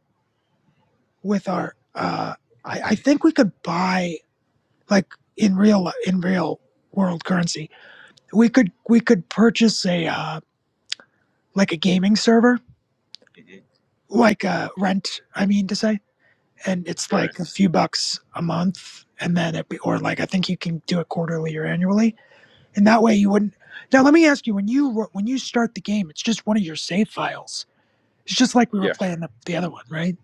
Speaker 6: with our, uh, I, I think we could buy like in real in real world currency. We could we could purchase a uh, like a gaming server,
Speaker 4: Mm-hmm.
Speaker 6: like a rent. I mean to say, and it's
Speaker 4: Right.
Speaker 6: like a few bucks a month, and then it be, or like I think you can do it quarterly or annually and that way you wouldn't. Now let me ask you: when you when you start the game, it's just one of your save files. It's just like we were
Speaker 4: Yeah.
Speaker 6: playing the, the other one, right?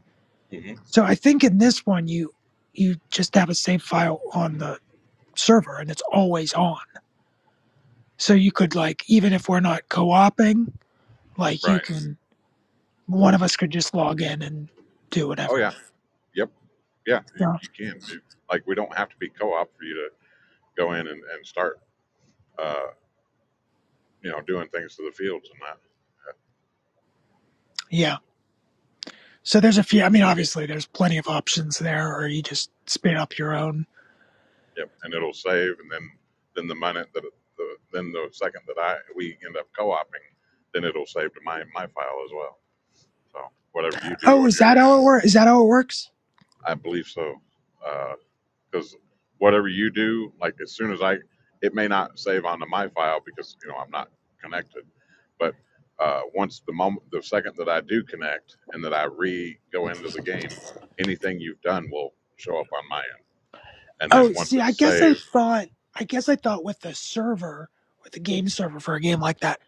Speaker 4: hmm
Speaker 6: So I think in this one you you just have a save file on the server and it's always on. So you could like even if we're not co-oping, like you
Speaker 4: Right.
Speaker 6: can one of us could just log in and do
Speaker 4: Oh,
Speaker 6: whatever.
Speaker 4: yeah. Yep. Yeah. You,
Speaker 6: So
Speaker 4: you can. You- Like, we don't have to be co-op for you to go in and, and start, uh, you know, doing things to the fields and that.
Speaker 6: yeah. So there's a few. I mean, obviously there's plenty of options there, or you just spin up your own.
Speaker 4: Yep. And it'll save. And then, then the minute that, the, then the second that I, we end up co-oping, then it'll save to my, my file as well. So whatever you do
Speaker 6: Oh,
Speaker 4: on
Speaker 6: is
Speaker 4: your
Speaker 6: that
Speaker 4: end,
Speaker 6: how it works? Is that how it works?
Speaker 4: I believe so. Uh, because whatever you do, like as soon as I, it may not save onto my file because you know I'm not connected, but uh, once the moment, the second that I do connect and that I re go into the game, anything you've done will show up on my end, and then
Speaker 6: Oh,
Speaker 4: once
Speaker 6: see, I
Speaker 4: it's
Speaker 6: guess I
Speaker 4: saved,
Speaker 6: thought, I guess I thought with the server, with the game server for a game like that,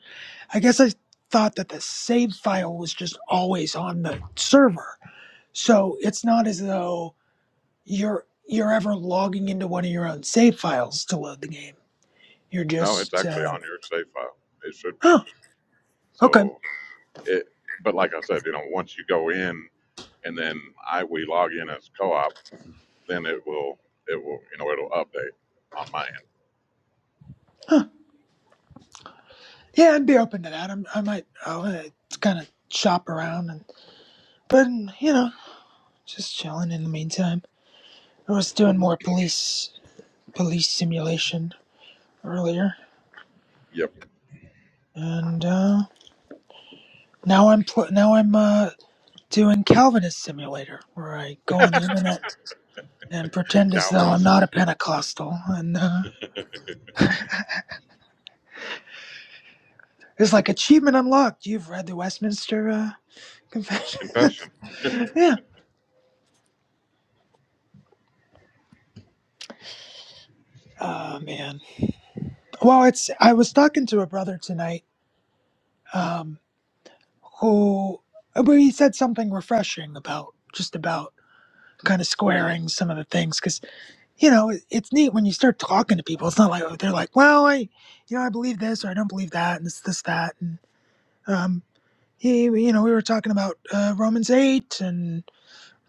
Speaker 6: I guess I thought that the save file was just always on the server. So it's not as though you're you're ever logging into one of your own save files to load the game. You're
Speaker 4: no, it's
Speaker 6: just,
Speaker 4: actually
Speaker 6: uh,
Speaker 4: on your save file. It should be.
Speaker 6: oh, okay,
Speaker 4: So it, but like I said, you know, once you go in and then I we log in as co-op, then it will it will you know it'll update on my end.
Speaker 6: huh. yeah, I'd be open to that. I'm, I might, I'll uh, kind of shop around and, but mm, you know, just chilling in the meantime. I was doing more police police simulation earlier,
Speaker 4: Yep,
Speaker 6: and uh, now I'm pl- now I'm uh, doing Calvinist Simulator, where I go on the internet and pretend as though I'm
Speaker 4: Calvinist.
Speaker 6: not a Pentecostal, and uh, it's like achievement unlocked. You've read the Westminster uh, Confession,
Speaker 4: confession,
Speaker 6: yeah. Oh man. Well, it's I was talking to a brother tonight, um, who but he said something refreshing about just about kind of squaring some of the things you know, it- it's neat when you start talking to people. It's not like oh, they're like, well, I, you know, I believe this or I don't believe that, and it's this that, and um, he, you know, we were talking about uh, Romans eight and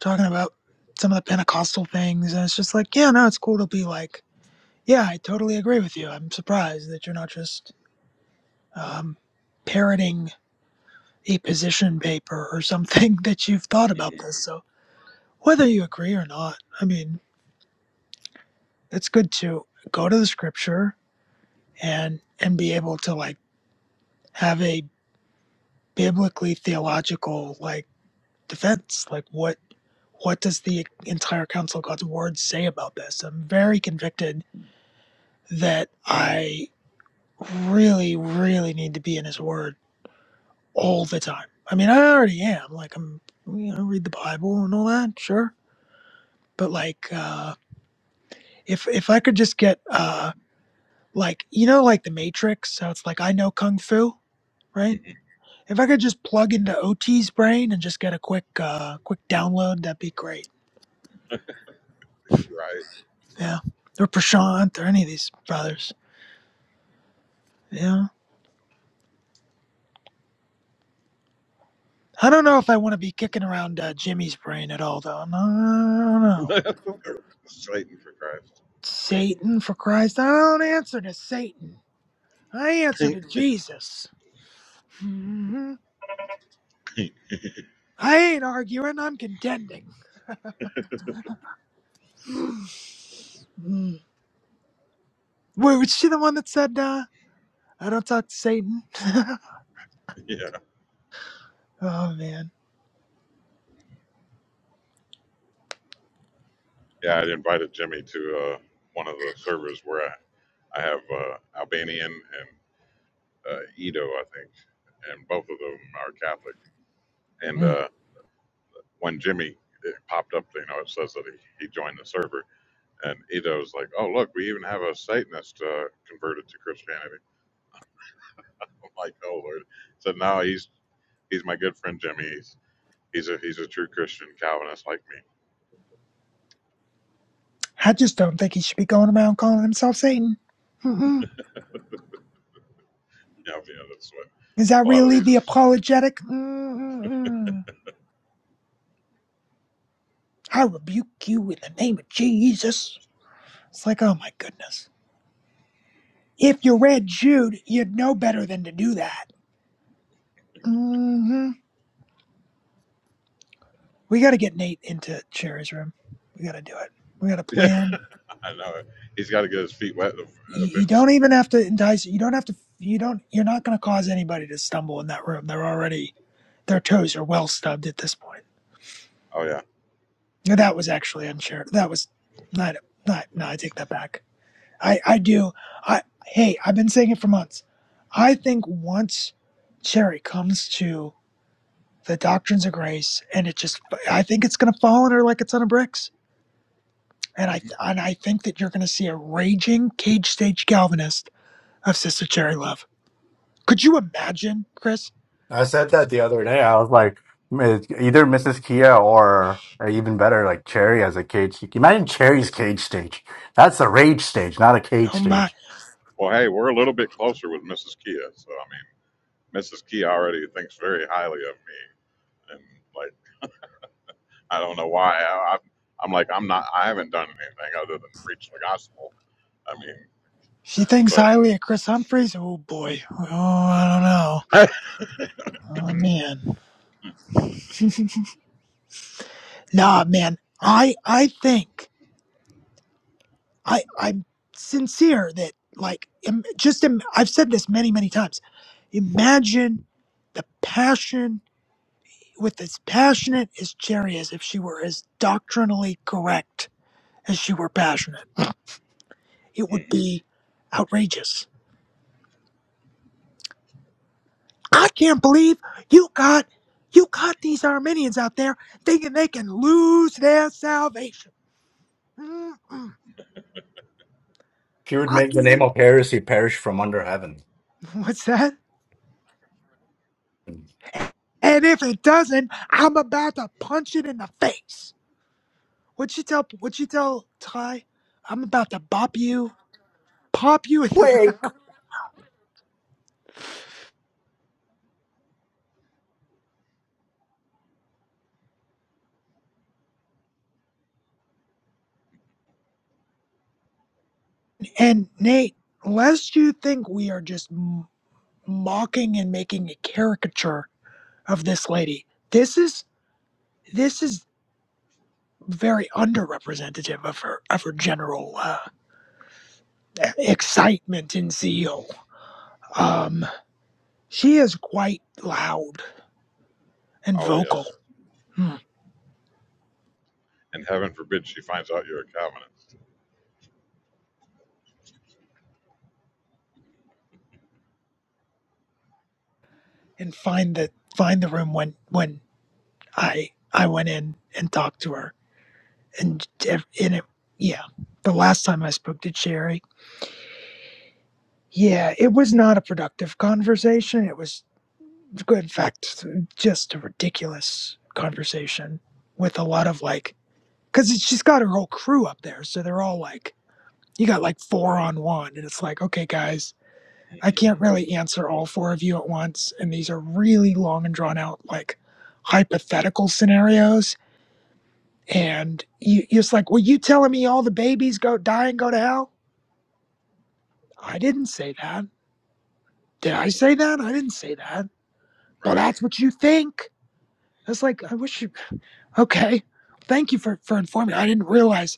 Speaker 6: talking about some of the Pentecostal things, and it's just like, yeah, no, it's cool to be like, yeah, I totally agree with you. I'm surprised that you're not just um, parroting a position paper or something that you've thought about
Speaker 4: Mm-hmm.
Speaker 6: this. So whether you agree or not, I mean, it's good to go to the scripture and and be able to like have a biblically theological like defense like what what does the entire council of god's word say about this i'm very convicted that i really really need to be in his word all the time i mean i already am like i'm you know read the bible and all that sure but like uh if if i could just get uh like you know like the matrix so it's like i know kung fu right
Speaker 4: Mm-hmm.
Speaker 6: If I could just plug into OT's brain and just get a quick uh quick download, that'd be great. Yeah. Or Prashant or any of these brothers. Yeah. I don't know if I want to be kicking around uh, Jimmy's brain at all though. No, I don't know.
Speaker 4: right? Satan for Christ.
Speaker 6: Satan for Christ. I don't answer to Satan. I answer to Jesus. hmm I ain't arguing, I'm contending. Mm. Wait, was she the one that said uh I don't talk to Satan?
Speaker 4: yeah,
Speaker 6: Oh man.
Speaker 4: yeah. i invited Jimmy to uh, one of the servers where I, I have uh, Albanian and uh, Edo, I think, and both of them are Catholic. And
Speaker 6: Mm.
Speaker 4: uh, when Jimmy it popped up, you know, it says that he, he joined the server, and Edo's like, "Oh, look, we even have a Satanist uh, converted to Christianity." I'm like, "Oh Lord!" So now he's he's my good friend Jimmy. He's a he's a true Christian Calvinist like me.
Speaker 6: I just don't think he should be going around calling himself Satan. Mm-mm.
Speaker 4: You know, you know that's what
Speaker 6: Is that
Speaker 4: a lot of
Speaker 6: really the
Speaker 4: these.
Speaker 6: apologetic? mm mm I rebuke you in the name of Jesus. It's like, oh my goodness. If you read Jude, you'd know better than to do that. hmm We got to get Nate into Cherry's room. We got to do it. We got to
Speaker 4: Yeah,
Speaker 6: plan.
Speaker 4: I know it. He's got to get his feet wet
Speaker 6: You, you
Speaker 4: eventually.
Speaker 6: don't even have to entice. You don't have to. You don't. You're not going to cause anybody to stumble in that room. They're already. Their toes are well stubbed at this point.
Speaker 4: Oh yeah.
Speaker 6: No, That was actually unshared. That was not not no, I take that back. I I do. I hey, I've been saying it for months. I think once Cherry comes to the doctrines of grace and it just I think it's going to fall on her like a ton of bricks. And I
Speaker 4: hmm
Speaker 6: and I think that you're going to see a raging cage stage Calvinist of Sister Cherry Love. Could you imagine, Chris?
Speaker 2: I said that the other day. I was like, "M- either Mrs. Kia or, or even better, like Cherry as a cage. Imagine Cherry's cage stage. That's a rage stage, not a cage
Speaker 6: Oh my.
Speaker 2: stage.
Speaker 4: Well, hey, we're a little bit closer with Mrs. Kia, so I mean, Mrs. Kia already thinks very highly of me, and like I don't know why. I, I'm I'm like I'm not. I haven't done anything other than preach the gospel. I mean,
Speaker 6: She thinks
Speaker 4: but.
Speaker 6: highly of Chris Humphreys. Oh boy. Oh, I don't know. Oh man. Nah, man. I I think I I'm sincere that like im- just Im- I've said this many many times. Imagine the passion with as passionate as Jerry is, if she were as doctrinally correct as she were passionate, it would
Speaker 4: Mhm.
Speaker 6: be outrageous. I can't believe you got you got these Armenians out there thinking they can lose their salvation. Mm-mm.
Speaker 2: She would
Speaker 6: I
Speaker 2: make the
Speaker 6: can't
Speaker 2: name
Speaker 6: even.
Speaker 2: of heresy perish from under heaven.
Speaker 6: What's that? And if it doesn't, I'm about to punch it in the face. What you tell? What you tell Ty? I'm about to bop you, pop you in the
Speaker 2: Wake!
Speaker 6: mouth. And Nate, lest you think we are just m- mocking and making a caricature of this lady, this is this is very underrepresentative of her of her general uh, e-, excitement and zeal. Um, she is quite loud and
Speaker 4: Oh
Speaker 6: vocal.
Speaker 4: yes,
Speaker 6: Hmm.
Speaker 4: and heaven forbid she finds out you're a Calvinist,
Speaker 6: and find the find the room when when I I went in and talked to her and ev- and it yeah the last time I spoke to Jerry yeah it was not a productive conversation it was in fact just a ridiculous conversation with a lot of like because she's got her whole crew up there so they're all like you got like four on one and it's like okay guys I can't really answer all four of you at once and these are really long and drawn out like hypothetical scenarios And you, you're just like, well, you telling me all the babies go die and go to hell? I didn't say that. Did I say that? I didn't say that. Well,
Speaker 4: right?
Speaker 6: that's what you think. It's like, I wish you, okay. Thank you for, for informing me. I didn't realize,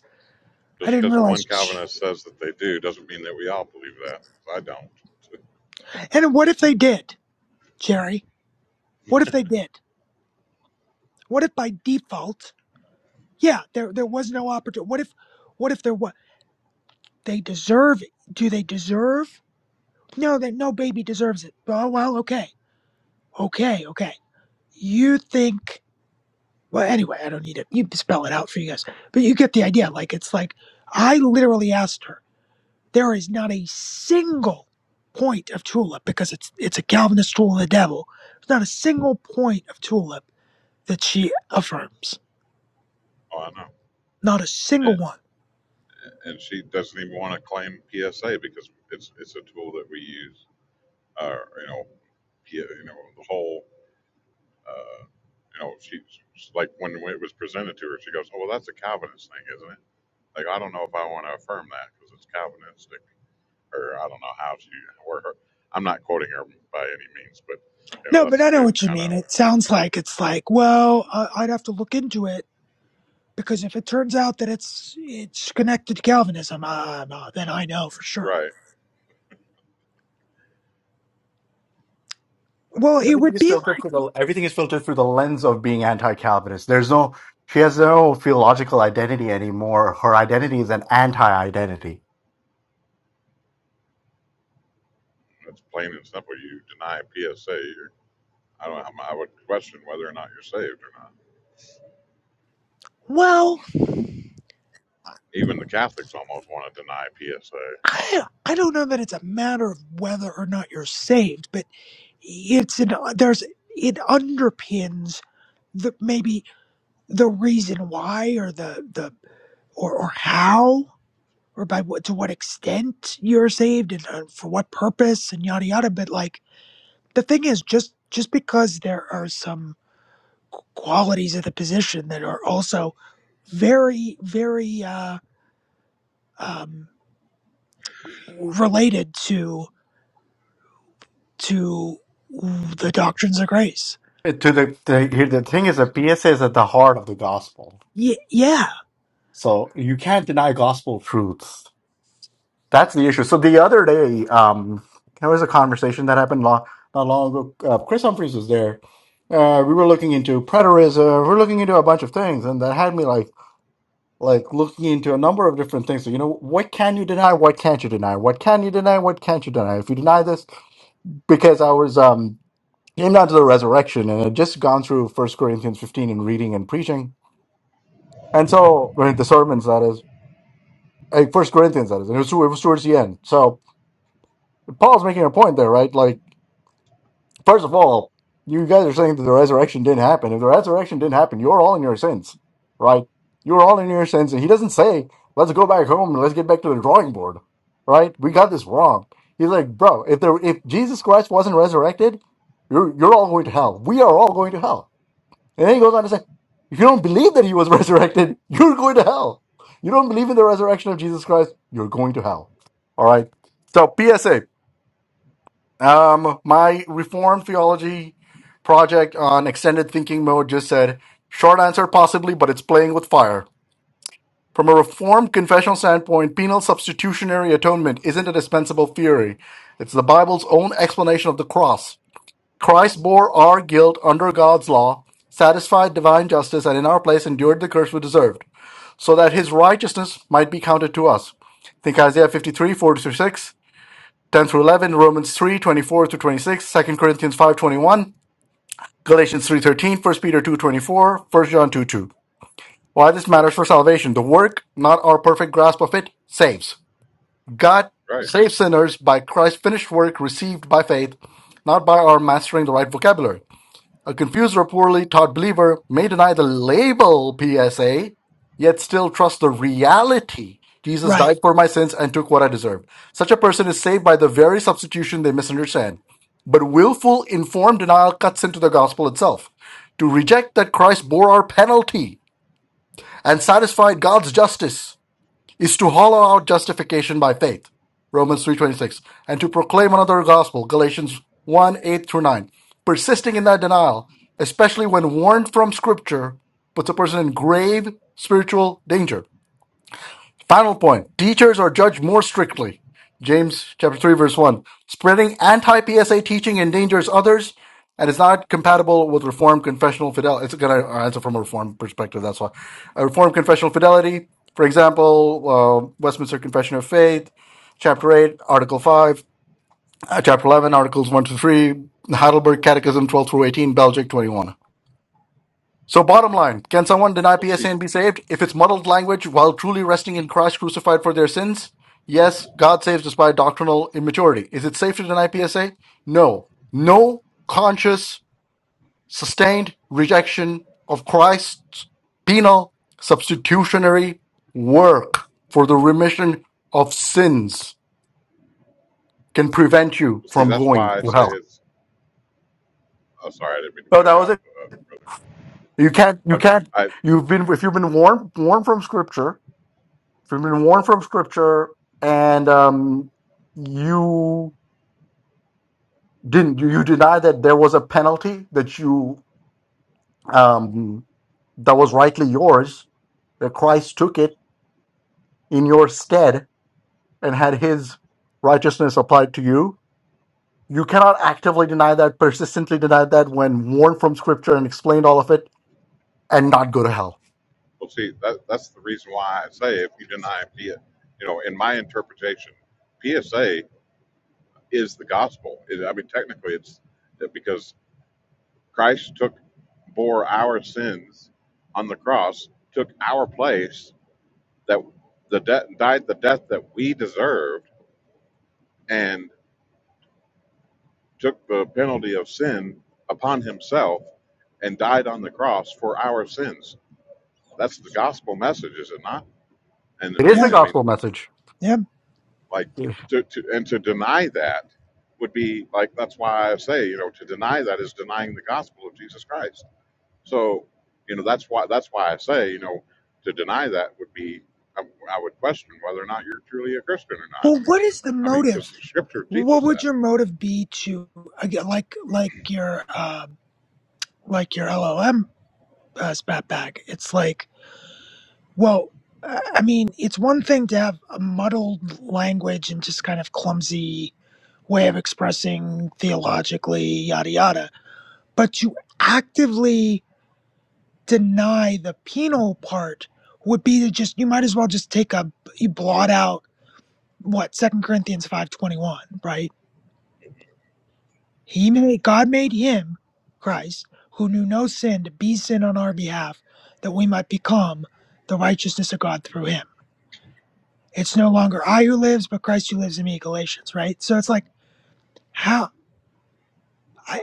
Speaker 6: I
Speaker 4: Just
Speaker 6: didn't
Speaker 4: because one
Speaker 6: realize.
Speaker 4: Calvinist says that they do doesn't mean that we all believe that. I don't.
Speaker 6: And what if they did, Jerry? What if they did? What if by default, yeah, there, there was no opportunity. What if, what if there was, they deserve, it. do they deserve? No, that no baby deserves it. Oh, well, okay. Okay. Okay. You think Well, anyway, I don't need it. You spell it out for you guys, but you get the idea. Like it's like I literally asked her. There is not a single point of tulip because it's it's a Calvinist tool of the devil. There's not a single point of tulip that she affirms.
Speaker 4: Oh, I know.
Speaker 6: Not a single
Speaker 4: And,
Speaker 6: one.
Speaker 4: and she doesn't even want to claim PSA because it's it's a tool that we use. Uh, you know, P, you know the whole. Uh, you know, she she's like when it was presented to her, she goes, "Oh, well, that's a Calvinist thing, isn't it?" Like I don't know if I want to affirm that because it's Calvinistic, or I don't know how she or her. I'm not quoting her by any means, but you know
Speaker 6: No, but
Speaker 4: that's
Speaker 6: I know
Speaker 4: the
Speaker 6: what you
Speaker 4: kind
Speaker 6: mean.
Speaker 4: of
Speaker 6: It sounds like it's like well, I I'd have to look into it because if it turns out that it's it's connected to Calvinism, uh, uh, then I know for sure.
Speaker 4: right.
Speaker 6: Well, it
Speaker 2: Everything
Speaker 6: would
Speaker 2: is
Speaker 6: be
Speaker 2: filtered
Speaker 6: like
Speaker 2: through the everything is filtered through the lens of being anti-Calvinist. There's no she has no theological identity anymore. Her identity is an anti-identity.
Speaker 4: It's plain and simple. You deny PSA, you're, I don't, i would question whether or not you're saved or not.
Speaker 6: well
Speaker 4: Even the Catholics almost want to deny PSA. I'm
Speaker 6: I
Speaker 4: like,
Speaker 6: I don't know that it's a matter of whether or not you're saved, but it's an there's it underpins the maybe the reason why or the the or or how or by what to what extent you're saved and uh, for what purpose and yada yada. But like the thing is, just just because there are some qu- qualities of the position that are also very very uh, um, related to to the doctrines of grace.
Speaker 2: It- To the, the here the thing is, the PSA is at the heart of the gospel.
Speaker 6: Yeah, yeah,
Speaker 2: So you can't deny gospel truths That's the issue. So the other day, um, there was a conversation that happened long, not long ago. Uh, Chris Humphries was there. Uh, we were looking into preterism. We are looking into a bunch of things, and that had me like like looking into a number of different things. So, you know, what can you deny? What can't you deny? What can you deny? What can't you deny? If you deny this, because I was um came down to the resurrection and had just gone through First Corinthians fifteen and reading and preaching, and so right, the sermons that is, like First Corinthians that is, and it was, it was towards the end. So Paul's making a point there, right? Like. First of all, you guys are saying that the resurrection didn't happen. If the resurrection didn't happen, you're all in your sins, right? You're all in your sins. And he doesn't say, let's go back home and let's get back to the drawing board, right? We got this wrong. He's like, bro, if there, if Jesus Christ wasn't resurrected, you're, you're all going to hell. We are all going to hell. And then he goes on to say, if you don't believe that he was resurrected, you're going to hell. You don't believe in the resurrection of Jesus Christ, you're going to hell. All right. So, PSA. Um, my reform theology project on extended thinking mode just said short answer possibly, but it's playing with fire. From a reformed confessional standpoint, penal substitutionary atonement isn't a dispensable theory. It's the Bible's own explanation of the cross. Christ bore our guilt under God's law, satisfied divine justice, and in our place endured the curse we deserved, so that his righteousness might be counted to us. Think Isaiah 53, 4 to 6. 10 through 11, Romans 3 24 through 26, Second Corinthians 5 21, Galatians 3 13, First Peter 2 24, First John 2, 2. Why this
Speaker 4: but
Speaker 2: matters for salvation. The work, not our perfect grasp of it, saves. God
Speaker 4: right,
Speaker 2: saves sinners by Christ's finished work received by faith, not by our mastering the right vocabulary. A confused or poorly taught believer may deny the label PSA, yet still trust the reality. Jesus
Speaker 6: right.
Speaker 2: died for my sins and took what I deserved. Such a person is saved by the very substitution they misunderstand. But willful, informed denial cuts into the gospel itself. To reject that Christ bore our penalty and satisfied God's justice is to hollow out justification by faith, Romans 3.26, and to proclaim another gospel, Galatians 1, 8 through 9. Persisting in that denial, especially when warned from Scripture, puts a person in grave spiritual danger. Final point. Teachers are judged more strictly. James chapter 3 verse 1. Spreading anti-PSA teaching endangers others and is not compatible with reformed confessional fidelity. It's going to answer from a reformed perspective, that's why. A reformed confessional fidelity, for example, uh, Westminster Confession of Faith, chapter 8, article 5, uh, chapter 11, articles 1 to 3, Heidelberg Catechism 12 through 18, Belgic 21. So, bottom line, can someone deny
Speaker 4: we'll
Speaker 2: PSA
Speaker 4: see.
Speaker 2: and be saved if it's muddled language while truly resting in Christ crucified for their sins? Yes, God saves despite doctrinal immaturity. Is it safe to deny PSA? No. No conscious, sustained rejection of Christ's penal substitutionary work for the remission of sins can prevent you
Speaker 4: We'll see.
Speaker 2: from
Speaker 4: That's
Speaker 2: going
Speaker 4: why I
Speaker 2: to
Speaker 4: say
Speaker 2: hell.
Speaker 4: it's. Oh, sorry, I didn't mean to
Speaker 2: So
Speaker 4: cut
Speaker 2: that
Speaker 4: you
Speaker 2: was
Speaker 4: off.
Speaker 2: it.
Speaker 4: Uh,
Speaker 2: You can't, you
Speaker 4: okay,
Speaker 2: can't,
Speaker 4: I
Speaker 2: you've been, if you've been warned, warned from scripture, So you've been warned from Scripture, and um, you didn't. You, you deny that there was a penalty that you um, that was rightly yours. That Christ took it in your stead and had His righteousness applied to you. You cannot actively deny that, persistently deny that when warned from Scripture and explained all of it, and not go to hell.
Speaker 4: well see. That that's the reason why I say if you deny PSA, you know, in my interpretation, PSA is the gospel. It, I mean, technically, it's because Christ took bore our sins on the cross, took our place that the death died the death that we deserved and took the penalty of sin upon himself and died on the cross for our sins. That's the gospel message, is it not? And
Speaker 2: It
Speaker 4: I
Speaker 2: is the
Speaker 4: mean,
Speaker 6: Yeah,
Speaker 4: I
Speaker 2: gospel
Speaker 4: mean,
Speaker 2: message.
Speaker 6: yeah.
Speaker 4: like
Speaker 2: Yeah.
Speaker 4: to, to and to deny that would be like that's why I say you know to deny that is denying the gospel of Jesus Christ. So you know that's why that's why I say you know to deny that would be I, I would question whether or not you're truly a Christian or not.
Speaker 6: Well, what is the
Speaker 4: I mean, because
Speaker 6: motive?
Speaker 4: the Scripture
Speaker 6: What
Speaker 4: teaches that.
Speaker 6: would your motive be to again, like like your uh, like your LLM uh, spat back? It's like, well, I I mean, it's one thing to have a muddled language and just kind of clumsy way of expressing theologically, yada yada, but to actively deny the penal part would be to just you might as well just take a you blot out what second corinthians 5.21 right he made god made him christ who knew no sin to be sin on our behalf that we might become the righteousness of god through him it's no longer i who lives but christ who lives in me galatians right so it's like how i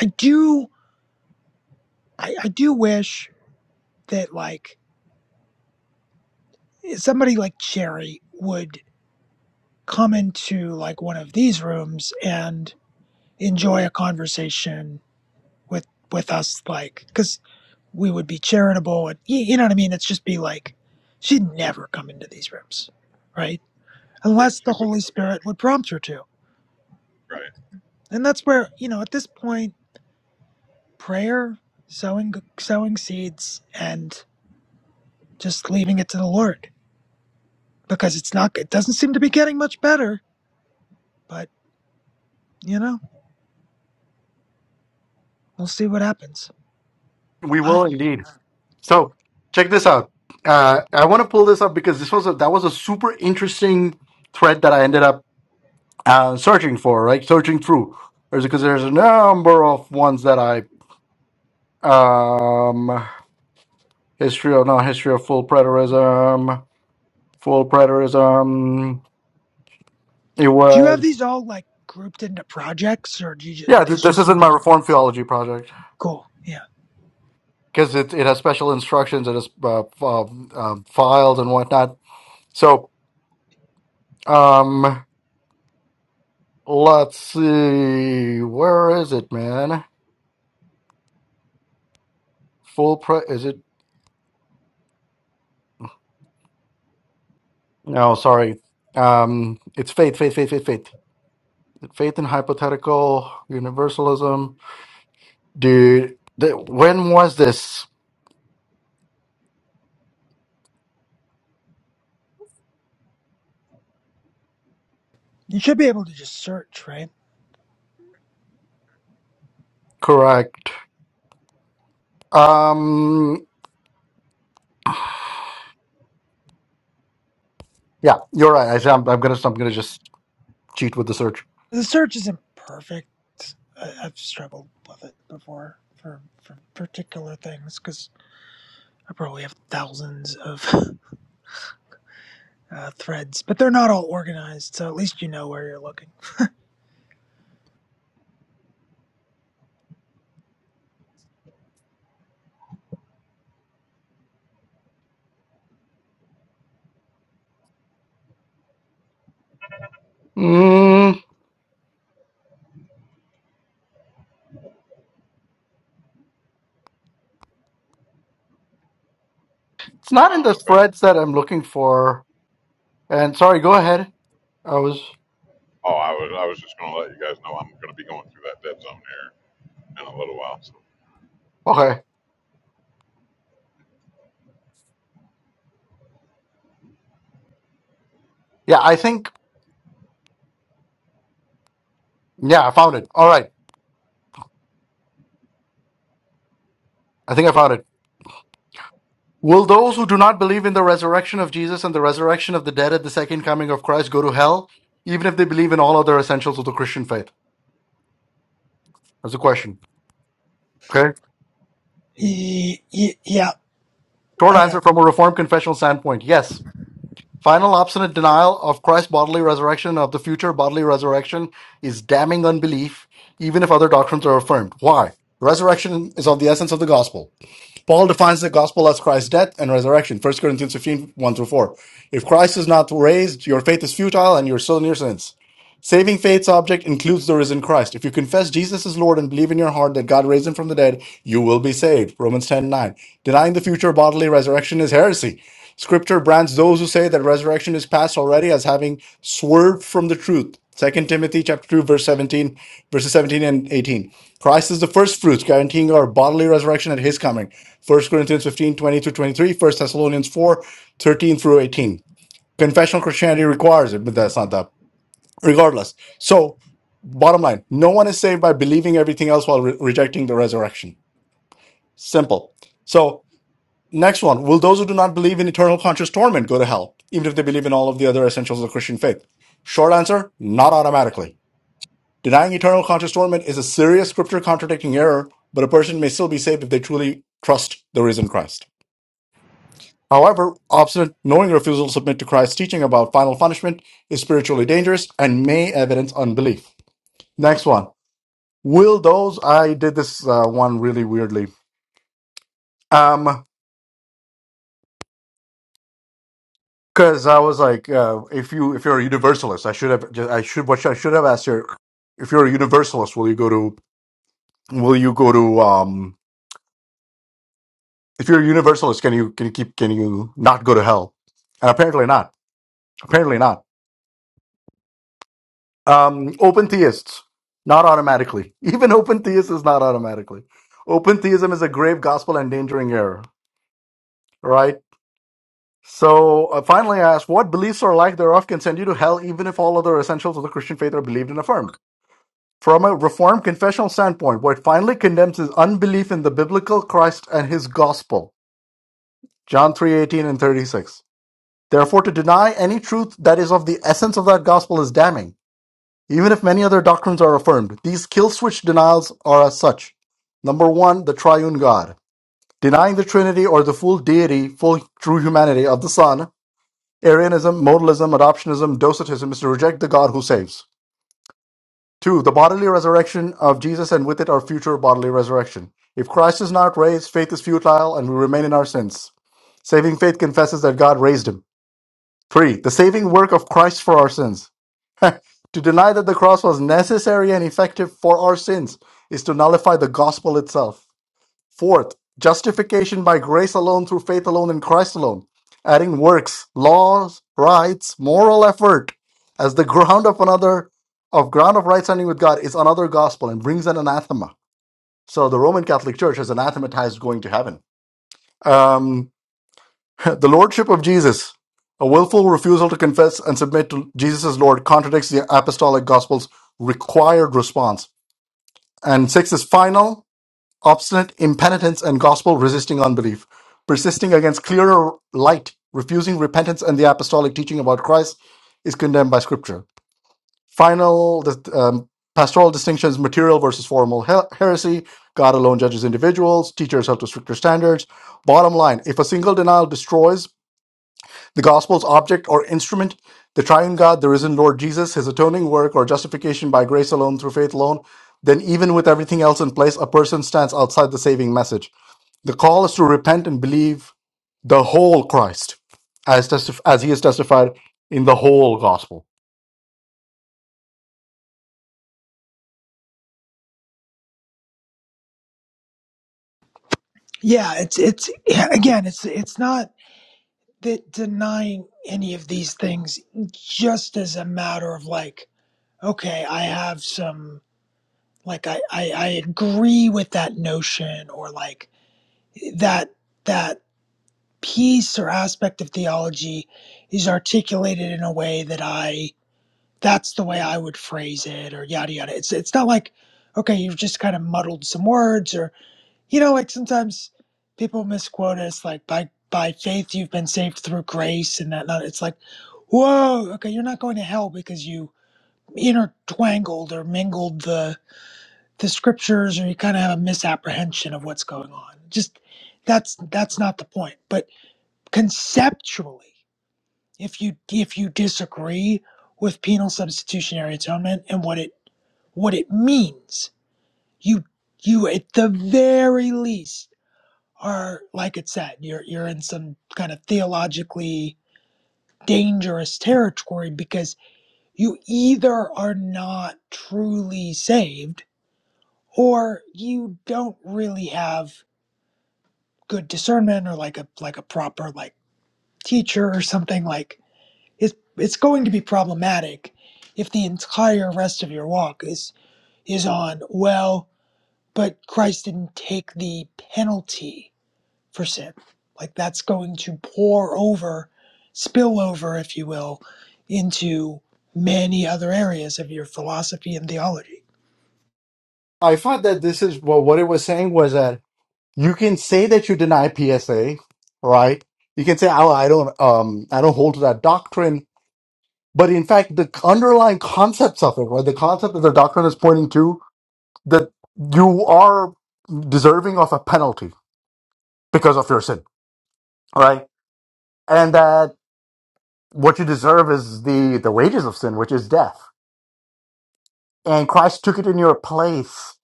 Speaker 6: i do i, I do wish that like somebody like cherry would come into like one of these rooms and enjoy a conversation with with us like because we would be charitable and y- you know what i mean it's just be like she'd never come into these rooms right
Speaker 4: Yes,
Speaker 6: unless the
Speaker 4: it would
Speaker 6: holy
Speaker 4: be,
Speaker 6: spirit would prompt her to
Speaker 4: right,
Speaker 6: and that's where you know at this point prayer sowing sowing seeds and just leaving it to the lord because it's not it doesn't seem to be getting much better but you know we'll see what happens
Speaker 2: We
Speaker 6: I
Speaker 2: will
Speaker 4: yes.
Speaker 2: indeed. So check this out. Uh, I want to pull this up because this was a, that was a super interesting thread that I ended up uh, searching for, right? Searching through, there's because there's a number of ones that I um history of not history of full preterism, full preterism. It
Speaker 6: Do you have
Speaker 2: was
Speaker 6: these all like grouped into projects, or do you ju- are
Speaker 2: yeah. Th-
Speaker 6: these
Speaker 2: this
Speaker 6: just
Speaker 2: isn't my reform theology project
Speaker 6: cool? Yeah,
Speaker 2: because it it has special instructions, it has uh, f- uh, uh, files and whatnot. So. Um, Let's see. Where is it, man? Full pre is it? No, sorry. Um, it's faith, faith, faith, faith, faith. Faith in hypothetical universalism. Dude, th- when was this?
Speaker 6: you should be able to just search, right?
Speaker 2: Correct. Um, yeah, you're right. I, said I'm, I'm gonna, I'm gonna just cheat with the search.
Speaker 6: The search isn't perfect. I, I've struggled with it before for for particular things because I probably have thousands of uh, threads, but they're not all organized, so at least you know where you're looking.
Speaker 2: Mm, it's not in
Speaker 4: Um,
Speaker 2: the
Speaker 4: I've
Speaker 2: threads that I'm looking for. And sorry, go ahead. I was
Speaker 4: oh, I was, I was just gonna let you guys know I'm gonna be going through that dead zone here in a little while, so.
Speaker 2: okay. Yeah, I think. Yeah, I found it. All right. I think I found it. Will those who do not believe in the resurrection of Jesus and the resurrection of the dead at the second coming of Christ go to hell, even if they believe in all other essentials of the Christian faith? That's the question. Okay.
Speaker 6: Y- y- yeah,
Speaker 2: Short
Speaker 6: I
Speaker 2: answer
Speaker 6: got.
Speaker 2: from a Reformed confessional standpoint yes. Final obstinate denial of Christ's bodily resurrection and of the future bodily resurrection is damning unbelief, even if other doctrines are affirmed. Why? Resurrection is of the essence of the gospel. Paul defines the gospel as Christ's death and resurrection. First Corinthians fifteen one through 4. If Christ is not raised, your faith is futile and you're still in your sins. Saving faith's object includes the risen Christ. If you confess Jesus is Lord and believe in your heart that God raised him from the dead, you will be saved. Romans 10 9. Denying the future bodily resurrection is heresy. Scripture brands those who say that resurrection is past already as having swerved from the truth. Second Timothy chapter 2, verse 17, verses 17 and 18. Christ is the first fruits, guaranteeing our bodily resurrection at his coming. First Corinthians fifteen twenty 20 through 23, 1 Thessalonians 4 13 through 18. Confessional Christianity requires it, but that's not that. Regardless. So, bottom line, no one is saved by believing everything else while re- rejecting the resurrection. Simple. So Next one. Will those who do not believe in eternal conscious torment go to hell, even if they believe in all of the other essentials of the Christian faith? Short answer, not automatically. Denying eternal conscious torment is a serious scripture contradicting error, but a person may still be saved if they truly trust the risen Christ. However, obstinate, knowing refusal to submit to Christ's teaching about final punishment is spiritually dangerous and may evidence unbelief. Next one. Will those, I did this uh, one really weirdly. Um. Because I was like, uh, if you if you're a universalist, I should have ju- I should what I should have asked her. If you're a universalist, will you go to will you go to um? If you're a universalist, can you can you keep can you not go to hell? And apparently not. Apparently not. Um, open theists, not automatically. Even open theist is not automatically. Open theism is a grave gospel endangering error. Right. So uh, finally, I asked, what beliefs or lack thereof can send you to hell, even if all other essentials of the Christian faith are believed and affirmed? From a Reformed confessional standpoint, White finally condemns his unbelief in the biblical Christ and his gospel. John 3:18 and 36. Therefore, to deny any truth that is of the essence of that gospel is damning, even if many other doctrines are affirmed. These kill switch denials are as such. Number 1, the triune God. Denying the Trinity or the full deity, full true humanity of the Son, Arianism, modalism, adoptionism, docetism is to reject the God who saves. Two, the bodily resurrection of Jesus and with it our future bodily resurrection. If Christ is not raised, faith is futile and we remain in our sins. Saving faith confesses that God raised him. Three, the saving work of Christ for our sins. To deny that the cross was necessary and effective for our sins is to nullify the gospel itself. Fourth, justification by grace alone through faith alone in Christ alone, adding works, laws, rights, moral effort as the ground of another of ground of right standing with God is another gospel and brings an anathema. So the Roman Catholic Church has anathematized going to heaven. Um, the lordship of Jesus, a willful refusal to confess and submit to Jesus as Lord, contradicts the apostolic gospel's required response. And six is final obstinate impenitence and gospel resisting unbelief, persisting against clearer light, refusing repentance and the apostolic teaching about Christ is condemned by Scripture. Final the, um, pastoral distinctions material versus formal he- heresy. God alone judges individuals. Teach yourself to stricter standards. Bottom line if a single denial destroys the gospel's object or instrument, the triune God, the risen Lord Jesus, his atoning work, or justification by grace alone through faith alone, then even with everything else in place, a person stands outside the saving message. The call is to repent and believe the whole Christ, as testif- as he is testified in the whole gospel.
Speaker 6: Yeah, it's it's yeah, again, it's it's not that denying any of these things just as a matter of like okay, I have some like I, I I agree with that notion or like that that piece or aspect of theology is articulated in a way that I that's the way I would phrase it or yada yada. It's it's not like okay, you've just kind of muddled some words or you know like sometimes people misquote us like by by faith you've been saved through grace and that that- it's like whoa okay you're not going to hell because you intertwangled or mingled the the scriptures or you kind of have a misapprehension of what's going on just that's that's not the point but conceptually if you if you disagree with penal substitutionary atonement and what it what it means you you at the very least are like it said you're you're in some kind of theologically dangerous territory because you either are not truly saved or you don't really have good discernment or like a like a proper like teacher or something like it's it's going to be problematic if the entire rest of your walk is is on well but Christ didn't take the penalty for sin like that's going to pour over spill over if you will into many other areas of your philosophy and theology
Speaker 2: I thought that this is well, what it was saying was that you can say that you deny PSA, right? You can say, "Oh, I don't, um, I don't hold to that doctrine," but in fact, the underlying concepts of it, right? The concept that the doctrine is pointing to that you are deserving of a penalty because of your sin, right? And that what you deserve is the the wages of sin, which is death and Christ took it in your place.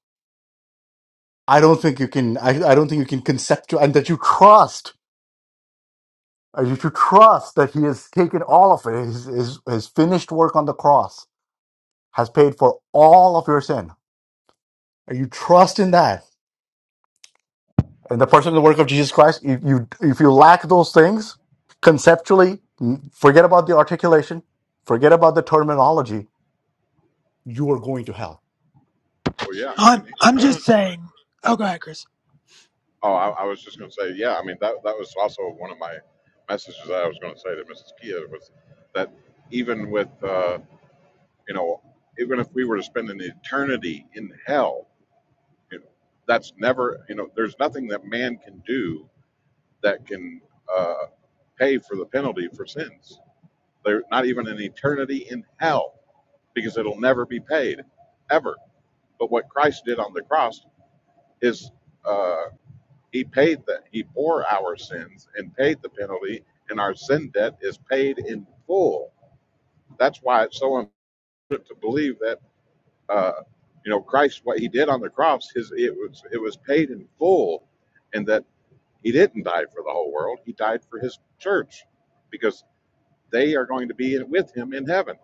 Speaker 2: I don't think you can. I, I don't think you can conceptual and that you trust. uh, You should trust that He has taken all of it. His, his, his finished work on the cross has paid for all of your sin. And You trust in that. And the person and the work of Jesus Christ. If you if you lack those things conceptually, n- forget about the articulation, forget about the terminology. You are going to hell.
Speaker 4: oh yeah,
Speaker 6: i'm
Speaker 4: and, he-
Speaker 6: i'm just saying oh go ahead chris
Speaker 4: oh, I, I was just gonna say, yeah, I mean, that, that was also one of my messages that I was gonna say to Mrs. Kia was that even with, uh, you know, even if we were to spend an eternity in hell, you know, that's never, you know, there's nothing that man can do that can, uh, pay for the penalty for sins They're not even an eternity in hell because it'll never be paid ever. But what Christ did on the cross is uh, he paid that he bore our sins and paid the penalty, and our sin debt is paid in full. That's why it's so important to believe that uh, you know Christ what he did on the cross his it was it was paid in full, and that he didn't die for the whole world. He died for his church because they are going to be with him in heaven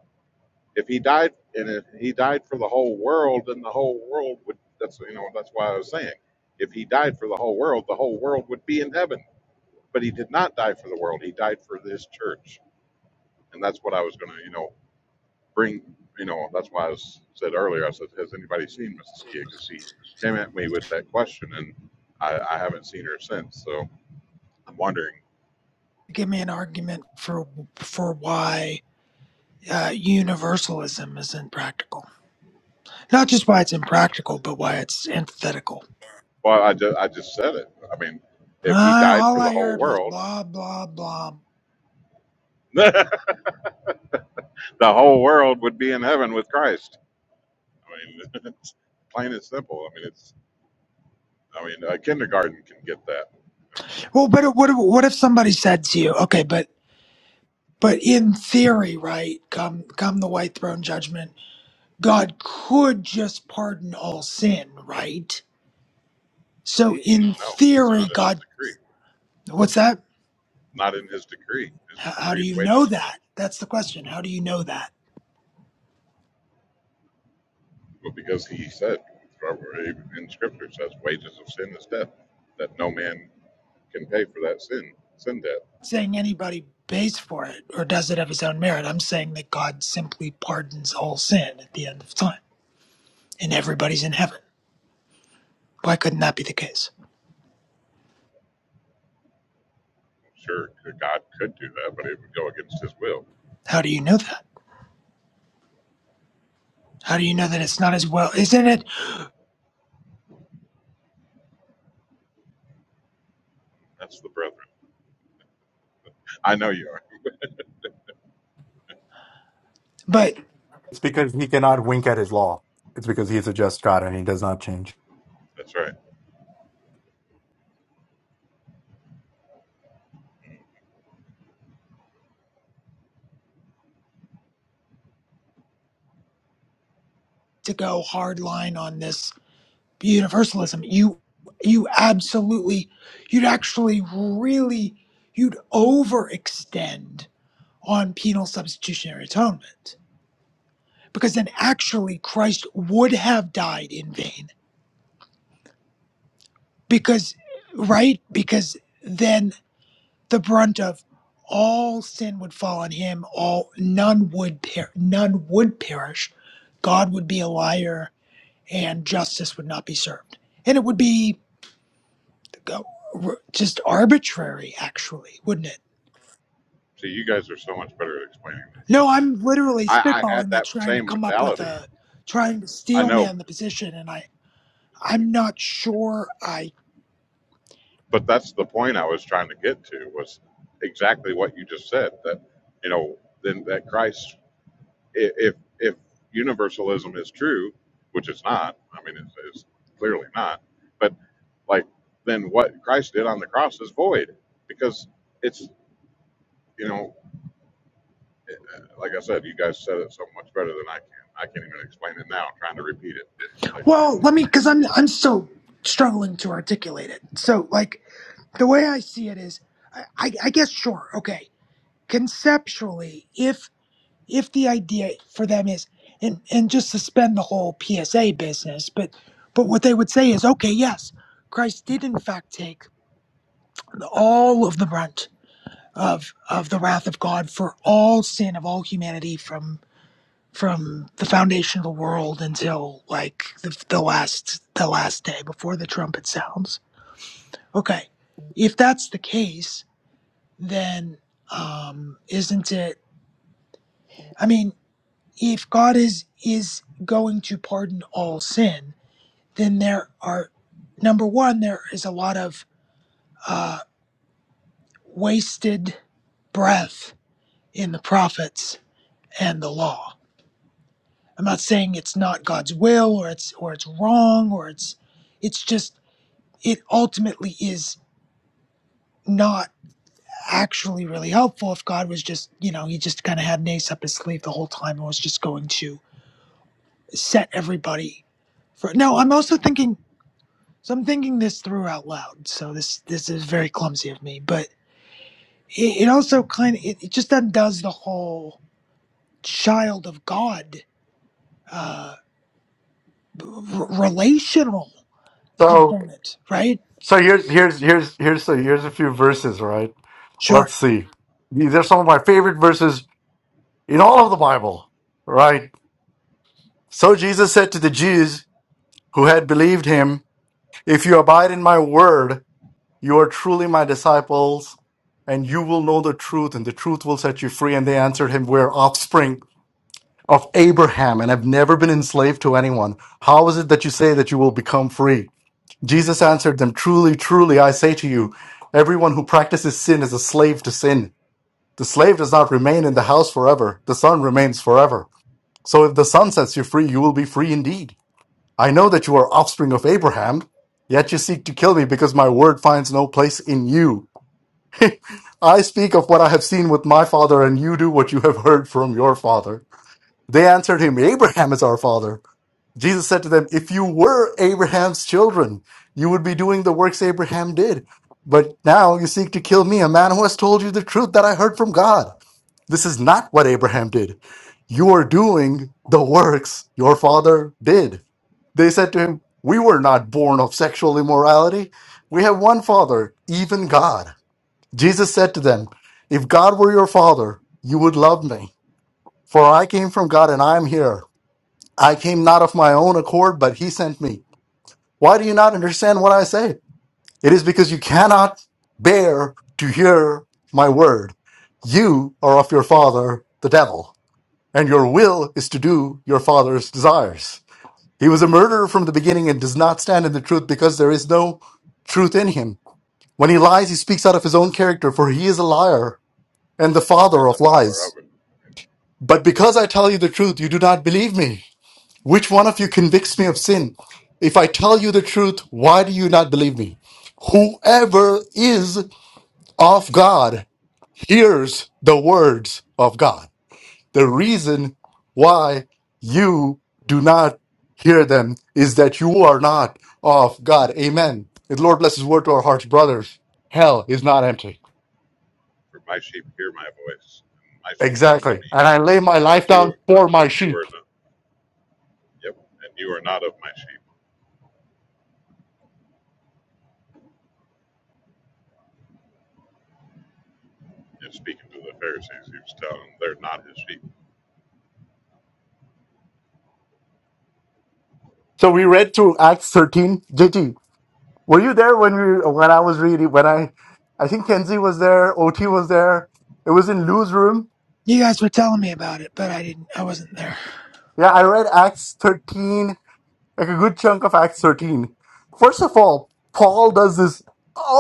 Speaker 4: if he died and if he died for the whole world, then the whole world would that's you know, that's why I was saying. If he died for the whole world, the whole world would be in heaven. But he did not die for the world, he died for this church. And that's what I was gonna, you know, bring you know, that's why I was, said earlier, I said, Has anybody seen Mrs. Kia? Because she came at me with that question and I, I haven't seen her since. So I'm wondering.
Speaker 6: give me an argument for for why uh, universalism is impractical. Not just why it's impractical, but why it's antithetical.
Speaker 4: Well, I just, I just said it. I mean, if he
Speaker 6: Uh,
Speaker 4: died
Speaker 6: all
Speaker 4: for the
Speaker 6: I
Speaker 4: whole
Speaker 6: heard was
Speaker 4: world,
Speaker 6: blah blah blah.
Speaker 4: the whole world would be in heaven with Christ. I mean, it's plain and simple. I mean, it's, I mean, a kindergarten can get that. I
Speaker 6: Well, but what if, what if somebody said to you, okay, but but in theory, right? Come come the white throne judgment, God could just pardon all sin, right? So
Speaker 4: mean, mm-mm,
Speaker 6: in
Speaker 4: no, it's
Speaker 6: theory,
Speaker 4: not in his
Speaker 6: God,
Speaker 4: decree.
Speaker 6: what's that?
Speaker 4: Not in his decree. His
Speaker 6: How, how do
Speaker 4: decree
Speaker 6: you know
Speaker 4: wages of,
Speaker 6: that? That's the question. How do you know that?
Speaker 4: well, because he said, in scripture says, wages of sin is death, that no man can pay for that sin, sin debt.
Speaker 6: saying anybody pays for it or does it of his own merit. I'm saying that God simply pardons all sin at the end of time and everybody's in heaven. Why couldn't that be the case?
Speaker 4: Sure, God could do that, but it would go against his will.
Speaker 6: How do you know that? How do you know that it's not as well? Isn't it?
Speaker 4: That's the brethren. I know you are.
Speaker 6: But
Speaker 2: It's because He cannot wink at His law. It's because He is a just God and He does not change.
Speaker 4: That's right.
Speaker 6: to go hard line on this universalism, you you absolutely you'd actually really you'd overextend on penal substitutionary atonement because then actually Christ would have died in vain because right because then the brunt of all sin would fall on him all none would per- none would perish god would be a liar and justice would not be served and it would be uh, r- just arbitrary actually wouldn't it
Speaker 4: See, you guys are so much better at explaining this than
Speaker 6: no
Speaker 4: I am.
Speaker 6: i'm
Speaker 4: 'cause
Speaker 6: literally
Speaker 4: I, I had
Speaker 6: spitballing it
Speaker 4: that
Speaker 6: trying to
Speaker 4: same
Speaker 6: come up with
Speaker 4: mentality.
Speaker 6: a trying to
Speaker 4: I
Speaker 6: steel
Speaker 4: know.
Speaker 6: man the position and i i'm not sure i
Speaker 4: but that's the point I was trying to get to was exactly what you just said that you know then that Christ i- if if universalism is true, which it's not, I mean it's, it's clearly not, but like then what Christ did on the cross is void because it's you know like I said, you guys said it so much better than I can. I can't even explain it now. I'm trying to repeat it. Like,
Speaker 6: well let me because i'm i'm still struggling to articulate it so like the way I see it is, I, I I guess sure, okay. Conceptually, if if the idea for them is and and just suspend the whole PSA business, but but what they would say is, okay, yes, Christ did in fact take all of the brunt of of the wrath of God for all sin of all humanity from from the foundation of the world until like the, the last the last day before the trumpet sounds. Okay, if that's the case then um, isn't it? I mean, if God is is going to pardon all sin, then there are number one, there is a lot of uh, wasted breath in the prophets and the law. I'm not saying it's not God's will or it's or it's wrong or it's it's just it ultimately is not actually really helpful if God was just, you know, he just kind of had an ace up his sleeve the whole time and was just going to set everybody For, no, I'm also thinking. So I'm thinking this through out loud. So this this is very clumsy of me, but it, it also kind of it, it just undoes the whole child of God uh, r- relational
Speaker 2: So.
Speaker 6: component, right?
Speaker 2: So here's here's here's here's so here's a few verses, right?
Speaker 6: Sure.
Speaker 2: Let's see. These are some of my favorite verses in all of the Bible, right? So Jesus said to the Jews who had believed him, "If you abide in my word, you are truly my disciples, and you will know the truth, and the truth will set you free." And they answered him, "We're offspring of Abraham and have never been enslaved to anyone. How is it that you say that you will become free?" Jesus answered them, Truly, truly, I say to you, everyone who practices sin is a slave to sin. The slave does not remain in the house forever, the son remains forever. So if the son sets you free, you will be free indeed. I know that you are offspring of Abraham, yet you seek to kill me because my word finds no place in you. I speak of what I have seen with my father, and you do what you have heard from your father. They answered him, Abraham is our father. Jesus said to them, If you were Abraham's children, you would be doing the works Abraham did. But now you seek to kill me, a man who has told you the truth that I heard from God. This is not what Abraham did. You are doing the works your father did. They said to him, We were not born of sexual immorality. We have one father, even God. Jesus said to them, If God were your father, you would love me, for I came from God and I am here. I came not of my own accord, but he sent me. Why do you not understand what I say? It is because you cannot bear to hear my word. You are of your father, the devil, and your will is to do your father's desires. He was a murderer from the beginning and does not stand in the truth because there is no truth in him. When he lies, he speaks out of his own character, for he is a liar and the father
Speaker 4: and the
Speaker 2: of
Speaker 4: Father of
Speaker 2: lies.
Speaker 4: it,
Speaker 2: But because I tell you the truth, you do not believe me. Which one of you convicts me of sin? If I tell you the truth, why do you not believe me? Whoever is of God hears the words of God. The reason why you do not hear them is that you are not of God. Amen. May the Lord bless his word to our hearts, brothers. Hell is not empty.
Speaker 4: for my sheep hear my voice, and my sheep come to
Speaker 2: Exactly.
Speaker 4: me.
Speaker 2: And I lay my life
Speaker 4: But you,
Speaker 2: down for
Speaker 4: but
Speaker 2: my
Speaker 4: you
Speaker 2: sheep.
Speaker 4: are not. Yep. And you are not of my sheep. And speaking to the Pharisees, he was telling them they're not his sheep.
Speaker 2: So we read through Acts 13. JT, Were you there when we when I was reading when I I think Kenzie was there, OT was there. It was in Lou's room.
Speaker 6: You guys were telling me about it, but I didn't. I wasn't there.
Speaker 2: Yeah, I read Acts 13, like a good chunk of Acts 13. First of all, Paul does this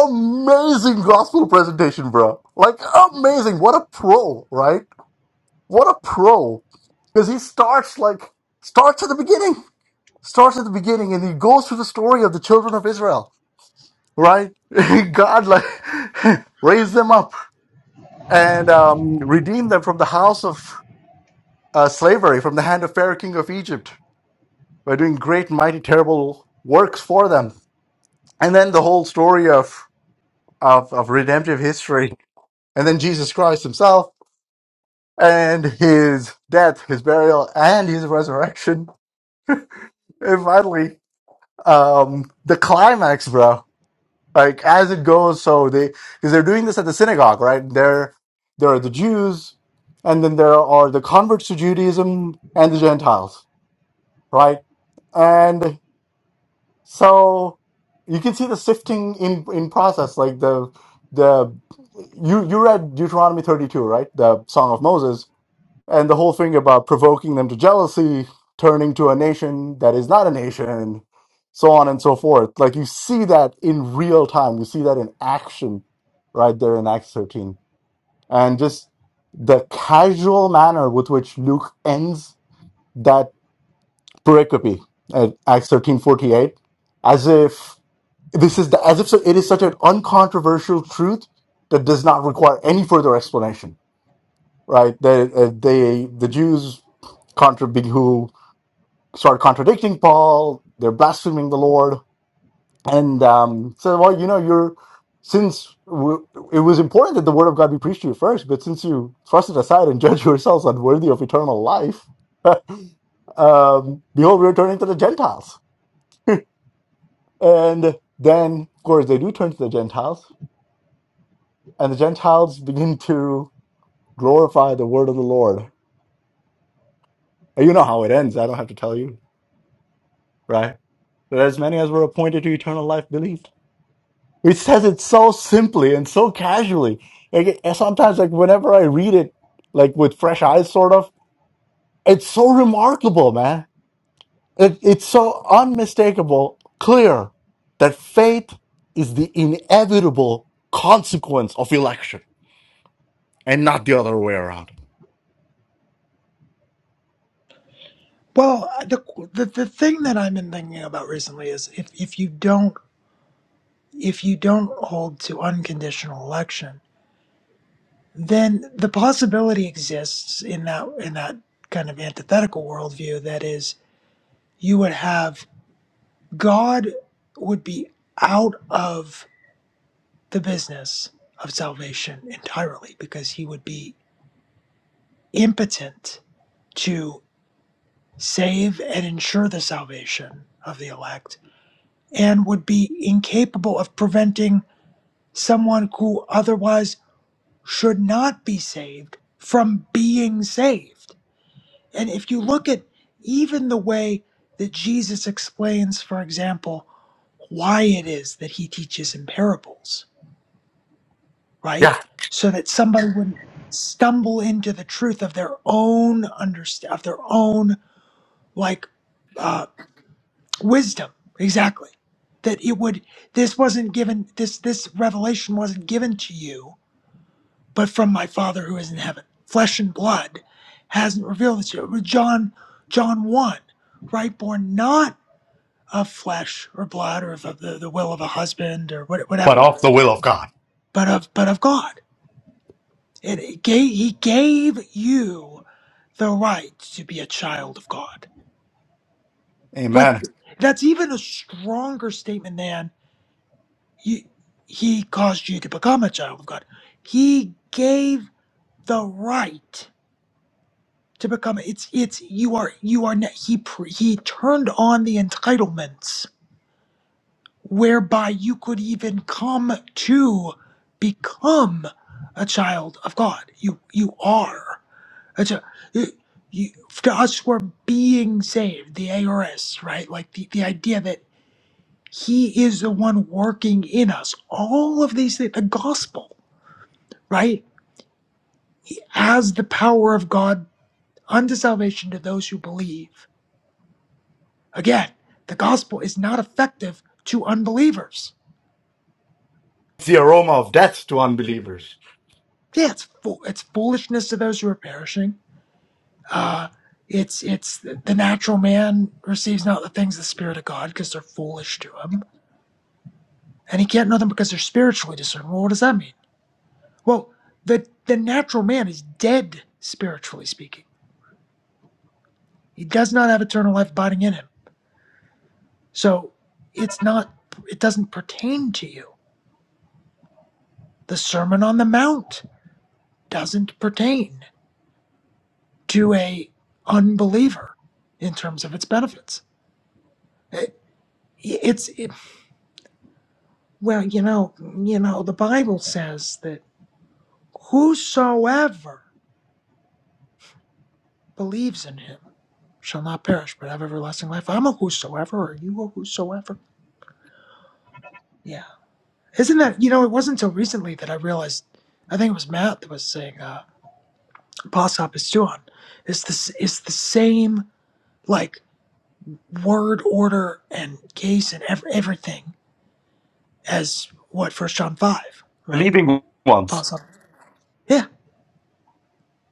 Speaker 2: amazing gospel presentation, bro. Like amazing. What a pro, right? What a pro. Because he starts like starts at the beginning. Starts at the beginning and he goes through the story of the children of Israel, right? God like raised them up and um, redeemed them from the house of uh, slavery, from the hand of Pharaoh, king of Egypt, by doing great, mighty, terrible works for them. And then the whole story of, of, of redemptive history, and then Jesus Christ himself and his death, his burial, and his resurrection. And finally, um, the climax, bro. Like as it goes, so they because they're doing this at the synagogue, right? There, there are the Jews, and then there are the converts to Judaism and the Gentiles right? And so you can see the sifting in in process, like the the you you read Deuteronomy thirty two, right? The Song of Moses, and the whole thing about provoking them to jealousy, turning to a nation that is not a nation, so on and so forth. Like you see that in real time, you see that in action, right there in Acts thirteen, and just the casual manner with which Luke ends that pericope at Acts thirteen forty eight, as if this is the, as if so, it is such an uncontroversial truth that does not require any further explanation, right? That uh, they the Jews contra- who start contradicting Paul, they're blaspheming the Lord, and um, so well, you know, you're since w- it was important that the word of God be preached to you first, but since you thrust it aside and judge yourselves unworthy of eternal life, um, behold, we're turning to the Gentiles And then, of course, they do turn to the Gentiles, and the Gentiles begin to glorify the word of the Lord. And You know how it ends. I don't have to tell you, right? That as many as were appointed to eternal life believed. It says it so simply and so casually. Like, and sometimes, like whenever I read it, like with fresh eyes, sort of, it's so remarkable, man. It, it's so unmistakable, clear that faith is the inevitable consequence of election and not the other way around.
Speaker 6: Well, the the, the thing that I've been thinking about recently is if if you don't if you don't hold to unconditional election then the possibility exists in that in that kind of antithetical worldview that is you would have god would be out of the business of salvation entirely because he would be impotent to save and ensure the salvation of the elect and would be incapable of preventing someone who otherwise should not be saved from being saved And if you look at even the way that Jesus explains, for example, why it is that he teaches in parables, right?
Speaker 2: Yeah,
Speaker 6: So that somebody wouldn't stumble into the truth of their own understand of their own like uh, wisdom. Exactly. That it would this wasn't given this this revelation wasn't given to you but from my Father who is in heaven. Flesh and blood hasn't revealed this to you. John, John 1, right? Born not of flesh or blood or of the, the will of a husband or
Speaker 2: but
Speaker 6: whatever,
Speaker 2: of
Speaker 6: right?
Speaker 2: the will of God.
Speaker 6: but of but of God. And it gave, he gave you the right to be a child of God. Like
Speaker 2: Amen.
Speaker 6: that's even a stronger statement than he, he caused you to become a child of God. He gave the right. to become it's it's you are you are ne- he pr- he turned on the entitlements whereby you could even come to become a child of god you you are a chi- you, you, to us who are being saved the ars right like the, the idea that he is the one working in us all of these things the gospel right as the power of god unto salvation to those who believe Again, the gospel is not effective to unbelievers.
Speaker 2: It's the aroma of death to unbelievers,
Speaker 6: Yeah, it's fool, it's foolishness to those who are perishing. Uh, it's it's the natural man receives not the things of the spirit of God because they're foolish to him, and he can't know them because they're spiritually discerned. Well, what does that mean? Well, the the natural man is dead spiritually speaking. He does not have eternal life abiding in him. So it's not it doesn't pertain to you. The Sermon on the Mount doesn't pertain. to a unbeliever in terms of its benefits. It- it's it- well, you know, you know, the Bible says that whosoever believes in him shall not perish but have everlasting life. I'm a whosoever, or you a whosoever? Yeah, isn't that you know? It wasn't until recently that I realized. I think it was Matt that was saying, uh, "Boss up It's the it's the same like word order and case and ev- everything as what First John five, right?
Speaker 2: believing
Speaker 6: Paul
Speaker 2: ones.
Speaker 6: says, yeah,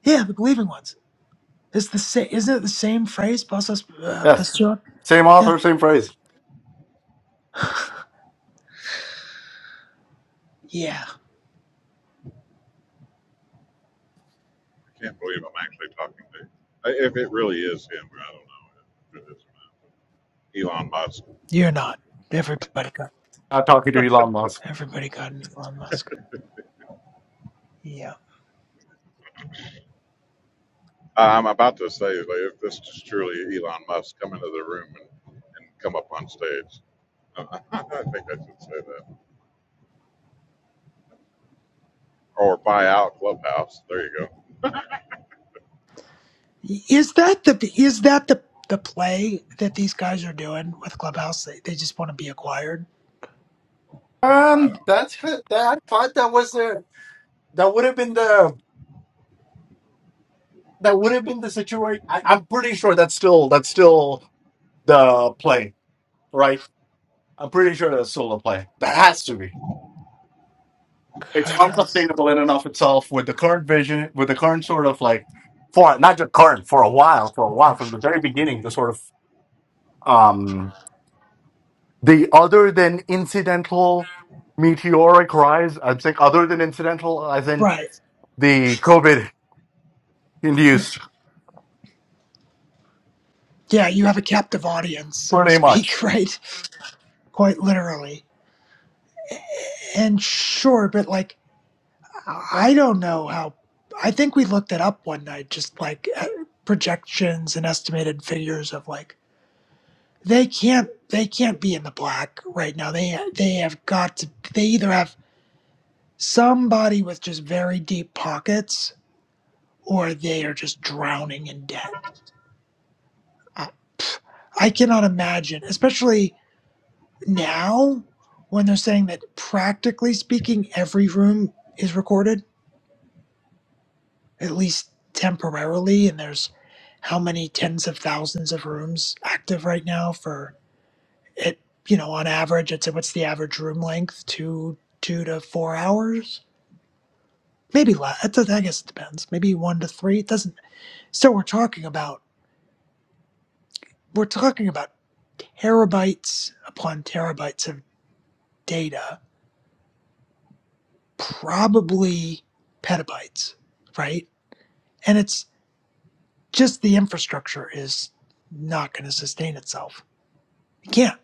Speaker 6: yeah, the believing ones. It's the same, isn't it the same phrase? Paul says, uh,
Speaker 2: Yes,
Speaker 6: "Pastor,"
Speaker 2: same
Speaker 6: yeah,
Speaker 2: author, same phrase.
Speaker 6: yeah.
Speaker 4: I can't believe I'm actually talking to you. If it really is him, I don't know if it is or not. Elon Musk.
Speaker 6: You're not. Everybody got
Speaker 2: Not talking to Elon Musk.
Speaker 6: everybody got an Elon Musk. Yeah.
Speaker 4: I- I'm about to say, like, if this is truly Elon Musk, come into the room and, and come up on stage. I think I should say that. Or buy out Clubhouse. There you go.
Speaker 6: Is that the is that the the play that these guys are doing with Clubhouse? They they just want to be acquired.
Speaker 2: Um, that's that. I thought that was the that would have been the that would have been the situation. I, I'm pretty sure that's still that's still the play, right? I'm pretty sure that's still the play. That has to be. It's
Speaker 6: 'Cause-
Speaker 2: unsustainable in and of itself with the current vision, with the current sort of like for not just current for a while, for a while from the very beginning, the sort of um the other than incidental meteoric rise. I'm saying other than incidental, as in
Speaker 6: right.
Speaker 2: the COVID induced,
Speaker 6: Yeah, you have a captive audience, so to
Speaker 2: pretty much.
Speaker 6: speak, right? Quite literally. And sure, but like I don't know how. I think we looked it up one night, just like uh, projections and estimated figures of like they can't they can't be in the black right now. They they have got to. They either have somebody with just very deep pockets, or they are just drowning in debt. I, I cannot imagine, especially now when they're saying that practically speaking, every room is recorded at least temporarily. And there's how many tens of thousands of rooms active right now for it, you know, on average, I'd say what's the average room length? Two, two to four hours? Maybe less. I guess it depends. Maybe one to three. It doesn't. So we're talking about, we're talking about terabytes upon terabytes of data, probably petabytes, right? And it's just the infrastructure is not going to sustain itself. It can't.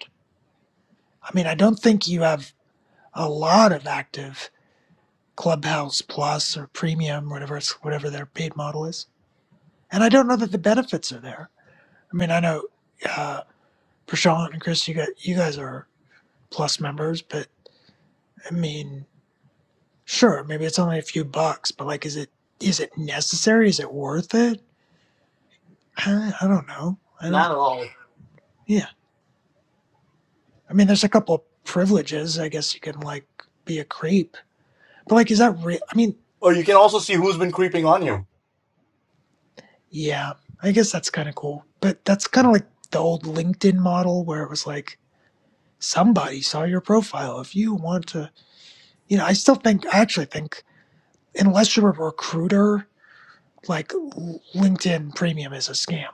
Speaker 6: I mean, I don't think you have a lot of active Clubhouse Plus or Premium, whatever it's, whatever their paid model is. And I don't know that the benefits are there. I mean, I know uh, Prashant and Chris, you got you guys are Plus members, but I mean, sure, maybe it's only a few bucks, but like, is it is it necessary? Is it worth it? I, I don't know. I
Speaker 2: Not
Speaker 6: don't.
Speaker 2: at all.
Speaker 6: Yeah, I mean, there's a couple privileges. I guess you can like be a creep, but like, is that real? I mean,
Speaker 2: Or you can also see who's been creeping on you
Speaker 6: Yeah, I guess that's kind of cool. But that's kind of like the old LinkedIn model where it was like somebody saw your profile. If you want to, you know, I still think, I actually think, unless you're a recruiter, like L- LinkedIn Premium is a scam.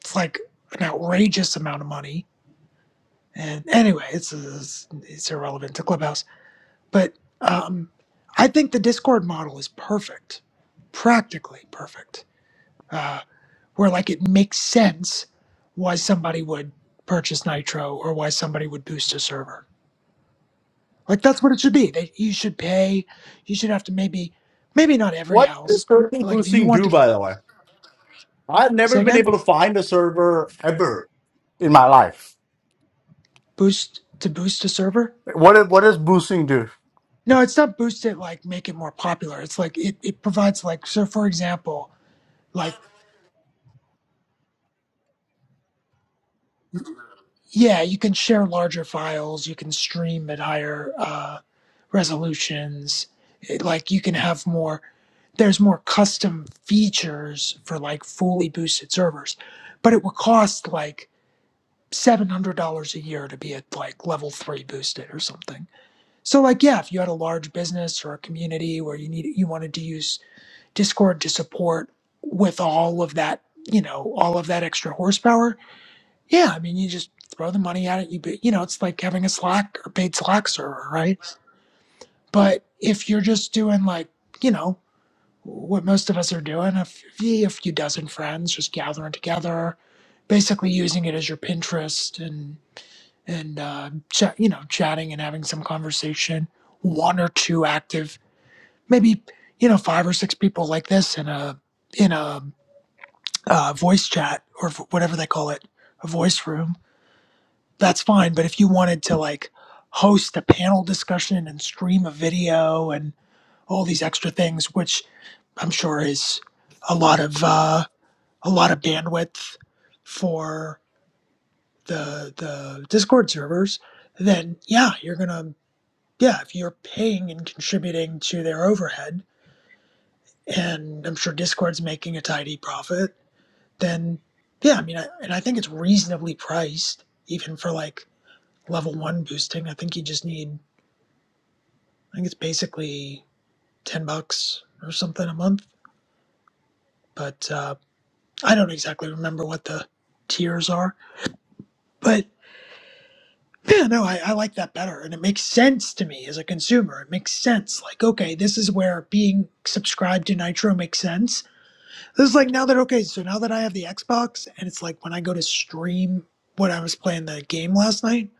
Speaker 6: It's like an outrageous amount of money. And anyway, it's it's, it's irrelevant to Clubhouse. But um, I think the Discord model is perfect, practically perfect. Uh, where like it makes sense why somebody would purchase Nitro or why somebody would boost a server. Like that's what it should be. That you should pay. You should have to maybe, maybe not every
Speaker 2: What does
Speaker 6: house,
Speaker 2: turkey
Speaker 6: but like if you
Speaker 2: boosting
Speaker 6: want
Speaker 2: do,
Speaker 6: to
Speaker 2: by the way? I've never
Speaker 6: say
Speaker 2: been
Speaker 6: again,
Speaker 2: able to find a server ever in my life.
Speaker 6: boost to boost a server.
Speaker 2: What what does boosting do?
Speaker 6: No, it's not boost it like make it more popular. It's like it, it provides like so for example, like Yeah, you can share larger files. You can stream at higher uh, resolutions. It- like you can have more. There's more custom features for like fully boosted servers, but it would cost like seven hundred dollars a year to be at like level three boosted or something. So like yeah, if you had a large business or a community where you need you wanted to use Discord to support with all of that, you know, all of that extra horsepower, yeah, I mean, you just throw the money at it. You you know, it's like having a Slack or paid Slack server, right? But if you're just doing like, you know, what most of us are doing, a f- a few dozen friends just gathering together, basically using it as your Pinterest and and uh, chat, you know, chatting and having some conversation. One or two active, maybe you know, five or six people like this in a in a uh, voice chat or v- whatever they call it, a voice room that's fine. But if you wanted to like host a panel discussion and stream a video and all these extra things, which I'm sure is a lot of uh, a lot of bandwidth for the the Discord servers, then yeah, you're gonna yeah if you're paying and contributing to their overhead, and I'm sure Discord's making a tidy profit, then yeah, I mean, I, and I think it's reasonably priced even for like level one boosting. I think you just need I think it's basically 10 bucks or something a month, but uh, I don't exactly remember what the tiers are. But yeah, no, I, I like that better. And it makes sense to me as a consumer. It makes sense. Like, okay, this is where being subscribed to Nitro makes sense. This is like now that, okay, so now that I have the Xbox, and it's like when I go to stream what I was playing the game last night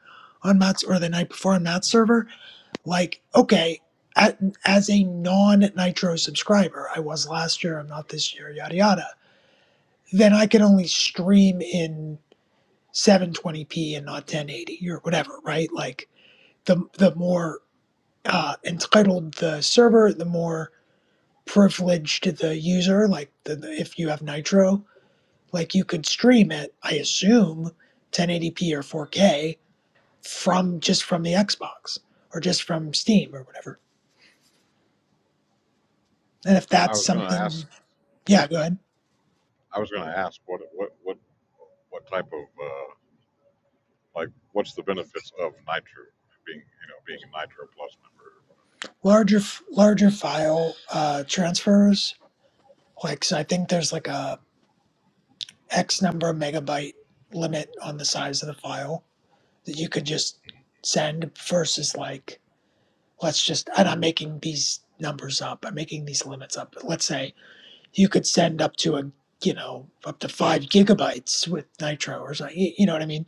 Speaker 6: on Matt's or the night before on Matt's server, like okay a- as a non nitro subscriber i was last year i'm not this year yada yada then i can only stream in 720p and not 1080 or whatever right like the the more uh, entitled the server the more privileged the user like the, the- if you have nitro like you could stream it i assume 1080p or 4k from just from the xbox or just from steam or whatever and if
Speaker 4: I
Speaker 6: that's
Speaker 4: was going to
Speaker 6: something
Speaker 4: ask.
Speaker 6: Yeah, go ahead.
Speaker 4: I was going to ask what what what what type of uh, like what's the benefits of Nitro being you know being a Nitro Plus member
Speaker 6: Larger, larger file uh, transfers. Like, 'cause I think there's like a X number of megabyte limit on the size of the file that you could just send versus like, let's just, and I'm making these numbers up. I'm making these limits up. But let's say you could send up to a, you know, up to five gigabytes with Nitro or something. You, you know what I mean?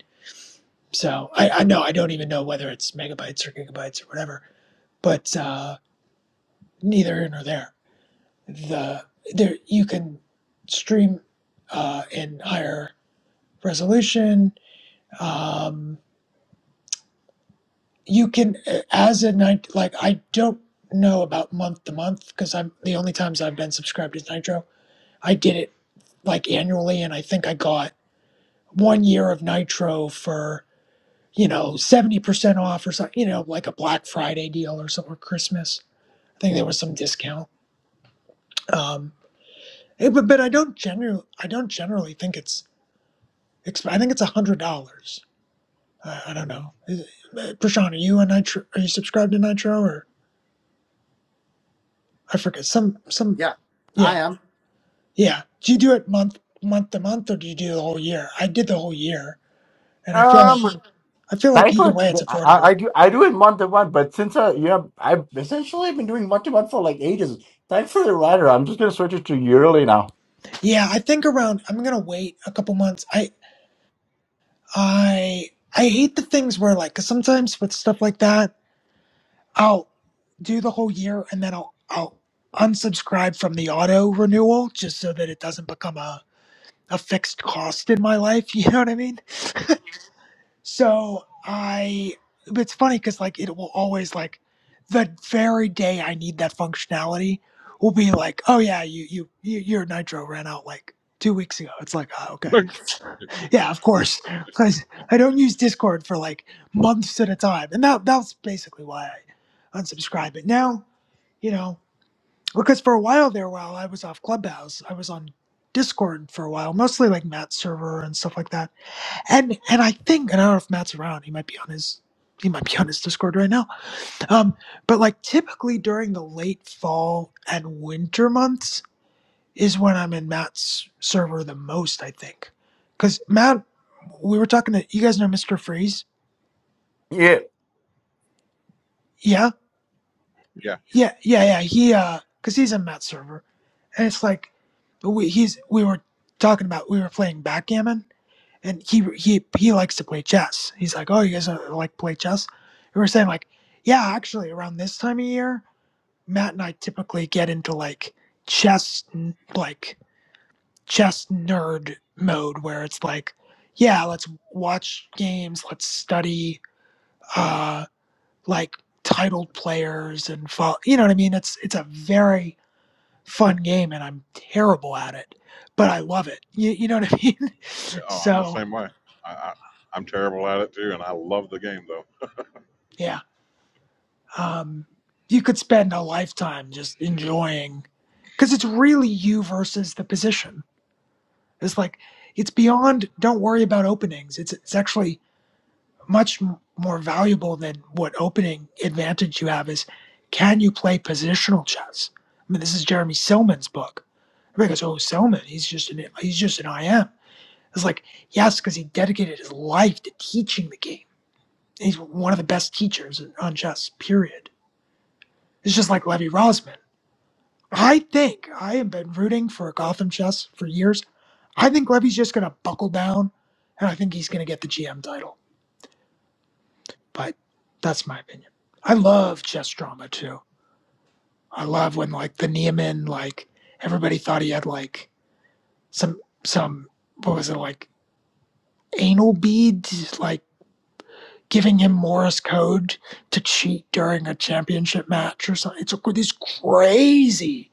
Speaker 6: So I, I know I don't even know whether it's megabytes or gigabytes or whatever, but uh, neither here nor there the there you can stream uh, in higher resolution. Um, you can uh, as a night like I don't know about month to month because I'm the only times I've been subscribed is Nitro. I did it like annually, and I think I got one year of Nitro for you know seventy percent off or something. You know, like a Black Friday deal or something or Christmas. I think there was some discount. Um, eh, but but I don't generally I don't generally think it's I think it's a hundred dollars. I, I don't know. Is it- uh, Prashant, are you a Nitro? Are you subscribed to Nitro or I forget some some?
Speaker 2: Yeah,
Speaker 6: Yeah,
Speaker 2: I am.
Speaker 6: yeah. Do you do it month month to month or do you do the whole year? I did the whole year, and I feel like
Speaker 2: Um,
Speaker 6: I feel
Speaker 2: I,
Speaker 6: like either
Speaker 2: would-
Speaker 6: way it's
Speaker 2: I I
Speaker 6: affordable.
Speaker 2: do I do it month to month, but since uh, yeah, I've essentially been doing month to month for like ages. Thanks for the rider. I'm just gonna switch it to yearly now.
Speaker 6: Yeah, I think around. I'm gonna wait a couple months. I I I hate the things where like because sometimes with stuff like that, I'll do the whole year and then I'll I'll unsubscribe from the auto renewal just so that it doesn't become a a fixed cost in my life. You know what I mean? So I, it's funny because like it will always like the very day I need that functionality will be like, oh yeah, you you you your Nitro ran out like two weeks ago. It's like, oh, okay,
Speaker 4: right.
Speaker 6: yeah, of course, because I don't use Discord for like months at a time, and that that's basically why I unsubscribe. But now, you know because for a while there while i was off clubhouse i was on discord for a while mostly like matt's server and stuff like that and and i think and i don't know if matt's around he might be on his he might be on his discord right now um but like typically during the late fall and winter months is when i'm in matt's server the most i think because matt we were talking to you guys know mr freeze
Speaker 2: Yeah,
Speaker 6: yeah
Speaker 4: Yeah.
Speaker 6: yeah yeah yeah he uh because he's in matt's server and it's like we he's we were talking about we were playing backgammon and he he he likes to play chess he's like oh you guys uh, like play chess and we were saying like yeah actually around this time of year matt and i typically get into like chess like chess nerd mode where it's like yeah let's watch games let's study uh like titled players and follow you know what i mean it's it's a very fun game and I'm terrible at it, but I love it. You, you know what I mean?
Speaker 4: Oh, I'm the
Speaker 6: So,
Speaker 4: same way. I, I I'm terrible at it too, and I love the game though.
Speaker 6: yeah. Um, you could spend a lifetime just enjoying because it's really you versus the position. It's like, it's beyond, don't worry about openings. It's, it's actually much m- more valuable than what opening advantage you have is can you play positional chess? I mean, this is Jeremy Silman's book. Everybody goes, oh, Silman, he's just an, he's just an IM It's like, yes, because he dedicated his life to teaching the game. He's one of the best teachers on chess, period. It's just like Levy Rosman. I think I have been rooting for Gotham chess for years. I think Levy's just going to buckle down, and I think he's going to get the GM title. But that's my opinion. I love chess drama too. I love when like the Nieman, like everybody thought he had like some some what was it like anal bead, like giving him Morse code to cheat during a championship match or something. It's these crazy,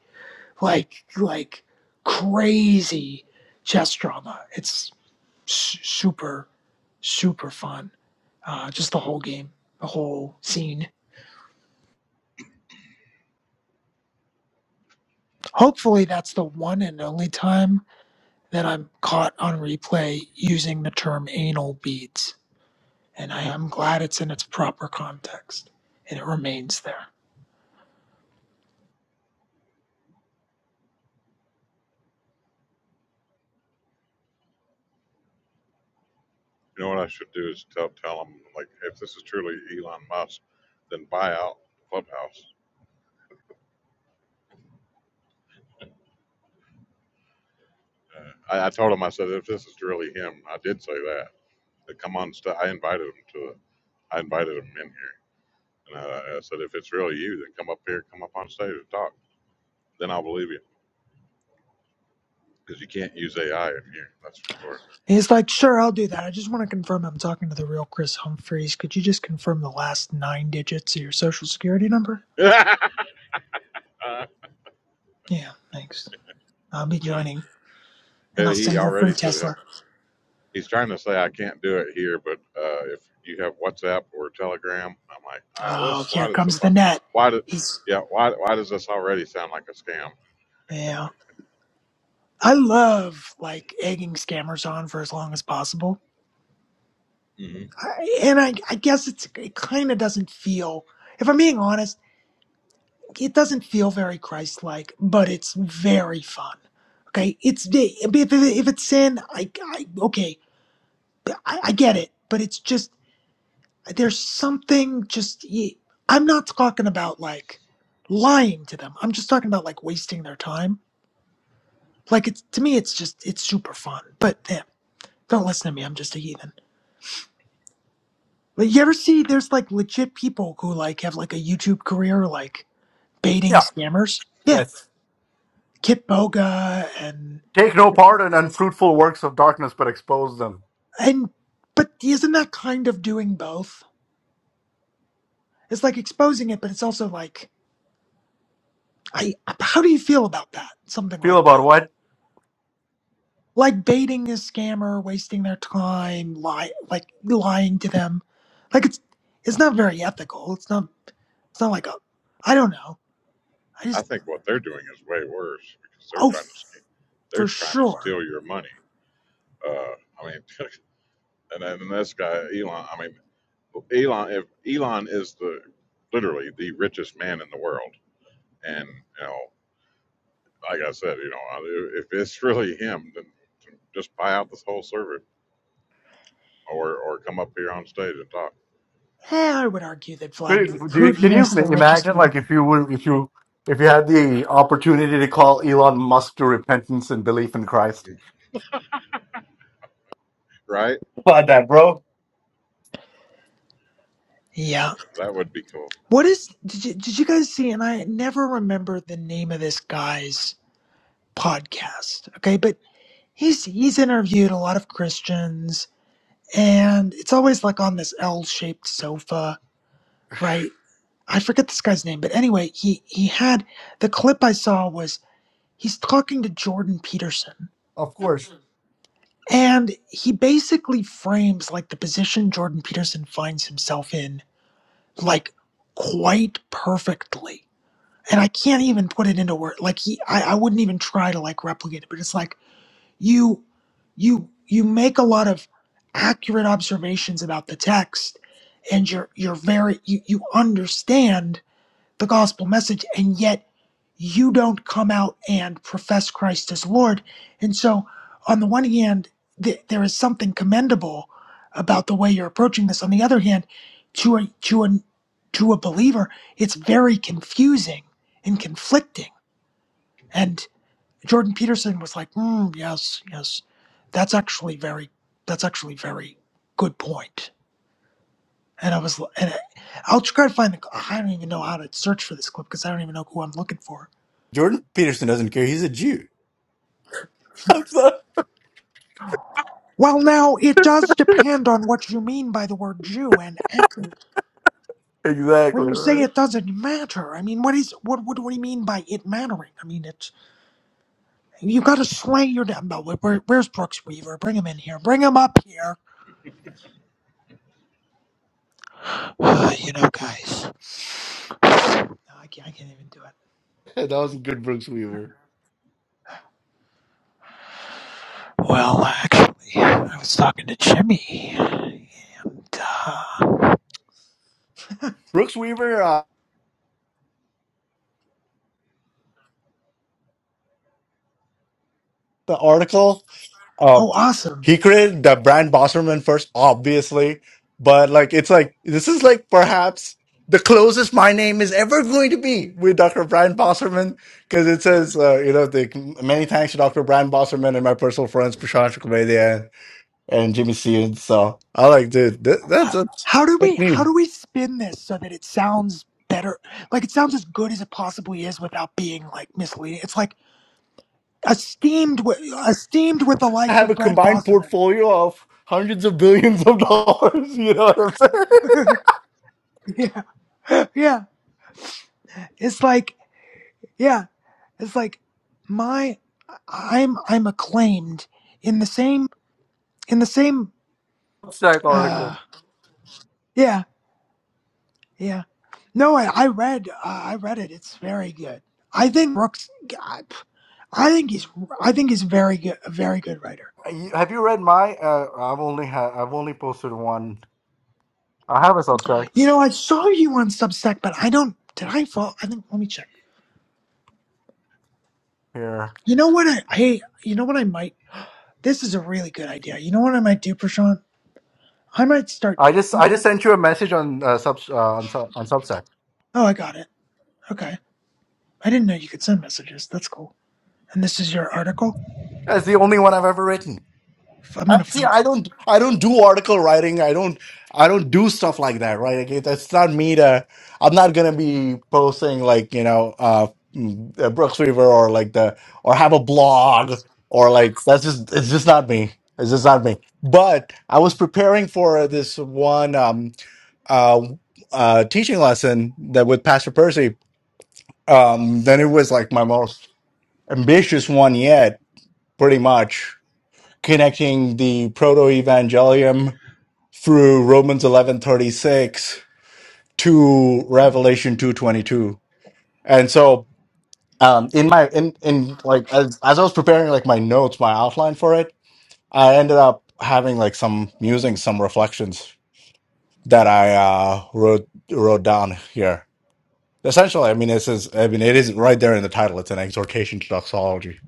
Speaker 6: like, like crazy chess drama. It's su- super, super fun. Uh, just the whole game, the whole scene. Hopefully, that's the one and only time that I'm caught on replay using the term anal beads. And I am glad it's in its proper context and it remains there.
Speaker 4: You know what I should do is tell tell them like "Hey, if this is truly Elon Musk, then buy out Clubhouse. Uh, I, I told him I said if this is really him, I did say that. They come on, st- I invited him to it. I invited him in here, and I, I said if it's really you, then come up here, come up on stage and talk. Then I'll believe you because you can't use AI in here. That's for
Speaker 6: He's like, sure, I'll do that. I just want to confirm I'm talking to the real Chris Humphreys. Could you just confirm the last nine digits of your social security number?
Speaker 4: sure.
Speaker 6: Yeah, thanks. I'll be joining, and
Speaker 4: Uh,
Speaker 6: I'll
Speaker 4: he
Speaker 6: send you a free
Speaker 4: already said
Speaker 6: Tesla.
Speaker 4: he's trying to say I can't do it here, but uh, if you have WhatsApp or Telegram, I'm like, uh,
Speaker 6: Oh,
Speaker 4: this. Why
Speaker 6: here
Speaker 4: does this?
Speaker 6: comes the net.
Speaker 4: Why do?
Speaker 6: He's
Speaker 4: Yeah. Why? Why does this already sound like a scam?
Speaker 6: yeah. I love like egging scammers on for as long as possible,
Speaker 4: hmm
Speaker 6: I, and I, I guess it's it kind of doesn't feel. If I'm being honest, it doesn't feel very Christ-like, but it's very fun. Okay, it's if, if, if it's sin, I, I okay. I, I get it, but it's just there's something just i I'm not talking about like lying to them. I'm just talking about like wasting their time. Like it's to me, it's just it's super fun. But damn, don't listen to me. I'm just a heathen. But you ever see there's like legit people who like have like a YouTube career like baiting
Speaker 2: yeah,
Speaker 6: scammers? Yeah,
Speaker 2: yes.
Speaker 6: Kit Boga and
Speaker 2: Take no part in unfruitful works of darkness, but expose them.
Speaker 6: and but isn't that kind of doing both? It's like exposing it, but it's also like I how do you feel about that? Something
Speaker 2: Feel
Speaker 6: like that
Speaker 2: about what?
Speaker 6: like baiting a scammer, wasting their time, lie like lying to them. Like it's it's not very ethical. It's not it's not like a I don't know. I
Speaker 4: I
Speaker 6: just
Speaker 4: think what they're doing is way worse because they're
Speaker 6: oh
Speaker 4: trying to
Speaker 6: f-
Speaker 4: scam. They're
Speaker 6: for
Speaker 4: trying to
Speaker 6: sure.
Speaker 4: steal your money. Uh, I mean, and then this guy Elon. I mean, Elon. If Elon is the literally the richest man in the world, and you know, like I said, you know, if it's really him, then just buy out this whole service or or come up here on stage and talk.
Speaker 6: Eh, I would argue that
Speaker 2: Wait,
Speaker 6: Vladimir
Speaker 2: Do you, can
Speaker 6: Putin
Speaker 2: you
Speaker 6: is the richest
Speaker 2: imagine,
Speaker 6: man.
Speaker 2: like, if you were, if you, if you had the opportunity to call Elon Musk to repentance and belief in Christ?
Speaker 4: Right?
Speaker 2: Come on, that bro.
Speaker 6: Yeah.
Speaker 4: That would be cool.
Speaker 6: What is did you did you guys see and I never remember the name of this guy's podcast. Okay, but he's he's interviewed a lot of Christians and it's always like on this L-shaped sofa, right? I forget this guy's name, but anyway, he he had the clip I saw was he's talking to Jordan Peterson,
Speaker 2: Of course,
Speaker 6: and he basically frames like the position Jordan Peterson finds himself in like quite perfectly. And I can't even put it into words. like he I, I wouldn't even try to like replicate it, but it's like you you you make a lot of accurate observations about the text and you're you're very you, you understand the gospel message, and yet you don't come out and profess Christ as Lord. And so, on the one hand, th- there is something commendable about the way you're approaching this. On the other hand, to a to a to a believer, it's very confusing and conflicting. And Jordan Peterson was like, mm, "Yes, yes, that's actually very that's actually very good point." And I was, and I- I'll try to find the. I don't even know how to search for this clip because I don't even know who I'm looking for
Speaker 2: Jordan Peterson doesn't care. He's a Jew. I'm sorry.
Speaker 6: Well, now, it does depend on what you mean by the word Jew and ethnic. When
Speaker 2: Exactly
Speaker 6: you say
Speaker 2: right.
Speaker 6: it doesn't matter, I mean, what is what? What do we mean by it mattering? I mean, it's you got to slay your. damn- No, where, where's Brooks Weaver? Bring him in here. Bring him up here. Uh, you know, guys, no, I, can't, I can't even do it.
Speaker 2: That was a good, Brooks Weaver.
Speaker 6: Well, actually, I was talking to Jimmy. And, uh,
Speaker 2: Brooks Weaver, uh, the article, uh,
Speaker 6: oh, awesome!
Speaker 2: he created the brand Bosserman first, obviously, but like it's like this is like perhaps the closest my name is ever going to be with Dr. Brian Bosserman because it says, uh, you know, the, many thanks to Dr. Brian Bosserman and my personal friends, Prashant Kumedia and Jimmy Sean. So I like, dude, that, that's, that's
Speaker 6: How do we
Speaker 2: that's
Speaker 6: how
Speaker 2: me.
Speaker 6: do we spin this so that it sounds better? Like it sounds as good as it possibly is without being like misleading. It's like esteemed with esteemed with the
Speaker 2: I
Speaker 6: likes
Speaker 2: have
Speaker 6: of
Speaker 2: a
Speaker 6: Brent
Speaker 2: combined
Speaker 6: Bosserman.
Speaker 2: portfolio of hundreds of billions of dollars. You know what I'm saying?
Speaker 6: yeah, yeah. It's like yeah, it's like my I'm I'm acclaimed in the same in the same. Uh, yeah, yeah. No, I I read uh, I read it. It's very good. I think Brooks. I I think he's I think he's very good a very good writer.
Speaker 2: Uh, you- Have you read my? Uh, I've only had. I've only posted one. I have a Substack
Speaker 6: You know, I saw you on Substack, but I don't. Did I fall? I think. Let me check.
Speaker 2: here.
Speaker 6: You know what? I hey. You know what? I might. This is a really good idea. You know what I might do, Prashant? I might start.
Speaker 2: I just I just sent you a message on uh, sub uh, on sub on Substack.
Speaker 6: Oh, I got it. Okay. I didn't know you could send messages. That's cool. And this is your article.
Speaker 2: That's the only one I've ever written.
Speaker 6: F- I'm
Speaker 2: I,
Speaker 6: gonna.
Speaker 2: see,
Speaker 6: fl-
Speaker 2: I don't, I don't do article writing. I don't, I don't do stuff like that, right? Like, that's not me to. I'm not gonna be posting like you know, uh, mm, uh, Brooks Weaver or like the or have a blog or like that's just it's just not me. It's just not me. But I was preparing for this one um uh, uh teaching lesson that with Pastor Percy. Um, then it was like my most ambitious one yet, pretty much connecting the proto-evangelium through Romans 11:36 to Revelation 2:22. And so um in my in in like as as I was preparing like my notes, my outline for it, I ended up having like some musings, some reflections that I uh wrote wrote down here. Essentially, I mean this is I mean it is right there in the title. It's an exhortation to doxology.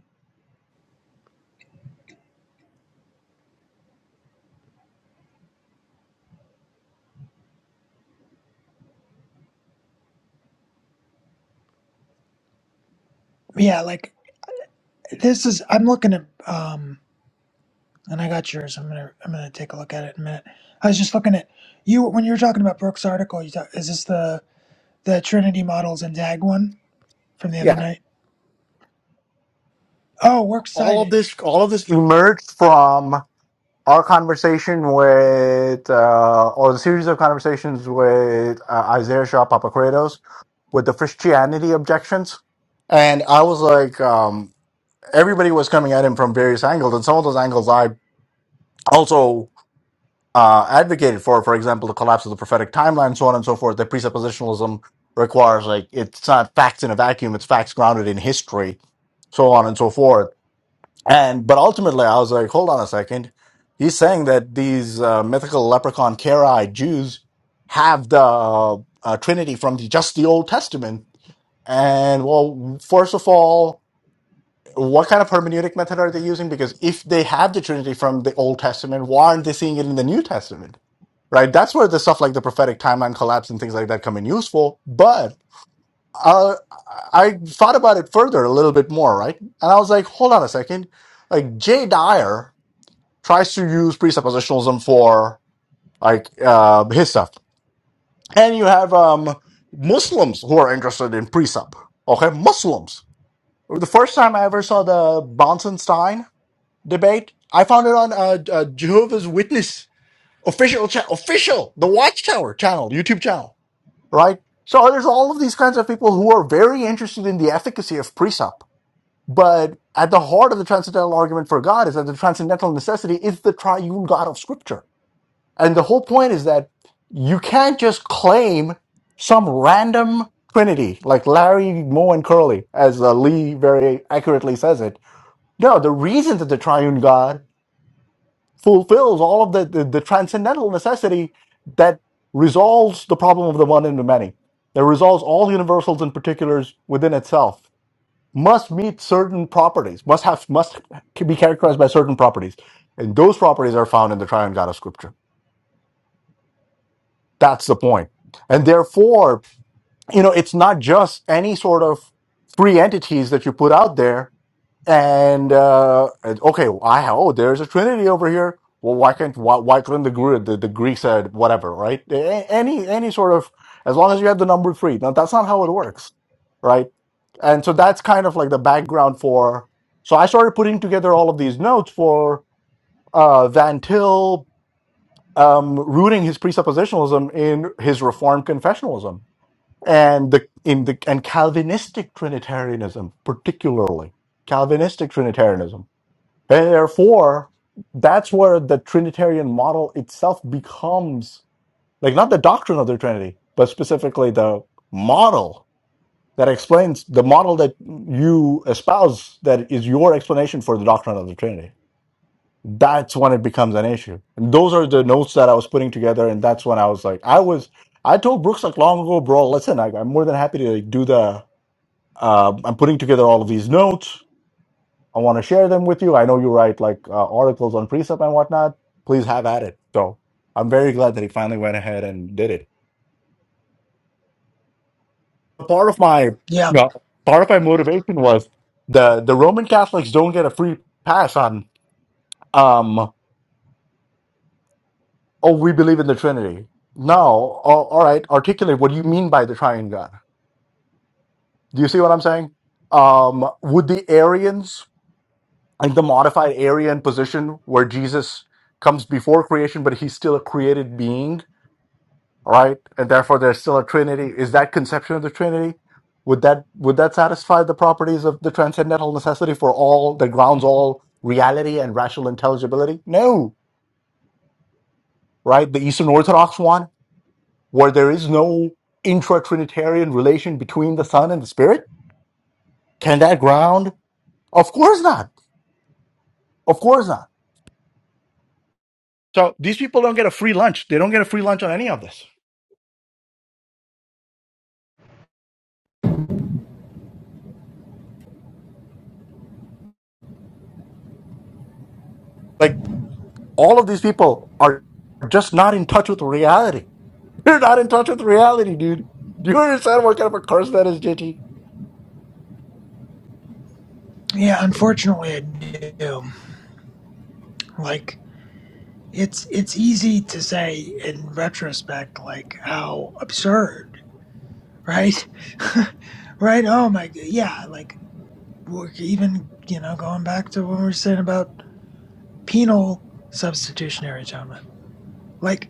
Speaker 6: Yeah, like this is. I'm looking at. Um, and I got yours. I'm gonna. I'm gonna take a look at it in a minute. I was just looking at you when you were talking about Brooks' article. You talk, is this the the Trinity models and Dag one from the other
Speaker 2: Yeah.
Speaker 6: night? Oh, works
Speaker 2: All of
Speaker 6: cited.
Speaker 2: this all of this emerged from our conversation with, uh, or the series of conversations with uh, Isaiah Shaw Papakredos with the Christianity objections. And I was like, um, everybody was coming at him from various angles, and some of those angles I also uh, advocated for, for example, the collapse of the prophetic timeline, so on and so forth, that presuppositionalism requires, like, it's not facts in a vacuum, it's facts grounded in history, so on and so forth and but ultimately, I was like, hold on a second. He's saying that these uh, mythical leprechaun Karaite Jews have the uh, uh, Trinity from the, just the Old Testament. And well, first of all, what kind of hermeneutic method are they using? Because if they have the Trinity from the Old Testament, why aren't they seeing it in the New Testament? Right? That's where the stuff like the prophetic timeline collapse and things like that come in useful. But uh, I thought about it further a little bit more, right? And I was like, hold on a second. Like Jay Dyer tries to use presuppositionalism for like uh, his stuff. And you have um, Muslims who are interested in precept. Okay, Muslims. The first time I ever saw the Bonsenstein debate, I found it on uh, uh, Jehovah's Witness official cha- official the Watchtower channel, YouTube channel, right? So there's all of these kinds of people who are very interested in the efficacy of precept. But at the heart of the transcendental argument for God is that the transcendental necessity is the triune God of Scripture And the whole point is that you can't just claim some random trinity like Larry, Moe, and Curly, as uh, Lee very accurately says it. No, the reason that the triune God fulfills all of the, the, the transcendental necessity that resolves the problem of the one and the many, that resolves all universals and particulars within itself, must meet certain properties, must have must be characterized by certain properties. And those properties are found in the triune God of Scripture. That's the point. And therefore, you know, it's not just any sort of free entities that you put out there. And uh, and, okay, well, I oh, there's a trinity over here. Well, why can't why, why couldn't the, Gre- the the Greeks said whatever, right? A- Any any sort of as long as you have the number three. Now that's not how it works, right? And so that's kind of like the background for. So I started putting together all of these notes for uh, Van Til um, rooting his presuppositionalism in his Reformed confessionalism and the in the and Calvinistic Trinitarianism, particularly Calvinistic Trinitarianism, and therefore that's where the Trinitarian model itself becomes like not the doctrine of the Trinity, but specifically the model that explains the model that you espouse that is your explanation for the doctrine of the Trinity that's when it becomes an issue. And those are the notes that I was putting together, and that's when I was like, I was, I told Brooks like long ago, bro. Listen, I, I'm more than happy to like do the. Uh, I'm putting together all of these notes. I want to share them with you. I know you write like uh, articles on precept and whatnot. Please have at it. So I'm very glad that he finally went ahead and did it. Part of my,
Speaker 6: Yeah.
Speaker 2: no, part of my motivation was the the Roman Catholics don't get a free pass on. Um, oh, we believe in the Trinity. Now, oh, all right, articulate what do you mean by the triune God. Do you see what I'm saying? Um, would the Arians, like the modified Arian position where Jesus comes before creation, but he's still a created being, right? And therefore there's still a Trinity. Is that conception of the Trinity? Would that would that satisfy the properties of the transcendental necessity for all that grounds all reality and rational intelligibility? No, right? The Eastern Orthodox one where there is no intra Trinitarian relation between the Son and the Spirit? Can that ground? Of course not. Of course not. So these people don't get a free lunch. They don't get a free lunch on any of this. Like all of these people are just not in touch with reality. They're not in touch with reality, dude. Do you understand what kind of a curse that is, JT?
Speaker 6: Yeah, unfortunately, I do. Like, it's it's easy to say in retrospect, like how absurd, right? right? Oh my, g- yeah. Like, we're even you know going back to what we were saying about penal substitutionary atonement, like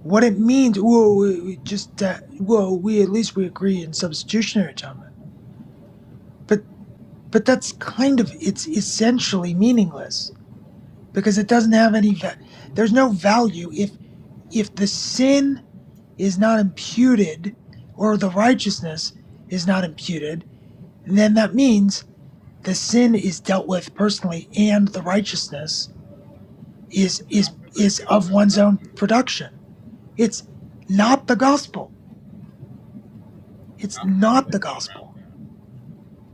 Speaker 6: what it means. Whoa, we, we just uh, whoa, we at least we agree in substitutionary atonement, but but that's kind of it's essentially meaningless because it doesn't have any. Va- there's no value if if the sin is not imputed or the righteousness is not imputed, then that means the sin is dealt with personally and the righteousness is
Speaker 4: How
Speaker 6: is
Speaker 4: could they
Speaker 6: is
Speaker 4: get
Speaker 6: of
Speaker 4: around
Speaker 6: one's
Speaker 4: that?
Speaker 6: own production. It's not the gospel. It's
Speaker 4: How, how do
Speaker 6: not
Speaker 4: they
Speaker 6: the
Speaker 4: get around
Speaker 6: gospel.
Speaker 4: that?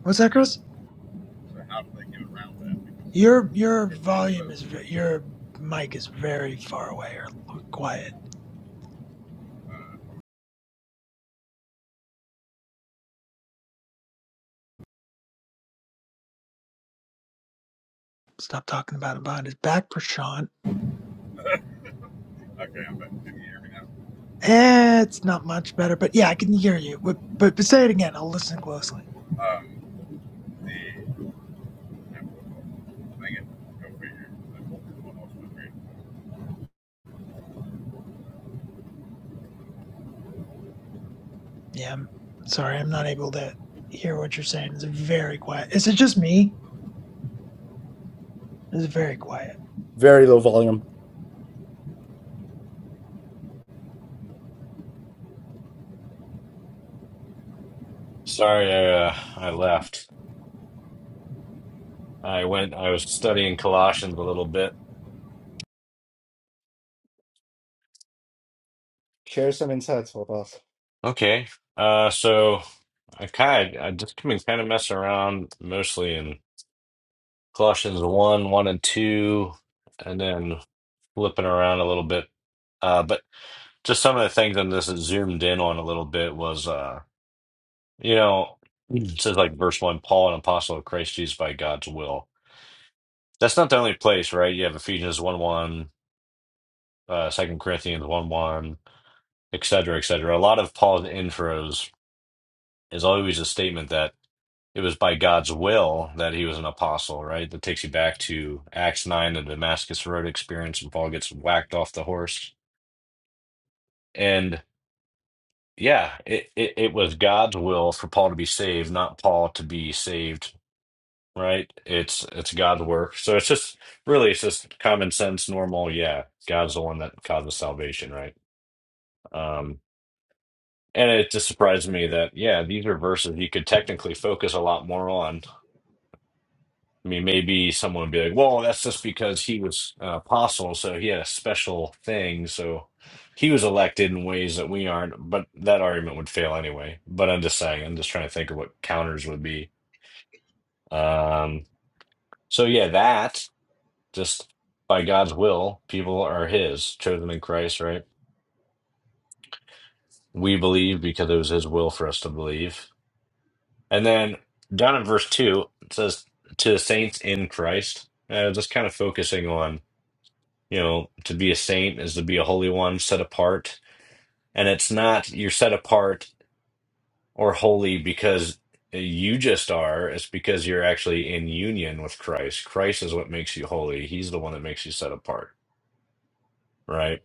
Speaker 6: What's that, Chris?
Speaker 4: So how do they get around that? Because
Speaker 6: Your
Speaker 4: the
Speaker 6: your
Speaker 4: scripture
Speaker 6: volume is
Speaker 4: says,
Speaker 6: ve- your mic is very far away or quiet. Stop talking about it behind his back, Prashant.
Speaker 4: okay, I'm back. Can you hear me now?
Speaker 6: Eh, it's not much better, but yeah, I can hear you. But, but but say it again. I'll listen closely.
Speaker 4: Go figure. No one else was hearing.
Speaker 6: Yeah, I'm sorry, I'm not able to hear what you're saying. It's very quiet. Is it just me? It's very quiet.
Speaker 2: Very low volume.
Speaker 3: Sorry, I uh, I left. I went. I was studying Colossians a little bit.
Speaker 2: Share some insights with us.
Speaker 3: Okay, uh, so I kind of I just been kind of messing around mostly in Colossians one, one and two, and then. flipping around a little bit. Uh, but just some of the things on this that zoomed in on a little bit was, uh, you know, it says like verse one, Paul, an apostle of Christ Jesus by God's will. That's not the only place, right? You have Ephesians 1 1, uh, 2 Corinthians 1 1, et cetera, et cetera. A lot of Paul's intros is always a statement that it was by God's will that he was an apostle, right? That takes you back to Acts 9, the Damascus Road experience, and Paul gets whacked off the horse. And yeah, it, it, it was God's will for Paul to be saved, not Paul to be saved, right? It's it's God's work. So it's just really it's just common sense, normal, yeah. God's the one that causes salvation, right? Um and it just surprised me that yeah, these are verses you could technically focus a lot more on I mean, maybe someone would be like, well, that's just because he was an apostle, so he had a special thing, so he was elected in ways that we aren't, but that argument would fail anyway. But I'm just saying, I'm just trying to think of what counters would be. Um, so yeah, that just by God's will, people are his, chosen in Christ, right? We believe because it was his will for us to believe. And then down in verse two, it says to the saints in Christ, uh, just kind of focusing on You know, to be a saint is to be a holy one, set apart. And it's not you're set apart or holy because you just are. It's because you're actually in union with Christ. Christ is what makes you holy. He's the one that makes you set apart, right?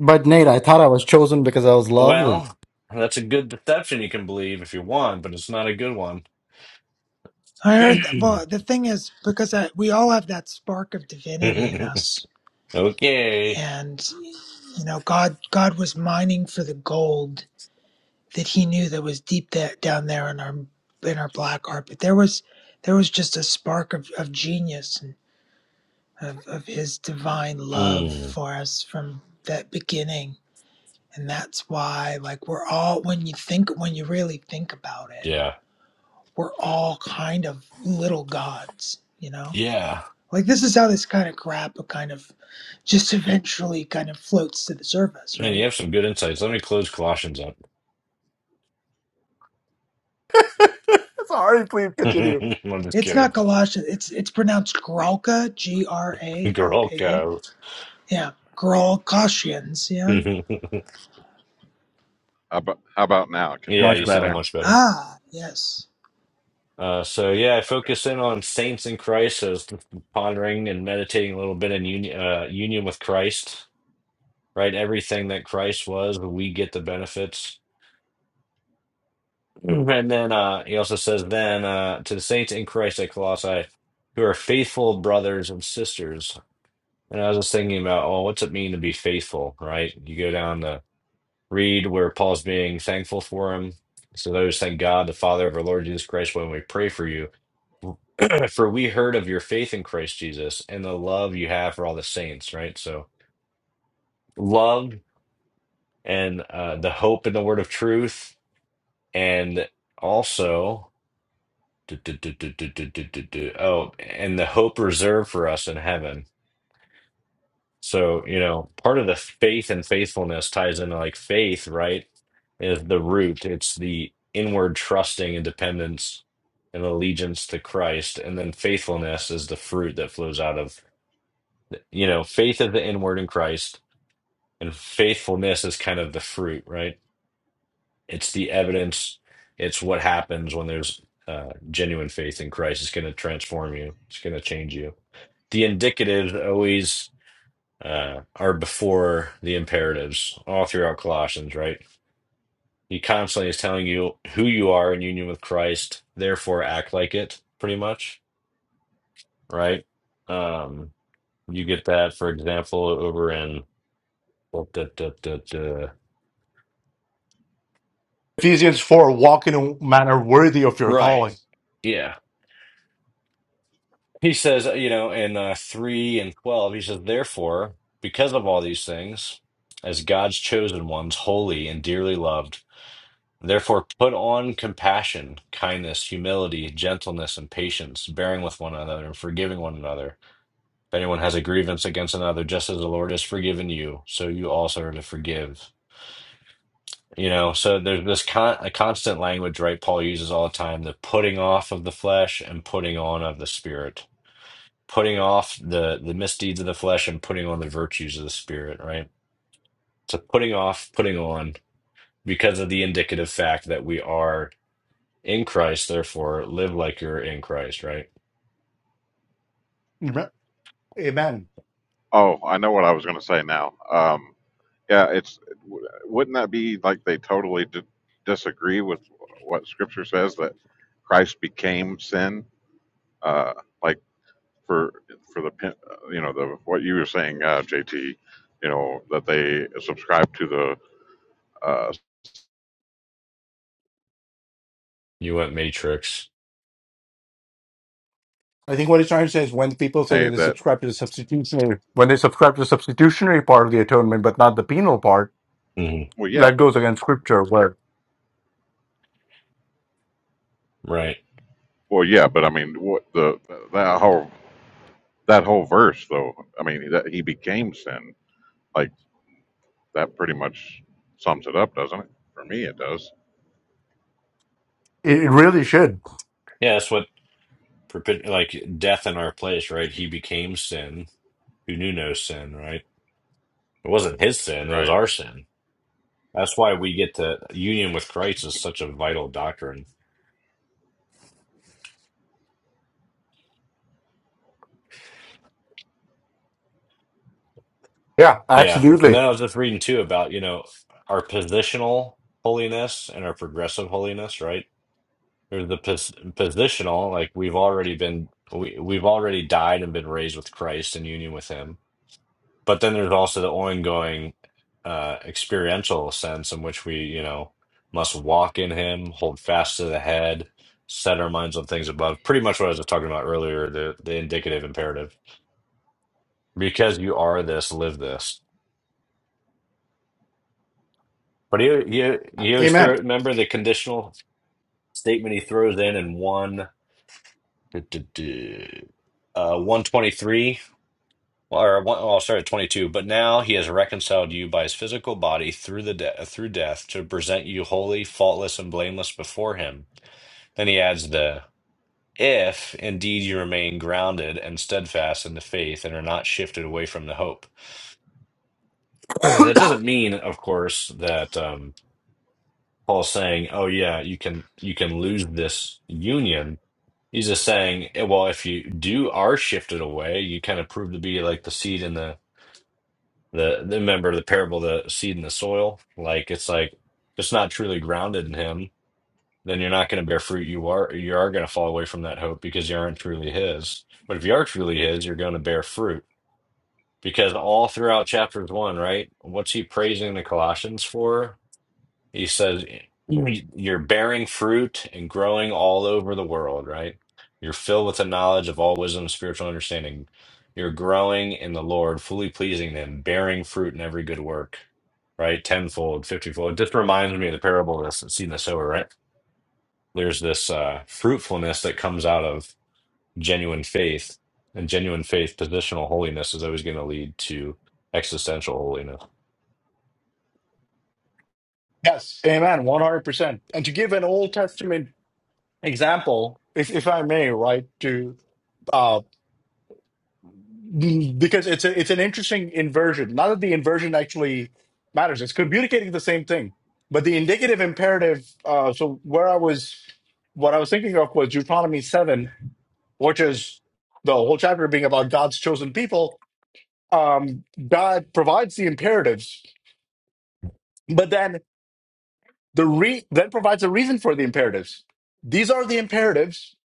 Speaker 2: But Nate, I thought I was chosen because I was lovely.
Speaker 3: Well, that's a good deception you can believe if you want, but it's not a good one.
Speaker 6: I heard that. Well, the thing is, because I, we all have that spark of divinity in us,
Speaker 3: okay.
Speaker 6: and you know, God God was mining for the gold that He knew that was deep that down there in our in our black heart. But there was there was just a spark of, of genius and of, of his divine love
Speaker 3: Mm,
Speaker 6: for us from that beginning. And that's why, like, we're all, when you think, when you really think about it,
Speaker 3: yeah.
Speaker 6: we're all kind of little gods, you know?
Speaker 3: Yeah.
Speaker 6: Like, this is how this kind of crap kind of just eventually kind of floats to the surface,
Speaker 3: Man, you
Speaker 6: right?
Speaker 3: have some good insights. Let me close Colossians up.
Speaker 2: Sorry, please continue.
Speaker 3: I'm just
Speaker 6: It's
Speaker 3: kidding.
Speaker 6: not Galatians, it's it's pronounced Gralka, G R A L
Speaker 3: Girl,
Speaker 6: K A.
Speaker 3: go.
Speaker 6: Yeah,
Speaker 4: Mhm.
Speaker 6: Gralkashians, yeah.
Speaker 4: How about how about now? Can y'all
Speaker 3: Yeah,
Speaker 2: Much
Speaker 3: you
Speaker 4: hear me
Speaker 3: sound
Speaker 2: better.
Speaker 4: now?
Speaker 3: much better.
Speaker 6: Ah, yes.
Speaker 3: Uh, so yeah, I
Speaker 4: Okay.
Speaker 3: focus in on saints in Christ, so it's pondering and meditating a little bit in union, uh, union with Christ, right? Everything that Christ was, we get the benefits. And then uh, he also says, then uh, to the saints in Christ at Colossae, who are faithful brothers and sisters. And I was just thinking about, oh, what's it mean to be faithful, right? You go down to read where Paul's being thankful for him. So those thank God, the Father of our Lord Jesus Christ, when we pray for you. for we heard of your faith in Christ Jesus and the love you have for all the saints, right? So, love and uh, the hope in the word of truth, and also, du- du- du- du- du- du- du- du- du- oh, and the hope reserved for us in heaven. So, you know, part of the faith and faithfulness ties into like faith, right? Is the root, it's the inward trusting and dependence and allegiance to Christ. And then faithfulness is the fruit that flows out of You know, faith is the inward in Christ, and faithfulness is kind of the fruit, right? It's the evidence. It's what happens when there's uh, genuine faith in Christ. It's going to transform you. It's going to change you. The indicatives always uh, are before the imperatives, all throughout Colossians, right? He constantly is telling you who you are in union with Christ. Therefore, act like it. Pretty much, right? Um, you get that, for example, over in
Speaker 2: Ephesians 4, walk in a manner worthy of your
Speaker 3: Right.
Speaker 2: calling.
Speaker 3: Yeah. He says, uh, you know, in uh, 3 and 12, he says, Therefore, because of all these things, as God's chosen ones, holy and dearly loved, therefore put on compassion, kindness, humility, gentleness, and patience, bearing with one another and forgiving one another. If anyone has a grievance against another, just as the Lord has forgiven you, so you also are to forgive. You know, so there's this con a constant language, right? Paul uses all the time, the putting off of the flesh and putting on of the spirit putting off the the misdeeds of the flesh and putting on the virtues of the spirit right so putting off putting on because of the indicative fact that we are in christ therefore live like you're in christ right
Speaker 2: Amen. Amen.
Speaker 4: Oh, I know what I was going to say now. Um, yeah, it's w- wouldn't that be like they totally di- disagree with what Scripture says that Christ became sin? Uh, like for for the pin- uh, you know the what you were saying, uh, JT. You know that they subscribe to the uh,
Speaker 3: you went matrix
Speaker 2: I think what he's trying to say is when people say that
Speaker 4: say
Speaker 2: they
Speaker 4: that
Speaker 2: subscribe to the substitutionary, when they subscribe to the substitutionary part of the atonement, but not the penal part,
Speaker 3: hmm
Speaker 4: well, yeah,
Speaker 2: that
Speaker 4: but
Speaker 2: goes
Speaker 4: the,
Speaker 2: against scripture where
Speaker 3: right
Speaker 4: well, yeah, but I mean, what the that whole that whole verse though. I mean, that he became sin. Like that pretty much sums it up, doesn't it? For me, it does.
Speaker 2: it it really should.
Speaker 3: yeah that's what perpet- like death in our place right he became sin who knew no sin right it wasn't his sin it
Speaker 4: Right.
Speaker 3: was our sin that's why we get to union with christ is such a vital doctrine
Speaker 2: Yeah,
Speaker 3: Yeah. And then
Speaker 2: absolutely.
Speaker 3: I was just reading too about, you know, our positional holiness and our progressive holiness, right? There's the pos positional, like we've already been, we, we've already died and been raised with Christ in union with him. But then there's also the ongoing uh, experiential sense in which we, you know, must walk in him, hold fast to the head, set our minds on things above. Pretty much what I was talking about earlier, the, the indicative imperative. Because you are this, live this. But you you you always throw.
Speaker 2: Amen.
Speaker 3: Remember the conditional statement he throws in in one, duh, duh, duh, uh, one twenty three or one. Oh, sorry, twenty two. But now he has reconciled you by his physical body through the de through death to present you holy, faultless, and blameless before him. Then he adds the if indeed you remain grounded and steadfast in the faith and are not shifted away from the hope. Sure. That doesn't mean, of course, that um, Paul's saying, "Oh yeah, you can you can lose this union." He's just saying, eh, well, if you do are shifted away, you kind of prove to be like the seed in the the the member of the parable, the seed in the soil. Like it's like it's not truly grounded in him. Then you're not going to bear fruit. You are you are going to fall away from that hope because you aren't truly his. But if you are truly his, you're going to bear fruit because all throughout chapters one, right? What's he praising the Colossians for? He says, You're bearing fruit and growing all over the world, right? You're filled with the knowledge of all wisdom and spiritual understanding. You're growing in the Lord, fully pleasing Him, bearing fruit in every good work, right? Tenfold, fiftyfold. It just reminds me of the parable of the seed and the sower, right? There's this uh, fruitfulness that comes out of genuine faith and genuine faith positional holiness is always going to lead to existential holiness
Speaker 2: Yes. Amen. 100%. And to give an Old Testament example, if, if I may, right, to, uh, because it's a, it's an interesting inversion. Not that the inversion actually matters; it's communicating the same thing. But the indicative imperative. Uh, so where I was, what I was thinking of was Deuteronomy seven, which is the whole chapter being about God's chosen people. Um, God provides the imperatives, but then the re- then provides a reason for the imperatives. These are the imperatives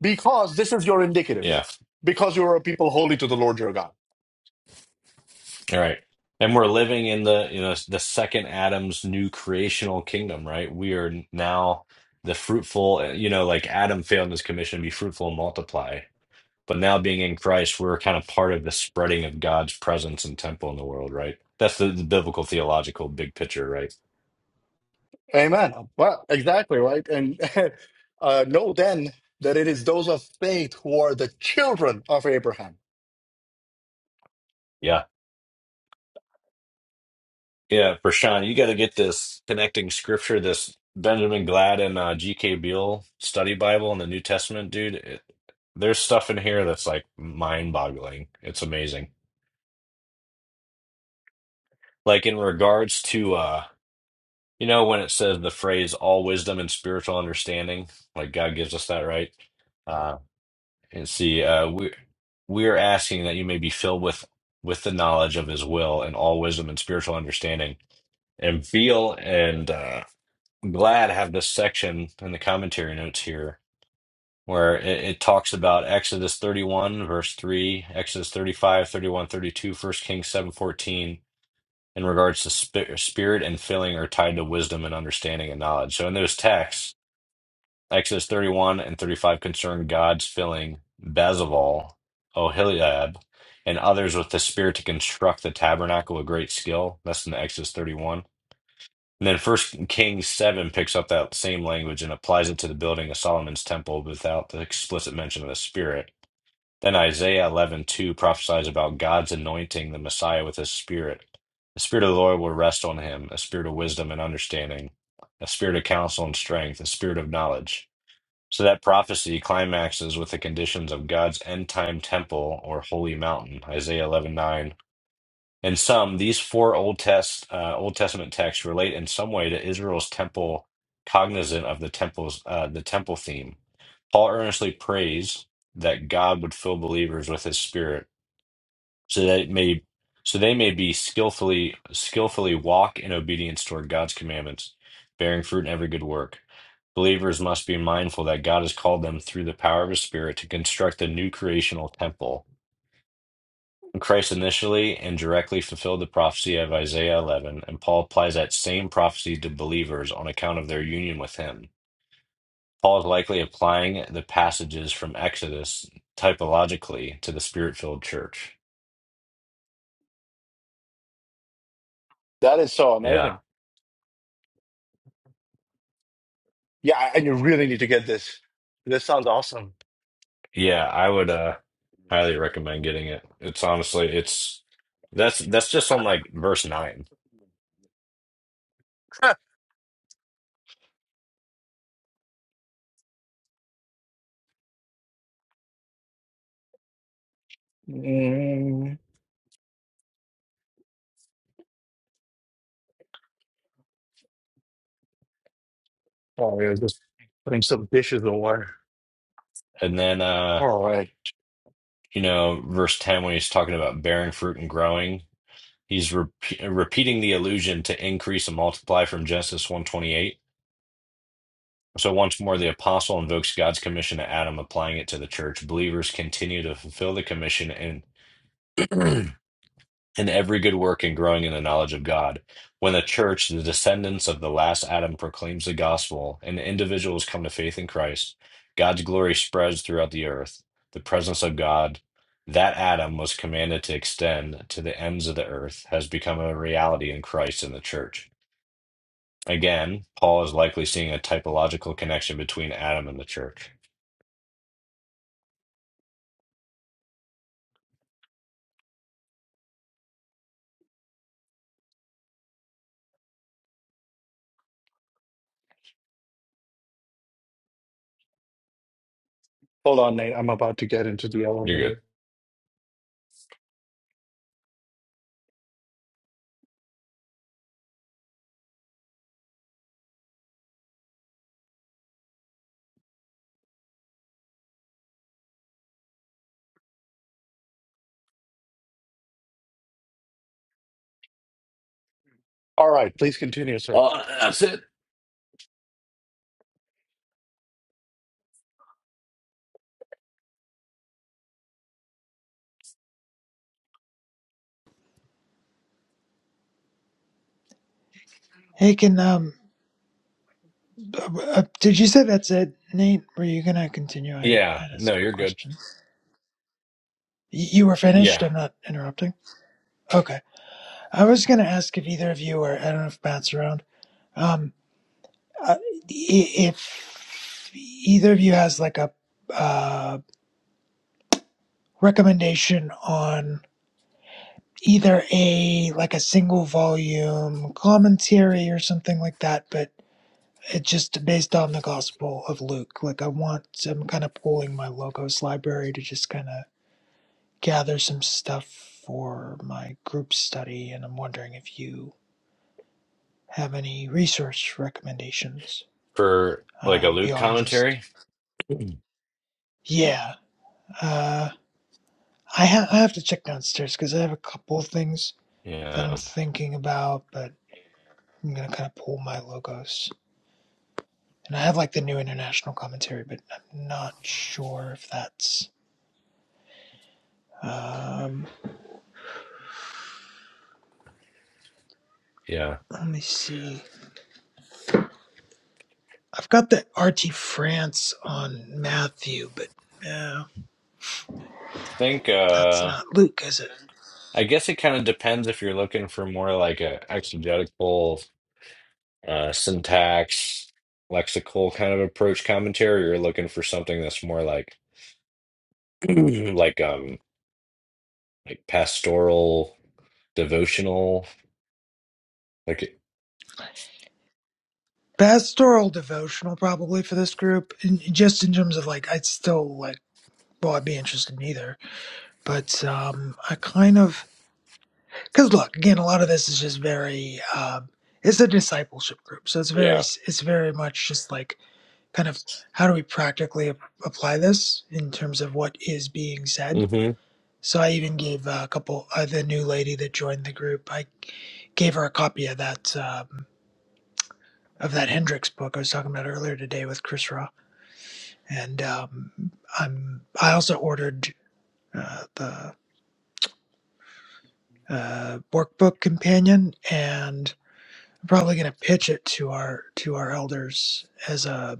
Speaker 2: because this is your
Speaker 3: yeah
Speaker 2: indicative, because you are a people holy to the Lord your God
Speaker 3: All right. And we're living in the, you know, the second Adam's new creational kingdom, right? We are now the fruitful, eh, you know, like Adam failed his commission, be fruitful and multiply. But now being in Christ, we're kind of part of the spreading of God's presence and temple in the world, right? That's the, the biblical theological big picture, right?
Speaker 2: Amen. Well, exactly right. And uh, know then that it is those of faith who are the children of Abraham.
Speaker 3: Yeah. Yeah, Prashant, you got to get this connecting scripture, this Benjamin Glad and uh, G.K. Beale study Bible in the New Testament, dude. It, there's stuff in here that's like mind-boggling. It's amazing. Like in regards to, uh, you know, when it says the phrase "all wisdom and spiritual understanding," like God gives us that, right? Uh, and see, uh, we we are asking that you may be filled with with the knowledge of His will and all wisdom and spiritual understanding. And Beale and uh, I'm glad I have this section in the commentary notes here where it, it talks about Exodus 31, verse 3, Exodus 35 31 32, First Kings 7 14, in regards to sp- spirit and filling are tied to wisdom and understanding and knowledge. So in those texts, Exodus 31 and 35 concern God's filling Bezalel, Oholiab, and others with the spirit to construct the tabernacle with great skill. That's in Exodus 31 and then First Kings 7 picks up that same language and applies it to the building of Solomon's temple without the explicit mention of the Spirit. Then Isaiah 11:2 prophesies about God's anointing the Messiah with his Spirit. The Spirit of the Lord will rest on him, a spirit of wisdom and understanding, a spirit of counsel and strength, a spirit of knowledge. So that prophecy climaxes with the conditions of God's end-time temple or holy mountain, Isaiah 11:9 in sum, these four Old Test uh, Old Testament texts relate in some way to Israel's temple, cognizant of the temple's uh, the temple theme. Paul earnestly prays that God would fill believers with His Spirit, so that it may so they may be skillfully skillfully walk in obedience toward God's commandments, bearing fruit in every good work. Believers must be mindful that God has called them through the power of His Spirit to construct a new creational temple Christ initially and directly fulfilled the prophecy of Isaiah 11, and Paul applies that same prophecy to believers on account of their union with him. Paul is likely applying the passages from Exodus typologically to the Spirit-filled church.
Speaker 2: That is so
Speaker 3: Yeah.
Speaker 2: amazing. Yeah, and you really need to get this. This sounds awesome.
Speaker 3: Yeah, I would uh highly recommend getting it. It's honestly it's that's that's just on like verse 9.
Speaker 2: Mm. Oh, yeah, just putting some dishes away.
Speaker 3: And then uh
Speaker 2: All right.
Speaker 3: you know, verse 10 when he's talking about bearing fruit and growing, He's re repeating the allusion to increase and multiply from Genesis one twenty eight. So once more, the apostle invokes God's commission to Adam, applying it to the church. Believers continue to fulfill the commission in in every good work and growing in the knowledge of God. When the church, the descendants of the last Adam, proclaims the gospel and individuals come to faith in Christ, God's glory spreads throughout the earth. The presence of God that Adam was commanded to extend to the ends of the earth has become a reality in Christ and the church. Again, Paul is likely seeing a typological connection between Adam and the church.
Speaker 2: Hold on, Nate. I'm about to get into the
Speaker 3: You're good.
Speaker 2: elevator. All right. Please continue, sir.
Speaker 3: Oh, that's it.
Speaker 6: Hey, can um, Uh, uh, did you say that's it, Nate? Were you gonna continue? I, I
Speaker 3: Yeah,
Speaker 6: had a
Speaker 3: no,
Speaker 6: separate
Speaker 3: you're good.
Speaker 6: question. Y- you were finished.
Speaker 3: Yeah,
Speaker 6: I'm not interrupting. Okay. I was gonna ask if either of you, or I don't know if Matt's around, um, uh, i- if either of you has like a uh, recommendation on either a like a single volume commentary or something like that, but it just based on the Gospel of Luke. Like I want, I'm kind of pulling my logos library to just kind of gather some stuff for my group study, and I'm wondering if you have any resource recommendations
Speaker 3: for like a
Speaker 6: um,
Speaker 3: Luke
Speaker 6: beyond just
Speaker 3: commentary.
Speaker 6: yeah. Uh, I ha- I have to check downstairs because I have a couple of things that I'm
Speaker 3: Yeah,
Speaker 6: thinking about, but I'm gonna kind of pull my logos. And I have like the new international commentary, but I'm not sure if that's. Um,
Speaker 3: yeah. I
Speaker 6: let me see. I've got the RT France on Matthew, but no,
Speaker 3: think
Speaker 6: that's
Speaker 3: uh
Speaker 6: not Luke, is it?
Speaker 3: I guess it kind of depends if you're looking for more like a exegetical uh syntax lexical kind of approach commentary, or you're looking for something that's more like like um like pastoral devotional like
Speaker 6: pastoral devotional probably for this group and just in terms of like i'd still like well i'd be interested in either but um i kind of because look again a lot of this is just very um it's a discipleship group so it's very
Speaker 3: yeah.
Speaker 6: it's very much just like kind of how do we practically ap- apply this in terms of what is being said
Speaker 3: Mm-hmm.
Speaker 6: so i even gave uh, a couple uh, the new lady that joined the group i gave her a copy of that um of that hendrix book i was talking about earlier today with chris and um, I'm I also ordered uh, the uh, workbook companion, and I'm probably going to pitch it to our to our elders as a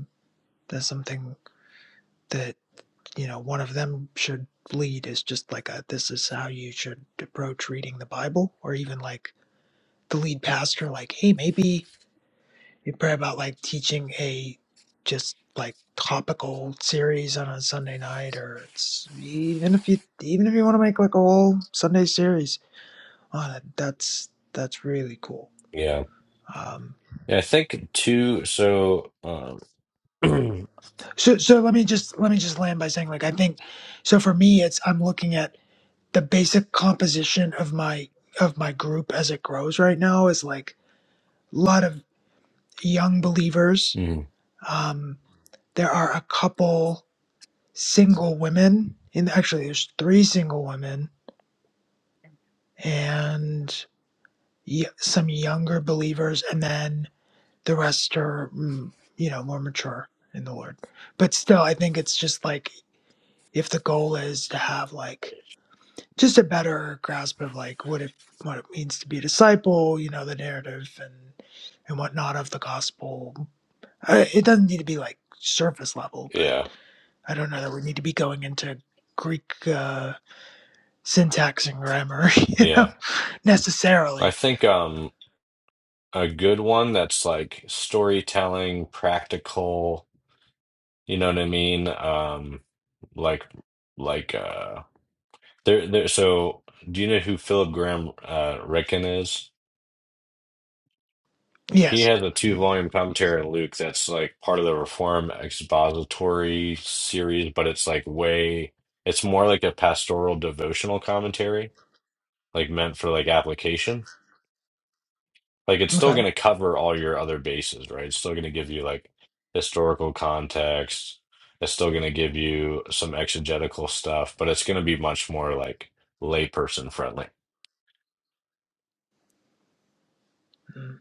Speaker 6: as something that you know one of them should lead is just like a this is how you should approach reading the Bible, or even like the lead pastor, like hey maybe We pray about like teaching a just like topical series on a Sunday night, or it's even if you even if you want to make like a whole Sunday series on it, that's that's really cool.
Speaker 3: Yeah.
Speaker 6: Um,
Speaker 3: Yeah, I think too. So, um, mm,
Speaker 6: so so let me just let me just land by saying like I think so for me it's I'm looking at the basic composition of my of my group as it grows right now is like a lot of young believers. Um, there are a couple. single women, and actually, there's three single women and y- some younger believers, and then the rest are, mm, you know, more mature in the Lord. But still, I think it's just like if the goal is to have like just a better grasp of like what it what it means to be a disciple, you know, the narrative and and whatnot of the gospel. I, it doesn't need to be like surface level, but
Speaker 3: yeah,
Speaker 6: I don't know that we need to be going into Greek. Uh, syntax and grammar, you know,
Speaker 3: yeah. I
Speaker 6: necessarily.
Speaker 3: think um, a good one that's like storytelling, practical. You know what I mean? Um, like, like uh, there, there. So, do you know who Philip Graham uh, Ricken is? He
Speaker 6: Yes.
Speaker 3: has a two-volume commentary on Luke that's like part of the Reform expository series, but it's like way. It's more like a pastoral devotional commentary like meant for like application. Like it's still
Speaker 6: Okay.
Speaker 3: going to cover all your other bases, right? It's still going to give you like historical context. It's still going to give you some exegetical stuff, but it's going to be much more like layperson friendly.
Speaker 6: Mm,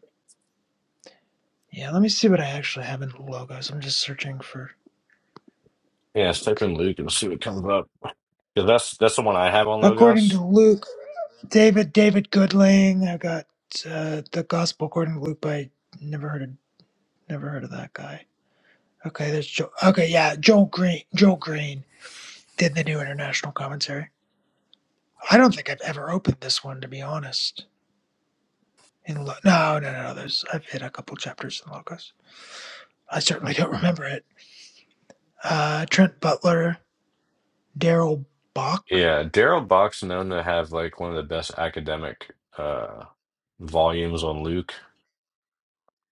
Speaker 6: Yeah, let me see what I actually have in the logos. I'm just searching for
Speaker 3: Yeah, let's type
Speaker 6: Luke.
Speaker 3: in Luke and see what comes up. 'Cause that's that's the one I have on
Speaker 6: According
Speaker 3: Logos.
Speaker 6: to Luke, David, David Goodling. I got uh, the Gospel according to Luke by never heard of never heard of that guy. Okay, there's Joe. Okay, yeah, Joel Green. Joel Green did the new international commentary. I don't think I've ever opened this one to be honest. In lo- no, no, no, no. There's I've hit a couple chapters in logos. I certainly don't remember it. Uh, Trent Butler, Daryl Bach.
Speaker 3: Yeah, Daryl Buck's known to have like one of the best academic uh volumes on Luke.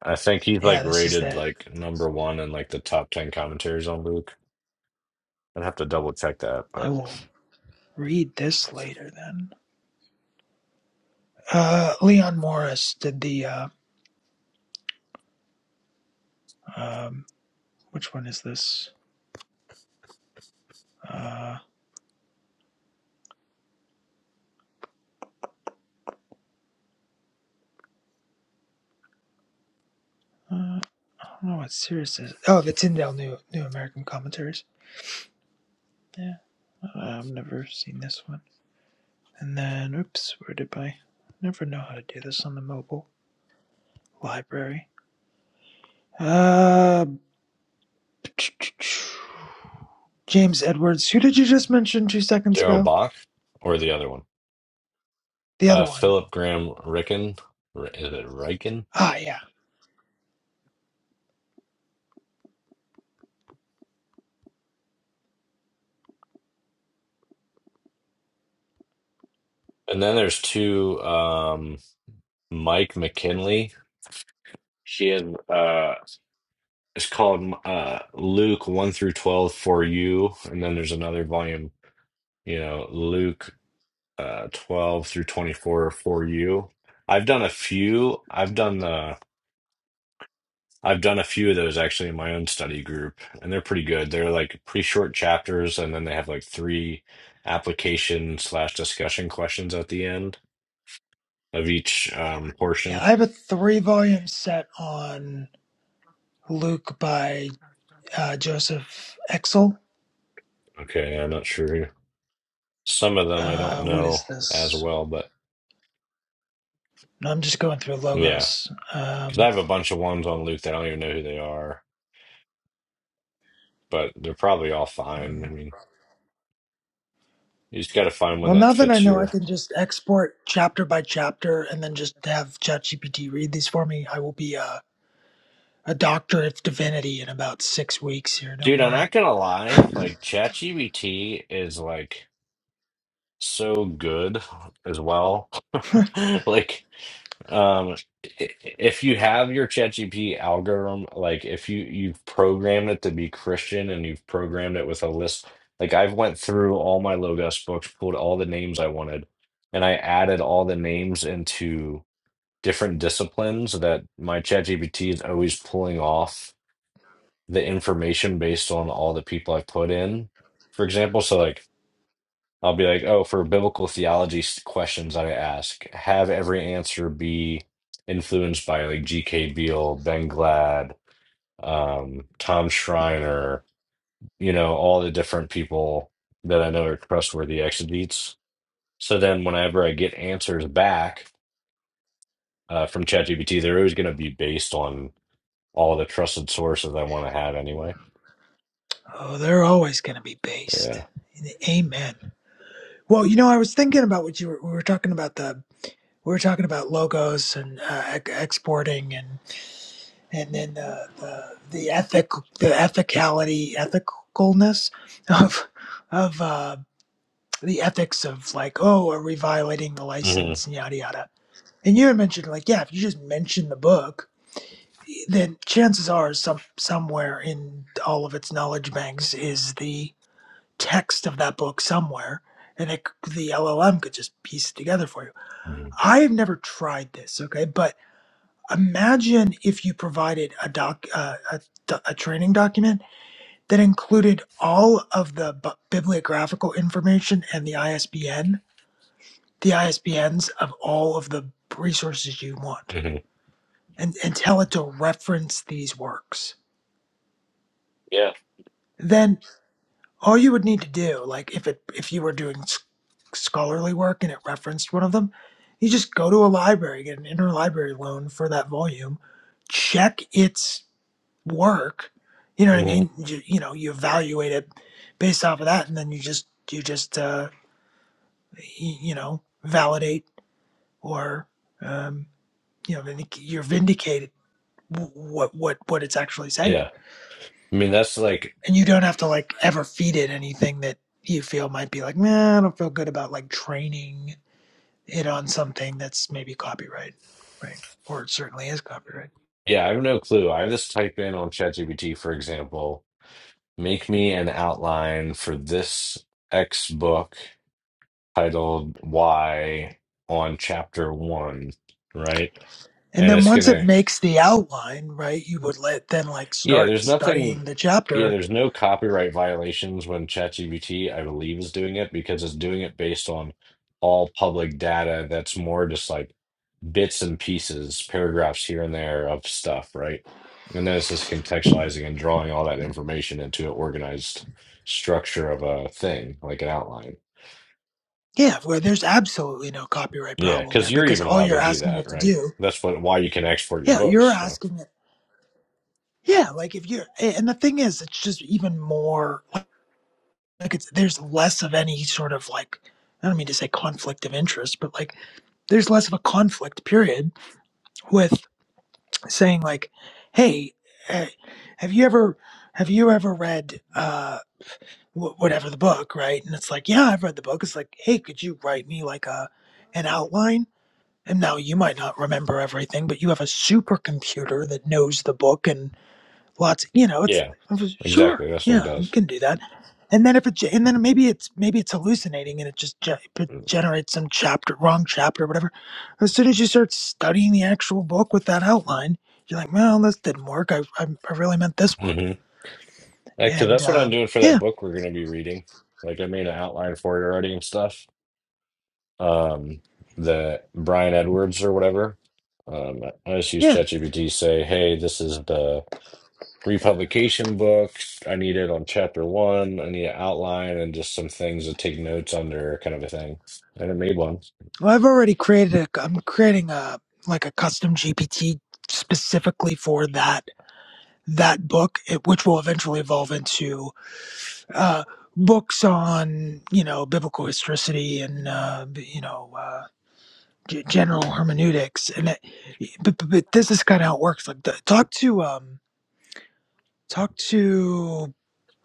Speaker 3: I think he's
Speaker 6: Yeah,
Speaker 3: like
Speaker 6: this is
Speaker 3: rated
Speaker 6: it.
Speaker 3: like number one in like the top ten commentaries on Luke. I'd have to double check that,
Speaker 6: I
Speaker 3: but
Speaker 6: will read this later then. Uh, Leon Morris did the. Uh, um, which one is this? Uh, uh, I don't know what series this is. Oh, the Tyndale New New American Commentaries. Yeah, uh, I've never seen this one. And then, oops, where did I? Never know how to do this on the mobile library. Uh, James Edwards. Who did you just mention two seconds
Speaker 3: Daryl
Speaker 6: ago?
Speaker 3: Bach or the other one,
Speaker 6: The
Speaker 3: uh,
Speaker 6: other one.
Speaker 3: Philip Graham Ricken, R- is it Ricken?
Speaker 6: Ah, yeah.
Speaker 3: And then there's two, um, Mike McKinley. He had uh, it's called uh, Luke one through twelve for you, and then there's another volume, you know, Luke uh, twelve through twenty four for you. I've done a few. I've done the I've done a few of those actually in my own study group, and they're pretty good. They're like pretty short chapters, and then they have like three application slash discussion questions at the end of each um,
Speaker 6: Yeah,
Speaker 3: portion.
Speaker 6: I have a three volume set on Luke by uh, Joseph Exel.
Speaker 3: Okay, I'm not sure. Some of them I don't
Speaker 6: Uh, what is
Speaker 3: know as
Speaker 6: this?
Speaker 3: well, but
Speaker 6: No, I'm just going through
Speaker 3: yeah,
Speaker 6: logos.
Speaker 3: because I
Speaker 6: Um,
Speaker 3: have a bunch of ones on Luke that I don't even know who they are, but they're probably all
Speaker 6: yeah.
Speaker 3: fine. I mean, you just got to find one
Speaker 6: Well,
Speaker 3: that
Speaker 6: now that I
Speaker 3: fits
Speaker 6: know I
Speaker 3: your
Speaker 6: can just export chapter by chapter and then just have ChatGPT read these for me, I will be uh, a doctor of divinity in about six weeks here. Don't
Speaker 3: dude. I'm
Speaker 6: worry.
Speaker 3: not gonna lie, like ChatGPT is like. so good as well. Like, um, i- if you have your ChatGPT algorithm, like if you you've programmed it to be Christian and you've programmed it with a list, like I've went through all my Logos books, pulled all the names I wanted, and I added all the names into different disciplines that my ChatGPT is always pulling off the information based on all the people I've put in. For example, so like I'll be like, oh, for biblical theology s- questions I ask, have every answer be influenced by like G.K. Beale, Ben Glad, um, Tom Schreiner, you know, all the different people that I know are trustworthy exegetes. So then whenever I get answers back uh, from ChatGPT, they're always going to be based on all the trusted sources I want to have anyway.
Speaker 6: Oh, they're always going to be
Speaker 3: Yeah.
Speaker 6: based. Amen. Well, you know, I was thinking about what you were, we were talking about the. we were talking about logos and uh, ex- exporting and and then the the the ethic the ethicality ethicalness of of uh, the ethics of like oh are we violating the
Speaker 3: hmm
Speaker 6: license and yada yada and you had mentioned like yeah if you just mention the book then chances are some somewhere in all of its knowledge banks is the text of that book somewhere and it, the LLM could just piece it together for you.
Speaker 3: hmm
Speaker 6: I have never tried this, okay, but Imagine if you provided a doc, uh, a, a training document that included all of the bu- bibliographical information and the ISBN, the ISBNs of all of the resources you want,
Speaker 3: hmm
Speaker 6: and, and tell it to reference these works.
Speaker 3: Yeah.
Speaker 6: Then all you would need to do, like if it if you were doing s- scholarly work and it referenced one of them, you just go to a library, get an interlibrary loan for that volume, check its work you know what i
Speaker 3: hmm
Speaker 6: mean you, you know you evaluate it based off of that and then you just you just uh y- you know validate or um you know vindic- you're vindicated what what what it's actually saying
Speaker 3: Yeah. I mean, that's like
Speaker 6: and you don't have to like ever feed it anything that you feel might be like man i don't feel good about like training it on something that's maybe copyright right or it certainly is copyright
Speaker 3: Yeah, I have no clue. I just type in on ChatGPT, for example, make me an outline for this X book titled Y on chapter one, right?
Speaker 6: and
Speaker 3: And
Speaker 6: then
Speaker 3: it's
Speaker 6: once it
Speaker 3: gonna,
Speaker 6: makes the outline right you would let then like
Speaker 3: yeah,
Speaker 6: start
Speaker 3: there's nothing,
Speaker 6: studying the
Speaker 3: yeah,
Speaker 6: chapter
Speaker 3: there's no copyright violations when ChatGPT, I believe, is doing it because it's doing it based on all public data that's more just like bits and pieces, paragraphs here and there of stuff, right? And then it's just contextualizing and drawing all that information into an organized structure of a thing, like an outline.
Speaker 6: Yeah, well, there's absolutely no copyright
Speaker 3: Yeah,
Speaker 6: problem
Speaker 3: because
Speaker 6: there
Speaker 3: you're
Speaker 6: because
Speaker 3: even
Speaker 6: all
Speaker 3: allowed
Speaker 6: you're
Speaker 3: to do
Speaker 6: asking
Speaker 3: that,
Speaker 6: it to
Speaker 3: right?
Speaker 6: do,
Speaker 3: That's what why you can export your
Speaker 6: yeah, you're
Speaker 3: books. So
Speaker 6: asking it, yeah, like if you're, a- and the thing is, it's just even more like it's there's less of any sort of like, I don't mean to say conflict of interest, but like there's less of a conflict period with saying like, hey, eh, have you ever, have you ever read, uh, wh- whatever the book, right? And it's like, yeah, I've read the book. It's like, hey, could you write me like a, an outline? And now you might not remember everything, but you have a supercomputer that knows the book and lots. You know, it's
Speaker 3: yeah, exactly.
Speaker 6: sure,
Speaker 3: That's what it
Speaker 6: yeah, you
Speaker 3: does.
Speaker 6: can do that. And then if it, and then maybe it's maybe it's hallucinating and it just ge- it generates some chapter, wrong chapter, whatever. As soon as you start studying the actual book with that outline, you're like, well, this didn't work. I I, I really meant this one.
Speaker 3: Mm-hmm. Because
Speaker 6: And
Speaker 3: that's what I'm
Speaker 6: um,
Speaker 3: doing for that
Speaker 6: yeah,
Speaker 3: book we're going to be reading. Like I made an outline for it already and stuff. Um, the Brian Edwards or whatever. Um, I just use
Speaker 6: yeah.
Speaker 3: ChatGPT. Say, hey, this is the Republication book. I need it on chapter one. I need an outline and just some things to take notes under, kind of a thing. And it made one.
Speaker 6: Well, I've already created a. I'm creating a like a custom GPT specifically for that that book, it, which will eventually evolve into uh, books on you know biblical historicity and uh, you know uh, g- general hermeneutics. And it, but, but, but this is kind of how it works. Like the, talk to um, talk to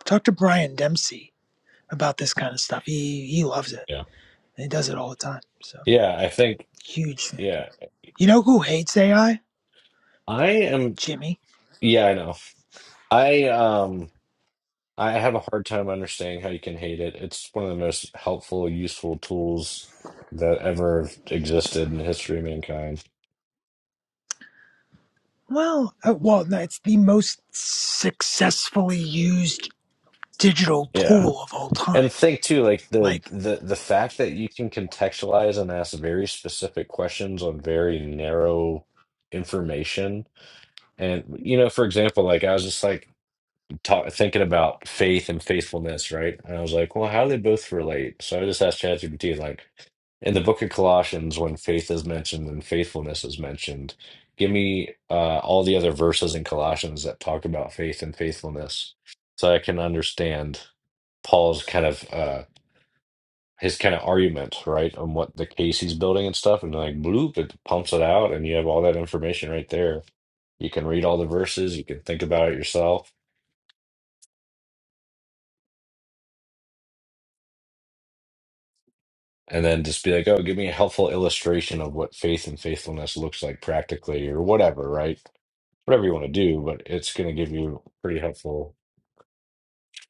Speaker 6: talk to Brian Dempsey about this kind of stuff. He he loves it.
Speaker 3: Yeah.
Speaker 6: He does it all the time. So
Speaker 3: Yeah, I think,
Speaker 6: huge fan.
Speaker 3: yeah.
Speaker 6: You know who hates AI?
Speaker 3: I am,
Speaker 6: Jimmy.
Speaker 3: yeah, I know. I, um, I have a hard time understanding how you can hate it. It's one of the most helpful, useful tools that ever existed in the history of mankind.
Speaker 6: Well, uh, well, no, it's the most successfully used digital
Speaker 3: Yeah.
Speaker 6: tool of all
Speaker 3: And
Speaker 6: time.
Speaker 3: think too, like the
Speaker 6: Like,
Speaker 3: the the fact that you can contextualize and ask very specific questions on very narrow information. And you know, for example, like I was just like talk, thinking about faith and faithfulness, right? And I was like, well, how do they both relate? So I just asked ChatGPT, like, in the book of Colossians, when faith is mentioned and faithfulness is mentioned, give me uh, all the other verses in Colossians that talk about faith and faithfulness, so I can understand Paul's kind of. uh, his kind of argument, right, on what the case he's building and stuff, and like bloop, it pumps it out, and you have all that information right there. You can read all the verses, you can think about it yourself, and then just be like, oh, give me a helpful illustration of what faith and faithfulness looks like practically, or whatever, right? Whatever you want to do, but it's going to give you pretty helpful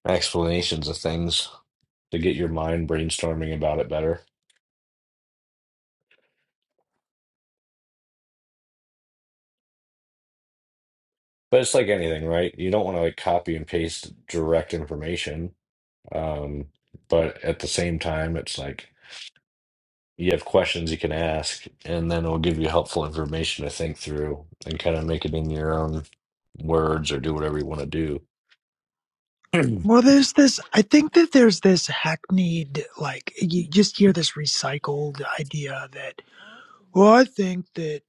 Speaker 3: explanations of things to get your mind brainstorming about it better. But it's like anything, right? You don't want to like copy and paste direct information Um, but at the same time, it's like you have questions you can ask, and then it'll give you helpful information to think through and kind of make it in your own words or do whatever you want to do.
Speaker 6: well, there's this, I think that there's this hackneyed, like, you just hear this recycled idea that, well, I think that,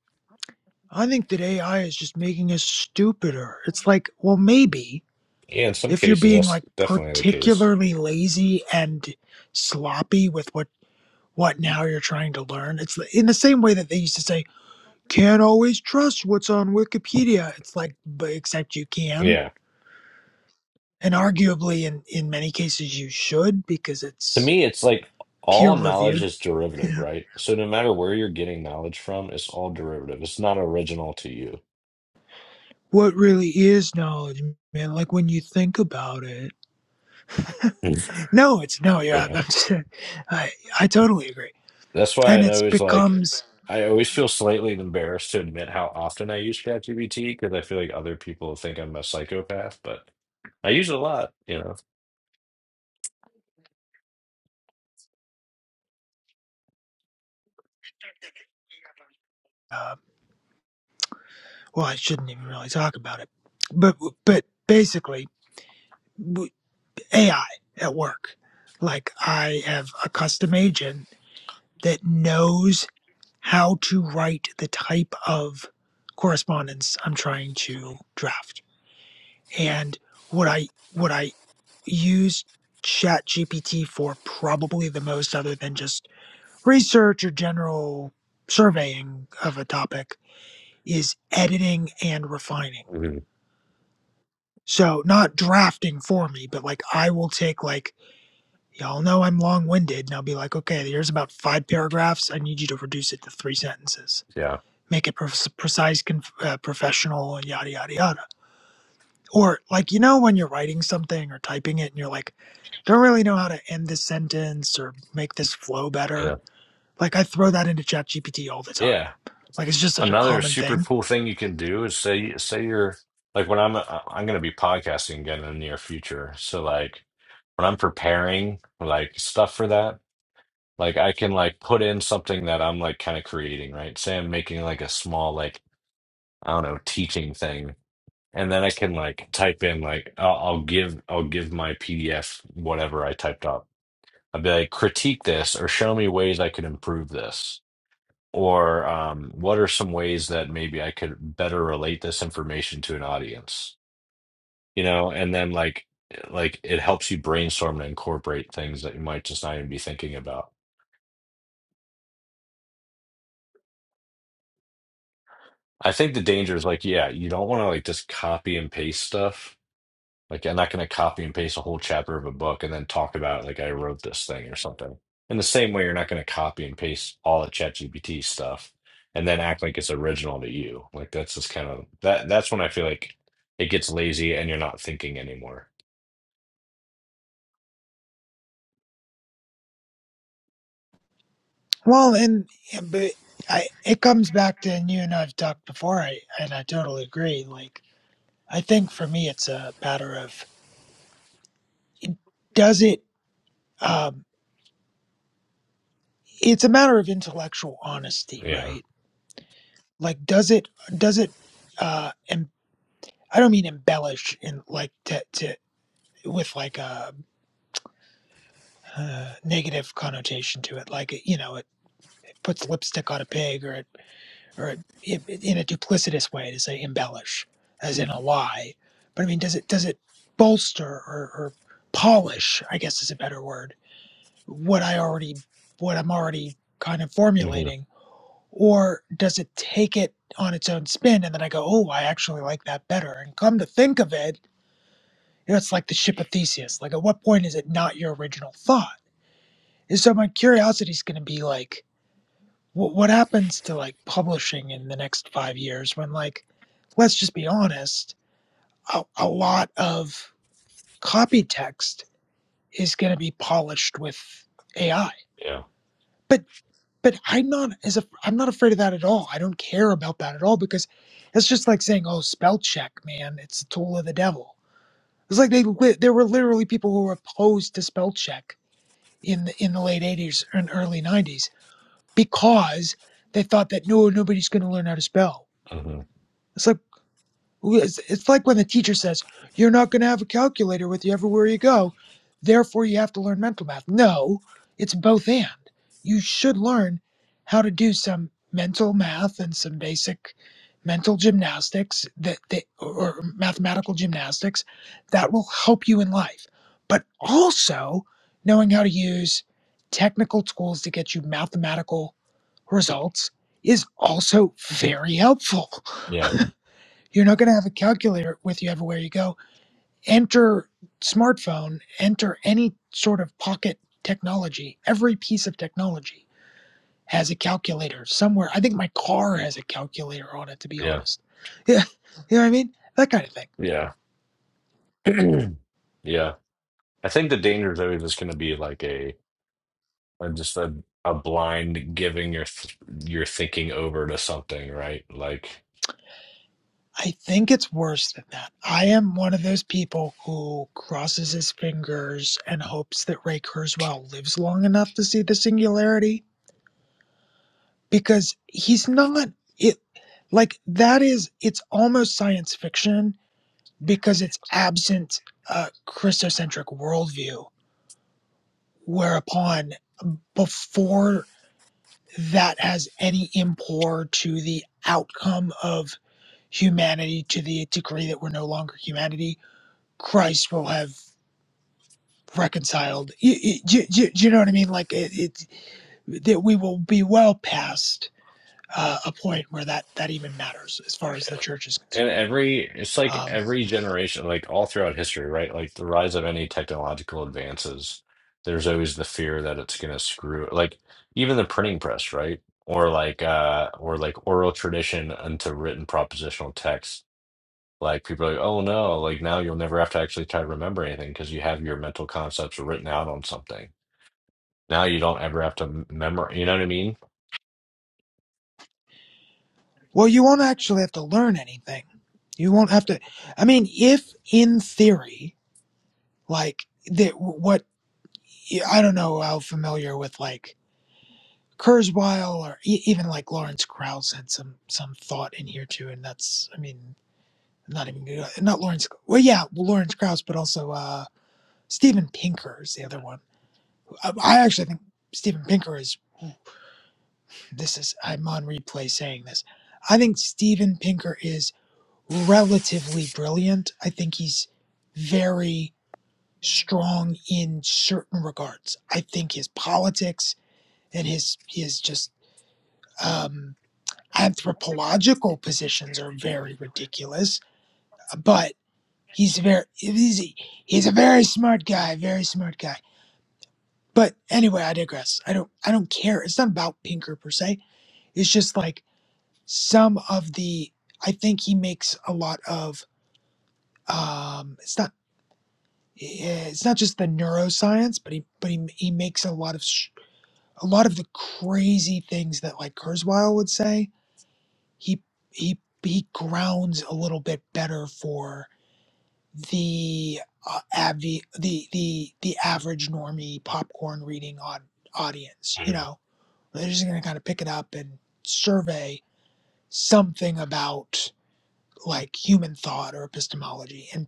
Speaker 6: I think that AI is just making us stupider. It's like, well, maybe
Speaker 3: yeah, in some
Speaker 6: if you're
Speaker 3: cases,
Speaker 6: being
Speaker 3: that's
Speaker 6: like
Speaker 3: definitely the case.
Speaker 6: particularly lazy and sloppy with what, what now you're trying to learn. It's in the same way that they used to say, can't always trust what's on Wikipedia. It's like, but except you can.
Speaker 3: Yeah.
Speaker 6: and arguably in in many cases you should because
Speaker 3: To
Speaker 6: it's
Speaker 3: me, it's like
Speaker 6: peer
Speaker 3: all knowledge
Speaker 6: reviewed
Speaker 3: is derivative,
Speaker 6: Yeah.
Speaker 3: right? So no matter where you're getting knowledge from, it's all derivative. It's not original to you.
Speaker 6: what really is knowledge man like when you think about it
Speaker 3: Mm.
Speaker 6: no it's no yeah
Speaker 3: Yeah.
Speaker 6: i'm, i just, i i totally agree
Speaker 3: That's why
Speaker 6: and
Speaker 3: I
Speaker 6: it's
Speaker 3: always like
Speaker 6: becomes
Speaker 3: I always feel slightly embarrassed to admit how often I use ChatGPT because I feel like other people think I'm a psychopath, but I use it a lot, you know.
Speaker 6: uh, well i shouldn't even really talk about it but but basically ai at work like i have a custom agent that knows how to write the type of correspondence i'm trying to draft and what I what I use Chat GPT for probably the most other than just research or general surveying of a topic is editing and refining.
Speaker 3: Mhm.
Speaker 6: So not drafting for me, but like I will take like y'all know I'm long-winded and I'll be like, okay, here's about five paragraphs. I need you to reduce it to three sentences.
Speaker 3: Yeah,
Speaker 6: Make it pre- precise, conf- uh, professional, and yada yada yada. Or like you know when you're writing something or typing it and you're like don't really know how to end this sentence or make this flow
Speaker 3: yeah,
Speaker 6: better. Like I throw that into ChatGPT all the time.
Speaker 3: yeah.
Speaker 6: Like it's just such a
Speaker 3: Another
Speaker 6: common
Speaker 3: super
Speaker 6: thing.
Speaker 3: cool thing you can do is say say you're like when I'm I- I'm going to be podcasting again in the near future, so like when I'm preparing like stuff for that, like I can like put in something that I'm like kind of creating, right? Say I'm making like a small like I don't know teaching thing and then I can like type in like I'll, I'll give I'll give my PDF whatever I typed up. I'll be like critique this or show me ways I could improve this or um, what are some ways that maybe I could better relate this information to an audience, you know? And then like like it helps you brainstorm and incorporate things that you might just not even be thinking about. I think the danger is like yeah, you don't want to like just copy and paste stuff Like I'm not going to copy and paste a whole chapter of a book and then talk about like I wrote this thing or something. In the same way, you're not going to copy and paste all the ChatGPT stuff and then act like it's original to you. Like that's just kind of that. That's when I feel like it gets lazy and you're not thinking anymore.
Speaker 6: Well, and and- but I, it comes back to and you and I've talked before. I and I totally agree. Like I think for me, it's a matter of does it. Um, it's a matter of intellectual honesty,
Speaker 3: Yeah.
Speaker 6: right? like does it does it uh em- i don't mean embellish in like to, to with like a uh, negative connotation to it like you know it, it puts lipstick on a pig or it or it, it in a duplicitous way to say embellish as in a lie but i mean does it does it bolster or, or polish i guess is a better word what i already what i'm already kind of
Speaker 3: hmm
Speaker 6: formulating Or does it take it on its own spin and then I go, oh, I actually like that better? And come to think of it, you know, it's like the ship of Theseus. Like, at what point is it not your original thought? And so my curiosity is going to be like, wh- what happens to like publishing in the next five years when, like, let's just be honest, a, a lot of copy text is going to be polished with AI?
Speaker 3: Yeah.
Speaker 6: but. but I'm not as a, I'm not afraid of that at all. I don't care about that at all because it's just like saying, "Oh, spell check, man, it's a tool of the devil." It's like they li- there were literally people who were opposed to spell check in the, in the late '80s and early '90s because they thought that no, nobody's going to learn how to spell.
Speaker 3: hmm
Speaker 6: It's like who is- It's like when the teacher says, You're not going to have a calculator with you everywhere you go, therefore you have to learn mental math. No, it's both and. You should learn how to do some mental math and some basic mental gymnastics that, that or mathematical gymnastics that will help you in life. But also knowing how to use technical tools to get you mathematical results is also very helpful.
Speaker 3: Yeah.
Speaker 6: You're not going to have a calculator with you everywhere you go. Enter smartphone, enter any sort of pocket technology. Every piece of technology has a calculator somewhere. I think my car has a calculator on it, to be
Speaker 3: Yeah.
Speaker 6: honest. Yeah, you know what I mean? That kind of thing.
Speaker 3: Yeah. yeah. I think the danger is always just going to be like a, a just a, a blind giving your th your thinking over to something, right? Like
Speaker 6: I think it's worse than that. I am one of those people who crosses his fingers and hopes that Ray Kurzweil lives long enough to see the singularity because he's not it like that is it's almost science fiction because it's absent a christocentric worldview whereupon before that has any import to the outcome of humanity to the degree that we're no longer humanity christ will have reconciled you, you, you, you know what i mean like it, it that we will be well past uh, a point where that that even matters as far as the church is concerned
Speaker 3: and every it's like
Speaker 6: Um,
Speaker 3: every generation like all throughout history right like the rise of any technological advances there's always the fear that it's going to screw like even the printing press right or like uh or like oral tradition into written propositional text like people are like oh no like now you'll never have to actually try to remember anything because you have your mental concepts written out on something now you don't ever have to memorize you know what i mean
Speaker 6: well, you won't actually have to learn anything. You won't have to. I mean, if in theory, like that, what I don't know how familiar with like Kurzweil or e- even like Lawrence Krauss had some some thought in here too, and that's I mean not even good- not Lawrence. Well, yeah, Lawrence Krauss, but also uh, Steven Pinker is the other one. I, I actually think Steven Pinker is. This is I'm on replay saying this. I think Steven Pinker is relatively brilliant. I think he's very strong in certain regards. I think his politics and his his just um, anthropological positions are very ridiculous. But he's very he's, he's a very smart guy, very smart guy. But anyway, I digress. I don't I don't care. It's not about Pinker per se. It's just like some of the I think he makes a lot of um, it's not. yeah, it's not just the neuroscience, but he but he he makes a lot of sh- a lot of the crazy things that like Kurzweil would say. He he he grounds a little bit better for the uh, avi the the the average normie popcorn reading on audience. You know, they're just gonna kind of pick it up and survey something about like human thought or epistemology and.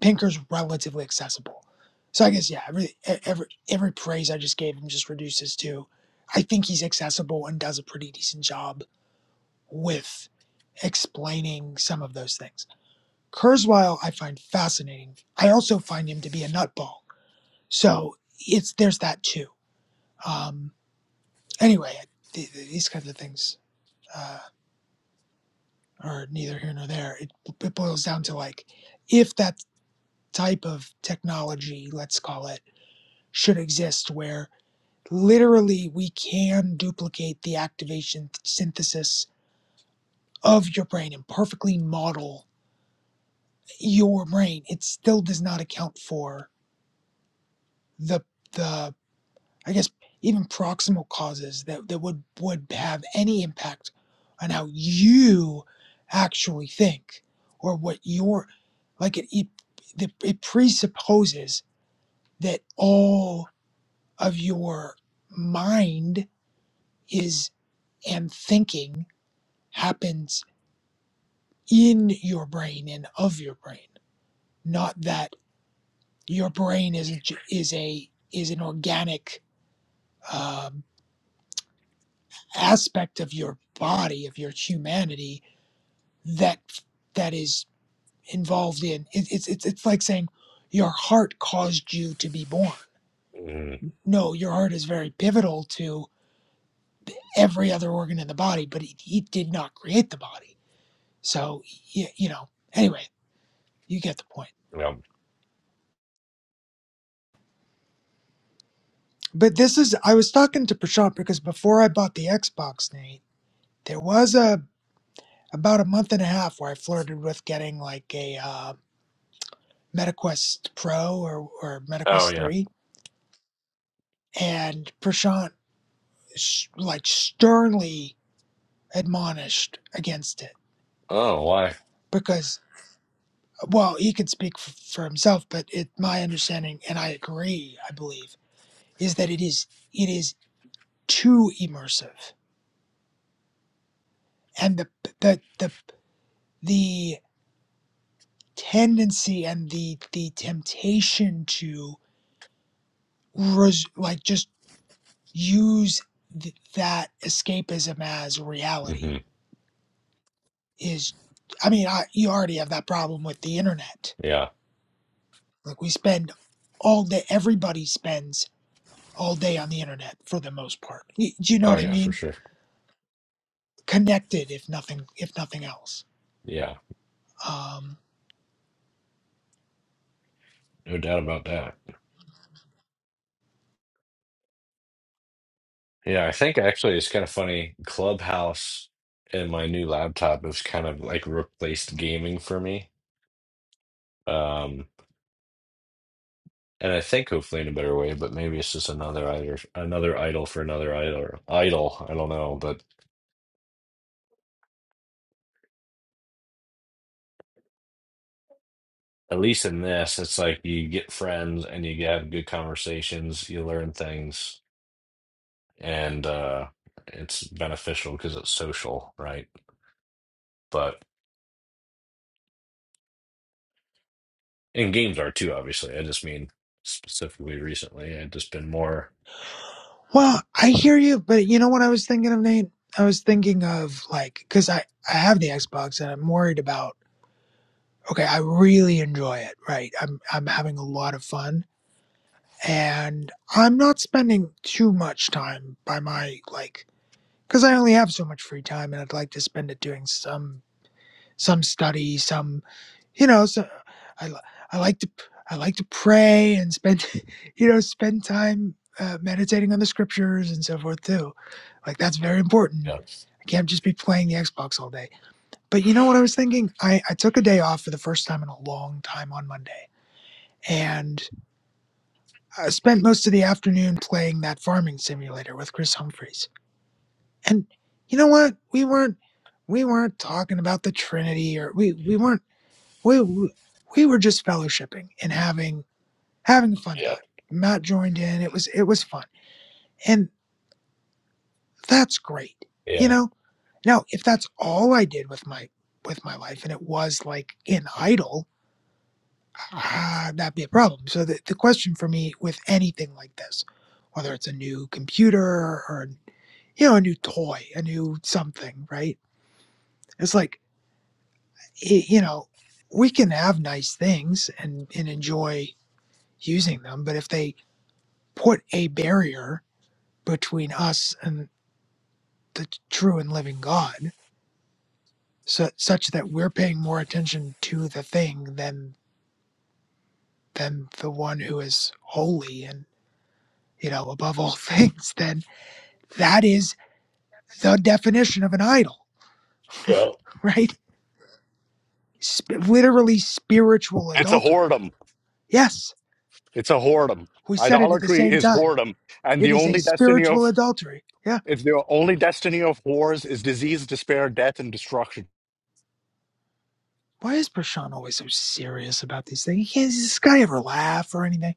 Speaker 6: Pinker's relatively accessible. So I guess yeah, every e- every every praise I just gave him just reduces to I think he's accessible and does a pretty decent job with explaining some of those things. Kurzweil I find fascinating. I also find him to be a nutball. So it's there's that too. Um, anyway, th- th- these kinds of things uh, are neither here nor there. It, it boils down to like if that type of technology, let's call it, should exist where literally we can duplicate the activation synthesis of your brain and perfectly model your brain it still does not account for the the i guess even proximal causes that, that would would have any impact on how you actually think or what your like it it, it presupposes that all of your mind is and thinking happens in your brain and of your brain not that your brain isn't is a is an organic um, aspect of your body of your humanity that that is involved in it, it's it's it's like saying your heart caused you to be born
Speaker 3: mm
Speaker 6: no your heart is very pivotal to every other organ in the body but it, it did not create the body so y- you know anyway you get the point
Speaker 3: yeah.
Speaker 6: But this is I was talking to Prashant because before I bought the Xbox, Nate, there was a about a month and a half where I flirted with getting like a uh, MetaQuest Pro or or
Speaker 3: oh
Speaker 6: MetaQuest
Speaker 3: yeah
Speaker 6: Three, and Prashant sh- like sternly admonished against it
Speaker 3: oh why
Speaker 6: because well he can speak f- for himself, but it my understanding and I agree I believe is that it is it is too immersive and the the the the tendency and the the temptation to res- like just use th- that escapism as reality
Speaker 3: hmm
Speaker 6: is i mean I, you already have that problem with the internet
Speaker 3: yeah
Speaker 6: like we spend all day everybody spends all day on the internet for the most part Y- do you know
Speaker 3: oh
Speaker 6: what i
Speaker 3: yeah for
Speaker 6: mean
Speaker 3: sure
Speaker 6: connected if nothing if nothing else
Speaker 3: yeah
Speaker 6: um
Speaker 3: No doubt about that. Yeah, I think actually it's kind of funny. Clubhouse and my new laptop has kind of like replaced gaming for me. Um, and I think hopefully in a better way, but maybe it's just another idol, another idol for another idol. Idol, I don't know, but at least in this, it's like you get friends and you have good conversations, you learn things, and uh, it's beneficial because it's social, right? But and games are too, obviously. I just mean specifically recently. I've just been more.
Speaker 6: well i hear you but you know what i was thinking of nate i was thinking of like because i i have the xbox and i'm worried about okay, I really enjoy it, right? I'm I'm having a lot of fun and I'm not spending too much time by my like cuz I only have so much free time and I'd like to spend it doing some some study, some you know, so I li- I like to I like to pray and spend you know, spend time uh, meditating on the scriptures and so forth too. Like that's very important.
Speaker 3: Yeah.
Speaker 6: I can't just be playing the Xbox all day. But you know what I was thinking? I, I took a day off for the first time in a long time on Monday and I spent most of the afternoon playing that farming simulator with Chris Humphreys. And you know what? We weren't we weren't talking about the Trinity or we we weren't we we were just fellowshipping and having having a fun
Speaker 3: Yeah.
Speaker 6: time. Matt joined in. It was it was fun. And that's great. You
Speaker 3: Yeah.
Speaker 6: know? Now, if that's all I did with my with my life and it was like an idol ah, that'd be a problem. So the, the question for me with anything like this, whether it's a new computer or you know a new toy, a new something, right? It's like y- you know we can have nice things and and enjoy using them, but if they put a barrier between us and the t- true and living God, so, such that we're paying more attention to the thing than than the one who is holy and you know above all things, then That is the definition of an idol,
Speaker 3: Yeah.
Speaker 6: right? Sp- literally spiritual
Speaker 2: It's a
Speaker 6: adultery.
Speaker 2: whoredom.
Speaker 6: Yes,
Speaker 2: It's a whoredom.
Speaker 6: we said it at the
Speaker 2: Idolatry
Speaker 6: same
Speaker 2: is
Speaker 6: time.
Speaker 2: whoredom. And
Speaker 6: It
Speaker 2: the
Speaker 6: is a
Speaker 2: only destiny of
Speaker 6: spiritual adultery. Yeah.
Speaker 2: If the only destiny of wars is disease, despair, death, and destruction,
Speaker 6: Why is Prashant always so serious about these things? He can't, does this guy ever laugh or anything?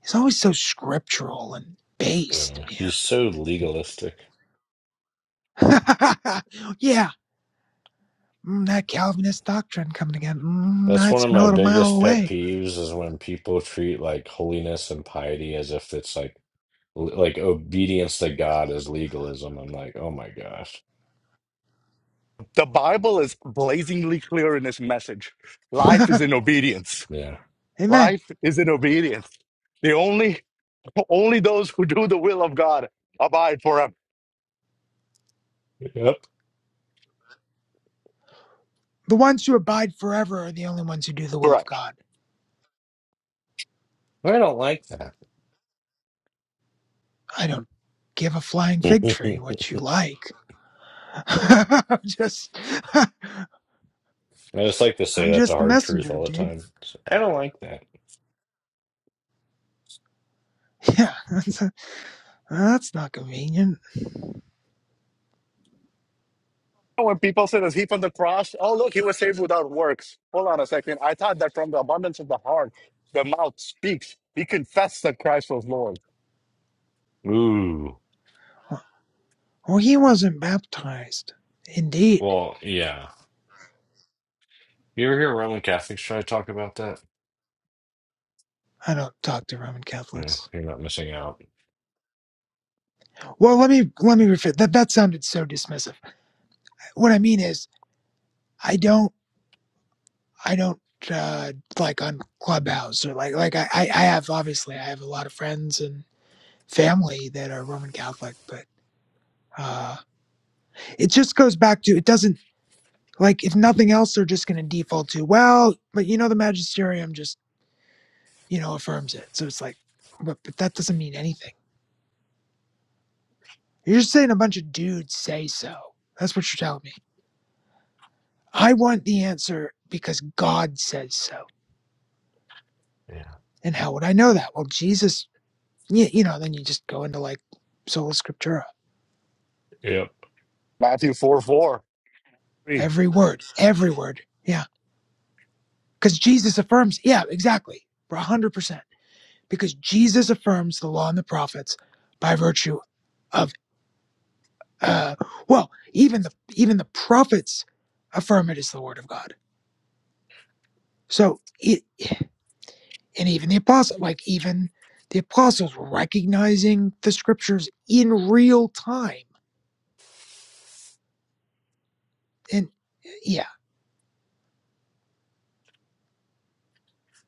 Speaker 6: He's always so scriptural and based,
Speaker 3: Yeah.
Speaker 6: man.
Speaker 3: He's so legalistic.
Speaker 6: yeah. Mm, that Calvinist doctrine coming again. Mm,
Speaker 3: That's
Speaker 6: I
Speaker 3: one of my
Speaker 6: smell it a mile
Speaker 3: biggest pet
Speaker 6: away.
Speaker 3: peeves is when people treat like holiness and piety as if it's like l- like obedience to God is legalism. I'm like, oh my gosh.
Speaker 2: the Bible is blazingly clear in its message. Life is in obedience.
Speaker 3: Yeah.
Speaker 6: Amen.
Speaker 2: Life is in obedience. The only only those who do the will of God abide forever.
Speaker 3: Yep.
Speaker 6: The ones who abide forever are the only ones who do the will of
Speaker 2: Correct.
Speaker 6: God.
Speaker 3: I don't like that.
Speaker 6: I don't give a flying
Speaker 3: I
Speaker 6: fig tree what you like. I'm just,
Speaker 3: just like to say
Speaker 6: I'm
Speaker 3: that to
Speaker 6: just the
Speaker 3: hard truth
Speaker 6: messenger,
Speaker 3: all the
Speaker 6: dude.
Speaker 3: time. So, I don't like that.
Speaker 6: Yeah, that's, that's not convenient.
Speaker 2: When people say that he from the cross, oh look, he was saved without works. Hold on a second. I thought that from the abundance of the heart, the mouth speaks. He confessed that Christ was Lord.
Speaker 3: Ooh.
Speaker 6: Well, he wasn't baptized. Indeed.
Speaker 3: Well, yeah. You ever hear Roman Catholics try to talk about that?
Speaker 6: I don't talk to Roman
Speaker 3: Mm,
Speaker 6: Catholics.
Speaker 3: you're not missing out.
Speaker 6: Well, let me let me refer. That that sounded so dismissive. What I mean is, I don't, I don't uh, like on Clubhouse or like like I I I have obviously I have a lot of friends and family that are Roman Catholic, but uh, it just goes back to it doesn't Like, if nothing else, they're just going to default to, well, but you know, the magisterium just, you know, affirms it. So it's like, but, but that doesn't mean anything. You're just saying a bunch of dudes say so. That's what you're telling me. I want the answer because God says so.
Speaker 3: Yeah.
Speaker 6: And how would I know that? Well, Jesus, yeah, you know, then you just go into like sola scriptura.
Speaker 3: Yep.
Speaker 2: Matthew 4 4. Three.
Speaker 6: Every word, every word. Yeah. Because Jesus affirms. Yeah, exactly. 100%. Because Jesus affirms the law and the prophets by virtue of. uh, well even the even the prophets affirm it is the word of god so it and even the apostle like even the apostles were recognizing the scriptures in real time and yeah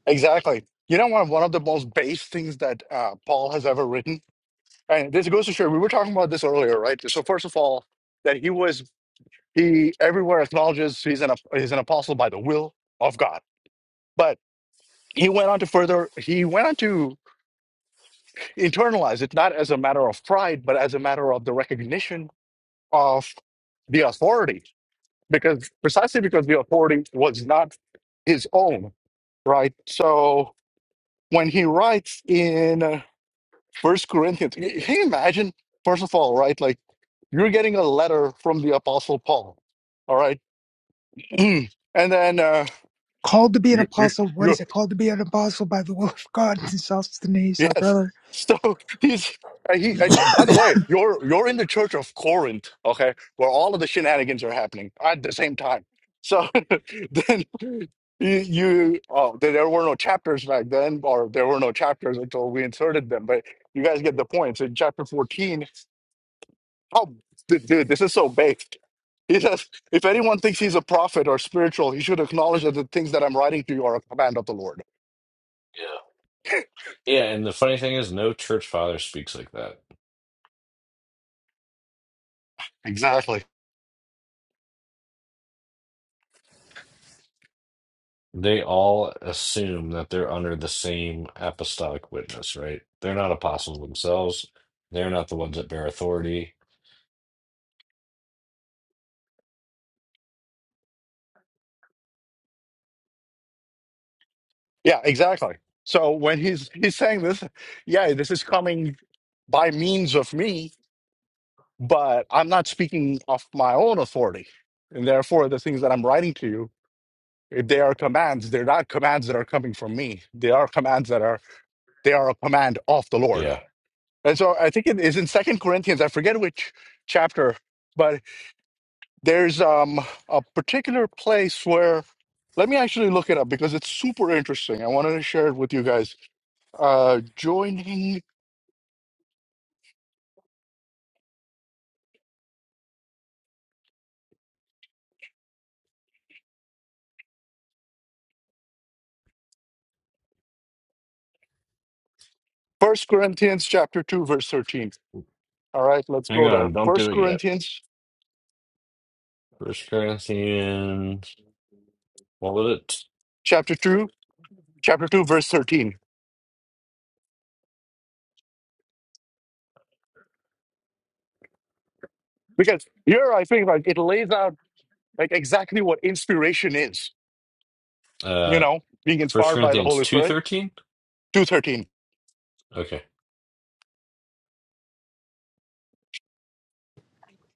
Speaker 2: Exactly. You know, one one of the most base things that uh, Paul has ever written, and this goes to show we were talking about this earlier, right? So first of all, that he was he everywhere acknowledges he's an ap- he's an apostle by the will of God, but he went on to further he went on to internalize it not as a matter of pride, but as a matter of the recognition of the authority, because precisely because the authority was not his own, right? So when he writes in First Corinthians. Can you imagine? First of all, right? Like you're getting a letter from the Apostle Paul. All right, and then uh,
Speaker 6: called to be an
Speaker 2: you, you,
Speaker 6: apostle what
Speaker 2: you,
Speaker 6: is it called to be an apostle by the will of god and sosthenes our
Speaker 2: yes.
Speaker 6: brother
Speaker 2: So he's and he. And by the way, you're you're in the church of Corinth, okay, where all of the shenanigans are happening at the same time. So then you, you oh, there there were no chapters back then, or there were no chapters until we inserted them. But you guys get the point. So in chapter 14, Oh, dude, dude, this is so baked. He says, if anyone thinks he's a prophet or spiritual, he should acknowledge that the things that I'm writing to you are a command of the Lord.
Speaker 3: Yeah. Yeah. And the funny thing is, no church father speaks like that.
Speaker 2: Exactly.
Speaker 3: They all assume that they're under the same apostolic witness, right? They're not apostles themselves. They're not the ones that bear authority.
Speaker 2: Yeah, exactly. So when he's he's saying this, yeah, this is coming by means of me, but I'm not speaking of my own authority. And therefore, the things that I'm writing to you, if they are commands, they're not commands that are coming from me. They are commands that are they are a command of the Lord.
Speaker 3: Yeah.
Speaker 2: And so I think it is in Second Corinthians. I forget which chapter, but there's um, a particular place where. Let me actually look it up because it's super interesting. I wanted to share it with you guys. Uh, joining First Corinthians chapter two, verse thirteen. All right, let's
Speaker 3: Hang
Speaker 2: go there.
Speaker 3: on. Don't do
Speaker 2: First
Speaker 3: it yet.
Speaker 2: Corinthians
Speaker 3: First Corinthians, what was it?
Speaker 2: chapter two, chapter two, verse thirteen. Because here I think like it lays out like exactly what inspiration is. You
Speaker 3: Uh,
Speaker 2: know, being
Speaker 3: First
Speaker 2: inspired by the
Speaker 3: Corinthians
Speaker 2: Holy
Speaker 3: two
Speaker 2: Spirit.
Speaker 3: thirteen.
Speaker 2: Two thirteen.
Speaker 3: Okay,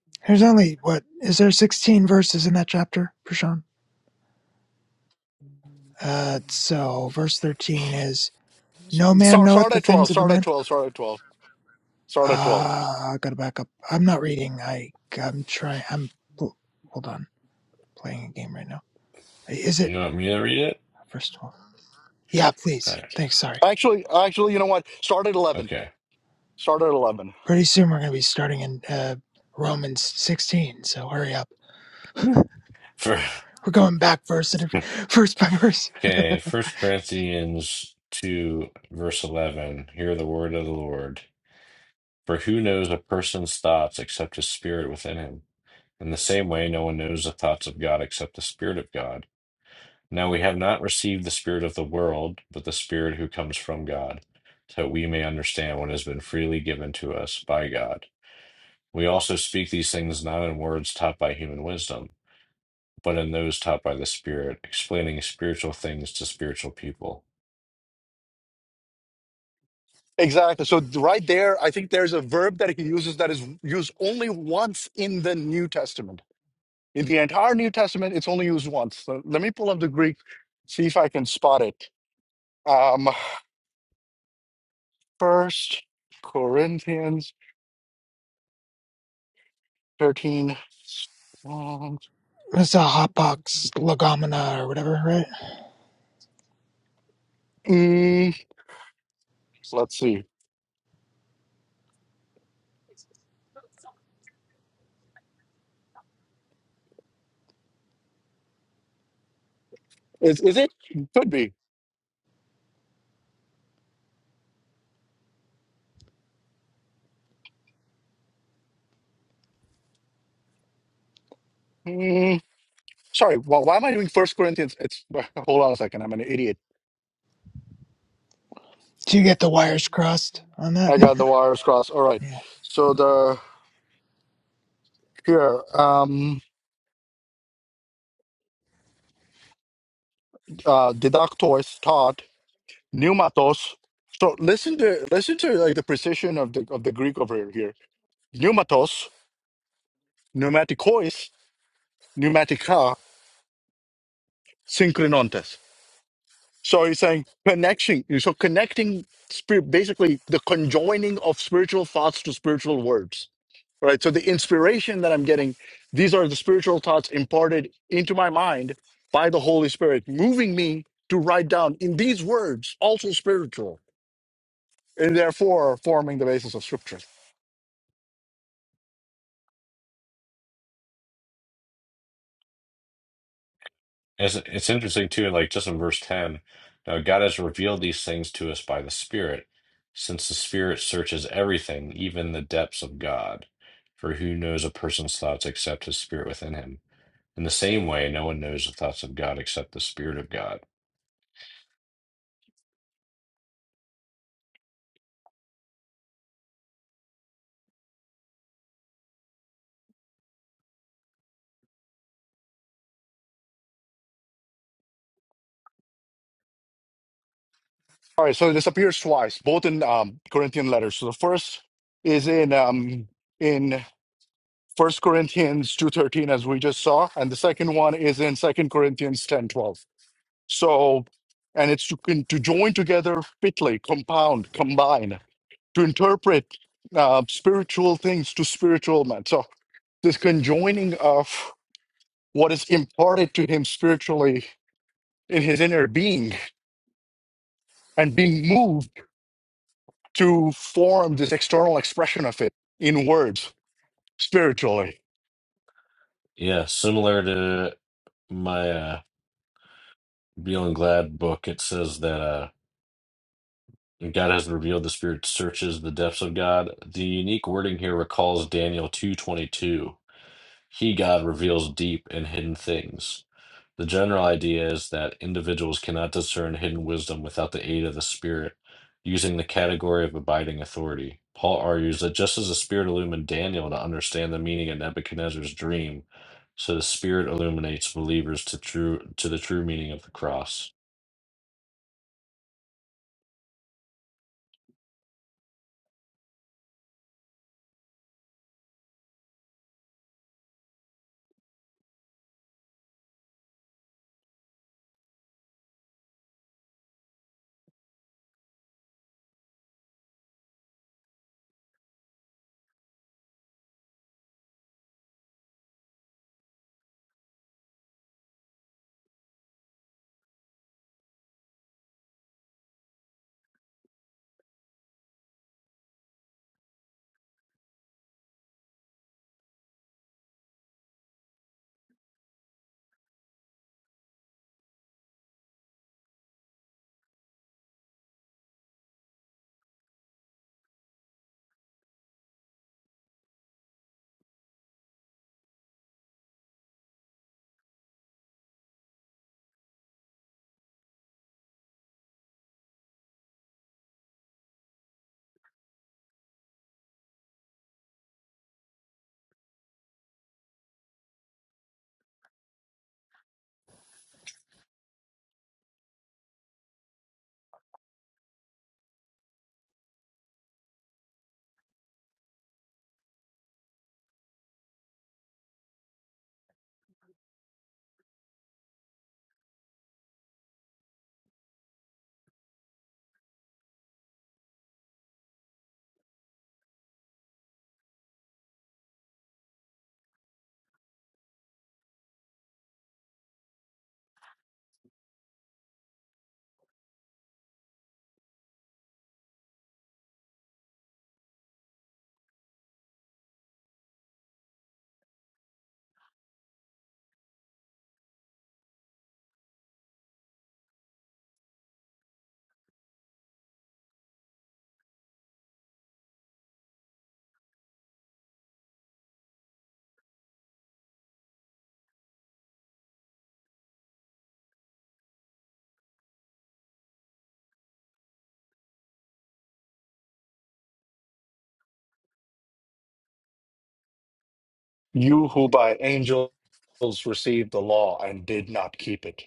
Speaker 6: there's only what is there 16 verses in that chapter prashant uh so verse 13 is no man
Speaker 2: Start,
Speaker 6: knoweth
Speaker 2: start
Speaker 6: the
Speaker 2: at
Speaker 6: things
Speaker 2: 12.
Speaker 6: of a
Speaker 2: Start at
Speaker 6: man
Speaker 2: 12. Start at 12. Start at 12.
Speaker 6: Ah, I gotta back up. I'm not reading. I I'm trying. I'm oh, hold on, playing a game right now. Is it
Speaker 3: you want me to read it?
Speaker 6: first of all? Yeah,
Speaker 3: All
Speaker 6: please.
Speaker 3: right.
Speaker 6: Thanks. Sorry.
Speaker 2: Actually, actually, you know what? Start at 11.
Speaker 3: Okay.
Speaker 2: Start at 11.
Speaker 6: Pretty soon we're gonna be starting in uh, Romans 16, so hurry up.
Speaker 3: Hmm. For
Speaker 6: We're going back verse at a- verse by verse.
Speaker 3: okay, First Corinthians two verse eleven. Hear the word of the Lord. For who knows a person's thoughts except his spirit within him? In the same way, no one knows the thoughts of God except the spirit of God. Now we have not received the Spirit of the world, but the Spirit who comes from God, so that we may understand what has been freely given to us by God. We also speak these things not in words taught by human wisdom, but in those taught by the Spirit, explaining spiritual things to spiritual people.
Speaker 2: Exactly. So right there, I think there's a verb that he uses that is used only once in the New Testament. In the entire New Testament, it's only used once. So let me pull up the Greek, see if I can spot it. Um, First Corinthians 13. Um,
Speaker 6: It's a hotbox legomena or whatever, right?
Speaker 2: mm, let's see. Is is it? Could be. Mm, Sorry, wh- why am I doing First Corinthians? It's hold on a second. I'm an idiot.
Speaker 6: Do you get the wires crossed on that?
Speaker 2: I got the wires crossed. All right.
Speaker 6: Yeah.
Speaker 2: So the here, um, uh, didactos taught pneumatos. So listen to listen to like the precision of the of the Greek over here. here. Pneumatos, pneumatikos, pneumatika, synchronontes. So he's saying connection. So connecting spirit, basically the conjoining of spiritual thoughts to spiritual words. right? So the inspiration that I'm getting, these are the spiritual thoughts imparted into my mind by the Holy Spirit, moving me to write down in these words, also spiritual, and therefore forming the basis of Scripture.
Speaker 3: As it's interesting too, like just in verse ten, now God has revealed these things to us by the Spirit, since the Spirit searches everything, even the depths of God. For who knows a person's thoughts except his spirit within him? In the same way, no one knows the thoughts of God except the Spirit of God.
Speaker 2: All right, so this appears twice, both in um, Corinthian letters. So the first is in um, in First Corinthians two thirteen, as we just saw, and the second one is in Second Corinthians ten twelve. So, and it's to, to join together fitly, compound, combine to interpret uh, spiritual things to spiritual men. So this conjoining of what is imparted to him spiritually in his inner being and being moved to form this external expression of it in words spiritually.
Speaker 3: Yeah, similar to my uh, Beal and Glad book, it says that uh, And God has revealed the Spirit searches the depths of God. The unique wording here recalls Daniel 2:22. He, God, reveals deep and hidden things. The general idea is that individuals cannot discern hidden wisdom without the aid of the Spirit, using the category of abiding authority. Paul argues that just as the Spirit illumined Daniel to understand the meaning of Nebuchadnezzar's dream, so the Spirit illuminates believers to true to the true meaning of the cross.
Speaker 2: You who by angels received the law and did not keep it.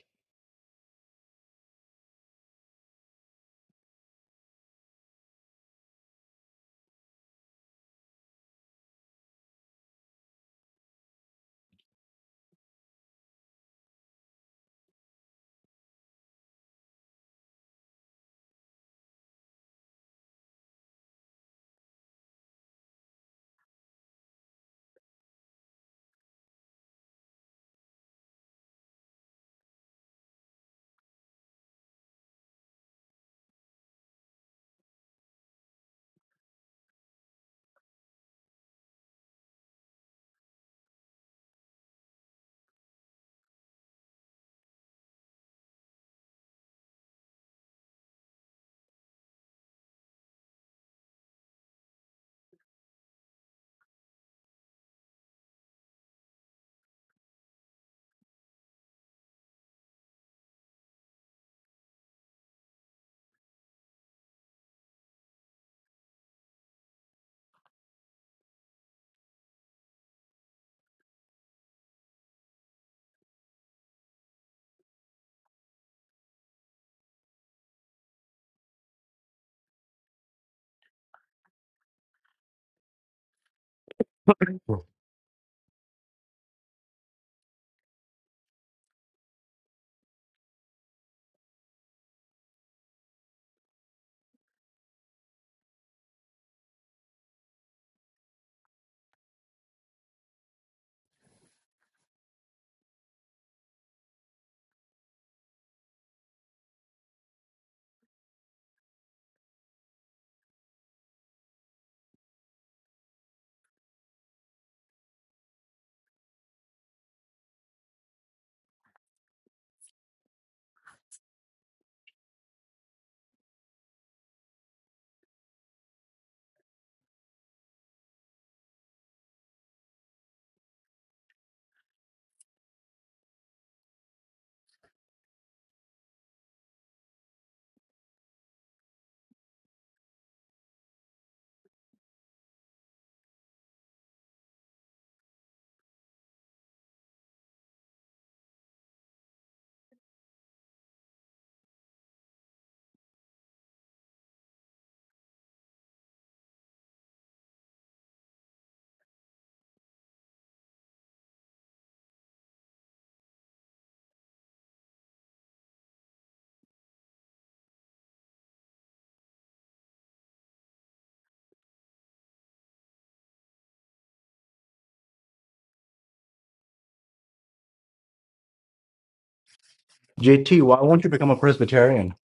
Speaker 2: JT, why won't you become a Presbyterian?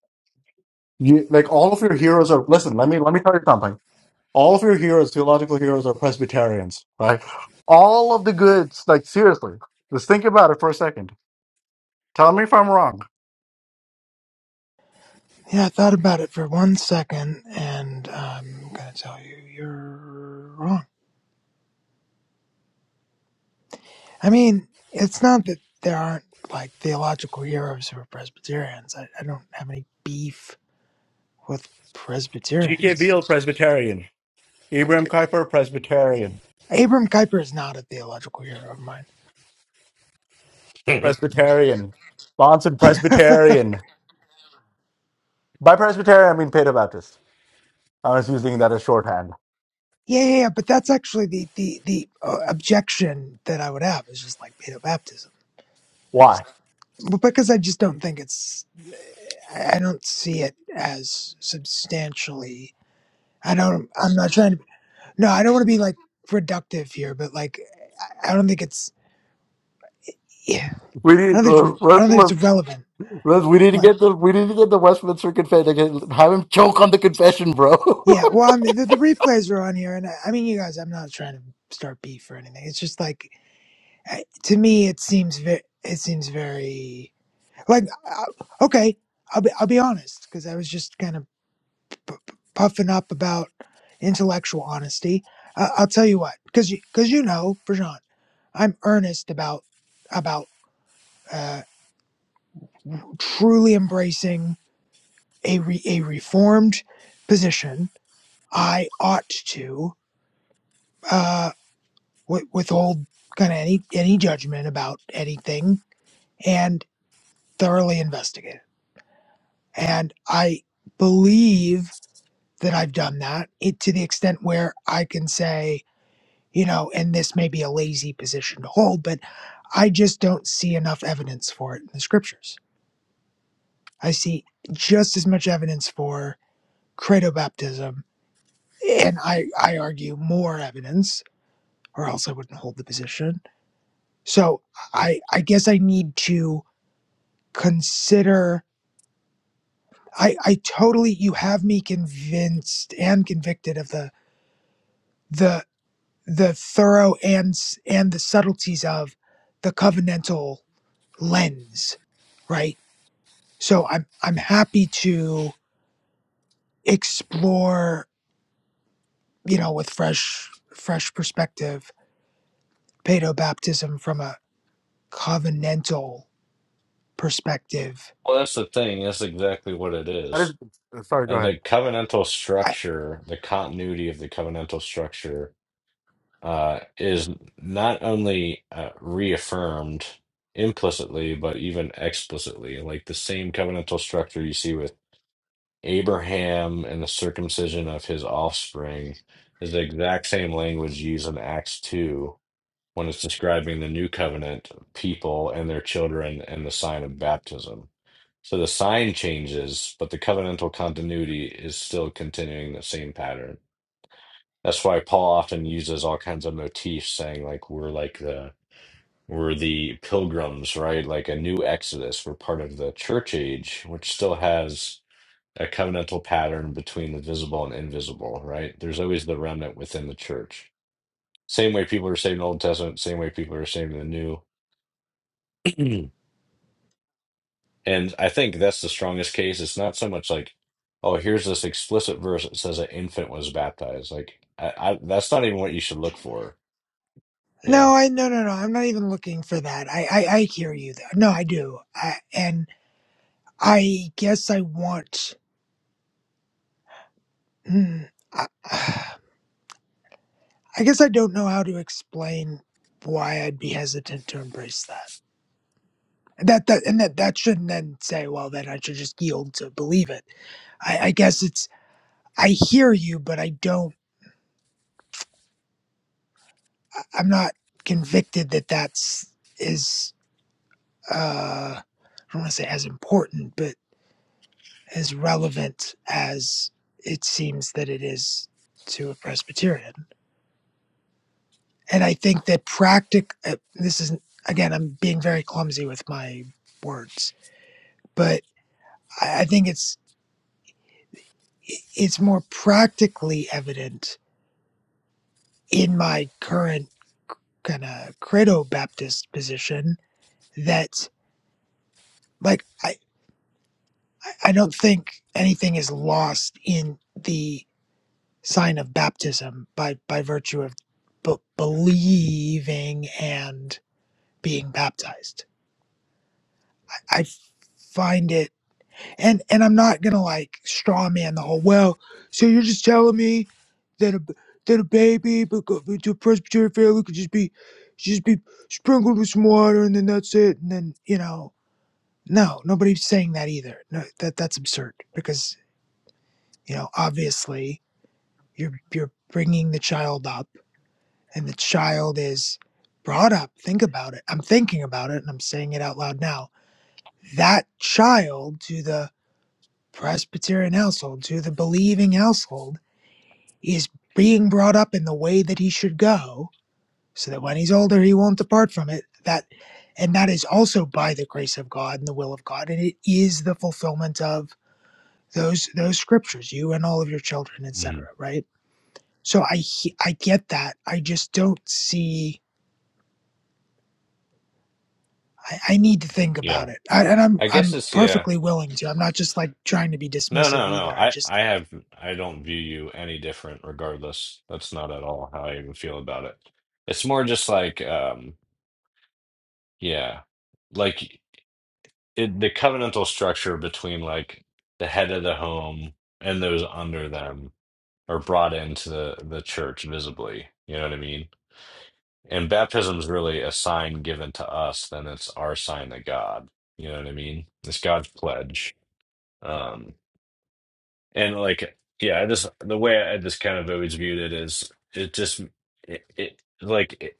Speaker 2: You, like all of your heroes are. Listen, let me let me tell you something. All of your heroes, theological heroes, are Presbyterians, right? All of the goods, like seriously, just think about it for a second. Tell me if I'm wrong.
Speaker 6: Yeah, I thought about it for one second, and I'm gonna tell you you're wrong. I mean, it's not that there aren't like theological heroes who are Presbyterians. I, I don't have any beef with
Speaker 2: G.K.
Speaker 6: Presbyterians.
Speaker 2: Beale, Presbyterian. Abraham Kuyper, Presbyterian.
Speaker 6: Abram Kuyper is not a theological hero of mine.
Speaker 3: well,
Speaker 2: Presbyterian. Bonson, Presbyterian. By Presbyterian, I mean Baptist. I was using that as shorthand.
Speaker 6: Yeah, yeah, yeah. But that's actually the the the uh, objection that I would have is just like pedo baptism. I
Speaker 2: Why?
Speaker 6: just but because I just don't think it's I I don't see it as substantially. I don't. I'm not trying to. No, I don't want to be like reductive here, but like I I don't think it's. yeah,
Speaker 2: We need,
Speaker 6: I don't think
Speaker 2: uh,
Speaker 6: it's- I
Speaker 2: let-
Speaker 6: don't think it's
Speaker 2: let-
Speaker 6: relevant.
Speaker 2: let- we need to
Speaker 6: Like,
Speaker 2: get the we need to get the Westminster confession. Have him choke on the confession, bro.
Speaker 6: yeah, well, I mean, the, the replays are on here, and I, I mean, you guys, I'm not trying to start beef or anything. It's just like, I- to me, it seems very, it seems very like, uh, okay, I'll be, I'll be honest, because I was just kind of p- p- puffing up about intellectual honesty. Uh, I'll tell you what, because you, because you know, Brajan, I'm earnest about about uh, truly embracing a re, a reformed position I ought to uh, wi- withhold kind of any any judgment about anything and thoroughly investigate. it. And I believe that I've done that it, to the extent where I can say, you know, and this may be a lazy position to hold, but I just don't see enough evidence for it in the scriptures. I see just as much evidence for credo baptism, and I, I argue more evidence, or else I wouldn't hold the position So I I guess I need to consider I I totally you have me convinced and convicted of the the the thorough and s- and the subtleties of the covenantal lens, right? So I'm I'm happy to explore, you know, with fresh fresh perspective, paedo baptism from a covenantal perspective.
Speaker 3: that's the thing. That's exactly what it is.
Speaker 2: That is- sorry, go
Speaker 3: And
Speaker 2: ahead.
Speaker 3: the covenantal structure, the continuity of the covenantal structure uh, is not only uh, reaffirmed implicitly, but even explicitly, like the same covenantal structure you see with Abraham and the circumcision of his offspring is the exact same language used in Acts 2 when it's describing the new covenant people and their children and the sign of baptism. So the sign changes, but the covenantal continuity is still continuing the same pattern. That's why Paul often uses all kinds of motifs saying like we're like the we're the pilgrims, right? Like a new exodus. We're part of the church age, which still has a covenantal pattern between the visible and invisible, right? There's always the remnant within the church. Same way people are saved in the Old Testament, same way people are saved in the New. and I think that's the strongest case. It's not so much like, oh, here's this explicit verse that says an infant was baptized. Like I, I that's not even what you should look for. Yeah.
Speaker 6: No, I no no no. I'm not even looking for that. I I, I hear you though. No, I do. I, and I guess I want. Hmm, I, I guess I don't know how to explain why I'd be hesitant to embrace that. That that and that that shouldn't then say, well, then I should just yield to believe it. I, I guess it's. I hear you, but I don't. I- I'm not convicted that that's is. Uh, I don't want to say as important, but. as relevant as it seems that it is to a Presbyterian. And I think that practic uh, this is again I'm being very clumsy with my words, but I I think it's it's more practically evident in my current kind of credo Baptist position that like I I don't think anything is lost in the sign of baptism by by virtue of b- believing and being baptized. I find it, and and I'm not gonna like straw man the whole. Well, so you're just telling me that a that a baby, but to a Presbyterian family could just be just be sprinkled with some water, and then that's it, and then you know. No, nobody's saying that either. No, that that's absurd because you know obviously you're you're bringing the child up and the child is brought up, think about it. I'm thinking about it and I'm saying it out loud now. That child to the Presbyterian household, to the believing household, is being brought up in the way that he should go so that when he's older, he won't depart from it. That and that is also by the grace of God and the will of God, and it is the fulfillment of those those scriptures, you and all of your children,
Speaker 3: hmm
Speaker 6: etc. Right? So I he- I get that. I just don't see I, I need to think
Speaker 3: Yeah.
Speaker 6: about it. I, and I'm
Speaker 3: I guess
Speaker 6: I'm
Speaker 3: it's yeah.
Speaker 6: perfectly willing to. I'm not just like trying to be
Speaker 3: No,
Speaker 6: dismissive
Speaker 3: no, no.
Speaker 6: either. I
Speaker 3: I
Speaker 6: just
Speaker 3: I have I don't view you any different regardless. That's not at all how I even feel about it. It's more just like um yeah. Like it, the covenantal structure between like the head of the home and those under them are brought into the the church visibly. You know what I mean? And baptism's really a sign given to us, then it's our sign to God. You know what I mean? It's God's pledge. um. And like, yeah, I just the way I just kind of always viewed it is it just it, it like it,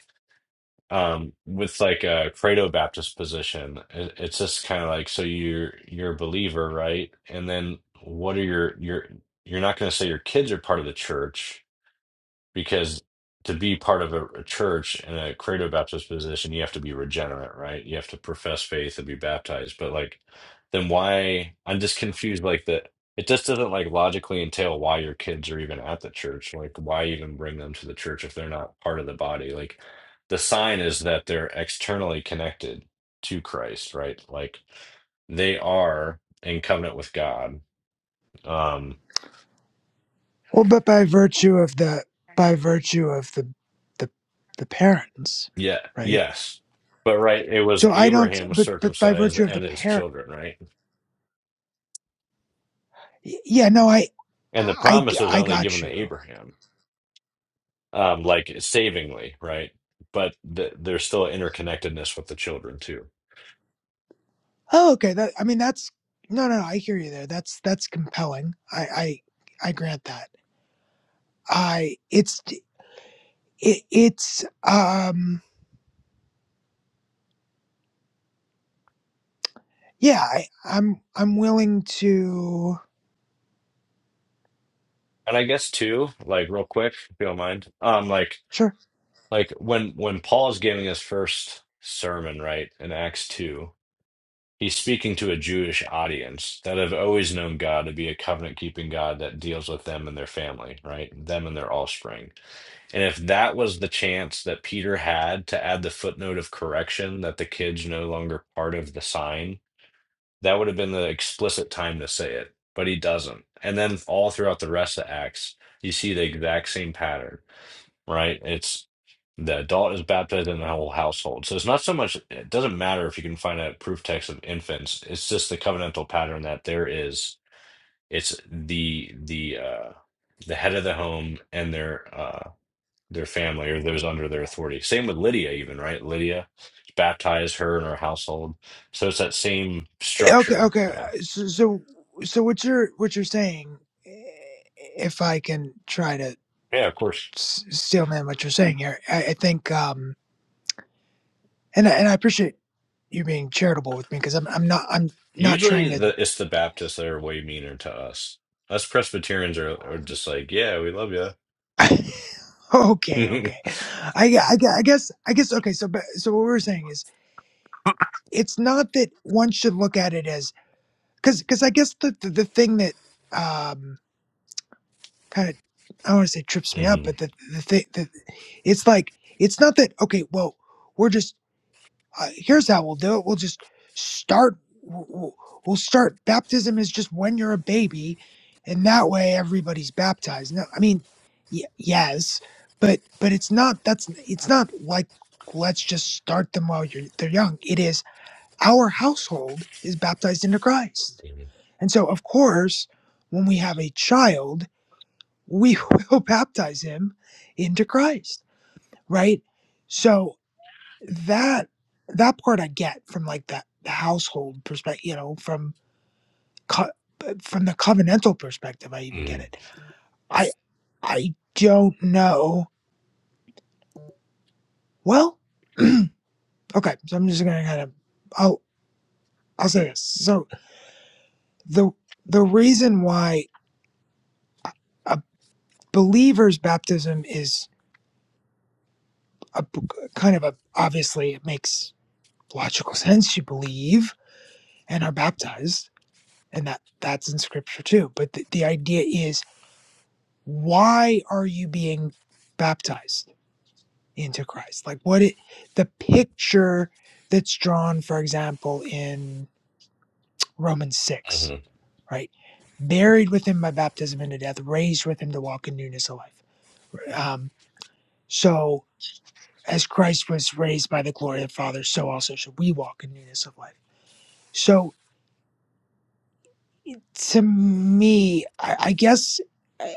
Speaker 3: um with like a credo Baptist position, it, it's just kind of like so you're you're a believer, right? And then what are your your you're not going to say your kids are part of the church because to be part of a, a church in a credo baptist position you have to be regenerate right you have to profess faith and be baptized but like then why i'm just confused like that it just doesn't like logically entail why your kids are even at the church like why even bring them to the church if they're not part of the body like the sign is that they're externally connected to christ right like they are in covenant with god um
Speaker 6: well, but by virtue of the by virtue of the the the parents,
Speaker 3: Yeah,
Speaker 6: right?
Speaker 3: yes. But right, it was
Speaker 6: So I don't.
Speaker 3: Abraham was
Speaker 6: But but by
Speaker 3: circumcised
Speaker 6: virtue of the
Speaker 3: and his
Speaker 6: parent,
Speaker 3: children, right?
Speaker 6: yeah. No, I
Speaker 3: And the
Speaker 6: I
Speaker 3: promise was
Speaker 6: I
Speaker 3: only given
Speaker 6: got
Speaker 3: to
Speaker 6: you.
Speaker 3: Abraham, um, like savingly, right? But th there's still interconnectedness with the children too.
Speaker 6: Oh, okay. That I mean that's no no. no I hear you there. That's that's compelling. I I I grant that. I it's it, it's um. Yeah, I, I'm I'm willing to
Speaker 3: And I guess too, like real quick, if you don't mind, um, like
Speaker 6: sure.
Speaker 3: like when when Paul's giving his first sermon, right, in Acts two, he's speaking to a Jewish audience that have always known God to be a covenant keeping God that deals with them and their family, right? Them and their offspring And if that was the chance that Peter had to add the footnote of correction that the kid's no longer part of the sign, that would have been the explicit time to say it, but he doesn't. And then all throughout the rest of Acts, you see the exact same pattern, right? It's the adult is baptized in the whole household. So it's not so much, it doesn't matter if you can find a proof text of infants. It's just the covenantal pattern that there is. It's the, the, uh, the head of the home and their uh, their family or those under their authority. Same with Lydia, even, right? Lydia baptized her and her household. So it's that same
Speaker 6: Eh, Okay,
Speaker 3: structure.
Speaker 6: okay.
Speaker 3: Yeah.
Speaker 6: uh, So, so so what you're what you're saying, eh, if I can try to
Speaker 3: Yeah, of course.
Speaker 6: s- steel man, what you're saying here, I, I think, um, and I- and I appreciate you being charitable with me because I'm I'm not I'm not
Speaker 3: Usually
Speaker 6: trying to.
Speaker 3: the it's the Baptists that are way meaner to us. Us Presbyterians are, are just like, yeah, we love you.
Speaker 6: okay,
Speaker 3: hmm
Speaker 6: okay. I, gue- I gue- I guess I guess okay. So but so what we're saying is it's not that one should look at it as because because I guess the, the the thing that um kind of I don't want to say trips me up,
Speaker 3: hmm
Speaker 6: but the the thing the, it's like it's not that okay. Well, we're just uh, here's how we'll do it. We'll just start. w- w- We'll start baptism is just when you're a baby, and that way everybody's baptized. No, I mean, y- yes, but but it's not that's it's not like let's just start them while you're they're young. It is our household is baptized into Christ, and so of course when we have a child we will baptize him into Christ, right? So that that part I get from like that the household perspective, you know, from co- from the covenantal perspective, I even get
Speaker 3: hmm
Speaker 6: it. I I don't know. Well, okay, so I'm just gonna kind of I'll I'll say this. So the the reason why a believer's baptism is a b- kind of a obviously it makes logical sense. You believe and are baptized and that that's in scripture too but the, the idea is why are you being baptized into christ like what it the picture that's drawn for example in romans
Speaker 3: hmm
Speaker 6: 6 right buried with him by baptism into death raised with him to walk in newness of life um, so as christ was raised by the glory of the father so also should we walk in newness of life so to me i, I guess eh,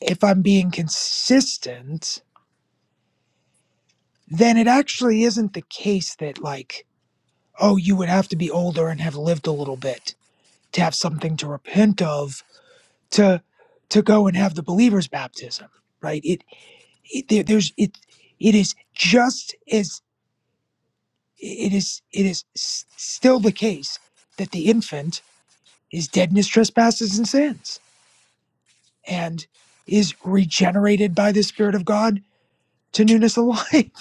Speaker 6: if i'm being consistent then it actually isn't the case that like oh you would have to be older and have lived a little bit to have something to repent of to to go and have the believer's baptism right it, it there, there's it it is just as it is it is s- still the case that the infant is dead in his trespasses and sins and is regenerated by the spirit of god to newness of life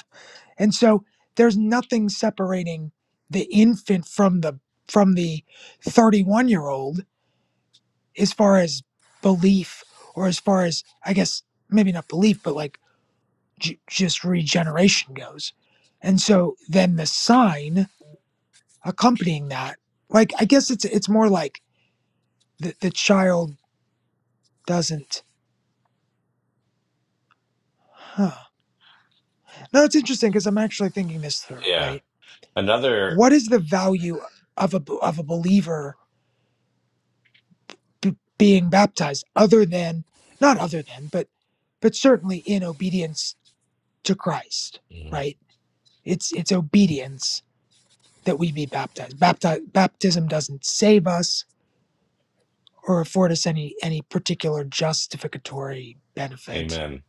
Speaker 6: And so there's nothing separating the infant from the from the 31 year old as far as belief or as far as I guess maybe not belief but like j- just regeneration goes. And so then the sign accompanying that like I guess it's it's more like the, the child doesn't huh. No, it's interesting because I'm actually thinking this through,
Speaker 3: Yeah.
Speaker 6: right?
Speaker 3: Another,
Speaker 6: What is the value of a of a believer b- being baptized other than not other than but but certainly in obedience to christ
Speaker 3: Mhm.
Speaker 6: right it's it's obedience that we be baptized Bapti- baptism doesn't save us or afford us any any particular justificatory benefit
Speaker 3: amen.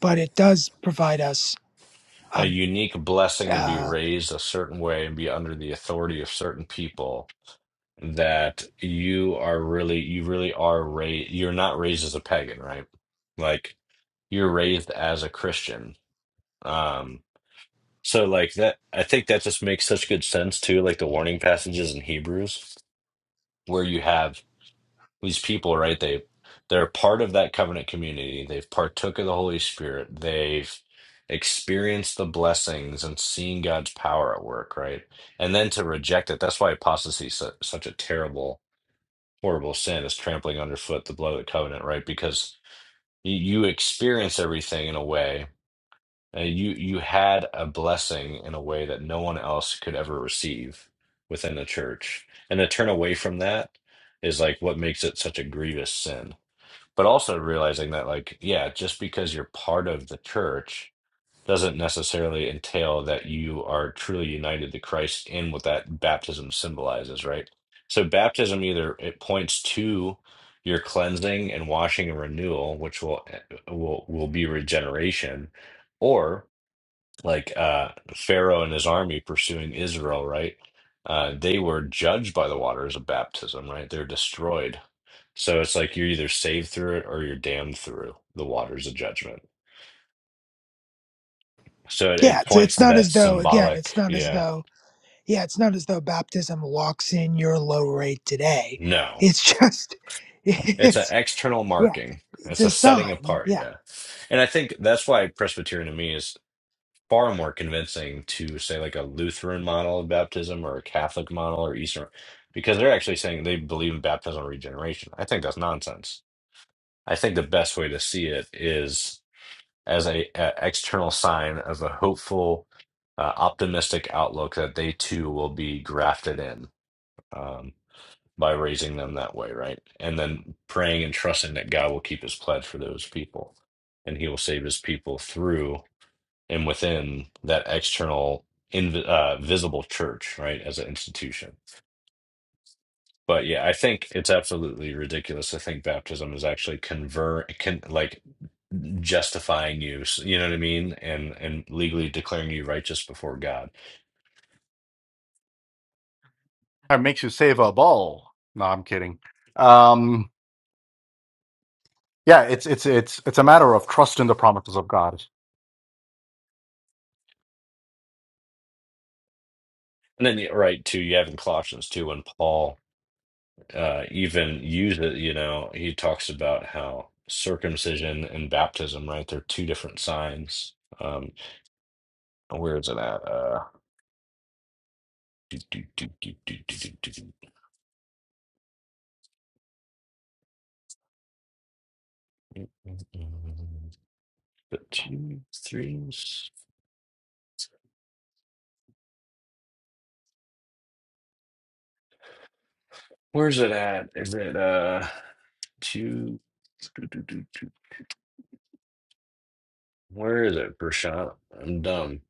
Speaker 6: but it does provide us
Speaker 3: A
Speaker 6: um
Speaker 3: unique blessing to be
Speaker 6: uh
Speaker 3: raised a certain way and be under the authority of certain people that you are really you really are raised you're not raised as a pagan right like you're raised as a christian um so like that i think that just makes such good sense too like the warning passages in hebrews where you have these people right they they're part of that covenant community they've partook of the holy spirit they've experienced the blessings and seen god's power at work right and then to reject it that's why apostasy is su- such a terrible horrible sin is trampling underfoot the blood of the covenant, right? Because y- you experience everything in a way, uh, you you had a blessing in a way that no one else could ever receive within the church, and to turn away from that is like what makes it such a grievous sin. But also realizing that, like, yeah, just because you're part of the church doesn't necessarily entail that you are truly united to Christ in what that baptism symbolizes, right? So baptism either it points to your cleansing and washing and renewal, which will eh, will will be regeneration, or like uh, Pharaoh and his army pursuing Israel, right? Uh, they were judged by the waters of baptism, right? They're destroyed. So it's like you're either saved through it or you're damned through the waters of judgment. So it,
Speaker 6: yeah
Speaker 3: it
Speaker 6: it's,
Speaker 3: points
Speaker 6: it's
Speaker 3: to
Speaker 6: not
Speaker 3: that
Speaker 6: as though again it's
Speaker 3: symbolic,
Speaker 6: not as
Speaker 3: yeah.
Speaker 6: though yeah it's not as though baptism locks in your low rate today
Speaker 3: No,
Speaker 6: it's just
Speaker 3: it's an
Speaker 6: It's.
Speaker 3: external
Speaker 6: Yeah,
Speaker 3: marking.
Speaker 6: it's
Speaker 3: It's a
Speaker 6: a
Speaker 3: setting
Speaker 6: sign.
Speaker 3: apart,
Speaker 6: Yeah,
Speaker 3: yeah. And I think that's why Presbyterian to me is far more convincing to say like a Lutheran model of baptism or a Catholic model or Eastern, because they're actually saying they believe in baptismal regeneration. I think that's nonsense. I think the best way to see it is as a, a external sign of a hopeful, uh, optimistic outlook that they too will be grafted in. Um, by raising them that way, right? And then praying and trusting that God will keep his pledge for those people and he will save his people through and within that external, inv uh, visible church, right, as an institution. But yeah, I think it's absolutely ridiculous to think baptism is actually convert, can like justifying you, s- you know what I mean, and and legally declaring you righteous before God.
Speaker 2: It makes you save a ball. No, I'm kidding. Um, yeah, it's it's it's it's a matter of trust in the promises of God.
Speaker 3: And then, yeah, right, too, you have in Colossians too, when Paul uh, even use it. You know, he talks about how circumcision and baptism, right? They're two different signs. Um, where is it at? Uh, do, do, do, do, do, do, do, do, do. The two, three. Where's it at? Is it uh two? do, do, do, do. Where is it, Prashant? I'm dumb.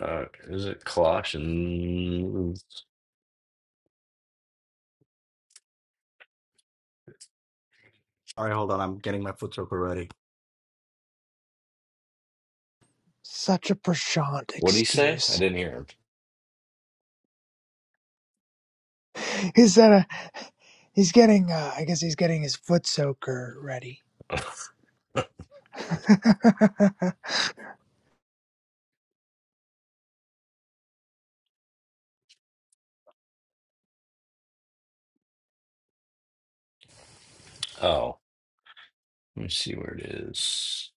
Speaker 3: Uh, is it Colossians?
Speaker 2: All right, hold on. I'm getting my foot soaker ready.
Speaker 6: such a prashant
Speaker 3: What did he say? I
Speaker 6: excuse.
Speaker 3: didn't hear
Speaker 6: He's at a, he's getting uh, I guess he's getting his foot soaker ready.
Speaker 3: him. Oh, let me see where it is.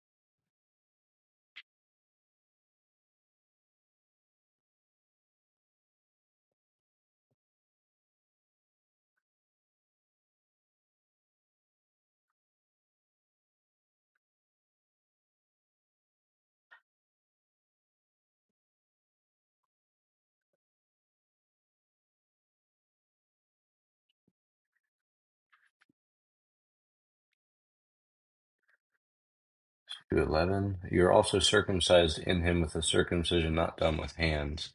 Speaker 3: To 11. You're also circumcised in him with a circumcision not done with hands,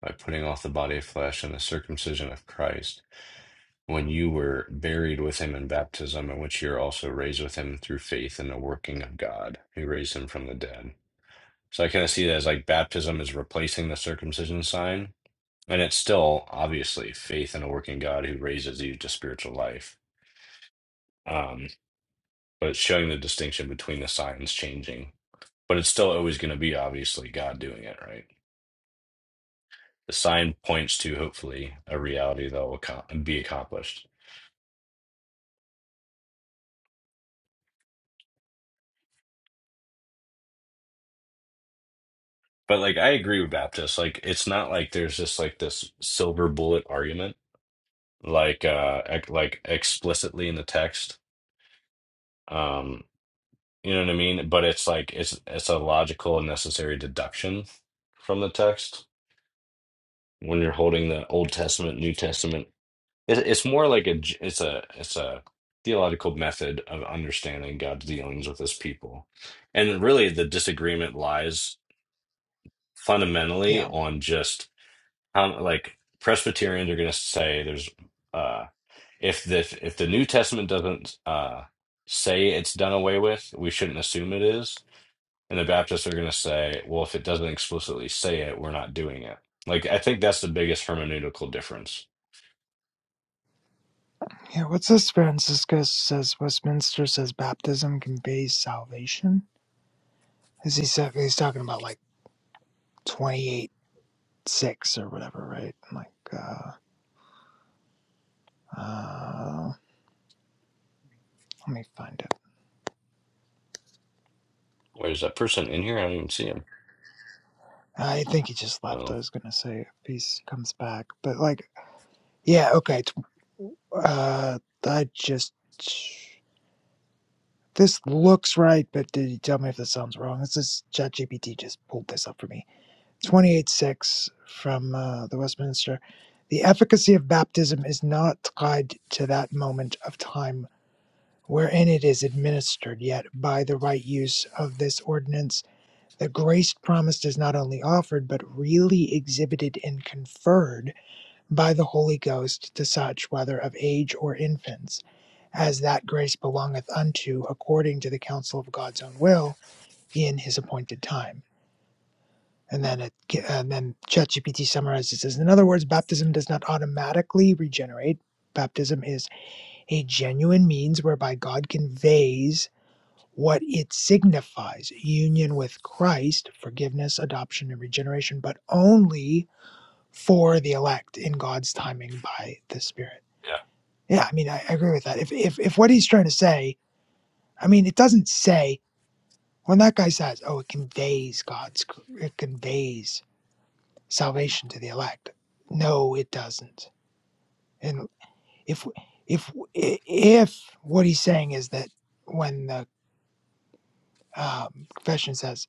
Speaker 3: by putting off the body of flesh and the circumcision of Christ, when you were buried with him in baptism, in which you're also raised with him through faith in the working of God, who raised him from the dead. So I kind of see that as like baptism is replacing the circumcision sign, and it's still obviously faith in a working God who raises you to spiritual life. Um, but it's showing the distinction between the signs changing. But it's still always going to be obviously God doing it, right? The sign points to hopefully a reality that will co- be accomplished. But like I agree with Baptist, like it's not like there's just like this silver bullet argument, like uh ec- like explicitly in the text. Um, you know what I mean? But it's like it's it's a logical and necessary deduction from the text when you're holding the Old Testament, New Testament It, it's more like a j- it's a it's a theological method of understanding God's dealings with His people, and really the disagreement lies fundamentally
Speaker 6: yeah,
Speaker 3: on just how like Presbyterians are going to say there's uh if the if the New Testament doesn't uh say it's done away with, we shouldn't assume it is, and the Baptists are going to say, well, if it doesn't explicitly say it, we're not doing it. Like I think that's the biggest hermeneutical difference.
Speaker 6: yeah. What's this? Francisco says Westminster says baptism conveys salvation. Is he sa- he's talking about like twenty eight six or whatever, right? I'm like, uh, uh, let me find it.
Speaker 3: Wait, is that person in here? I don't even see him.
Speaker 6: I think he just left. I
Speaker 3: Oh.
Speaker 6: was gonna say if he comes back, but like, yeah, okay, Uh, I just this looks right, but did you tell me if this sounds wrong? This is ChatGPT just pulled this up for me. Twenty eight six from uh, the Westminster. The efficacy of baptism is not tied to that moment of time wherein it is administered, yet by the right use of this ordinance, the grace promised is not only offered, but really exhibited and conferred by the Holy Ghost to such, whether of age or infants as that grace belongeth unto according to the counsel of God's own will in his appointed time. And then it and then ChatGPT summarizes this. In other words, baptism does not automatically regenerate. Baptism is a genuine means whereby God conveys what it signifies union with Christ, forgiveness, adoption, and regeneration, but only for the elect in God's timing by the Spirit. Yeah, I mean, I, I agree with that. If, if, if what he's trying to say I mean, it doesn't say When that guy says, "Oh, it conveys God's, it conveys salvation to the elect," no, it doesn't. And if if if what he's saying is that when the um, confession says,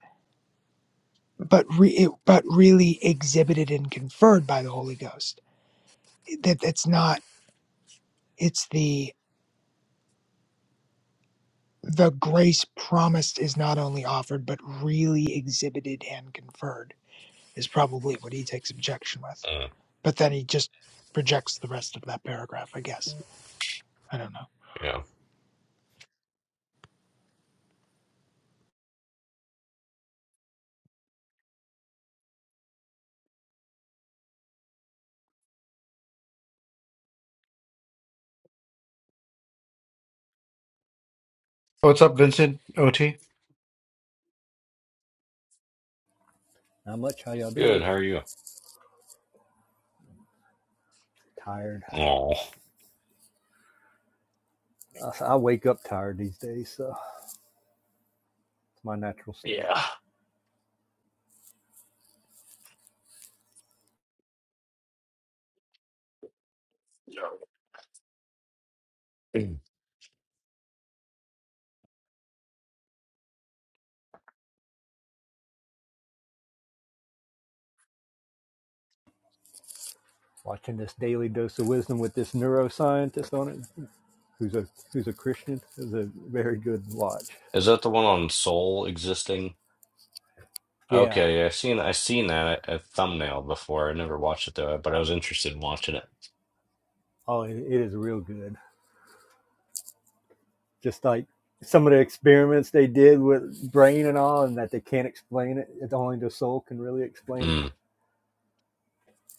Speaker 6: "But re, it, but really exhibited and conferred by the Holy Ghost," that that's not. It's the the grace promised is not only offered but really exhibited and conferred is probably what he takes objection with.
Speaker 3: Uh,
Speaker 6: but then he just rejects the rest of that paragraph, I guess. I don't
Speaker 3: yeah.
Speaker 2: What's up, Vincent? OT?
Speaker 7: Not much. How y'all
Speaker 3: Good.
Speaker 7: doing?
Speaker 3: How are you?
Speaker 7: Tired.
Speaker 3: Oh,
Speaker 7: I, wake up tired these days, so it's my natural state.
Speaker 3: is
Speaker 7: Watching this daily dose of wisdom with this neuroscientist on it, who's a who's a Christian, is a very good watch.
Speaker 3: that the one on Soul existing?
Speaker 7: Yeah.
Speaker 3: Okay, yeah, I seen I seen that a thumbnail before. I never watched it though, but I was interested in watching it.
Speaker 7: Oh, it, it is real good. Just like some of the experiments they did with brain and all, and that they can't explain it. It's only the soul can really explain it.
Speaker 3: Mm.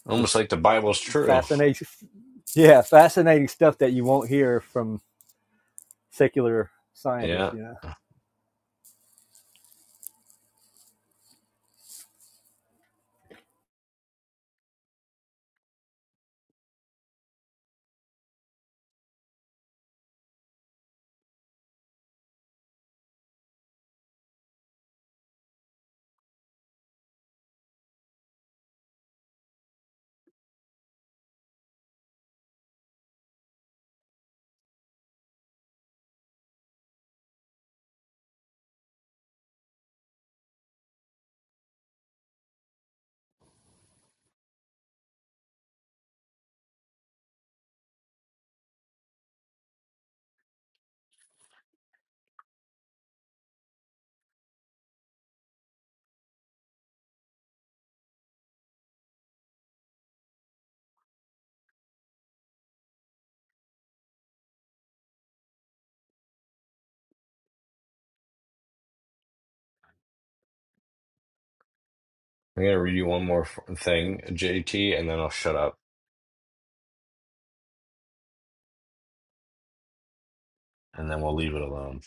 Speaker 3: Almost
Speaker 7: Just
Speaker 3: like the Bible's true.
Speaker 7: fascinating. Yeah, fascinating stuff that you won't hear from secular scientists.
Speaker 3: Yeah.
Speaker 7: You know.
Speaker 3: I'm gonna read you one more f- thing, JT, and then I'll shut up, and then we'll leave it alone.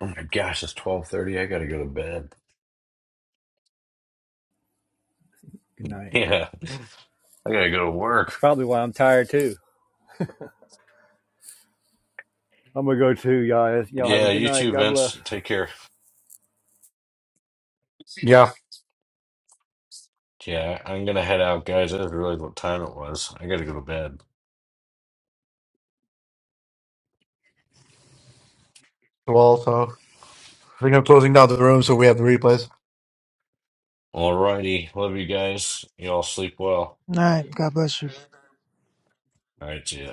Speaker 3: Oh my gosh, it's 12:30. I gotta go to bed.
Speaker 7: Good night.
Speaker 3: Yeah, I gotta go to
Speaker 7: That's
Speaker 3: work.
Speaker 7: probably why I'm tired too. I'm gonna go too, guys. Y'all have
Speaker 3: Yeah,
Speaker 7: a good
Speaker 3: you
Speaker 7: night.
Speaker 3: too,
Speaker 7: God bless.
Speaker 3: Vince. Take care.
Speaker 2: Yeah.
Speaker 3: Yeah, I'm gonna head out, guys. I didn't realize what time it was. I gotta go to bed.
Speaker 2: Well, so I think I'm closing down the room, so we have the replays.
Speaker 3: Alrighty. Love you guys. You all sleep well.
Speaker 6: know.
Speaker 3: All right, see ya.